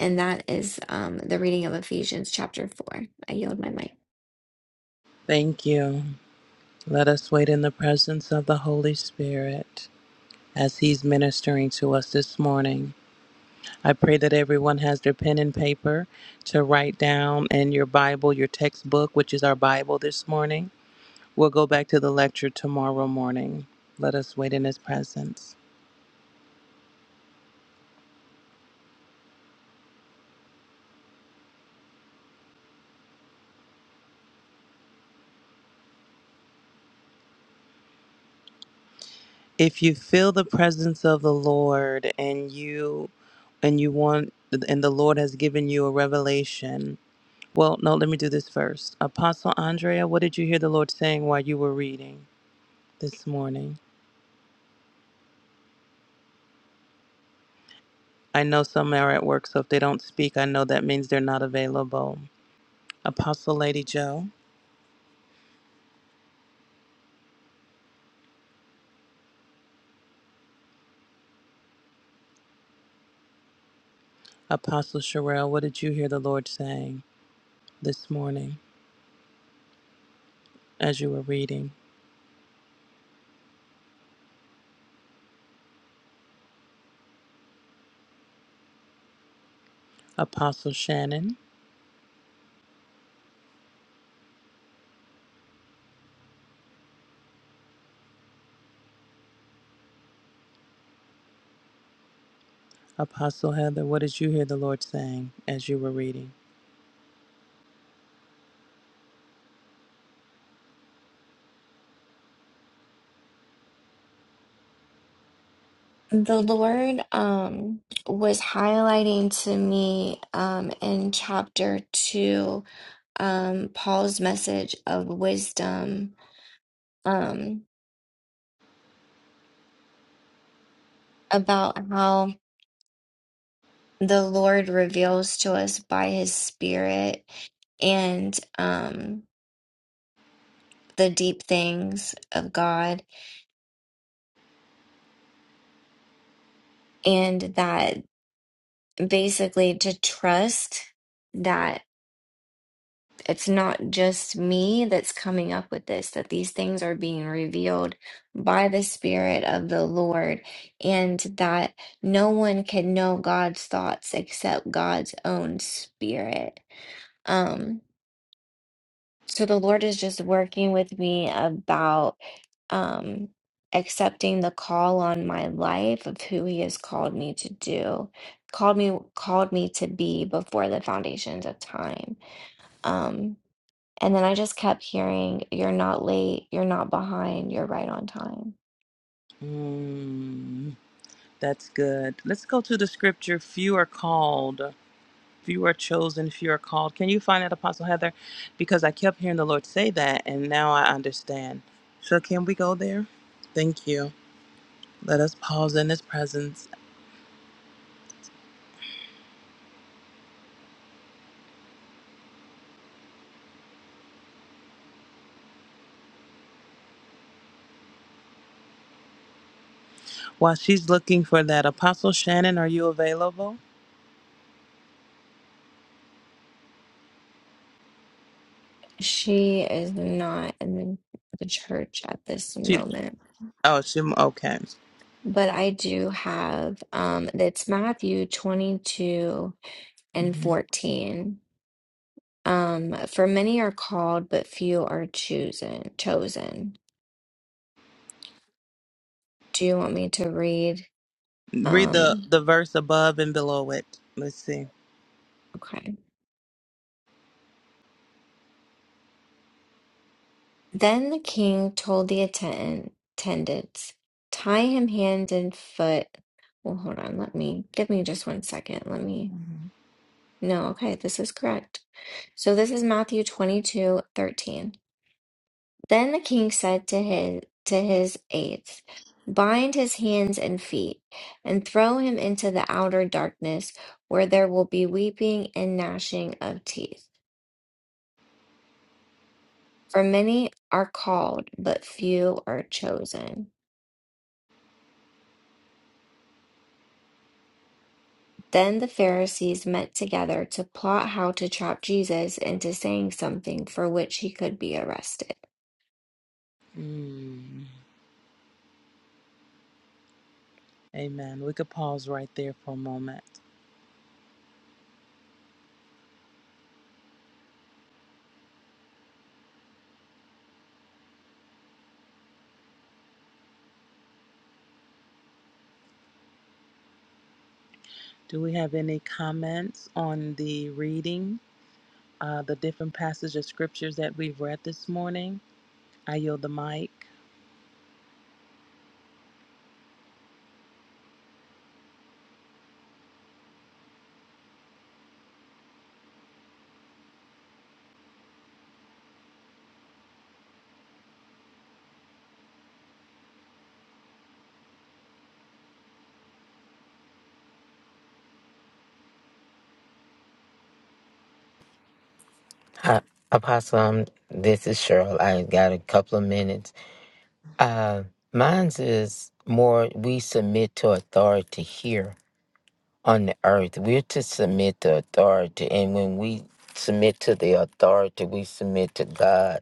[SPEAKER 5] And that is um, the reading of Ephesians chapter 4. I yield my mic.
[SPEAKER 7] Thank you. Let us wait in the presence of the Holy Spirit as He's ministering to us this morning. I pray that everyone has their pen and paper to write down and your Bible, your textbook, which is our Bible this morning. We'll go back to the lecture tomorrow morning. Let us wait in His presence. If you feel the presence of the Lord and you and you want and the Lord has given you a revelation, well, no, let me do this first. Apostle Andrea, what did you hear the Lord saying while you were reading this morning? I know some are at work, so if they don't speak, I know that means they're not available. Apostle Lady Joe, Apostle Sherelle, what did you hear the Lord saying this morning as you were reading? Apostle Shannon, Apostle Heather, what did you hear the Lord saying as you were reading?
[SPEAKER 5] The Lord um, was highlighting to me um, in chapter 2 um, Paul's message of wisdom um, about how. the Lord reveals to us by his spirit and um the deep things of God and that basically to trust that it's not just me that's coming up with this that these things are being revealed by the spirit of the Lord and that no one can know God's thoughts except God's own spirit um So the Lord is just working with me about um accepting the call on my life of who he has called me to do, called me called me to be before the foundations of time. Um and then I just kept hearing you're not late, you're not behind, you're right on time.
[SPEAKER 7] Mm, that's good. Let's go to the scripture. Few are called, few are chosen, few are called. Can you find that, Apostle Heather? Because I kept hearing the Lord say that, and now I understand. So, can we go there? Thank you. Let us pause in His presence. While she's looking for that, Apostle Shannon, are you available?
[SPEAKER 5] She is not in the church at this
[SPEAKER 7] She,
[SPEAKER 5] moment,
[SPEAKER 7] oh, she, okay.
[SPEAKER 5] but I do have um it's Matthew 22 and
[SPEAKER 7] Mhm.
[SPEAKER 5] 14. Um, for many are called, but few are chosen chosen. Do you want me to read?
[SPEAKER 7] Read the
[SPEAKER 5] Um,
[SPEAKER 7] the verse above and below it. Let's see.
[SPEAKER 5] okay. Then the king told the attend attendants, tie him hand and foot. Well, hold on, let me give me just one second. Let me no, okay, this is correct. So this is Matthew 22 13. Then the king said to his to his aides, Bind his hands and feet, and throw him into the outer darkness, where there will be weeping and gnashing of teeth. For many are called, but few are chosen. Then the Pharisees met together to plot how to trap Jesus into saying something for which he could be arrested.
[SPEAKER 7] Mm. Amen. We could pause right there for a moment. Do we have any comments on the reading, uh, the different passages of scriptures that we've read this morning? I yield the mic.
[SPEAKER 3] Hi, Apostle, um, this is Cheryl. I got a couple of minutes. Uh, mine's is more we submit to authority here. on the earth. We're to submit to authority. And when we submit to the authority, we submit to God.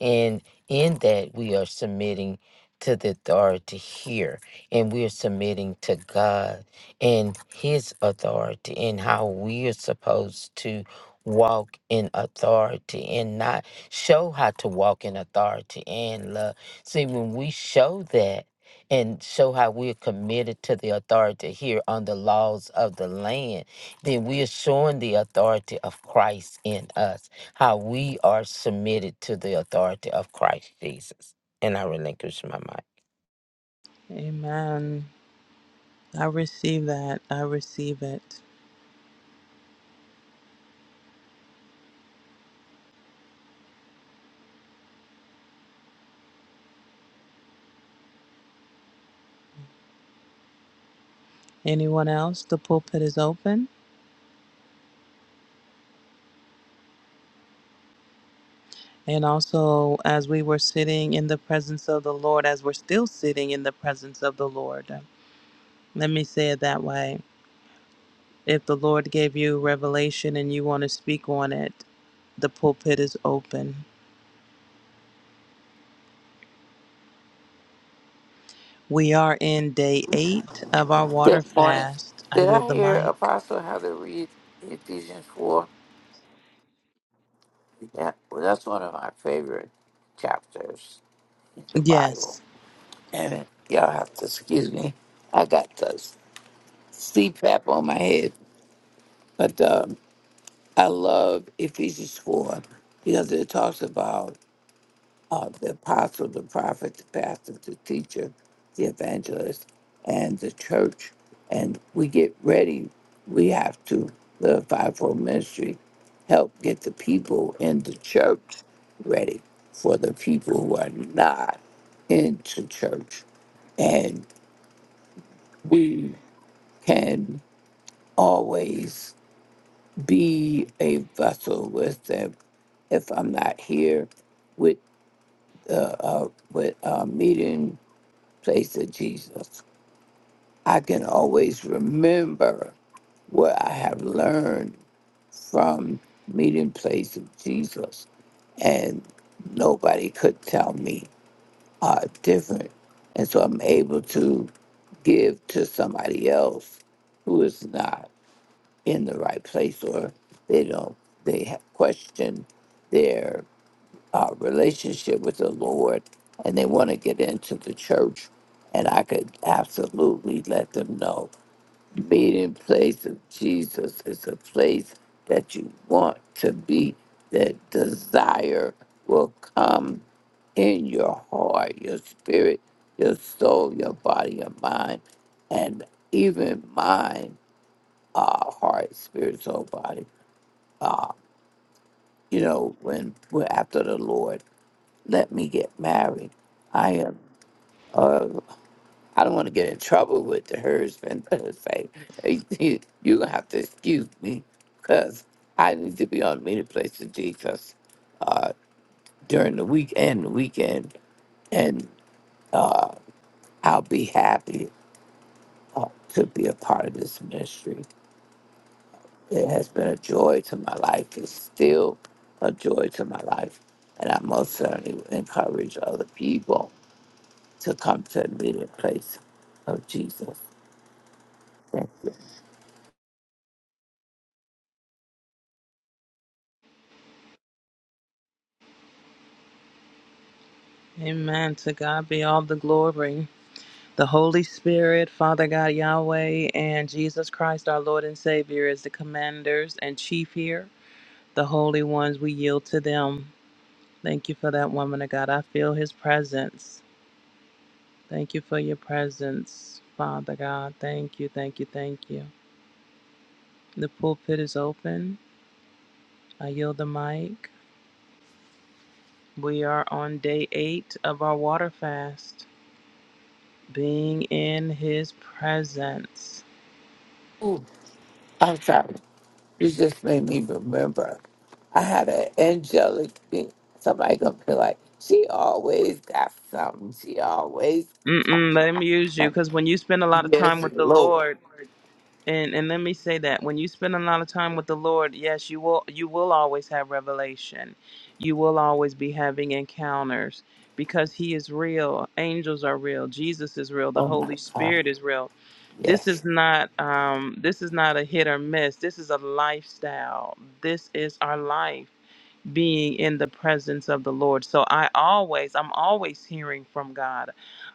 [SPEAKER 3] And in that, we are submitting to the authority here. And we are submitting to God and His authority and how we are supposed to walk in authority and not show how to walk in authority and love. See, when we show that, and show how we're committed to the authority here on the laws of the land, then we're showing the authority of Christ in us, how we are submitted to the authority of Christ Jesus. And I relinquish my mind.
[SPEAKER 7] Amen. I receive that. I receive it. Anyone else? The pulpit is open. And also, as we were sitting in the presence of the Lord, as we're still sitting in the presence of the Lord, uh, let me say it that way. If the Lord gave you revelation and you want to speak on it, the pulpit is open. We are in day eight of our water
[SPEAKER 8] Good morning.
[SPEAKER 7] fast. I
[SPEAKER 8] Did
[SPEAKER 7] yield
[SPEAKER 8] I
[SPEAKER 7] the
[SPEAKER 8] hear
[SPEAKER 7] mic.
[SPEAKER 8] Apostle how to read Ephesians 4? Yeah, well, that's one of my favorite chapters in the Bible.
[SPEAKER 7] Yes.
[SPEAKER 8] And y'all have to excuse me. I got the CPAP on my head. But um, I love Ephesians 4 because it talks about uh, the apostle, the prophet, the pastor, the teacher, the evangelist, and the church. And we get ready. We have to, the fivefold ministry, help get the people in the church ready for the people who are not into church. And we can always be a vessel with them. If I'm not here with uh, uh, with a meeting place of Jesus. I can always remember what I have learned from meeting place of Jesus. And nobody could tell me uh, different. And so I'm able to give to somebody else who is not in the right place or they don't, they have questioned their uh, relationship with the Lord and they want to get into the church. And I could absolutely let them know meeting place of Jesus is a place that you want to be, that desire will come in your heart, your spirit, your soul, your body, your mind, and even mind, uh, heart, spirit, soul, body. Uh, you know, when we're after the Lord let me get married. I am. Uh, I don't want to get in trouble with the husband. *laughs* It's like hey, you you gonna have to excuse me because I need to be on many places Jesus. uh, during the week and the weekend, and I'll be happy uh, to be a part of this ministry. It has been a joy to my life. It's still a joy to my life, and I most certainly encourage other people to come to the meeting place of Jesus. Thank you.
[SPEAKER 7] Amen. To God be all the glory. The Holy Spirit, Father God Yahweh, and Jesus Christ, our Lord and Savior, is the commanders and chief here. The holy ones, we yield to them. Thank you for that woman of God. I feel his presence. Thank you for your presence, Father God. Thank you, thank you, thank you. The pulpit is open. I yield the mic. We are on day eight of our water fast, being in his presence.
[SPEAKER 8] Ooh, I'm sorry. You just made me remember. I had an angelic thing. Somebody gonna be like, she always got something. She always
[SPEAKER 7] Mm-mm, let him use you
[SPEAKER 8] something.
[SPEAKER 7] because when you spend a lot of time
[SPEAKER 8] Yes,
[SPEAKER 7] with the
[SPEAKER 8] Lord.
[SPEAKER 7] Lord, And and let me say that when you spend a lot of time with the Lord, yes, you will you will always have revelation. You will always be having encounters because he is real. Angels are real. Jesus is real. The
[SPEAKER 8] Oh my
[SPEAKER 7] Holy
[SPEAKER 8] God.
[SPEAKER 7] Spirit is real. This is
[SPEAKER 8] Yes.
[SPEAKER 7] not um this is not a hit or miss. This is a lifestyle. This is our life being in the presence of the Lord. So I always, I'm always hearing from God.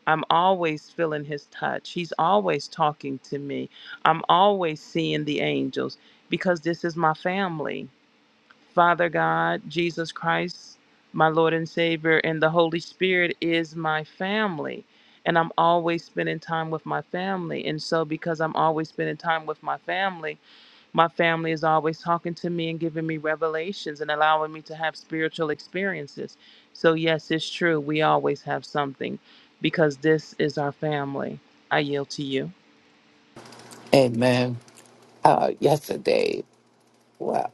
[SPEAKER 7] I'm always feeling his touch. He's always talking to me. I'm always seeing the angels because this is my family. Father God, Jesus Christ, my Lord and Savior, and the Holy Spirit is my family. And I'm always spending time with my family. And so, because I'm always spending time with my family, my family is always talking to me and giving me revelations and allowing me to have spiritual experiences. So, yes, it's true. We always have something because this is our family. I yield to you.
[SPEAKER 8] Amen. Uh, yesterday, well,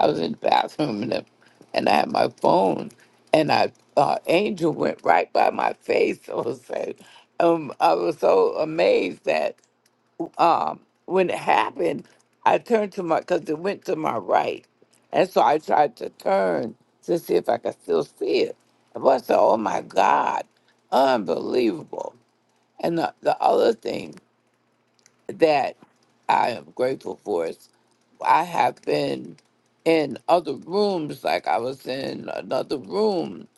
[SPEAKER 8] I was in the bathroom and, and I had my phone, and I uh, angel went right by my face. *laughs* I was like, um, I was so amazed that um, when it happened, I turned to my because it went to my right, and so I tried to turn to see if I could still see it. But I said, "Oh my God, unbelievable!" And the, the other thing that I am grateful for is I have been in other rooms, like I was in another room,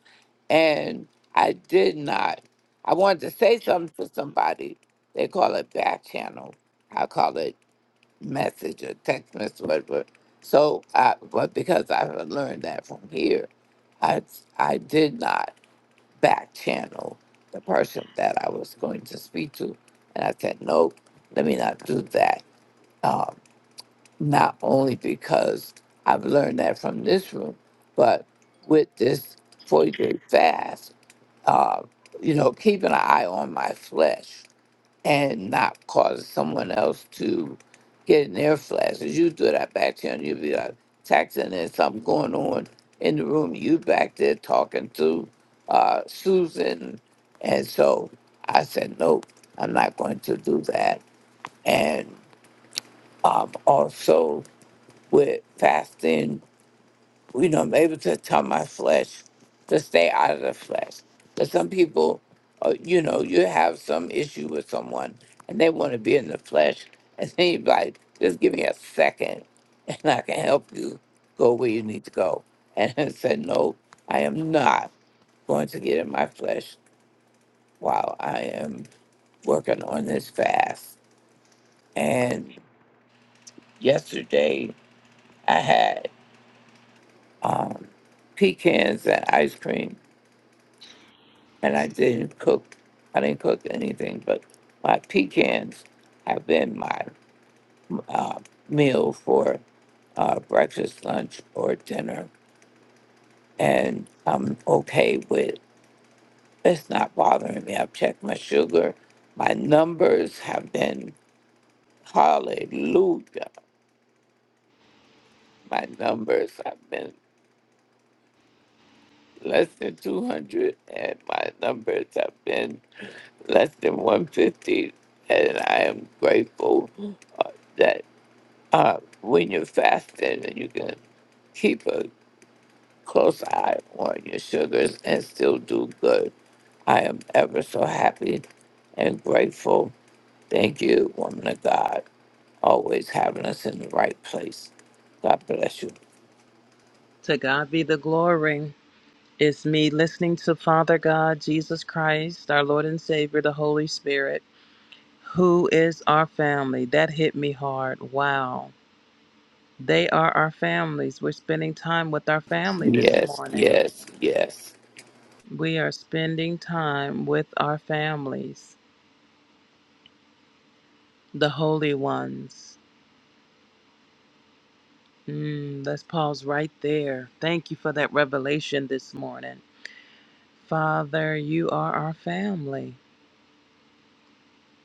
[SPEAKER 8] and I did not. I wanted to say something to somebody. They call it back channel. I call it message or text message, whatever. So, I, but because I had learned that from here, I, I did not back channel the person that I was going to speak to. And I said, nope, let me not do that. Um, not only because I've learned that from this room, but with this 40 day fast, uh, you know, keeping an eye on my flesh and not cause someone else to get in their flashes. You do that back there and you be like taxing there's something going on in the room. You back there talking to uh, Susan. And so I said, nope, I'm not going to do that. And um, also with fasting you know, I'm able to tell my flesh to stay out of the flesh. But some people, uh, you know, you have some issue with someone and they want to be in the flesh. And *laughs* then you're like, just give me a second *laughs* and I can help you go where you need to go. And *laughs* I said, no, I am not going to get in my flesh while I am working on this fast. And yesterday I had um, pecans and ice cream and I didn't cook. I didn't cook anything, but my pecans have been my uh, meal for uh, breakfast, lunch, or dinner, and I'm okay with. It's not bothering me. I've checked my sugar. My numbers have been hallelujah. My numbers have been less than 200, and my numbers have been less than 150, and I am grateful uh, that. uh, when you're fasting and you can keep a close eye on your sugars and still do good. I am ever so happy and grateful. Thank you, woman of God, always having us in the right place. God bless you.
[SPEAKER 7] To God be the glory. It's me listening to Father God, Jesus Christ, our Lord and Savior, the Holy Spirit, who is our family. That hit me hard. Wow. They are our families. We're spending time with our family this
[SPEAKER 8] Yes,
[SPEAKER 7] morning.
[SPEAKER 8] yes, yes.
[SPEAKER 7] We are spending time with our families, the holy ones. Mm, let's pause right there. Thank you for that revelation this morning. Father, you are our family.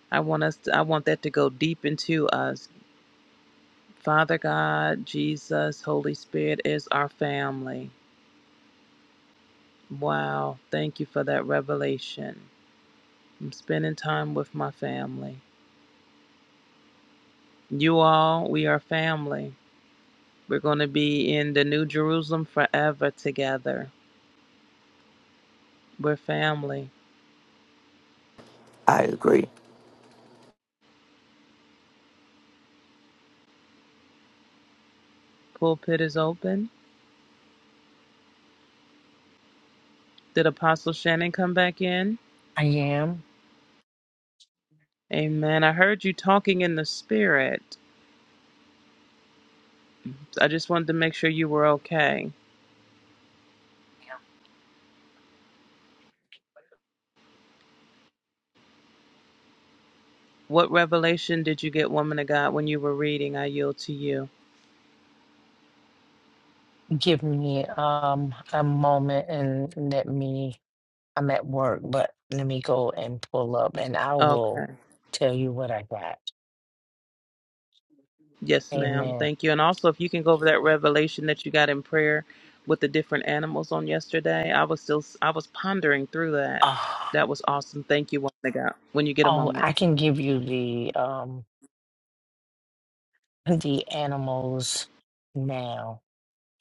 [SPEAKER 7] I want us to, I want that to go deep into us. Father God, Jesus, Holy Spirit is our family. Wow, thank you for that revelation. I'm spending time with my family. You all, we are family. We're going to be in the New Jerusalem forever together. We're family.
[SPEAKER 8] I agree.
[SPEAKER 7] Pulpit is open. Did Apostle Shannon come back in?
[SPEAKER 4] I am.
[SPEAKER 7] Amen. I heard you talking in the spirit. I just wanted to make sure you were okay. What revelation did you get, woman of God, when you were reading? I yield to you.
[SPEAKER 4] Give me um a moment and let me. I'm at work, but let me go and pull up, and I
[SPEAKER 7] Okay.
[SPEAKER 4] will tell you what I got.
[SPEAKER 7] Yes, ma'am.
[SPEAKER 4] Amen.
[SPEAKER 7] Thank you. And also, if you can go over that revelation that you got in prayer with the different animals on yesterday, I was still I was pondering through that.
[SPEAKER 4] Ah,
[SPEAKER 7] That was awesome. Thank you, woman of God. When you get a
[SPEAKER 4] oh,
[SPEAKER 7] moment.
[SPEAKER 4] I can give you the um the animals now.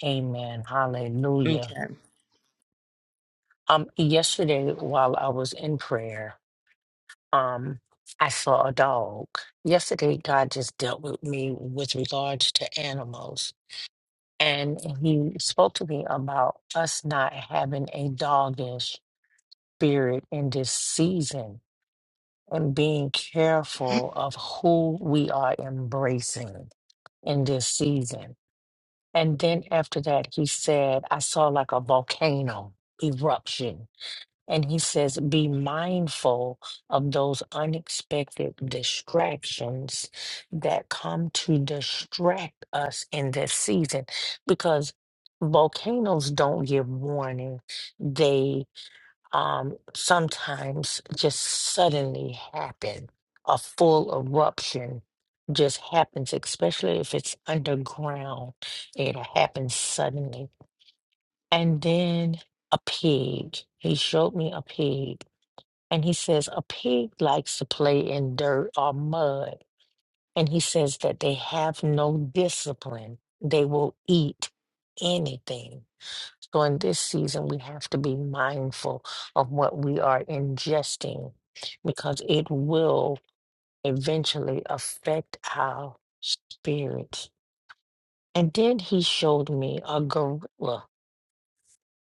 [SPEAKER 4] Amen. Hallelujah.
[SPEAKER 7] Okay.
[SPEAKER 4] Um, yesterday while I was in prayer. um I saw a dog. Yesterday God just dealt with me with regards to animals and he spoke to me about us not having a doggish spirit in this season and being careful of who we are embracing in this season. And then after that he said I saw like a volcano eruption And he says, be mindful of those unexpected distractions that come to distract us in this season because volcanoes don't give warning. They um, sometimes just suddenly happen. A full eruption just happens, especially if it's underground. It happens suddenly. And then a pig. He showed me a pig and he says, a pig likes to play in dirt or mud. And he says that they have no discipline. They will eat anything. So in this season, we have to be mindful of what we are ingesting because it will eventually affect our spirits. And then he showed me a gorilla.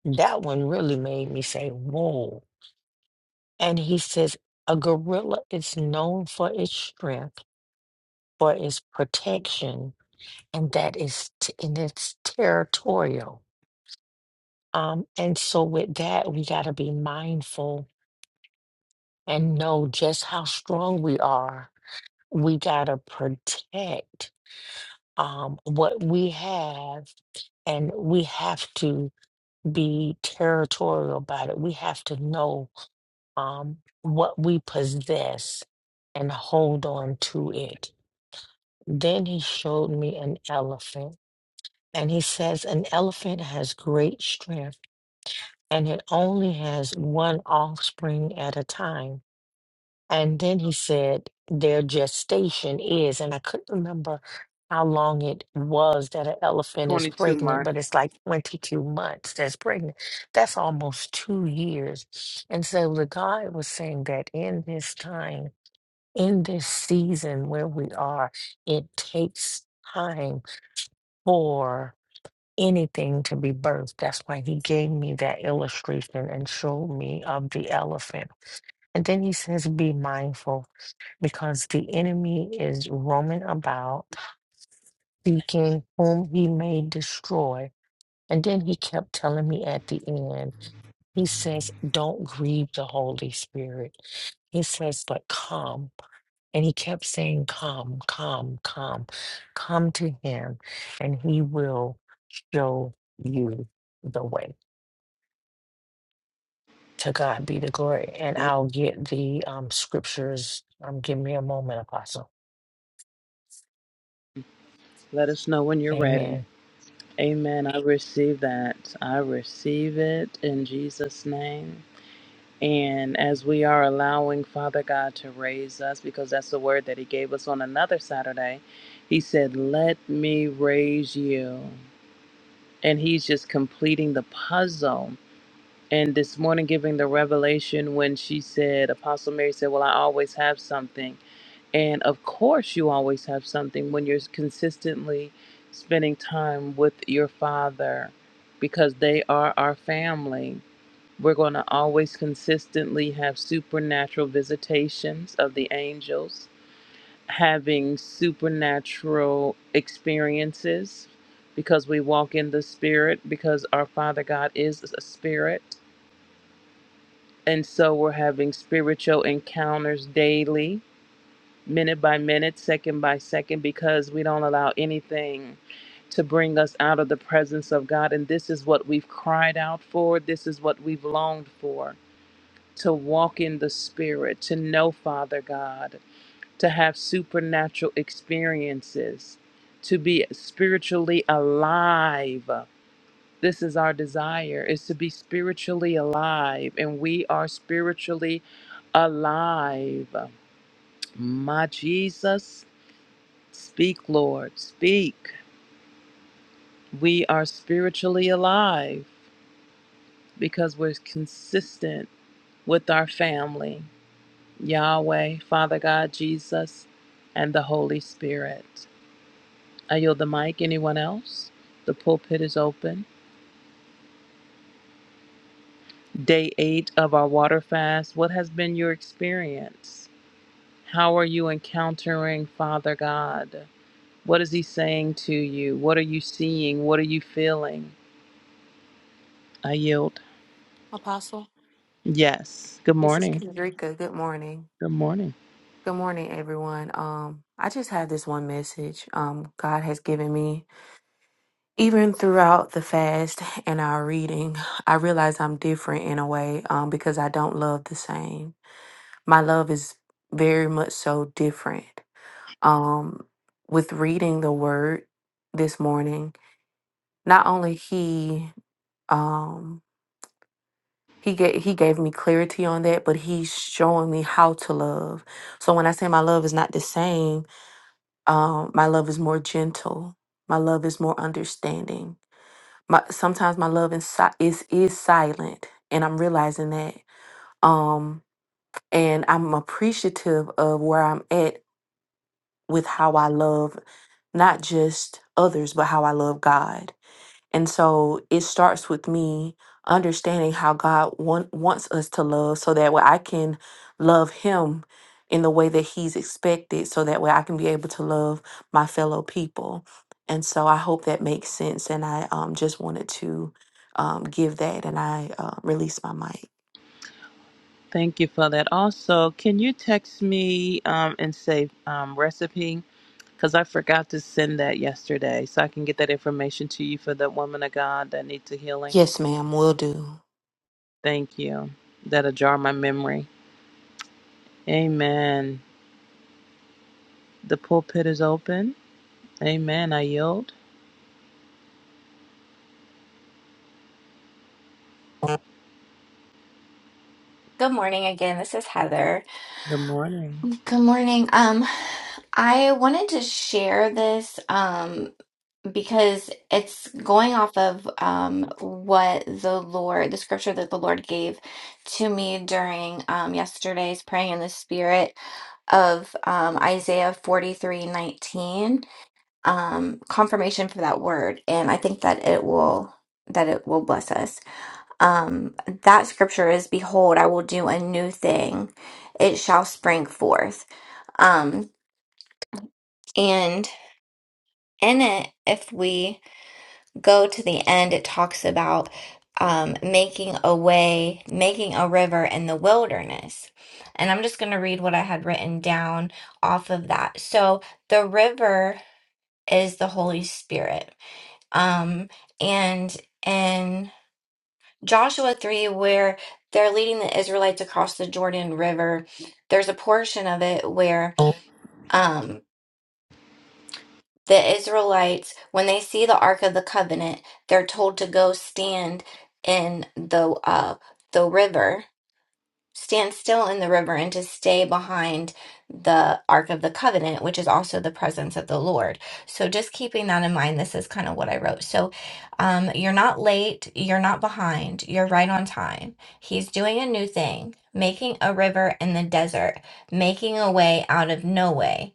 [SPEAKER 4] That one really made me say, whoa. And he says, a gorilla is known for its strength for its protection and that is t- and it's territorial. Um, and so with that, we got to be mindful and know just how strong we are. We got to protect um, what we have, and we have to be territorial about it. We have to know um, what we possess and hold on to it. Then he showed me an elephant And he says, an elephant has great strength and it only has one offspring at a time. And then he said, their gestation is, and I couldn't remember how long it was that an elephant is
[SPEAKER 7] 22
[SPEAKER 4] pregnant, but
[SPEAKER 7] months.
[SPEAKER 4] it's like 22 months that's pregnant. That's almost two years. And so the God was saying that in this time, in this season where we are, it takes time for anything to be birthed. That's why he gave me that illustration and showed me of the elephant. And then he says, Be mindful because the enemy is roaming about, seeking whom he may destroy. And then he kept telling me at the end, He says, Don't grieve the Holy Spirit. He says, But come. And he kept saying, Come, come, come, come to him, and he will show you the way. To God be the glory. And
[SPEAKER 7] Amen.
[SPEAKER 4] I'll get the um, scriptures. Um, give me a moment, Apostle.
[SPEAKER 7] Let us know when you're ready.
[SPEAKER 4] Amen.
[SPEAKER 7] Amen. I receive that. I receive it in Jesus' name. And as we are allowing Father God to raise us, because that's the word that He gave us on another Saturday, He said, Let me raise you. And He's just completing the puzzle. And this morning, giving the revelation when she said, Apostle Mary said, Well, I always have something. And of course, you always have something when you're consistently spending time with your father because they are our family. We're going to always consistently have supernatural visitations of the angels, having supernatural experiences because we walk in the spirit, because our Father God is a spirit. And so we're having spiritual encounters daily minute by minute, second by second, because we don't allow anything to bring us out of the presence of God. And this is what we've cried out for, this is what we've longed for to walk in the Spirit, to know Father God, to have supernatural experiences, to be spiritually alive. This is our desire is to be spiritually alive and we are spiritually alive. My Jesus, Speak, Lord, speak. We are spiritually alive because we're consistent with our family, Yahweh, Father God, Jesus, and the Holy Spirit. I yield the mic. Anyone else? The pulpit is open. Day eight of our water fast. What has been your experience? How are you encountering Father God? What is He saying to you? What are you seeing? What are you feeling? I yield.
[SPEAKER 9] Apostle,
[SPEAKER 7] Yes. Good
[SPEAKER 9] this is
[SPEAKER 7] morning.
[SPEAKER 9] Kendrika. Good morning.
[SPEAKER 7] Good morning.
[SPEAKER 9] Good morning, everyone. Um, I just have this one message. Um, God has given me, even throughout the fast *laughs* and our reading, I realize I'm different in a way. Um, because I don't love the same. My love is very much so different. Um, with reading the Word this morning, not only He, um, He gave he gave me clarity on that, but he's showing me how to love. So when I say my love is not the same, um, my love is more gentle. My love is more understanding. My sometimes my love is si- is is silent, and I'm realizing that. Um, and I'm appreciative of where I'm at with how I love not just others, but how I love God And so it starts with me understanding how God want, wants us to love so that way I can love Him in the way that He's expected, so that way I can be able to love my fellow people. And so I hope that makes sense. And I um, just wanted to um, give that and I uh, release my mic.
[SPEAKER 7] Thank you for that. Also, can you text me um, and say um, recipe? Because I forgot to send that yesterday, so I can get that information to you for that woman of God that needs a healing.
[SPEAKER 9] Yes, ma'am, will do.
[SPEAKER 7] Thank you. That'll jar my memory. Amen. The pulpit is open. Amen. I yield.
[SPEAKER 5] Good morning again. This is Heather.
[SPEAKER 7] Good morning.
[SPEAKER 5] Good morning. Um, I wanted to share this um because it's going off of um what the Lord, the scripture that the Lord gave to me during um yesterday's praying in the spirit of um Isaiah 43:19. um, confirmation for that word, and I think that it will that it will bless us. Um, that scripture is, "Behold, I will do a new thing; it shall spring forth." Um, and in it, if we go to the end, it talks about um, making a way, making a river in the wilderness. And I'm just going to read what I had written down off of that. So the river is the Holy Spirit um, and in Joshua 3, where they're leading the Israelites across the Jordan River, there's a portion of it where um, the Israelites, when they see the Ark of the Covenant, they're told to go stand in the uh, the river stand still in the river and to stay behind the Ark of the Covenant, which is also the presence of the Lord. So just keeping that in mind, this is kind of what I wrote. So um, you're not late, you're not behind, you're right on time. He's doing a new thing, making a river in the desert, making a way out of no way.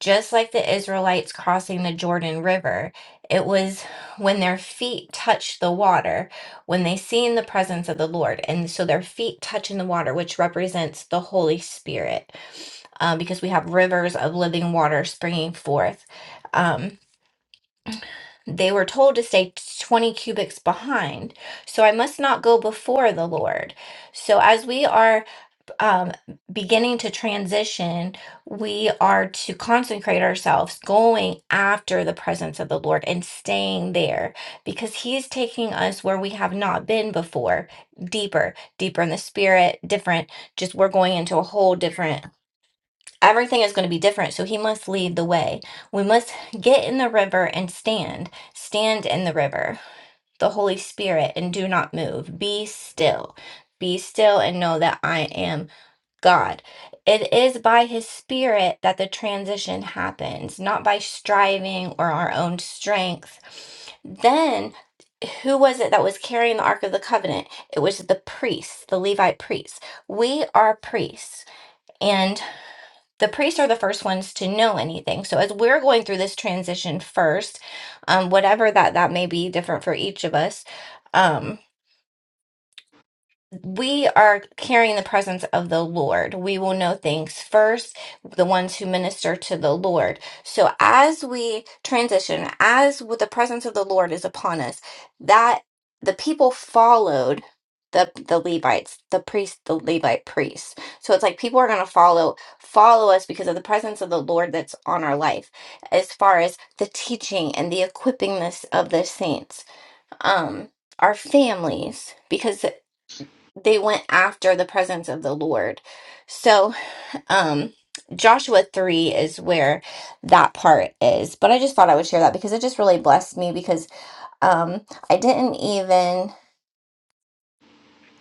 [SPEAKER 5] Just like the Israelites crossing the Jordan River, it was when their feet touched the water, when they seen the presence of the Lord. And so their feet touching the water, which represents the Holy Spirit, um, because we have rivers of living water springing forth. Um, they were told to stay 20 cubits behind. So I must not go before the Lord. So as we are um, beginning to transition, we are to consecrate ourselves, going after the presence of the Lord and staying there because He is taking us where we have not been before, deeper, deeper in the spirit, different. Just we're going into a whole different, everything is going to be different. So He must lead the way. We must get in the river and stand, stand in the river, the Holy Spirit, and do not move. Be still. Be still and know that I am. God. It is by His Spirit that the transition happens, not by striving or our own strength. Then, who was it that was carrying the Ark of the Covenant? It was the priests, the Levite priests. We are priests, and the priests are the first ones to know anything. So, as we're going through this transition first, um, whatever that that may be different for each of us. Um, we are carrying the presence of the Lord. We will know things first, the ones who minister to the Lord. So as we transition, as with the presence of the Lord is upon us, that the people followed the the Levites, the priest, the Levite priests. So it's like people are going to follow follow us because of the presence of the Lord that's on our life, as far as the teaching and the equippingness of the saints. Um, our families, because they went after the presence of the Lord. So, um, Joshua 3 is where that part is. But I just thought I would share that because it just really blessed me because um, I didn't even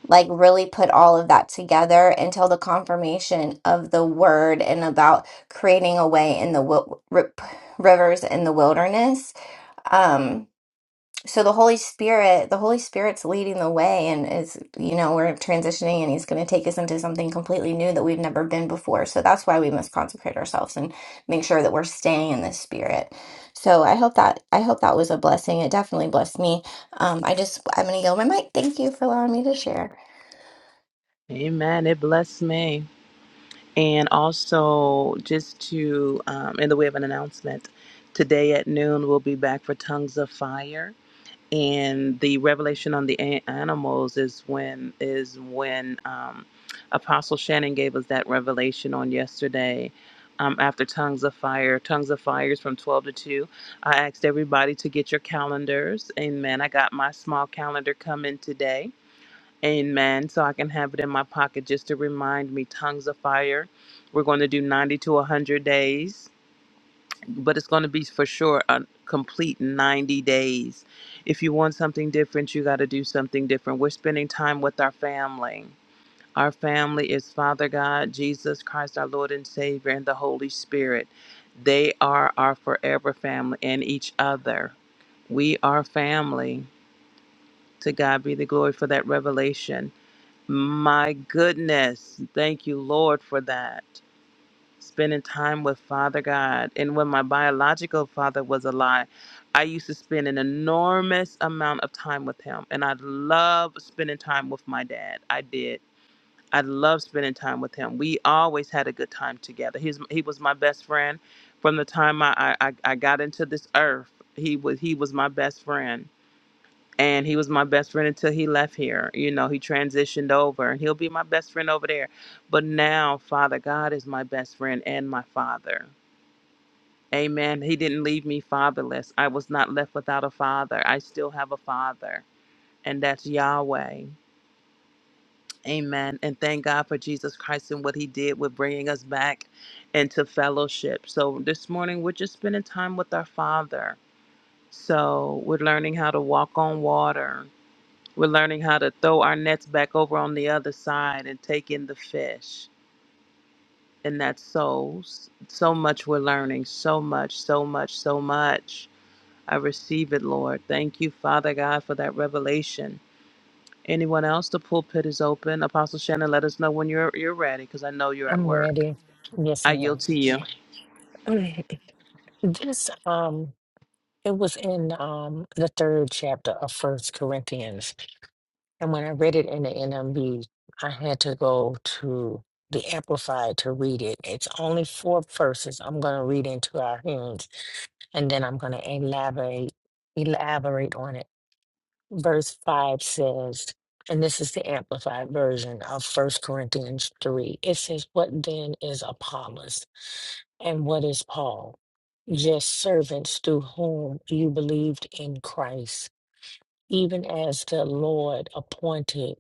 [SPEAKER 5] like really put all of that together until the confirmation of the word and about creating a way in the wil- ri- rivers in the wilderness. Um, so the holy spirit the holy spirit's leading the way and is you know we're transitioning and he's going to take us into something completely new that we've never been before so that's why we must consecrate ourselves and make sure that we're staying in the spirit so i hope that i hope that was a blessing it definitely blessed me um, i just i'm going to yield my mic thank you for allowing me to share
[SPEAKER 7] Amen. It blessed me. And also, just to, um, in the way of an announcement, today at noon, we'll be back for Tongues of Fire and the revelation on the a- animals is when is when um, apostle shannon gave us that revelation on yesterday um, after tongues of fire tongues of fire is from 12 to 2 i asked everybody to get your calendars amen i got my small calendar coming today amen so i can have it in my pocket just to remind me tongues of fire we're going to do 90 to 100 days but it's going to be for sure a complete 90 days. If you want something different, you got to do something different. We're spending time with our family. Our family is Father God, Jesus Christ, our Lord and Savior, and the Holy Spirit. They are our forever family and each other. We are family. To God be the glory for that revelation. My goodness. Thank you, Lord, for that spending time with Father God. And when my biological father was alive, I used to spend an enormous amount of time with him. And I love spending time with my dad. I did. I love spending time with him. We always had a good time together. He's, he was my best friend from the time I, I, I I got into this earth. He was he was my best friend and he was my best friend until he left here. You know, he transitioned over and he'll be my best friend over there. But now, Father God is my best friend and my father. Amen. He didn't leave me fatherless. I was not left without a father. I still have a father, and that's Yahweh. Amen. And thank God for Jesus Christ and what he did with bringing us back into fellowship. So this morning, we're just spending time with our father. So we're learning how to walk on water We're learning how to throw our nets back over on the other side and take in the fish. And that's so, so much we're learning. So much, so much, so much. I receive it, Lord. Thank you, Father God, for that revelation. Anyone else? The pulpit is open. Apostle Shannon, let us know when you're you're ready, because I know you're at
[SPEAKER 4] I'm
[SPEAKER 7] work.
[SPEAKER 4] ready. Yes,
[SPEAKER 7] I yield
[SPEAKER 4] ma'am.
[SPEAKER 7] to you.
[SPEAKER 4] *clears throat* This um it was in um the third chapter of First Corinthians. And when I read it in the NMB, I had to go to the Amplified to read it. It's only four verses I'm gonna read into our hands and then I'm gonna elaborate elaborate on it. verse 5 says, and this is the amplified version of First Corinthians 3. It says, What then is Apollos and what is Paul? Just servants through whom you believed in Christ, even as the Lord appointed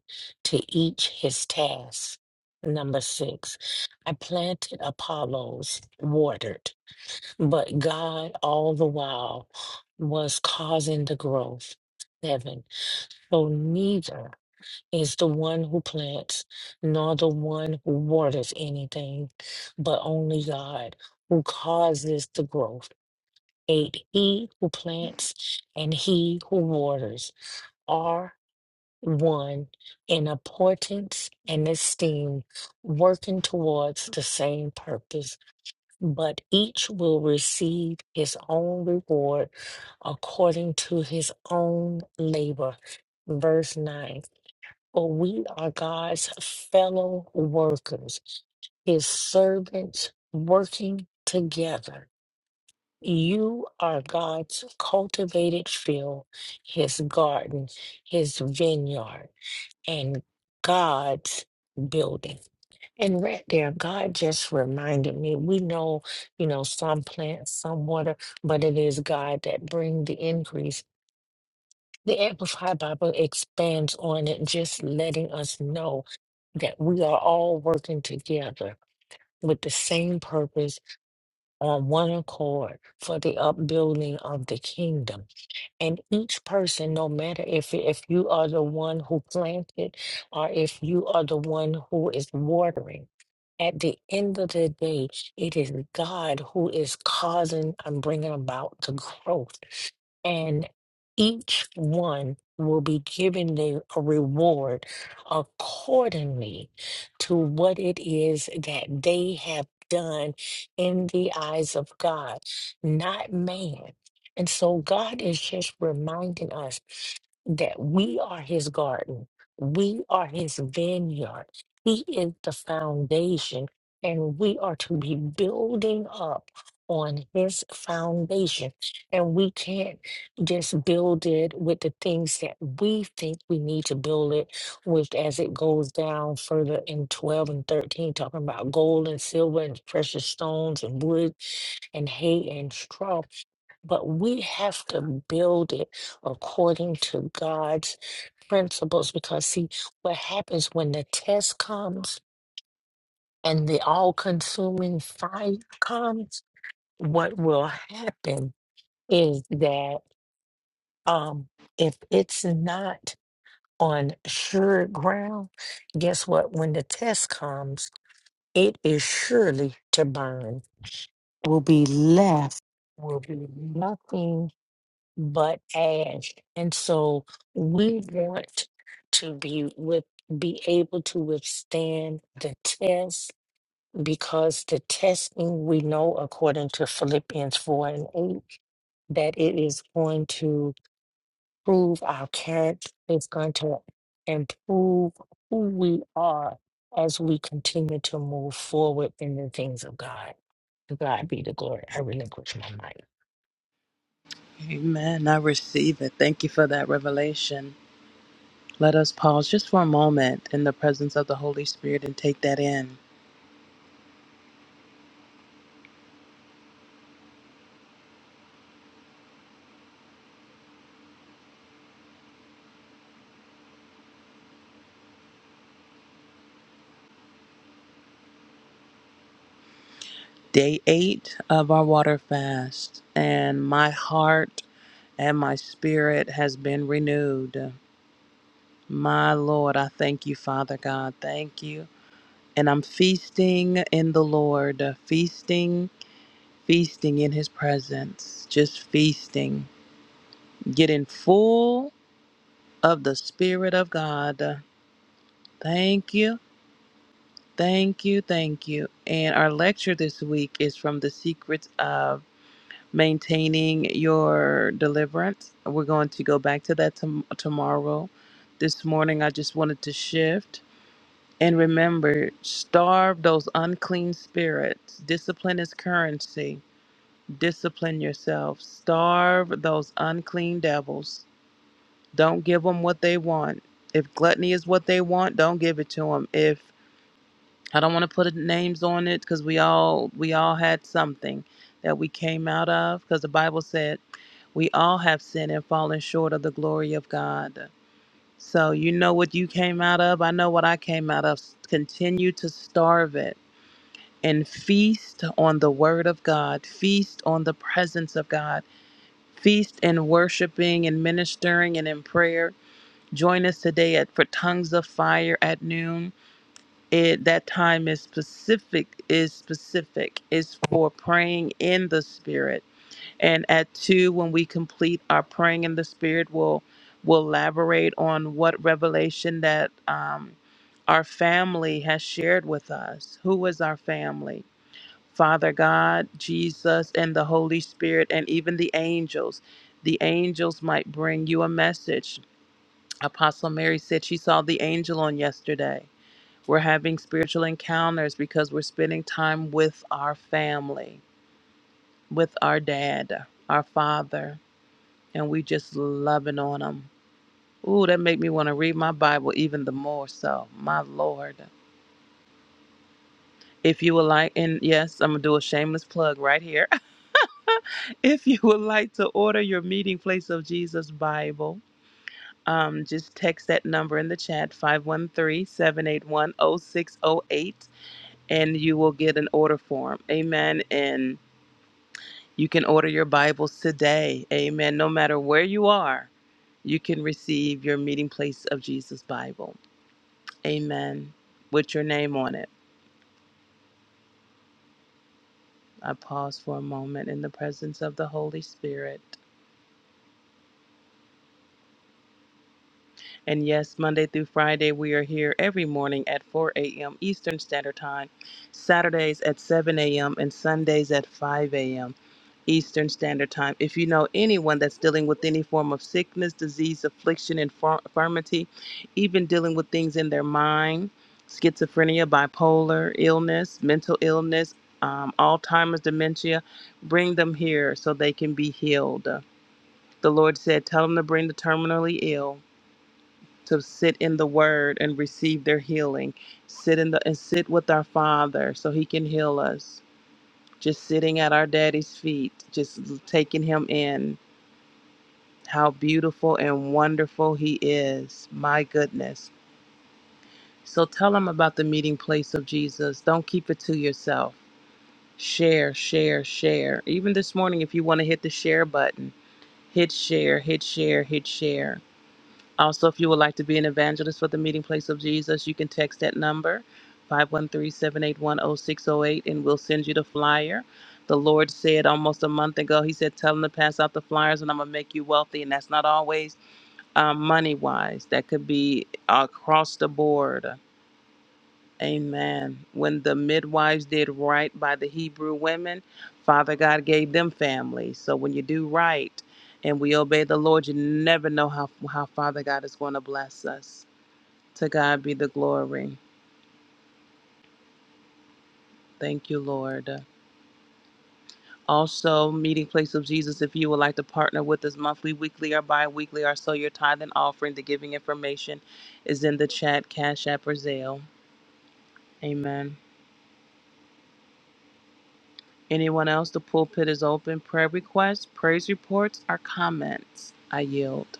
[SPEAKER 4] to each his task. Number six, I planted Apollos, watered, but God all the while was causing the growth. Seven, so neither is the one who plants, nor the one who waters anything, but only God who causes the growth. Eight, he who plants and he who waters are one in importance and esteem, working towards the same purpose, but each will receive his own reward according to his own labor. Verse 9. For we are God's fellow workers, his servants working together. You are God's cultivated field, his garden, his vineyard, and God's building. And right there, God just reminded me, we know, you know, some plants, some water, but it is God that bring the increase. The Amplified Bible expands on it, just letting us know that we are all working together with the same purpose on one accord for the upbuilding of the kingdom. And each person, no matter if if you are the one who planted or if you are the one who is watering, at the end of the day, it is God who is causing and bringing about the growth. And each one will be given the, a reward accordingly to what it is that they have done in the eyes of God, not man. And so God is just reminding us that we are his garden, we are his vineyard, he is the foundation, and we are to be building up on his foundation. And we can't just build it with the things that we think we need to build it with as it goes down further in 12 and 13, talking about gold and silver and precious stones and wood and hay and straw. But we have to build it according to God's principles because, see, what happens when the test comes and the all consuming fire comes, what will happen is that um, if it's not on sure ground, guess what? When the test comes, it is surely to burn, will be left, will be nothing but ash. And so we want to be with be able to withstand the test because the testing we know according to Philippians 4 and 8 that it is going to prove our character, it's going to improve who we are as we continue to move forward in the things of God. To God be the glory. I relinquish my mic.
[SPEAKER 7] Amen. I receive it. Thank you for that revelation. Let us pause just for a moment in the presence of the Holy Spirit and take that in. day eight of our water fast, and my heart and my spirit has been renewed. My Lord, I thank you, Father God. Thank you. And I'm feasting in the Lord, feasting, feasting in his presence, just feasting, getting full of the Spirit of God. Thank you, thank you, thank you. And our lecture this week is from the secrets of maintaining your deliverance. We're going to go back to that tom- tomorrow. This morning, I just wanted to shift and remember starve those unclean spirits. Discipline is currency. Discipline yourself. Starve those unclean devils. Don't give them what they want. If gluttony is what they want, don't give it to them. If I don't want to put names on it because we all we all had something that we came out of because the Bible said. We all have sinned and fallen short of the glory of God. So you know what you came out of? I know what I came out of. Continue to starve it and feast on the word of God, feast on the presence of God, feast in worshiping and ministering and in prayer. Join us today at for tongues of fire at noon. It that time is specific is specific is for praying in the spirit and at two when we complete our praying in the spirit we'll we'll elaborate on what revelation that um, our family has shared with us who is our family father god jesus and the holy spirit and even the angels the angels might bring you a message apostle mary said she saw the angel on yesterday we're having spiritual encounters because we're spending time with our family with our dad our father and we just loving on them. Ooh, that make me want to read my Bible even the more so. My Lord. If you would like, and yes, I'm going to do a shameless plug right here. *laughs* if you would like to order your Meeting Place of Jesus Bible, um, just text that number in the chat, five one three seven eight one zero six zero eight, and you will get an order form. Amen. And you can order your Bibles today. Amen. No matter where you are, you can receive your Meeting Place of Jesus Bible. Amen. With your name on it. I pause for a moment in the presence of the Holy Spirit. And yes, Monday through Friday, we are here every morning at 4 a.m. Eastern Standard Time, Saturdays at 7 a.m., and Sundays at 5 a.m. Eastern Standard Time. If you know anyone that's dealing with any form of sickness, disease, affliction, infir- infirmity, even dealing with things in their mind, schizophrenia, bipolar illness, mental illness, um, Alzheimer's, dementia, bring them here so they can be healed. The Lord said, Tell them to bring the terminally ill to sit in the word and receive their healing sit in the and sit with our father so he can heal us just sitting at our daddy's feet just taking him in how beautiful and wonderful he is my goodness so tell them about the meeting place of jesus don't keep it to yourself share share share even this morning if you want to hit the share button hit share hit share hit share Also, if you would like to be an evangelist for the meeting place of Jesus, you can text that number, five one three seven eight one zero six zero eight, and we'll send you the flyer. The Lord said almost a month ago, He said, Tell them to pass out the flyers and I'm going to make you wealthy. And that's not always um, money wise, that could be across the board. Amen. When the midwives did right by the Hebrew women, Father God gave them families. So when you do right and we obey the Lord, you never know how, how Father God is going to bless us. To God be the glory. Thank you, Lord. Also, Meeting Place of Jesus, if you would like to partner with us monthly, weekly, or bi weekly, or so your tithe and offering, the giving information is in the chat, Cash App, or Zelle. Amen. Anyone else? The pulpit is open. Prayer requests, praise reports, or comments? I yield.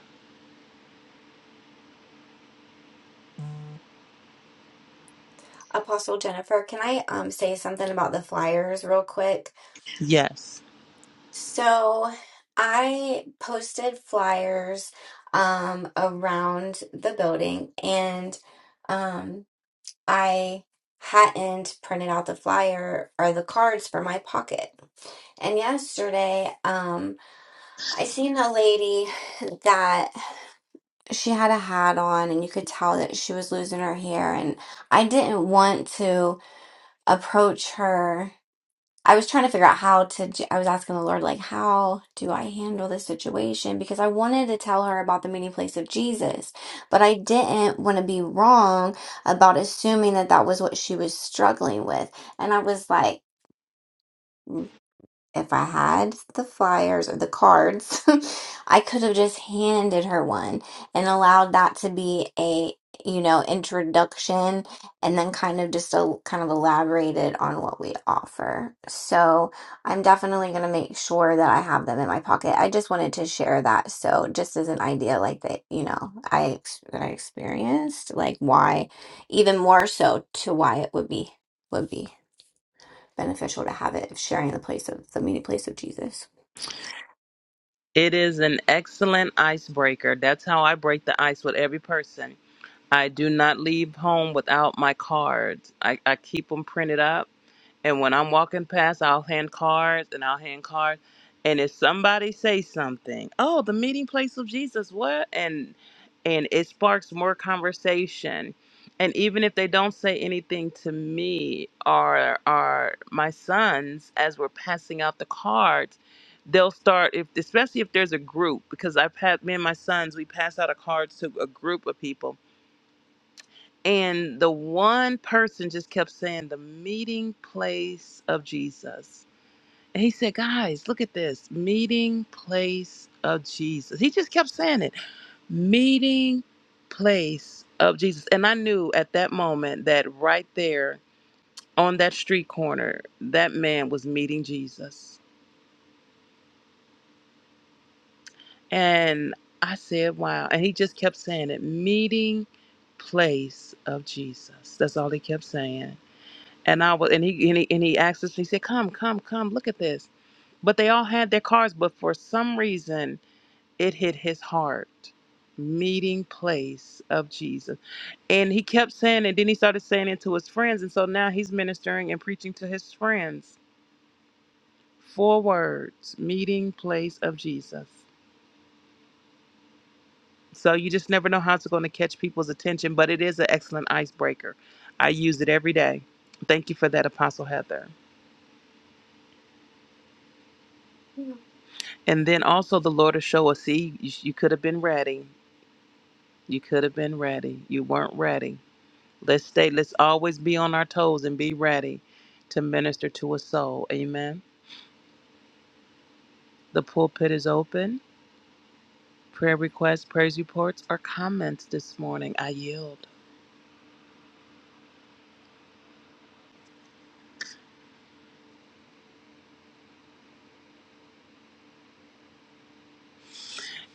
[SPEAKER 5] apostle jennifer can i um, say something about the flyers real quick
[SPEAKER 7] Yes.
[SPEAKER 5] So I posted flyers um, around the building and um, I hadn't printed out the flyer or the cards for my pocket. And yesterday, um, I seen a lady *laughs* that she had a hat on, and you could tell that she was losing her hair. And I didn't want to approach her I was trying to figure out how to, do, I was asking the Lord, like, how do I handle this situation? Because I wanted to tell her about the meeting place of Jesus, but I didn't want to be wrong about assuming that that was what she was struggling with. And I was like, if I had the flyers or the cards, *laughs* I could have just handed her one and allowed that to be a, you know, introduction and then kind of just a kind of elaborated on what we offer. So I'm definitely going to make sure that I have them in my pocket. I just wanted to share that. So just as an idea, like that, you know, I, ex- that I experienced, like why, even more so to why it would be, would be beneficial to have it of sharing the place of the meeting place of Jesus.
[SPEAKER 7] It is an excellent icebreaker. That's how I break the ice with every person. I do not leave home without my cards. I, I keep them printed up And when I'm walking past, I'll hand cards and I'll hand cards. And if somebody says something, oh, the meeting place of Jesus, what? And and it sparks more conversation. And even if they don't say anything to me or or my sons as we're passing out the cards, they'll start if especially if there's a group, because I've had me and my sons, we pass out a cards to a group of people and the one person just kept saying the meeting place of Jesus. And he said, guys, look at this meeting place of Jesus. He just kept saying it meeting place of Jesus. And I knew at that moment that right there on that street corner, that man was meeting Jesus. And I said, wow. And he just kept saying it meeting place of Jesus. That's all he kept saying And I was, and he, and he, and he asked us, he said, come, come, come, look at this. But they all had their cars, but for some reason, it hit his heart. Meeting place of Jesus. And he kept saying, and then he started saying it to his friends. And so now he's ministering and preaching to his friends. Four words meeting place of Jesus. So you just never know how it's going to catch people's attention, but it is an excellent icebreaker. I use it every day. Thank you for that, Apostle Heather. And then also the Lord will show us, see, you, you could have been ready. You could have been ready. You weren't ready. Let's stay, let's always be on our toes and be ready to minister to a soul. Amen. The pulpit is open. Prayer requests, praise reports, or comments this morning. I yield.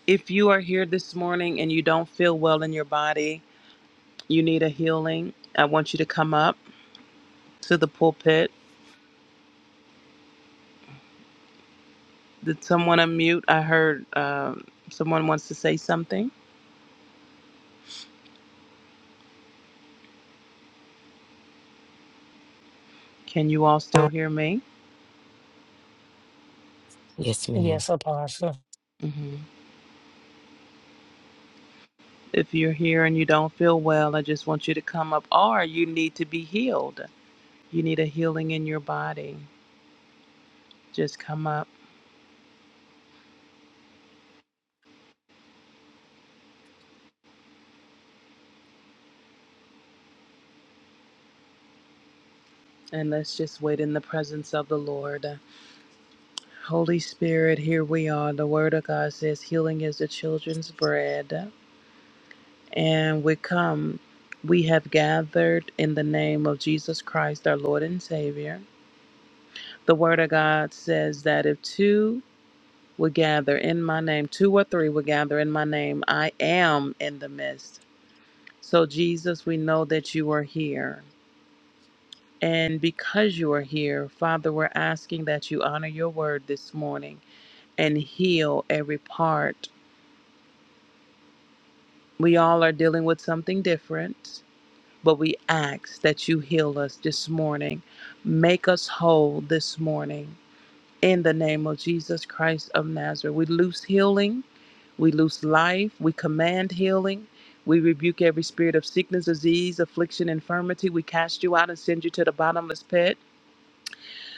[SPEAKER 7] If you are here this morning and you don't feel well in your body, you need a healing, I want you to come up to the pulpit. Did someone unmute? I heard um someone wants to say something. Can you all still hear me?
[SPEAKER 3] Yes, ma'am.
[SPEAKER 4] Yes, Apostle.
[SPEAKER 7] hmm If you're here and you don't feel well, I just want you to come up, or you need to be healed. You need a healing in your body. Just come up and let's just wait in the presence of the Lord. Holy Spirit, here we are. The Word of God says, Healing is the children's bread. And we come, we have gathered in the name of Jesus Christ, our Lord and Savior. The Word of God says that if two will gather in my name, two or three will gather in my name. I am in the midst. So, Jesus, we know that you are here. And because you are here, Father, we're asking that you honor your word this morning and heal every part. We all are dealing with something different, but we ask that you heal us this morning. Make us whole this morning. In the name of Jesus Christ of Nazareth, we loose healing We loose life. We command healing. We rebuke every spirit of sickness, disease, affliction, infirmity. We cast you out and send you to the bottomless pit.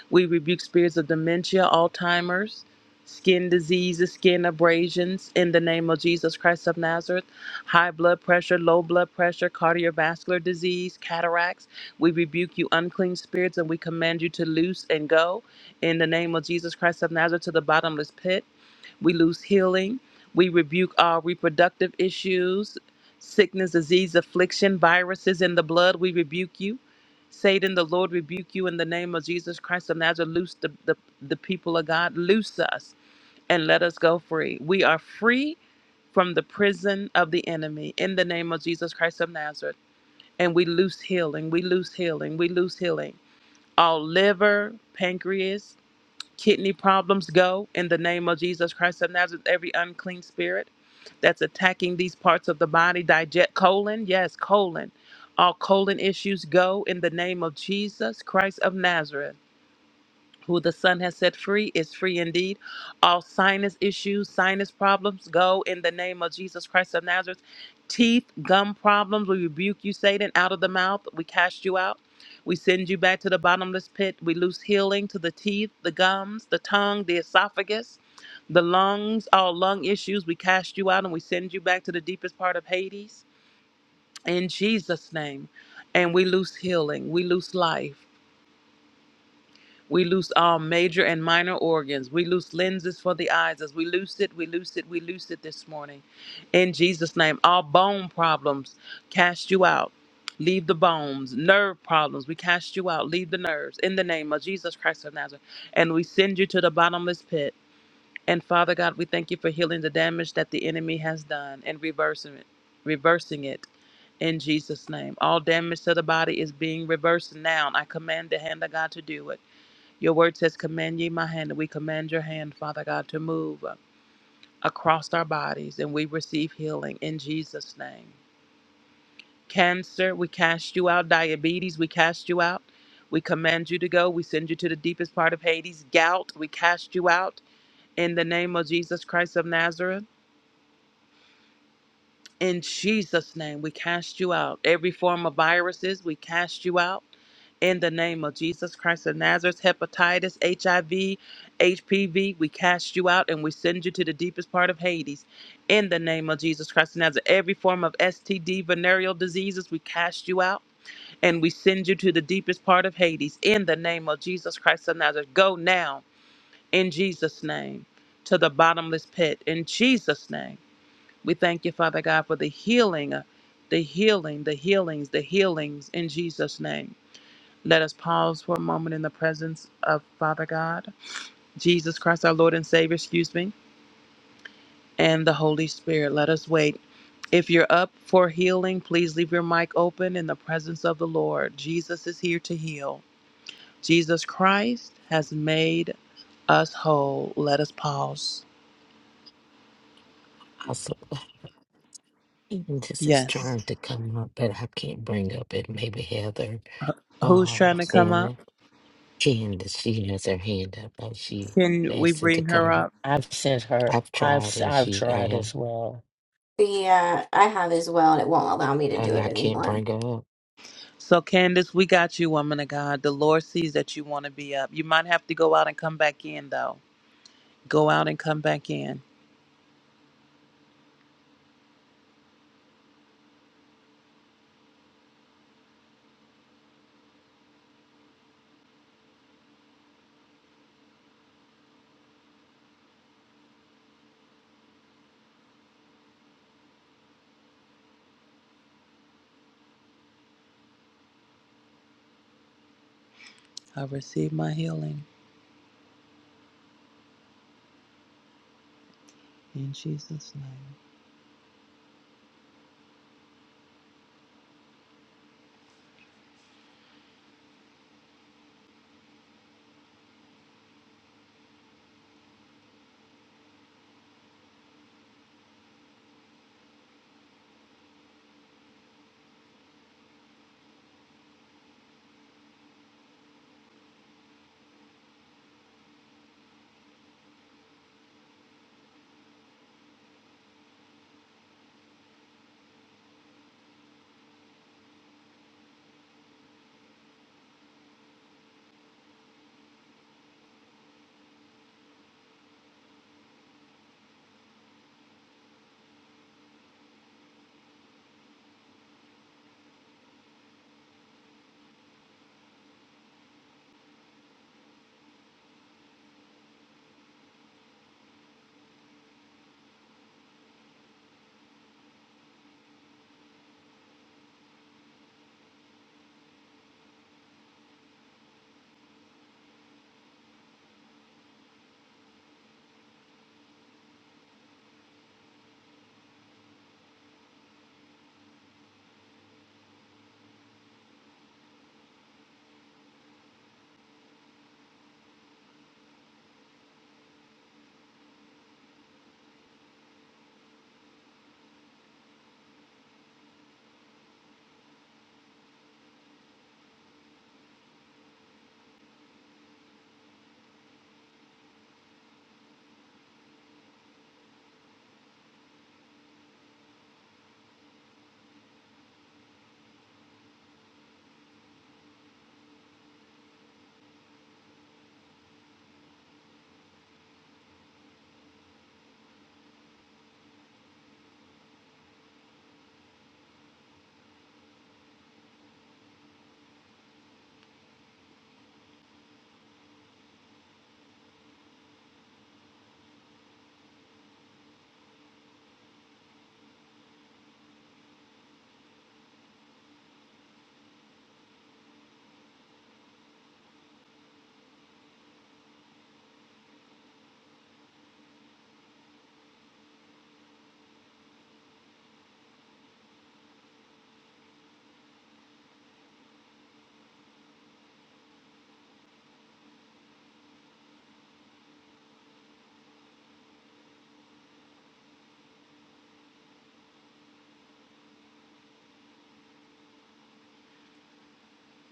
[SPEAKER 7] We rebuke spirits of dementia, Alzheimer's, skin diseases, skin abrasions in the name of Jesus Christ of Nazareth, high blood pressure, low blood pressure, cardiovascular disease, cataracts. We rebuke you, unclean spirits, and we command you to loose and go in the name of Jesus Christ of Nazareth to the bottomless pit. We lose healing. We rebuke all reproductive issues, sickness, disease, affliction, viruses in the blood. We rebuke you. Satan, the Lord rebuke you in the name of Jesus Christ of Nazareth. Loose the, the, the people of God. Loose us and let us go free. We are free from the prison of the enemy in the name of Jesus Christ of Nazareth. And we loose healing. We loose healing. We loose healing. All liver, pancreas, kidney problems go in the name of Jesus Christ of Nazareth. Every unclean spirit that's attacking these parts of the body, digest colon, yes, colon. All colon issues go in the name of Jesus Christ of Nazareth who the Son has set free is free indeed. All sinus issues, sinus problems go in the name of Jesus Christ of Nazareth. Teeth, gum problems, we rebuke you, Satan, out of the mouth. We cast you out. We send you back to the bottomless pit. We loose healing to the teeth, the gums, the tongue, the esophagus, the lungs, all lung issues. We cast you out and we send you back to the deepest part of Hades in Jesus' name. And we loose healing, we loose life. We loose all major and minor organs. We loose lenses for the eyes. As we loose it, we loose it, we loose it this morning. In Jesus' name, all bone problems, cast you out. Leave the bones. Nerve problems, we cast you out. Leave the nerves. In the name of Jesus Christ of Nazareth. And we send you to the bottomless pit. And Father God, we thank you for healing the damage that the enemy has done and reversing it. Reversing it in Jesus' name. All damage to the body is being reversed now. I command the hand of God to do it your word says, Command ye my hand, and we command your hand, Father God, to move across our bodies, and we receive healing in Jesus' name. Cancer, we cast you out. Diabetes, we cast you out. We command you to go. We send you to the deepest part of Hades. Gout, we cast you out in the name of Jesus Christ of Nazareth. In Jesus' name, we cast you out. Every form of viruses, we cast you out. In the name of Jesus Christ of Nazareth, hepatitis, HIV, HPV, we cast you out and we send you to the deepest part of Hades. In the name of Jesus Christ of Nazareth, every form of STD, venereal diseases, we cast you out and we send you to the deepest part of Hades. In the name of Jesus Christ of Nazareth, go now in Jesus' name to the bottomless pit. In Jesus' name. We thank you, Father God, for the healing, the healing, the healings, the healings in Jesus' name. Let us pause for a moment in the presence of Father God, Jesus Christ, our Lord and Savior, excuse me, and the Holy Spirit. Let us wait. If you're up for healing, please leave your mic open in the presence of the Lord. Jesus is here to heal. Jesus Christ has made us whole. Let us pause.
[SPEAKER 3] Also, *clears throat* even this is
[SPEAKER 7] Yes.
[SPEAKER 3] trying to come up, but I can't bring up it. Maybe Heather
[SPEAKER 7] Who's
[SPEAKER 3] or
[SPEAKER 7] trying to come up?
[SPEAKER 3] Shannon Candace. She has her hand up, but she
[SPEAKER 7] Can we
[SPEAKER 3] asking to
[SPEAKER 7] bring her
[SPEAKER 3] come
[SPEAKER 7] up?
[SPEAKER 3] up.
[SPEAKER 4] I've sent her.
[SPEAKER 3] I've
[SPEAKER 4] I've
[SPEAKER 3] tried,
[SPEAKER 4] s-
[SPEAKER 3] and
[SPEAKER 4] I've
[SPEAKER 3] she I
[SPEAKER 4] tried
[SPEAKER 3] am,
[SPEAKER 4] as well.
[SPEAKER 5] The uh, I have as well, and it won't allow me to do
[SPEAKER 3] and
[SPEAKER 5] it
[SPEAKER 3] I can't
[SPEAKER 5] anymore.
[SPEAKER 3] bring her up.
[SPEAKER 7] So, Candace, we got you, woman of God. The Lord sees that you want to be up. You might have to go out and come back in, though. Go out and come back in. I receive my healing in Jesus' name.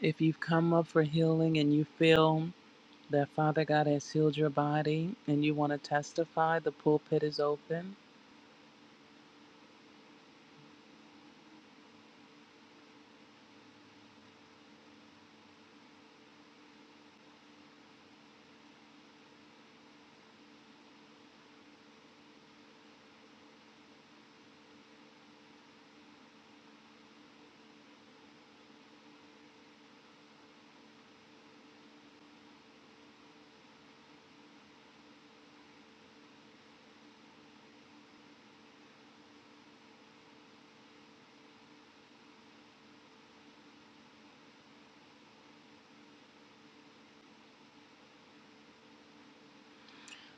[SPEAKER 7] If you've come up for healing and you feel that Father God has healed your body and you want to testify, the pulpit is open.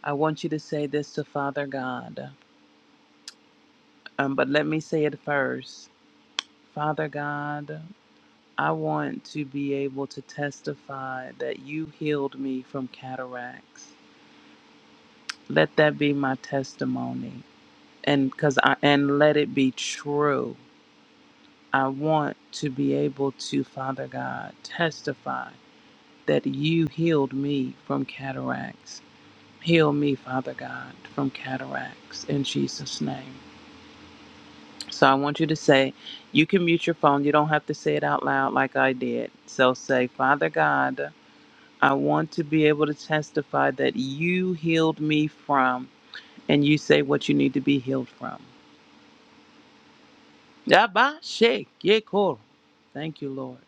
[SPEAKER 7] I want you to say this to Father God. Um, but let me say it first. Father God, I want to be able to testify that you healed me from cataracts. Let that be my testimony and cuz I and let it be true. I want to be able to Father God testify that you healed me from cataracts. Heal me, Father God, from cataracts in Jesus name. So I want you to say, you can mute your phone. You don't have to say it out loud like I did. So say, Father God, I want to be able to testify that you healed me from, and you say what you need to be healed from. Yaba, shake, yeah, cool. Thank you, Lord.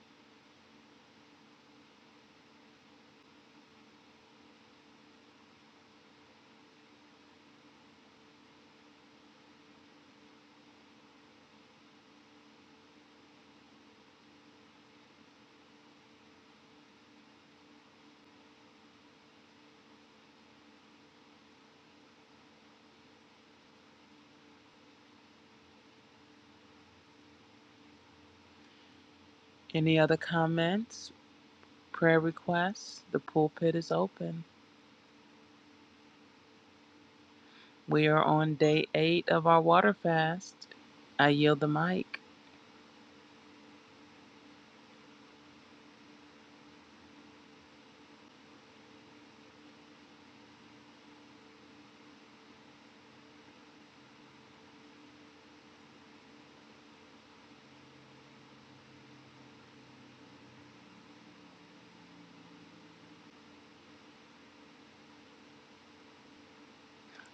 [SPEAKER 7] Any other comments, prayer requests? The pulpit is open. We are on day eight of our water fast. I yield the mic.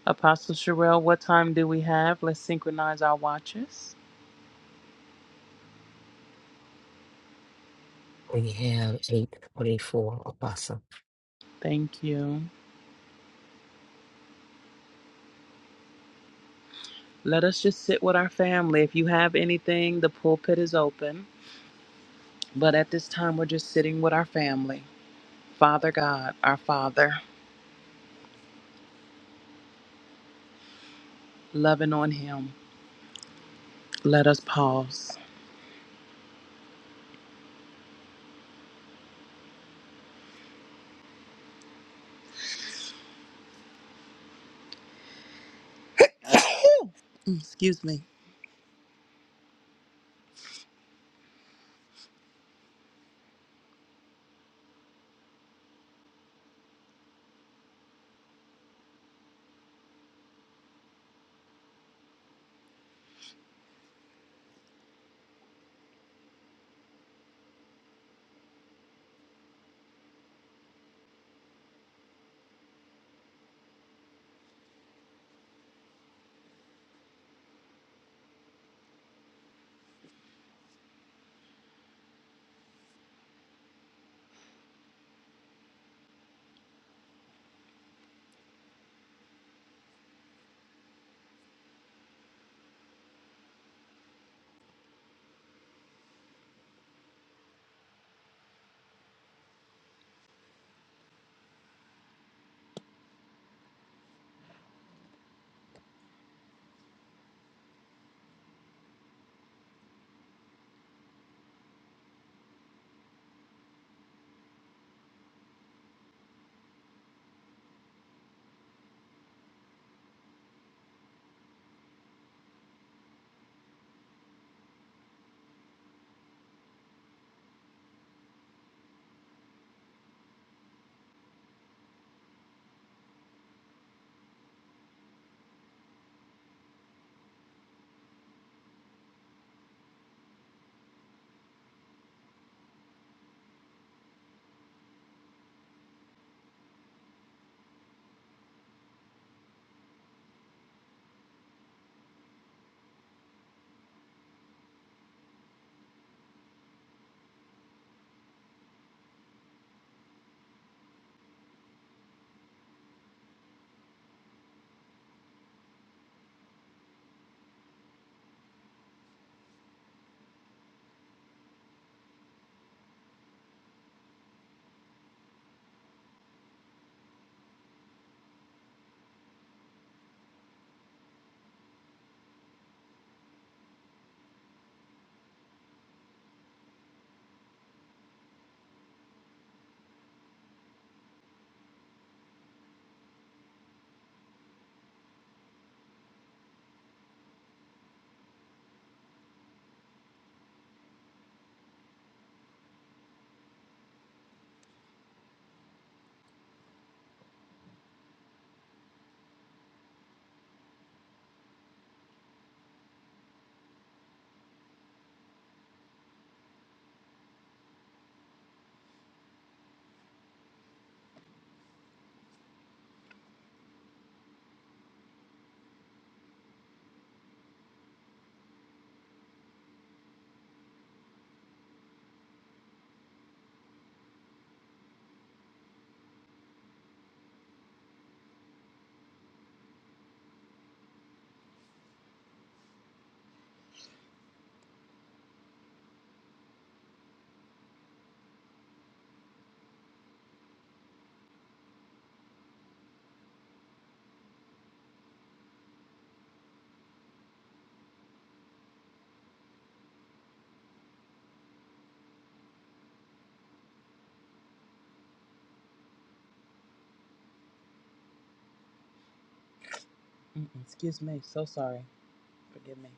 [SPEAKER 7] Apostle Sherelle, what time do we have? Let's synchronize our watches.
[SPEAKER 3] We have eight twenty-four Apostle.
[SPEAKER 7] Thank you. Let us just sit with our family. If you have anything, the pulpit is open. But at this time, we're just sitting with our family. Father God, our Father, loving on Him. Let us pause. *coughs* Excuse me. Mm, Excuse me. So sorry. Forgive me.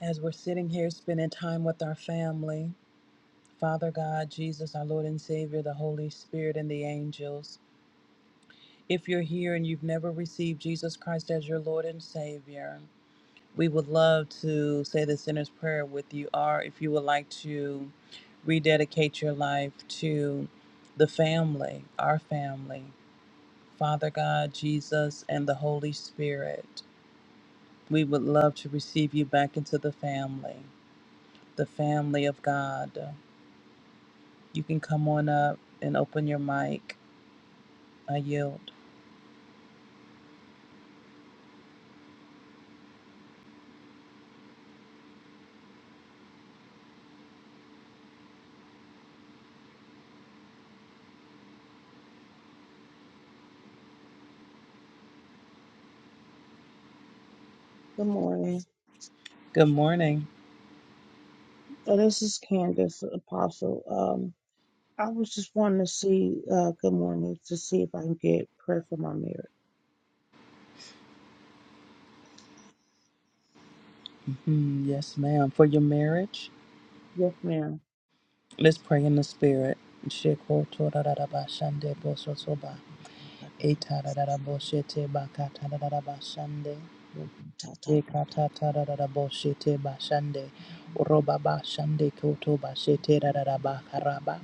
[SPEAKER 7] As we're sitting here spending time with our family, Father God, Jesus, our Lord and Savior, the Holy Spirit, and the angels. If you're here and you've never received Jesus Christ as your Lord and Savior, We would love to say the sinner's prayer with you, or if you would like to rededicate your life to the family, our family, Father God, Jesus, and the Holy Spirit. We would love to receive you back into the family, the family of God. You can come on up and open your mic. I yield.
[SPEAKER 10] Good morning.
[SPEAKER 7] Good morning.
[SPEAKER 10] So this is Candace Apostle. Um, I was just wanting to see. Uh, good morning to see if I can get prayer for my marriage.
[SPEAKER 7] Mhm, Yes, ma'am. For your marriage,
[SPEAKER 10] Yes, ma'am.
[SPEAKER 7] let's pray in the Spirit. Etararara boshete bakatararara bashande. Ekatararara boshete bashande. Roba bashande koto bashete rarara bakaraba.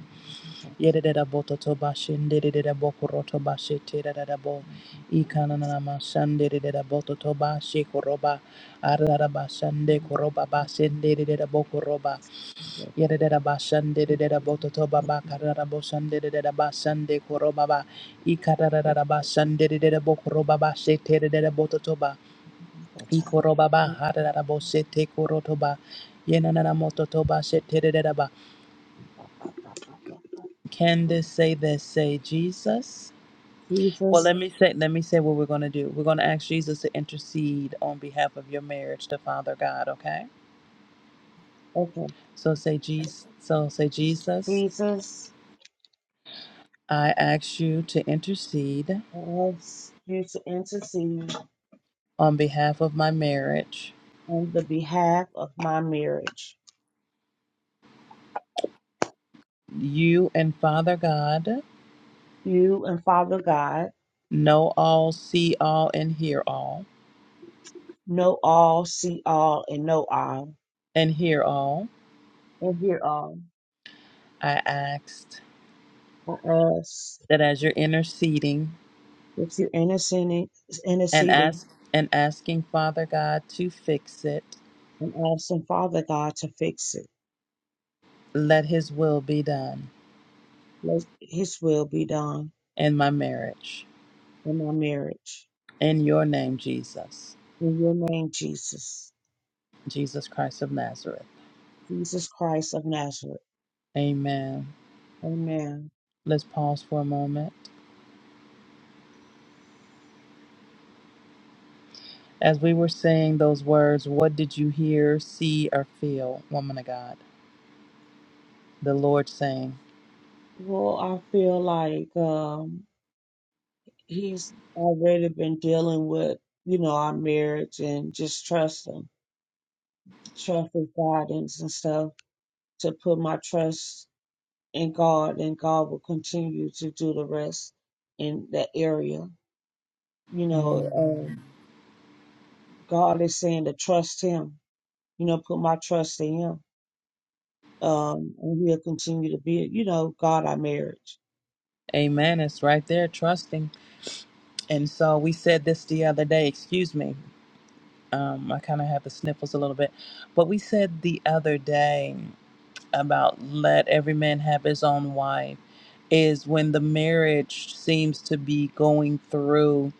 [SPEAKER 7] Yerera bototo bashende rerera bokoroto bashete rarara bo. Ikanana mashande rerera bototo bashe koroba. Ararara bashande koroba bashende rerera bokoroba. Yedada bashande de bototo baba karada boshande de bashande korobaba ikarada bashande de bokorobaba shete de bototoba ikorobaba harada boshete korotoba yenana mototoba shete de ba. Can this say this? Say Jesus. Well,
[SPEAKER 10] Jesus,
[SPEAKER 7] let me say. Let me say what we're going to do. We're going to ask Jesus to intercede on behalf of your marriage to Father God. Okay.
[SPEAKER 10] okay,
[SPEAKER 7] So say Jesus. So say Jesus.
[SPEAKER 10] Jesus,
[SPEAKER 7] I ask you to intercede
[SPEAKER 10] I ask you to intercede
[SPEAKER 7] on behalf of my marriage.
[SPEAKER 10] on the behalf of my marriage.
[SPEAKER 7] You and Father God
[SPEAKER 10] You and Father God
[SPEAKER 7] know all, see all, and hear all,
[SPEAKER 10] know all, see all, and know all.
[SPEAKER 7] and hear all.
[SPEAKER 10] and hear all
[SPEAKER 7] I asked
[SPEAKER 10] for us
[SPEAKER 7] that as you're interceding
[SPEAKER 10] with your interceding,
[SPEAKER 7] and
[SPEAKER 10] interceding
[SPEAKER 7] ask and asking Father God to fix it,
[SPEAKER 10] and asking Father God to fix it.
[SPEAKER 7] let His will be done
[SPEAKER 10] Let His will be done
[SPEAKER 7] in my marriage.
[SPEAKER 10] in my marriage.
[SPEAKER 7] In your name, Jesus,
[SPEAKER 10] In your name, Jesus,
[SPEAKER 7] Jesus Christ of Nazareth.
[SPEAKER 10] Jesus Christ of Nazareth.
[SPEAKER 7] Amen.
[SPEAKER 10] Amen.
[SPEAKER 7] Let's pause for a moment. As we were saying those words, what did you hear, see, or feel, woman of God? the Lord saying.
[SPEAKER 10] Well, I feel like um, He's already been dealing with, you know, our marriage and just trust Him, trust His guidance and stuff to put my trust and God, and God will continue to do the rest in that area. You know,
[SPEAKER 7] Mm.
[SPEAKER 10] um, God is saying to trust Him. You know, put my trust in Him, um, and He'll continue to be. You know, God, our marriage.
[SPEAKER 7] Amen. It's right there, trusting. And so we said this the other day. Excuse me. Um, I kind of have the sniffles a little bit. But we said the other day about let every man have his own wife is when the marriage seems to be going through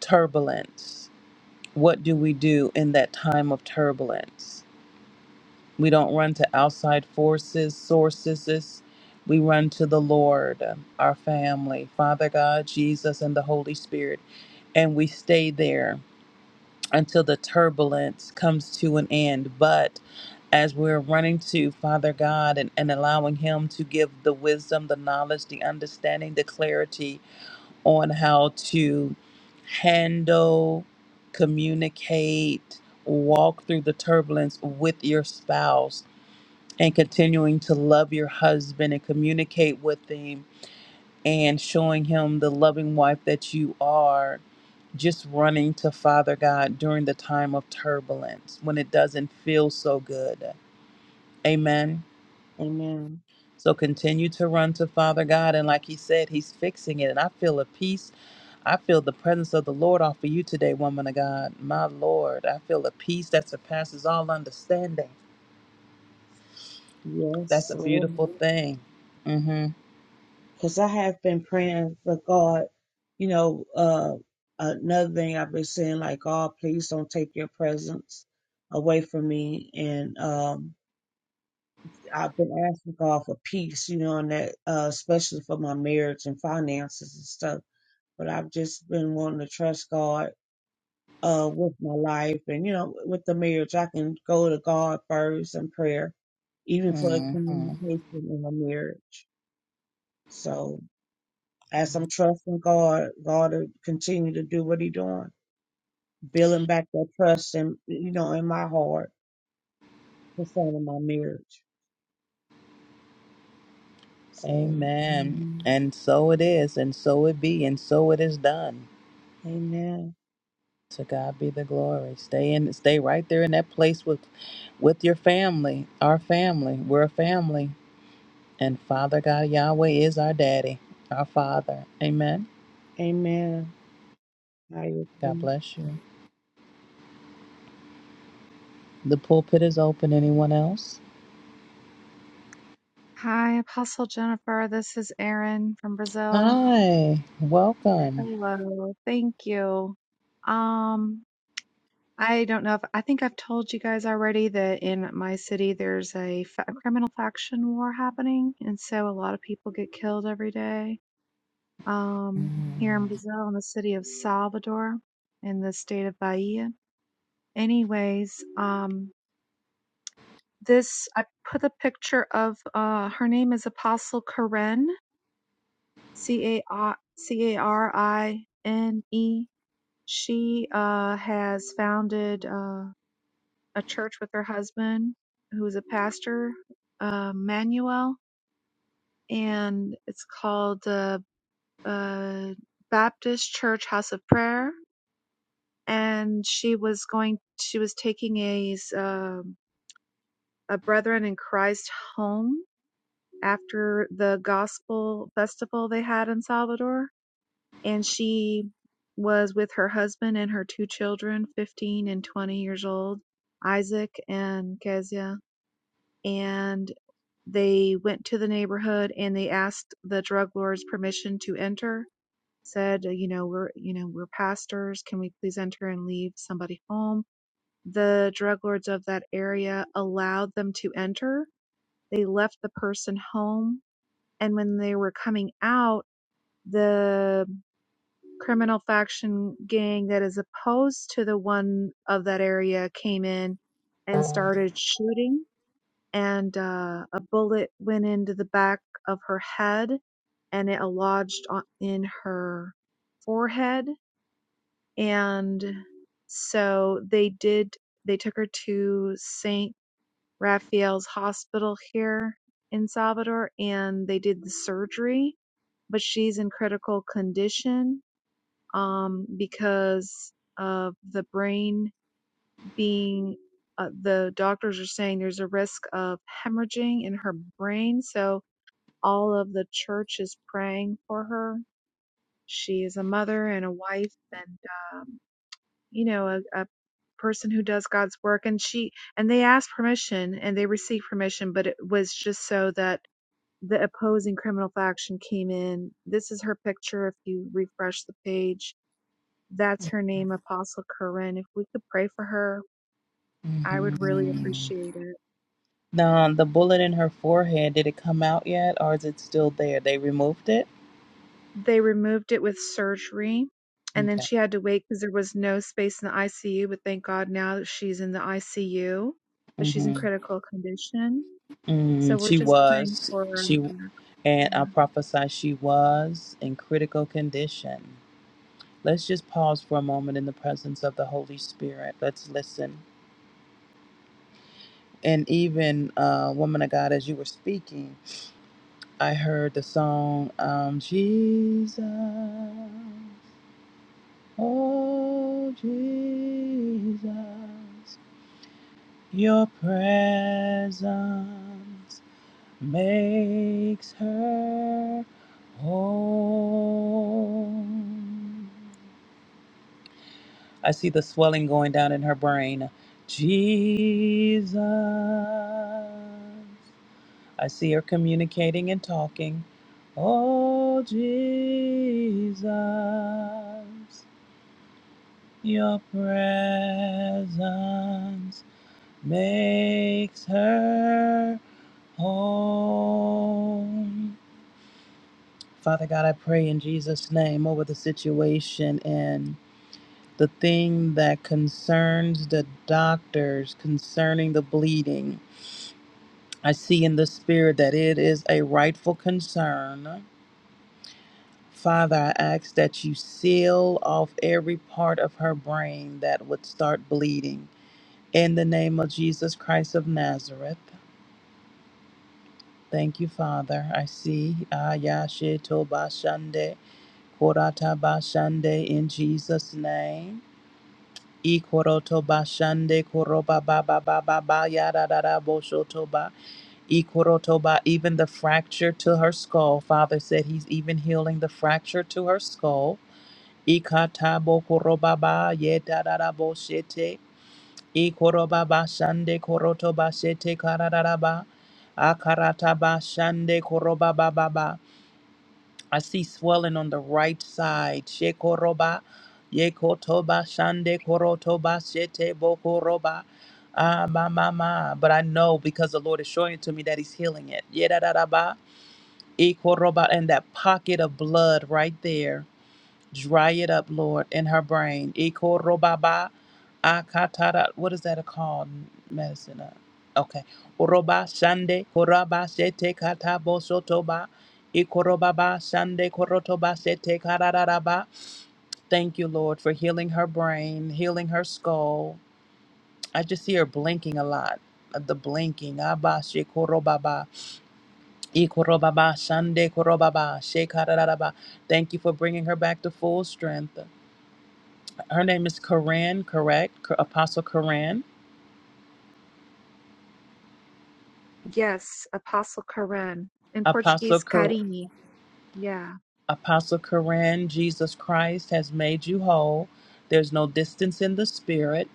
[SPEAKER 7] turbulence. What do we do in that time of turbulence? We don't run to outside forces, sources. We run to the Lord, our family, Father God, Jesus, and the Holy Spirit. And we stay there until the turbulence comes to an end. But as we're running to Father God and, and allowing Him to give the wisdom, the knowledge, the understanding, the clarity on how to handle, communicate, walk through the turbulence with your spouse and continuing to love your husband and communicate with him and showing him the loving wife that you are, just running to Father God during the time of turbulence when it doesn't feel so good. Amen.
[SPEAKER 10] Amen.
[SPEAKER 7] So continue to run to Father God. And like he said, he's fixing it. And I feel a peace. I feel the presence of the Lord off of you today, woman of God. My Lord, I feel a peace that surpasses all understanding. That's
[SPEAKER 10] Yes,
[SPEAKER 7] a beautiful thing. Mm-hmm.
[SPEAKER 10] because I have been praying for God. You know, uh, another thing I've been saying, like God, please don't take your presence away from me, and um, I've been asking God for peace, you know, and that uh, especially for my marriage and finances and stuff. But I've just been wanting to trust God uh, with my life, and you know, with the marriage, I can go to God first in prayer, even for the
[SPEAKER 7] Mm-hmm.
[SPEAKER 10] communication in the marriage. So as I'm trusting God, God will continue to do what He doing, building back that trust and you know in my heart concerning my marriage. So,
[SPEAKER 7] Amen.
[SPEAKER 10] mm,
[SPEAKER 7] And so it is, and so it be, and so it is done.
[SPEAKER 10] Amen,
[SPEAKER 7] To God be the glory. Stay in stay right there in that place with with your family, our family. We're a family. And Father God Yahweh is our daddy, our father. Amen.
[SPEAKER 10] Amen. I
[SPEAKER 7] God
[SPEAKER 10] agree.
[SPEAKER 7] bless you. The pulpit is open. Anyone else?
[SPEAKER 11] Hi, Apostle Jennifer. This is Erin from Brazil.
[SPEAKER 7] Hi. Welcome.
[SPEAKER 11] Hello. Thank you. Um, I don't know if I think I've told you guys already that in my city there's a, fa- criminal faction war happening, and so a lot of people get killed every day. Um, here in Brazil, in the city of Salvador, in the state of Bahia. Anyways, um, this I put a picture of uh, her name is Apostle Karen C A R C A R I N E. She uh, has founded uh, a church with her husband, who is a pastor, uh, Manuel, and it's called uh, uh, Baptist Church House of Prayer. And she was going, she was taking a um a Brethren in Christ home after the Gospel Festival they had in Salvador and she was with her husband and her two children, 15 and 20 years old, Isaac and Kezia. And they went to the neighborhood and they asked the drug lord's permission to enter. Said, you know, we're, you know, we're pastors. Can we please enter and leave somebody home? The drug lords of that area allowed them to enter. They left the person home. And when they were coming out, the criminal faction gang that is opposed to the one of that area came in and started shooting and uh, a bullet went into the back of her head and it lodged on, in her forehead and so they did they took her to St. Raphael's Hospital here in Salvador and they did the surgery but she's in critical condition um, because of the brain being, uh, the doctors are saying there's a risk of hemorrhaging in her brain. So all of the church is praying for her. She is a mother and a wife and, um, you know, a, a person who does God's work. And she, and they asked permission and they received permission, but it was just so that the opposing criminal faction came in. This is her picture if you refresh the page that's her name, Apostle Corinne. If we could pray for her, I would really
[SPEAKER 7] Mm-hmm.
[SPEAKER 11] appreciate it.
[SPEAKER 7] Now, the bullet in her forehead, did it come out yet or is it still there? They removed it?
[SPEAKER 11] They removed it with surgery, and
[SPEAKER 7] Okay.
[SPEAKER 11] then she had to wait because there was no space in the ICU. But thank God now that she's in the ICU, but she's in
[SPEAKER 7] hmm
[SPEAKER 11] critical condition. So
[SPEAKER 7] Mm,
[SPEAKER 11] we're
[SPEAKER 7] she
[SPEAKER 11] just praying
[SPEAKER 7] was.
[SPEAKER 11] for her. and for
[SPEAKER 7] She and I
[SPEAKER 11] her.
[SPEAKER 7] prophesy she was in critical condition. Let's just pause for a moment in the presence of the Holy Spirit. Let's listen. And even, uh, woman of God, as you were speaking, I heard the song, um, Jesus, oh Jesus, your presence. makes her whole. I see the swelling going down in her brain. Jesus. I see her communicating and talking. Oh, Jesus, your presence makes her whole. Father God, I pray in Jesus' name over the situation and the thing that concerns the doctors concerning the bleeding. I see in the spirit that it is a rightful concern. Father, I ask that you seal off every part of her brain that would start bleeding. In the name of Jesus Christ of Nazareth. Thank you, Father. I see. Ayashe Tobashande, Korata Bashande in Jesus' name. Ikorotoba shande koroba ba ba ba ba ba ya da da da bo shotoba. Ikorotoba, even the fracture to her skull. Father said he's even healing the fracture to her skull. Ikatabo koroba ba ye da da da bo shete. Ikoroba ba shande korotoba shete kararaba. Akarataba shande koroba ba ba ba. I see swelling on the right side. Shekoroba, yekotoba, shande korotoba, shete bokoroba. Ah, ma, ma, ma. But I know because the Lord is showing it to me that He's healing it. Yedadadaba, ikoroba, and that pocket of blood right there. Dry it up, Lord, in her brain. Ikorobaba akatara. What is that called? Medicine. uh, Okay. Oroba shande koraba shete katabo sotoba. Ikorobaba shande korotoba shete karararaba. Thank you, Lord, for healing her brain, healing her skull. I just see her blinking a lot. uh, The blinking. Abba shekorobaba. Ikorobaba shande korobaba shekarararaba. Thank you for bringing her back to full strength. Her name is Koran, correct? Co- Apostle Koran.
[SPEAKER 11] Yes, Apostle Karen In
[SPEAKER 7] Apostle
[SPEAKER 11] Portuguese,
[SPEAKER 7] Cor-
[SPEAKER 11] Carini. Yeah,
[SPEAKER 7] Apostle Koran, Jesus Christ has made you whole. There's no distance in the spirit.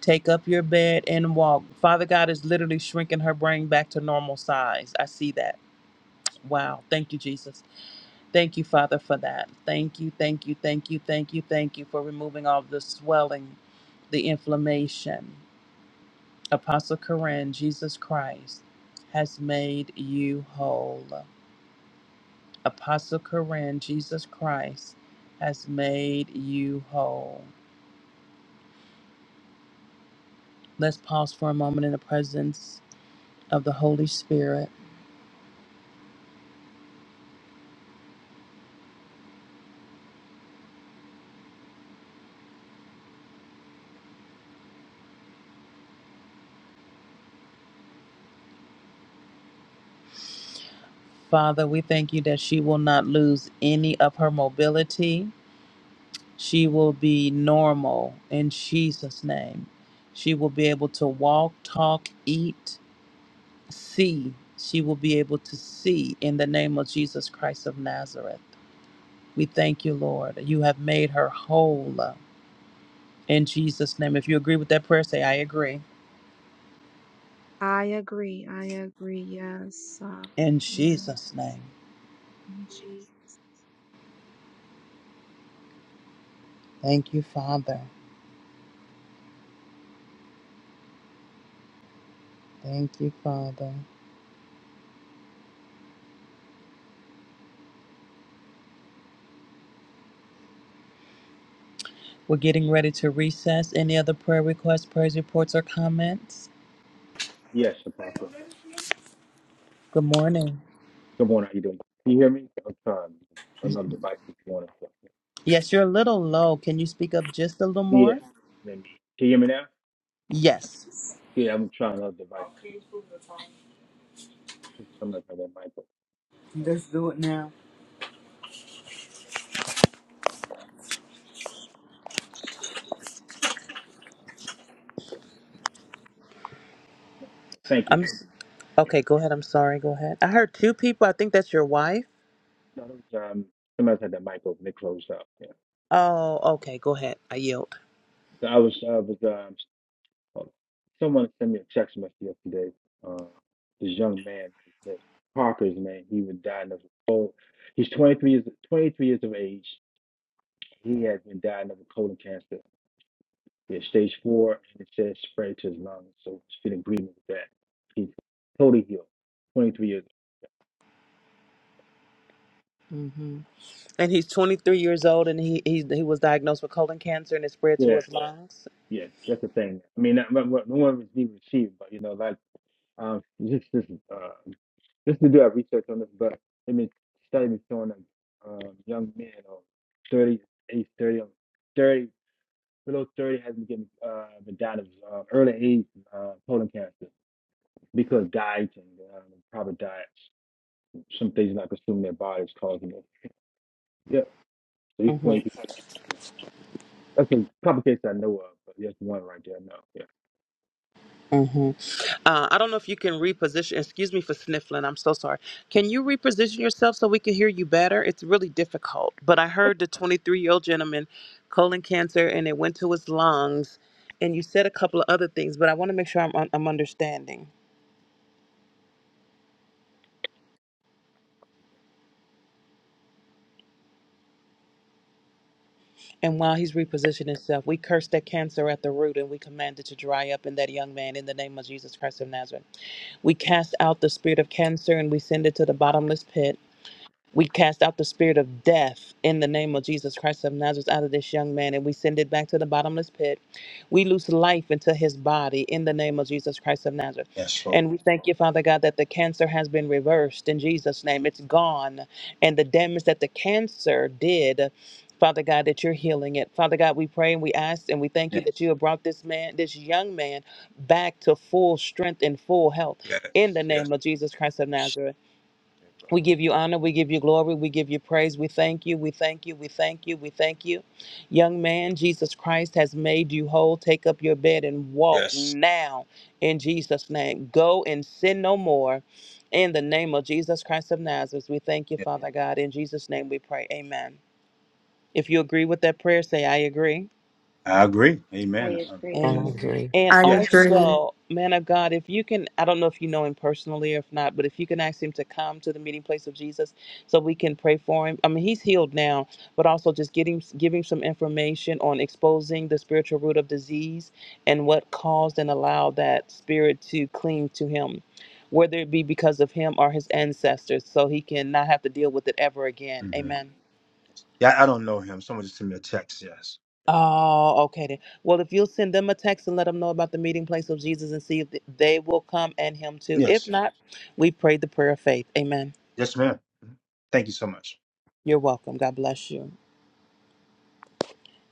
[SPEAKER 7] Take up your bed and walk. Father God is literally shrinking her brain back to normal size. I see that. Wow. Thank you, Jesus. Thank you, Father, for that. Thank you, thank you, thank you, thank you, thank you for removing all the swelling, the inflammation. Apostle Koran, Jesus Christ has made you whole. Apostle Koran, Jesus Christ has made you whole. Let's pause for a moment in the presence of the Holy Spirit. Father, we thank you that she will not lose any of her mobility. She will be normal in Jesus' name. She will be able to walk, talk, eat, see. She will be able to see in the name of Jesus Christ of Nazareth. We thank you, Lord. You have made her whole in Jesus' name. If you agree with that prayer, say, I agree.
[SPEAKER 11] I agree. I agree. Yes, uh,
[SPEAKER 7] In
[SPEAKER 11] yes.
[SPEAKER 7] Jesus' name.
[SPEAKER 11] Angie.
[SPEAKER 7] Thank you, Father. Thank you, Father. We're getting ready to recess. Any other prayer requests, prayers, reports, or comments?
[SPEAKER 12] Yes, Apostle.
[SPEAKER 7] Good morning.
[SPEAKER 12] Good morning. How you doing? Can you hear me? I'm trying another device if you want to.
[SPEAKER 7] Yes, you're a little low. Can you speak up just a little
[SPEAKER 12] Yeah.
[SPEAKER 7] more?
[SPEAKER 12] Let me. Can you hear me now?
[SPEAKER 7] Yes.
[SPEAKER 12] Yeah, I'm trying another device. Somebody had that mic open.
[SPEAKER 13] Let's do it now.
[SPEAKER 12] Thank you.
[SPEAKER 7] I'm okay. Go ahead. I'm sorry. Go ahead. I heard two people. I think that's your wife.
[SPEAKER 12] No, that was, um, somebody had that mic open. It closed up. Yeah.
[SPEAKER 7] Oh, okay. Go ahead. I yield.
[SPEAKER 12] So I was, I was, um, oh, someone sent me a text message yesterday. Um, this young man, this Parker's man, he was dying of a cold. He's 23 years, 23 years of age. He has been dying of a colon cancer. Yeah, stage four, and it says spread to his lungs. So it's in agreement with that. He's totally healed. 23 years.
[SPEAKER 7] hmm And he's 23 years old, and he he, he was diagnosed with colon cancer, and it spread
[SPEAKER 12] old.
[SPEAKER 7] to
[SPEAKER 12] Yeah,
[SPEAKER 7] his lungs.
[SPEAKER 12] yeah, that's the thing. I mean, not, not, not- no one was being received, but you know, like, um, this, this, uh, just to do our research on this, but I mean, studies showing that um, young men or 30, age 30, or 30, below 30 has been getting uh, been died of uh, early age uh, colon cancer because diet and um, probably diets, some things not consuming their bodies causing it. Yeah, he's
[SPEAKER 7] hmm
[SPEAKER 12] 22. That's a couple cases I know of, but just one right there. No, yeah.
[SPEAKER 7] hmm Uh, I don't know if you can reposition. Excuse me for sniffling. I'm so sorry. Can you reposition yourself so we can hear you better? It's really difficult. But I heard the 23 year old gentleman, colon cancer, and it went to his lungs. And you said a couple of other things, but I want to make sure I'm I'm understanding. And while he's repositioning himself, we curse that cancer at the root and we command it to dry up in that young man in the name of Jesus Christ of Nazareth. We cast out the spirit of cancer and we send it to the bottomless pit. We cast out the spirit of death in the name of Jesus Christ of Nazareth out of this young man and we send it back to the bottomless pit. We loose life into his body in the name of Jesus Christ of Nazareth. And we thank you, Father God, that the cancer has been reversed in Jesus' name. It's gone. And the damage that the cancer did. Father God, that you're healing it. Father God, we pray and we ask and we thank you
[SPEAKER 12] Yes,
[SPEAKER 7] that you have brought this man, this young man, back to full strength and full health in the
[SPEAKER 12] yes, yes,
[SPEAKER 7] name of Jesus Christ of Nazareth. We give you honor. We give you glory. We give you praise. We thank you. We thank you. We thank you. We thank you. Young man, Jesus Christ has made you whole. Take up your bed and walk
[SPEAKER 12] yes.
[SPEAKER 7] now in Jesus' name. Go and sin no more in the name of Jesus Christ of Nazareth. We thank you,
[SPEAKER 12] Yeah,
[SPEAKER 7] Father God. In Jesus' name we pray. Amen. If you agree with that prayer, say, I agree.
[SPEAKER 12] I agree. Amen. Um,
[SPEAKER 3] And
[SPEAKER 11] I
[SPEAKER 3] I
[SPEAKER 12] yes,
[SPEAKER 7] Amen.
[SPEAKER 11] agree.
[SPEAKER 3] agree.
[SPEAKER 7] And
[SPEAKER 9] I
[SPEAKER 12] yes.
[SPEAKER 9] agree.
[SPEAKER 7] also, man of God, if you can, I don't know if you know him personally or if not, but if you can ask him to come to the meeting place of Jesus so we can pray for him. I mean, he's healed now, but also just get him, give him some information on exposing the spiritual root of disease and what caused and allowed that spirit to cling to him, whether it be because of him or his ancestors, so he can not have to deal with it ever again.
[SPEAKER 12] hmm
[SPEAKER 7] Amen.
[SPEAKER 12] Yeah, I don't know him. Someone just sent me a text. Yes, Yeah.
[SPEAKER 7] Oh, okay then. Well, if you'll send them a text and let them know about the meeting place of Jesus and see if th- they will come and him too. If
[SPEAKER 12] yes,
[SPEAKER 7] not, we prayed the prayer of faith. Amen.
[SPEAKER 12] yes, ma'am. Thank you so much.
[SPEAKER 7] You're welcome. God bless you.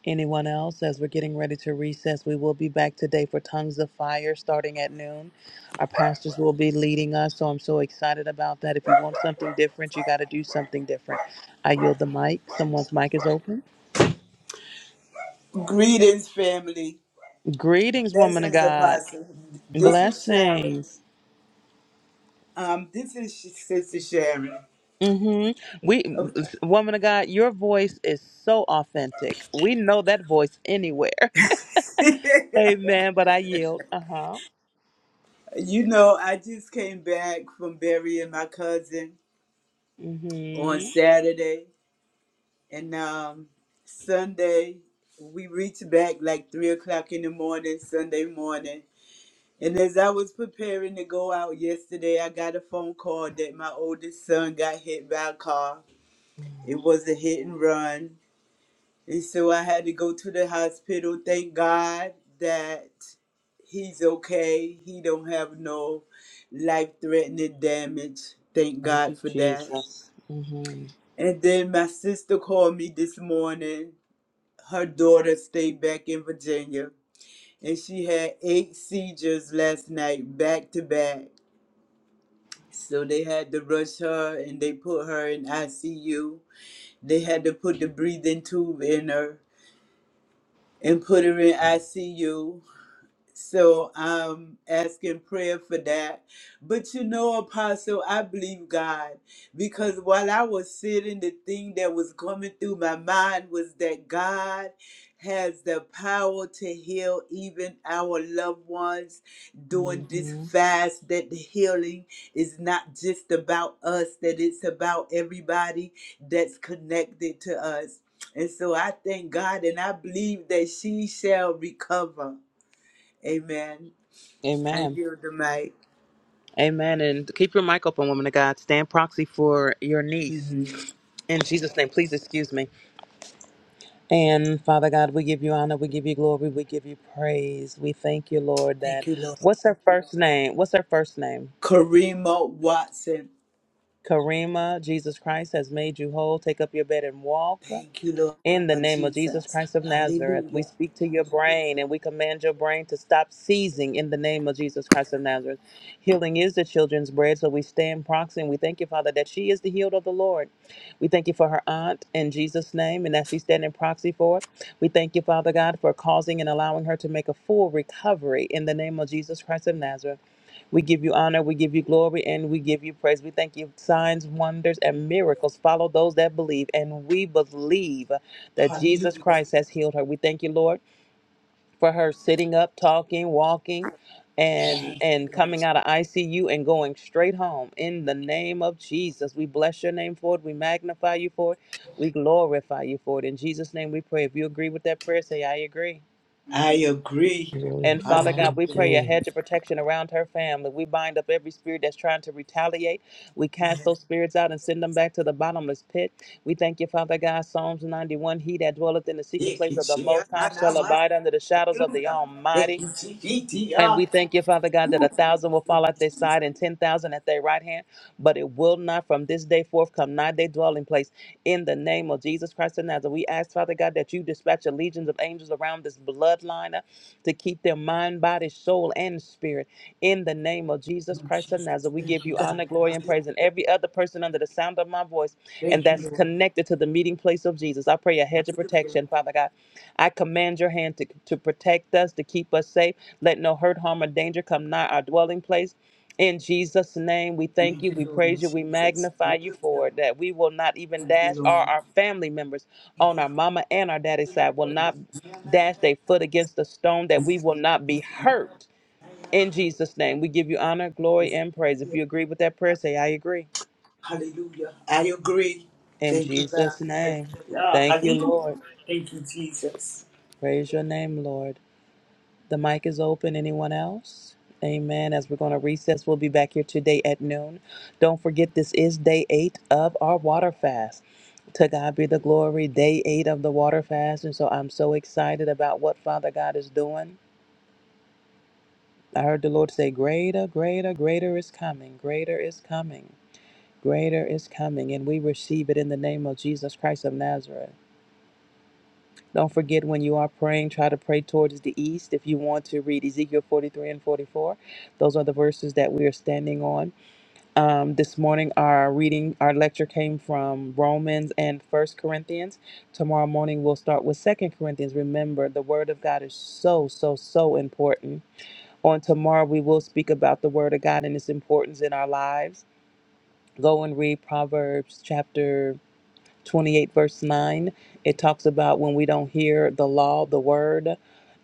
[SPEAKER 7] Anyone else? As we're getting ready to recess, we will be back today for Tongues of Fire starting at noon. Our pastors will be leading us, so I'm so excited about that. If you want something different, you got to do something different. I yield the mic. Someone's mic is open.
[SPEAKER 13] Greetings, family.
[SPEAKER 7] Greetings, woman of
[SPEAKER 13] Blessings,
[SPEAKER 7] God.
[SPEAKER 13] Apostle. This is Sharon.
[SPEAKER 7] Blessings.
[SPEAKER 13] Um, this is Sh- Sister Sharon.
[SPEAKER 7] hmm We,
[SPEAKER 13] Okay.
[SPEAKER 7] woman of God, your voice is so authentic. We know that voice anywhere. *laughs* Amen. But I yield. Uh huh.
[SPEAKER 13] *laughs* you know, I just came back from burying my cousin on
[SPEAKER 7] Mm-hmm.
[SPEAKER 13] Saturday, and um, Sunday we reached back like three o'clock in the morning, Sunday morning. And as I was preparing to go out yesterday, I got a phone call that my oldest son got hit by a car. It was a hit and run. And so I had to go to the hospital. Thank God that he's okay. He don't have no life-threatening damage. Thank
[SPEAKER 7] Thank you,
[SPEAKER 13] God for that.
[SPEAKER 7] Jesus. Mm-hmm.
[SPEAKER 13] And then my sister called me this morning. Her daughter stayed back in Virginia, and she had eight seizures last night, back to back. So they had to rush her, and they put her in ICU. They had to put the breathing tube in her and put her in ICU So I'm asking prayer for that. But you know, Apostle, I believe God because while I was sitting, the thing that was coming through my mind was that God has the power to heal even our loved ones during this
[SPEAKER 7] Mm-hmm.
[SPEAKER 13] fast, that the healing is not just about us, that it's about everybody that's connected to us. And so I thank God and I believe that she shall recover. Amen. I
[SPEAKER 7] Amen.
[SPEAKER 13] yield the mic.
[SPEAKER 7] Amen. And keep your mic open, woman of God. Stand proxy for your niece.
[SPEAKER 13] hmm
[SPEAKER 7] In Jesus' name, please excuse me. And Father God, we give you honor, we give you glory, we give you praise. We thank you, Lord,
[SPEAKER 13] Thank
[SPEAKER 7] that
[SPEAKER 13] you, Lord.
[SPEAKER 7] what's her first name? What's her first name?
[SPEAKER 13] Karima Watson.
[SPEAKER 7] Karima, Jesus Christ has made you whole. Take up your bed and walk.
[SPEAKER 13] Thank you,
[SPEAKER 7] In the
[SPEAKER 13] Lord
[SPEAKER 7] name of Jesus
[SPEAKER 13] Jesus.
[SPEAKER 7] Christ of Nazareth, we
[SPEAKER 13] Hallelujah.
[SPEAKER 7] speak to your brain and we command your brain to stop seizing in the name of Jesus Christ of Nazareth. Healing is the children's bread, so we stand proxy and we thank you, Father, that she is the healed of the Lord. We thank you for her aunt in Jesus' name and that she's standing proxy for it. We thank you, Father God, for causing and allowing her to make a full recovery in the name of Jesus Christ of Nazareth. We give you honor, we give you glory, and we give you praise. We thank you. Signs, wonders, and miracles follow those that believe, and we believe that Jesus
[SPEAKER 13] Hallelujah.
[SPEAKER 7] Christ has healed her. We thank you, Lord, for her sitting up, talking, walking, and
[SPEAKER 13] Yes,
[SPEAKER 7] and
[SPEAKER 13] Lord.
[SPEAKER 7] coming out of ICU and going straight home. In the name of Jesus, we bless your name for it. We magnify you for it. We glorify you for it. In Jesus' name, we pray. If you agree with that prayer, say, "I agree."
[SPEAKER 13] I agree.
[SPEAKER 3] agree.
[SPEAKER 7] And Father
[SPEAKER 3] I
[SPEAKER 7] God, we
[SPEAKER 13] Hallelujah.
[SPEAKER 7] pray a
[SPEAKER 3] agree.
[SPEAKER 7] hedge of protection around her family. We bind up every spirit that's trying to retaliate. We cast
[SPEAKER 13] Yes.
[SPEAKER 7] those spirits out and send them back to the bottomless pit. We thank you, Father God. Psalms 91 He that dwelleth in the secret
[SPEAKER 13] Thank
[SPEAKER 7] place
[SPEAKER 13] you,
[SPEAKER 7] of the
[SPEAKER 13] Jesus.
[SPEAKER 7] Most High shall abide
[SPEAKER 13] Hallelujah.
[SPEAKER 7] under the shadows of the Almighty.
[SPEAKER 13] Thank you, Jesus.
[SPEAKER 7] And we
[SPEAKER 13] Lord
[SPEAKER 7] thank you, Father God, that a thousand will fall at their side and ten thousand at their right hand, but it will not from this day forth come nigh their dwelling place. In the name of Jesus Christ of Nazareth, we ask, Father God, that you dispatch a legions of angels around this bloodline uh, to keep their mind, body, soul, and spirit. In the name of Jesus Christ of
[SPEAKER 13] Jesus.
[SPEAKER 7] Nazareth, we
[SPEAKER 13] Thank
[SPEAKER 7] give
[SPEAKER 13] you,
[SPEAKER 7] you
[SPEAKER 13] God.
[SPEAKER 7] honor, glory, and praise. And
[SPEAKER 13] Hallelujah.
[SPEAKER 7] every other person under the sound of my voice and
[SPEAKER 13] Thank
[SPEAKER 7] that's
[SPEAKER 13] you, Lord.
[SPEAKER 7] connected to the meeting place of Jesus, I pray a hedge of
[SPEAKER 13] Hallelujah.
[SPEAKER 7] protection, Father God. I command your hand to, to protect us, to keep us safe let no hurt, harm, or danger come nigh our dwelling place. In Jesus' name, we thank
[SPEAKER 13] Thank
[SPEAKER 7] you,
[SPEAKER 13] you,
[SPEAKER 7] we praise
[SPEAKER 13] Lord
[SPEAKER 7] you, we
[SPEAKER 13] Jesus.
[SPEAKER 7] magnify you for
[SPEAKER 13] Hallelujah.
[SPEAKER 7] it, that we will not even
[SPEAKER 13] Thank
[SPEAKER 7] dash,
[SPEAKER 13] you,
[SPEAKER 7] or
[SPEAKER 13] Lord.
[SPEAKER 7] our family members on
[SPEAKER 13] Thank
[SPEAKER 7] our mama and our daddy side will not dash their foot against a stone, that we will not be hurt. In Jesus' name, we give you honor, glory, and praise. If you
[SPEAKER 13] you.
[SPEAKER 7] agree with that prayer, say, I agree.
[SPEAKER 13] Hallelujah. I agree.
[SPEAKER 7] In
[SPEAKER 13] Thank you,
[SPEAKER 7] Jesus'
[SPEAKER 13] God.
[SPEAKER 7] name,
[SPEAKER 13] Yeah,
[SPEAKER 7] thank you,
[SPEAKER 13] hallelujah.
[SPEAKER 7] Lord.
[SPEAKER 13] Thank you, Jesus.
[SPEAKER 7] Praise your name, Lord. The mic is open. Anyone else? Amen. As we're going to recess, we'll be back here today at noon. Don't forget, this is day eight of our water fast. To God be the glory, day eight of the water fast. And so I'm so excited about what Father God is doing. I heard the Lord say, Greater, greater, greater is coming, greater is coming, greater is coming. And we receive it in the name of Jesus Christ of Nazareth. Don't forget when you are praying, try to pray towards the east. If you want to read Ezekiel 43 and 44, those are the verses that we are standing on. Um, this morning, our reading, our lecture came from Romans and First Corinthians. Tomorrow morning, we'll start with Second Corinthians. Remember, the Word of God is so, so, so important. On tomorrow, we will speak about the Word of God and its importance in our lives. Go and read Proverbs chapter 28 verse 9 it talks about when we don't hear the law the word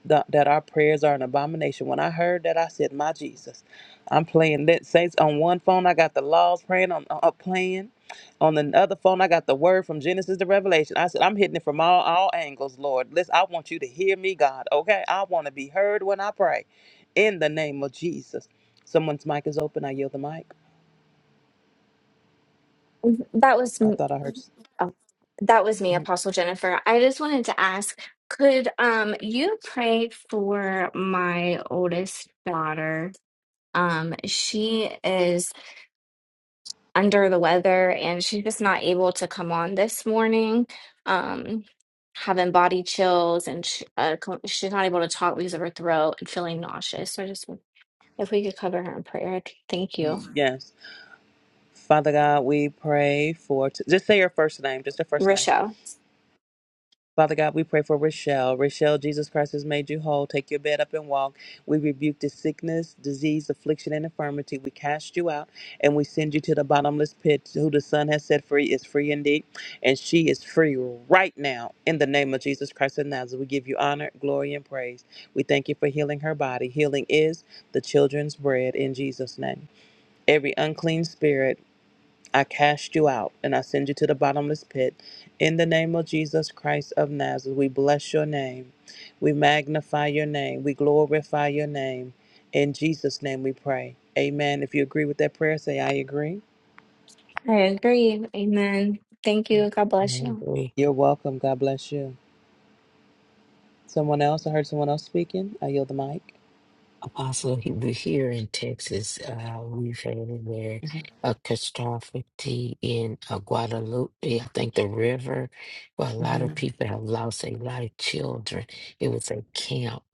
[SPEAKER 7] that, that our prayers are an abomination when i heard that i said my jesus i'm playing that saints on one phone i got the laws praying on uh, playing on the other phone i got the word from genesis to revelation i said i'm hitting it from all all angles lord listen i want you to hear me god okay i want to be heard when i pray in the name of jesus someone's mic is open i yield the mic
[SPEAKER 5] That was
[SPEAKER 7] i
[SPEAKER 5] m-
[SPEAKER 7] thought i heard
[SPEAKER 5] oh, that was me, Apostle Jennifer. I just wanted to ask, could um you pray for my oldest daughter? Um, she is under the weather and she's just not able to come on this morning. Um, having body chills and sh uh, co- she's not able to talk because of her throat and feeling nauseous. So I just If we could cover her in prayer, thank you.
[SPEAKER 7] Mhm. yes Father God, we pray for, just say your first name, just your first name.
[SPEAKER 5] Rochelle,
[SPEAKER 7] Father God, we pray for Rochelle. Rochelle, Jesus Christ has made you whole. Take your bed up and walk. We rebuke the sickness, disease, affliction, and infirmity. We cast you out and we send you to the bottomless pit. Who the Son has set free is free indeed. And she is free right now in the name of Jesus Christ of Nazareth. We give you honor, glory, and praise. We thank you for healing her body. Healing is the children's bread in Jesus' name. Every unclean spirit, I cast you out and I send you to the bottomless pit. In the name of Jesus Christ of Nazareth, we bless your name. We magnify your name. We glorify your name. In Jesus' name we pray. Amen. If you agree with that prayer, say, I agree.
[SPEAKER 5] I agree. Amen. Thank you. God bless
[SPEAKER 3] I
[SPEAKER 5] you.
[SPEAKER 3] agree.
[SPEAKER 7] You're welcome. God bless you. Someone else? I heard someone else speaking. I yield the mic.
[SPEAKER 3] Apostle, he- we're here in Texas, uh, we've had a,
[SPEAKER 7] Mhm.
[SPEAKER 3] a catastrophe in uh, Guadalupe. I think the river, where a lot of
[SPEAKER 7] Mhm.
[SPEAKER 3] people have lost a lot of children. It was a camp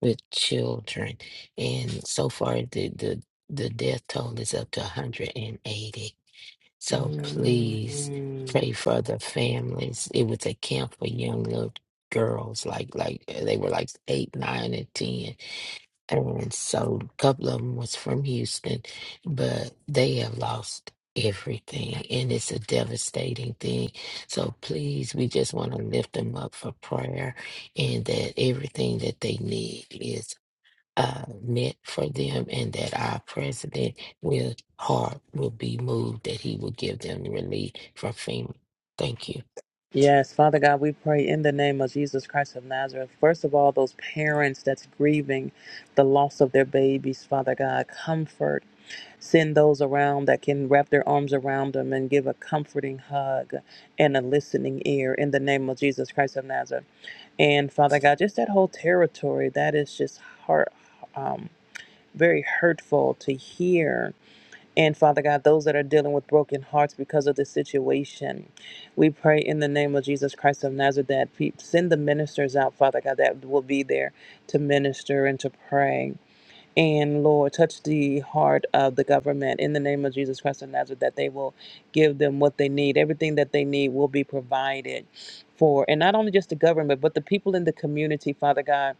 [SPEAKER 3] with children. And so far, the, the, the death toll is up to 180. So please
[SPEAKER 7] Mhm.
[SPEAKER 3] pray for the families. It was a camp for young little girls, like like uh, they were like eight, nine, and ten. And so a couple of them was from Houston, but they have lost everything and it's a devastating thing so please we just want to lift them up for prayer and that everything that they need is uh, meant for them, and that our president will heart will be moved that he will give them relief from FEMA. Thank you.
[SPEAKER 7] Yes, Father God, we pray in the name of Jesus Christ of Nazareth. First of all, those parents that's grieving the loss of their babies, Father God, comfort. Send those around that can wrap their arms around them and give a comforting hug and a listening ear in the name of Jesus Christ of Nazareth. And Father God, just that whole territory that is just heart, um, very hurtful to hear and Father God, those that are dealing with broken hearts because of the situation, we pray in the name of Jesus Christ of Nazareth that pe- send the ministers out, Father God, that will be there to minister and to pray. And Lord, touch the heart of the government in the name of Jesus Christ of Nazareth that they will give them what they need. Everything that they need will be provided for. And not only just the government, but the people in the community, Father God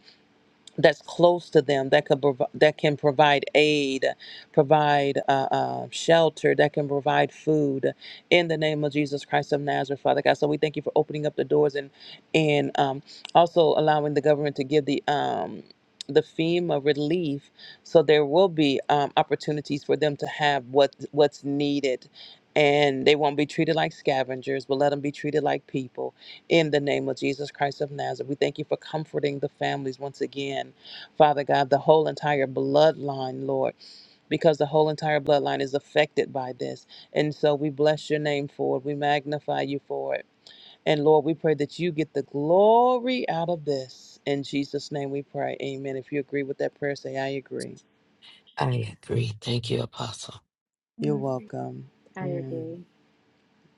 [SPEAKER 7] that's close to them that could prov- that can provide aid, provide uh, uh, shelter, that can provide food in the name of Jesus Christ of Nazareth, Father God. So we thank you for opening up the doors and and um, also allowing the government to give the um, the FEMA relief, so there will be um, opportunities for them to have what what's needed. And they won't be treated like scavengers, but let them be treated like people. In the name of Jesus Christ of Nazareth, we thank you for comforting the families once again, Father God, the whole entire bloodline, Lord, because the whole entire bloodline is affected by this. And so we bless your name for it. We magnify you for it. And Lord, we pray that you get the glory out of this. In Jesus' name we pray. Amen. If you agree with that prayer, say, I agree.
[SPEAKER 3] I agree. Thank you, Apostle.
[SPEAKER 11] I
[SPEAKER 7] You're
[SPEAKER 11] agree.
[SPEAKER 7] welcome.
[SPEAKER 1] I
[SPEAKER 7] Mm.
[SPEAKER 1] agree.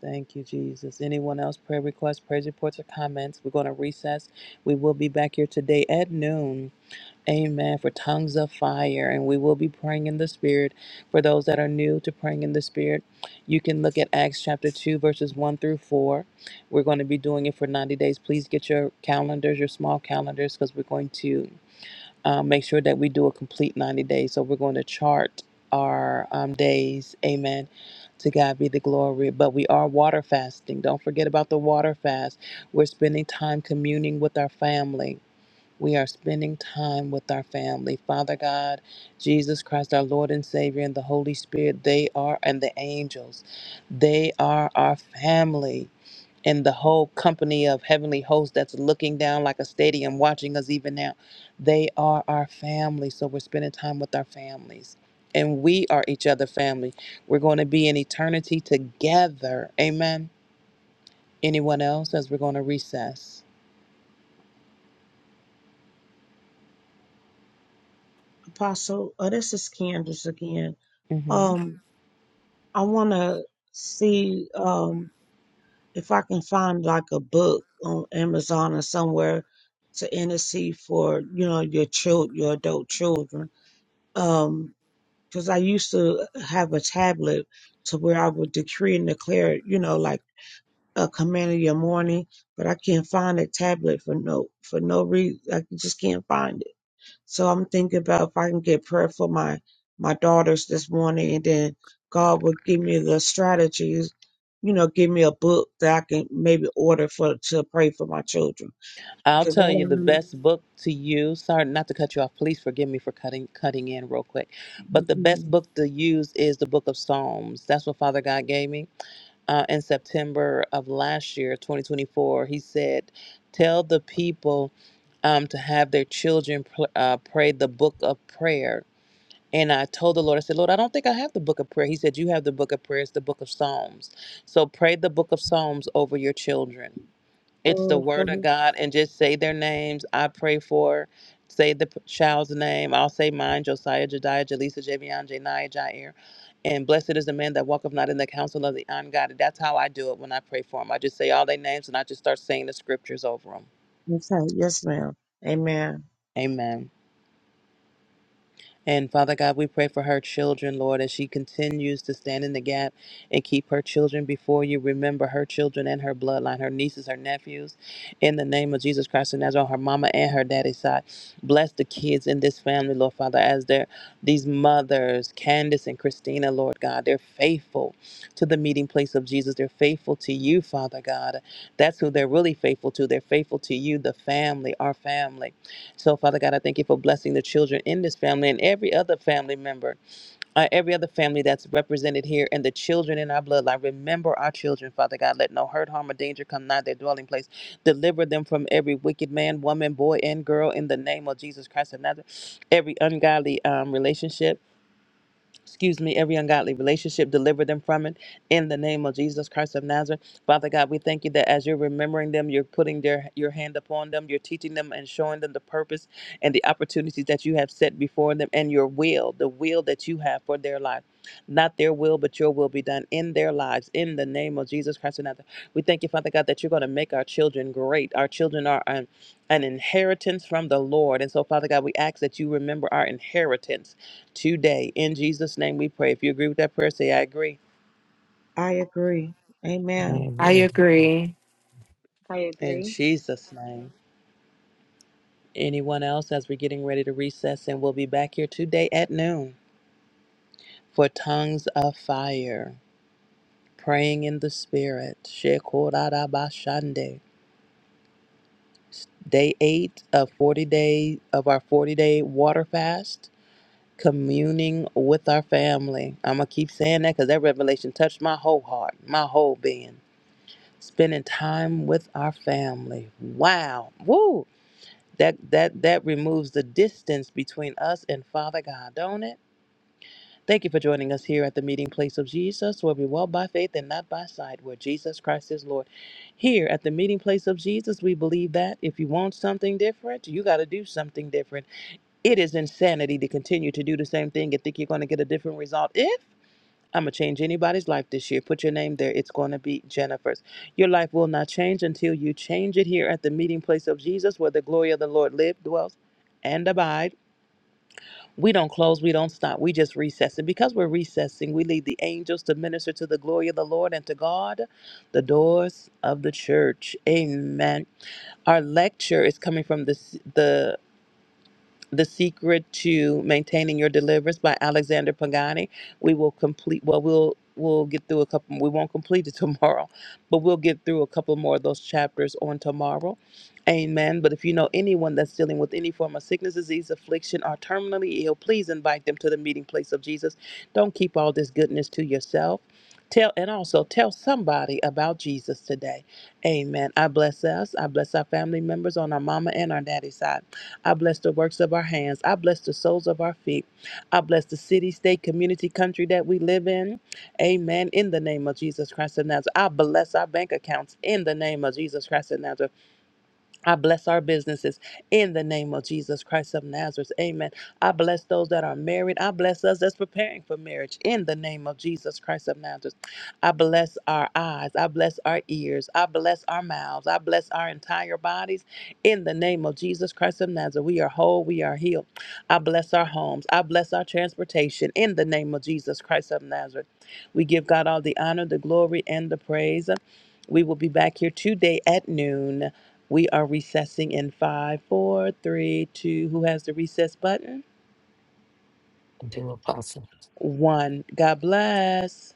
[SPEAKER 7] Thank you, Jesus. Anyone else? Prayer requests, praise reports, or comments? We're going to recess. We will be back here today at noon. Amen. For tongues of fire. And we will be praying in the Spirit. For those that are new to praying in the Spirit, you can look at Acts chapter 2, verses 1 through 4. We're going to be doing it for 90 days. Please get your calendars, your small calendars, because we're going to um, make sure that we do a complete 90 days. So we're going to chart our um, days. Amen. To God be the glory. But we are water fasting. Don't forget about the water fast. We're spending time communing with our family. We are spending time with our family. Father God, Jesus Christ, our Lord and Savior, and the Holy Spirit, they are, and the angels, they are our family and the whole company of heavenly hosts that's looking down like a stadium watching us even now. They are our family. So we're spending time with our families. And we are each other family. We're going to be in eternity together. Amen. Anyone else as we're going to recess?
[SPEAKER 10] Apostle, oh, this is Candace again.
[SPEAKER 7] Mm-hmm.
[SPEAKER 10] Um, I want to see um, if I can find like a book on Amazon or somewhere to intercede for, you know, your child, your adult children. Um, 'cause I used to have a tablet to where I would decree and declare, you know, like a command of your morning, but I can't find a tablet for no for no reason. I just can't find it So I'm thinking about if I can get prayer for my my daughters this morning, and then God will give me the strategies. You know, give me a book that I can maybe order for to pray for my children.
[SPEAKER 7] I'll
[SPEAKER 10] 'Cause I don't
[SPEAKER 7] tell you the
[SPEAKER 10] want-
[SPEAKER 7] best book to use. Sorry, not to cut you off. Please forgive me for cutting cutting in real quick. But the best
[SPEAKER 10] Mhm.
[SPEAKER 7] book to use is the Book of Psalms. That's what Father God gave me uh, in September of last year, 2024. He said, "Tell the people um, to have their children pl- uh, pray the Book of Prayer." And I told the Lord, I said, Lord, I don't think I have the book of prayer. He said, You have the book of prayer, it's the book of Psalms. So pray the book of Psalms over your children it's the word of
[SPEAKER 10] Okay.
[SPEAKER 7] God and just say their names. I pray for, say the p- child's name. I'll say mine, Josiah, Jediah, Jaleesa, Javion, Janiah, Jair. And blessed is the man that walketh not in the counsel of the ungodly. That's how I do it when I pray for them. I just say all their names and I just start saying the scriptures over them.
[SPEAKER 10] Okay. Yes, ma'am. Amen.
[SPEAKER 7] Amen. And Father God, we pray for her children, Lord, as she continues to stand in the gap and keep her children before you. Remember her children and her bloodline, her nieces, her nephews. In the name of Jesus Christ and Nazareth, on her mama and her daddy's side. Bless the kids in this family, Lord Father, as they're these mothers, Candace and Christina, Lord God. They're faithful to the meeting place of Jesus. They're faithful to you, Father God. That's who they're really faithful to. They're faithful to you, the family, our family. So, Father God, I thank you for blessing the children in this family and every other family member, uh, every other family that's represented here, and the children in our bloodline. Remember our children, Father God. Let no hurt, harm, or danger come nigh their dwelling place. Deliver them from every wicked man, woman, boy, and girl in the name of Jesus Christ of Nazareth. Every ungodly um, relationship excuse me, every ungodly relationship, deliver them from it in the name of Jesus Christ of Nazareth. Father God, we thank you that as you're remembering them, you're putting their your hand upon them, you're teaching them and showing them the purpose and the opportunities that you have set before them and your will, the will that you have for their life. Not their will, but your will be done in their lives in the name of Jesus Christ of Nazareth. We thank you, Father God, that you're going to make our children great. Our children are an, an inheritance from the Lord. And so, Father God, we ask that you remember our inheritance today. In Jesus' name we pray. If you agree with that prayer, say, I agree.
[SPEAKER 10] I agree.
[SPEAKER 3] I
[SPEAKER 10] Amen.
[SPEAKER 9] I
[SPEAKER 3] agree.
[SPEAKER 9] agree.
[SPEAKER 7] In Jesus' name. Anyone else, as we're getting ready to recess, and we'll be back here today at noon for Tongues of Fire, praying in the Spirit. Shekorabashande. Day eight of 40 day of our 40 day water fast, communing with our family. I'm going to keep saying that because that revelation touched my whole heart, my whole being spending time with our family. Wow. Woo. That that that removes the distance between us and Father God, don't it? Thank you for joining us here at the meeting place of Jesus, where we walk by faith and not by sight, where Jesus Christ is Lord. Here at the meeting place of Jesus, we believe that if you want something different, you got to do something different. It is insanity to continue to do the same thing and think you're going to get a different result. If I'm going to change anybody's life this year. Put your name there. It's going to be Jennifer's. Your life will not change until you change it here at the meeting place of Jesus, where the glory of the Lord lives, dwells, and abide. We don't close. We don't stop. We just recess. And because we're recessing, we lead the angels to minister to the glory of the Lord and to God, the doors of the church. Amen. Our lecture is coming from this. the. The Secret to Maintaining Your Deliverance by Alexander Pagani. We will complete, well, we'll we'll get through a couple we won't complete it *laughs* tomorrow but we'll get through a couple more of those chapters on tomorrow amen but if you know anyone that's dealing with any form of sickness disease affliction or terminally ill please invite them to the meeting place of jesus don't keep all this goodness to yourself tell and also tell somebody about jesus today amen i bless us i bless our family members on our mama and our daddy side I bless the works of our hands. I bless the soles of our feet. I bless the city, state, community, country that we live in. Amen. In the name of Jesus Christ of Nazareth. I bless our bank accounts in the name of Jesus Christ of Nazareth. I bless our businesses in the name of Jesus Christ of Nazareth. Amen. I bless those that are married. I bless us that's preparing for marriage in the name of Jesus Christ of Nazareth. I bless our eyes. I bless our ears. I bless our mouths. I bless our entire bodies in the name of Jesus Christ of Nazareth. We are whole. We are healed. I bless our homes. I bless our transportation in the name of Jesus Christ of Nazareth. We give God all the honor, the glory, and the praise. We will be back here today at noon. We are recessing in five, four, three, two. Who has the recess button?
[SPEAKER 3] Thank you, Apostle.
[SPEAKER 7] One. God bless.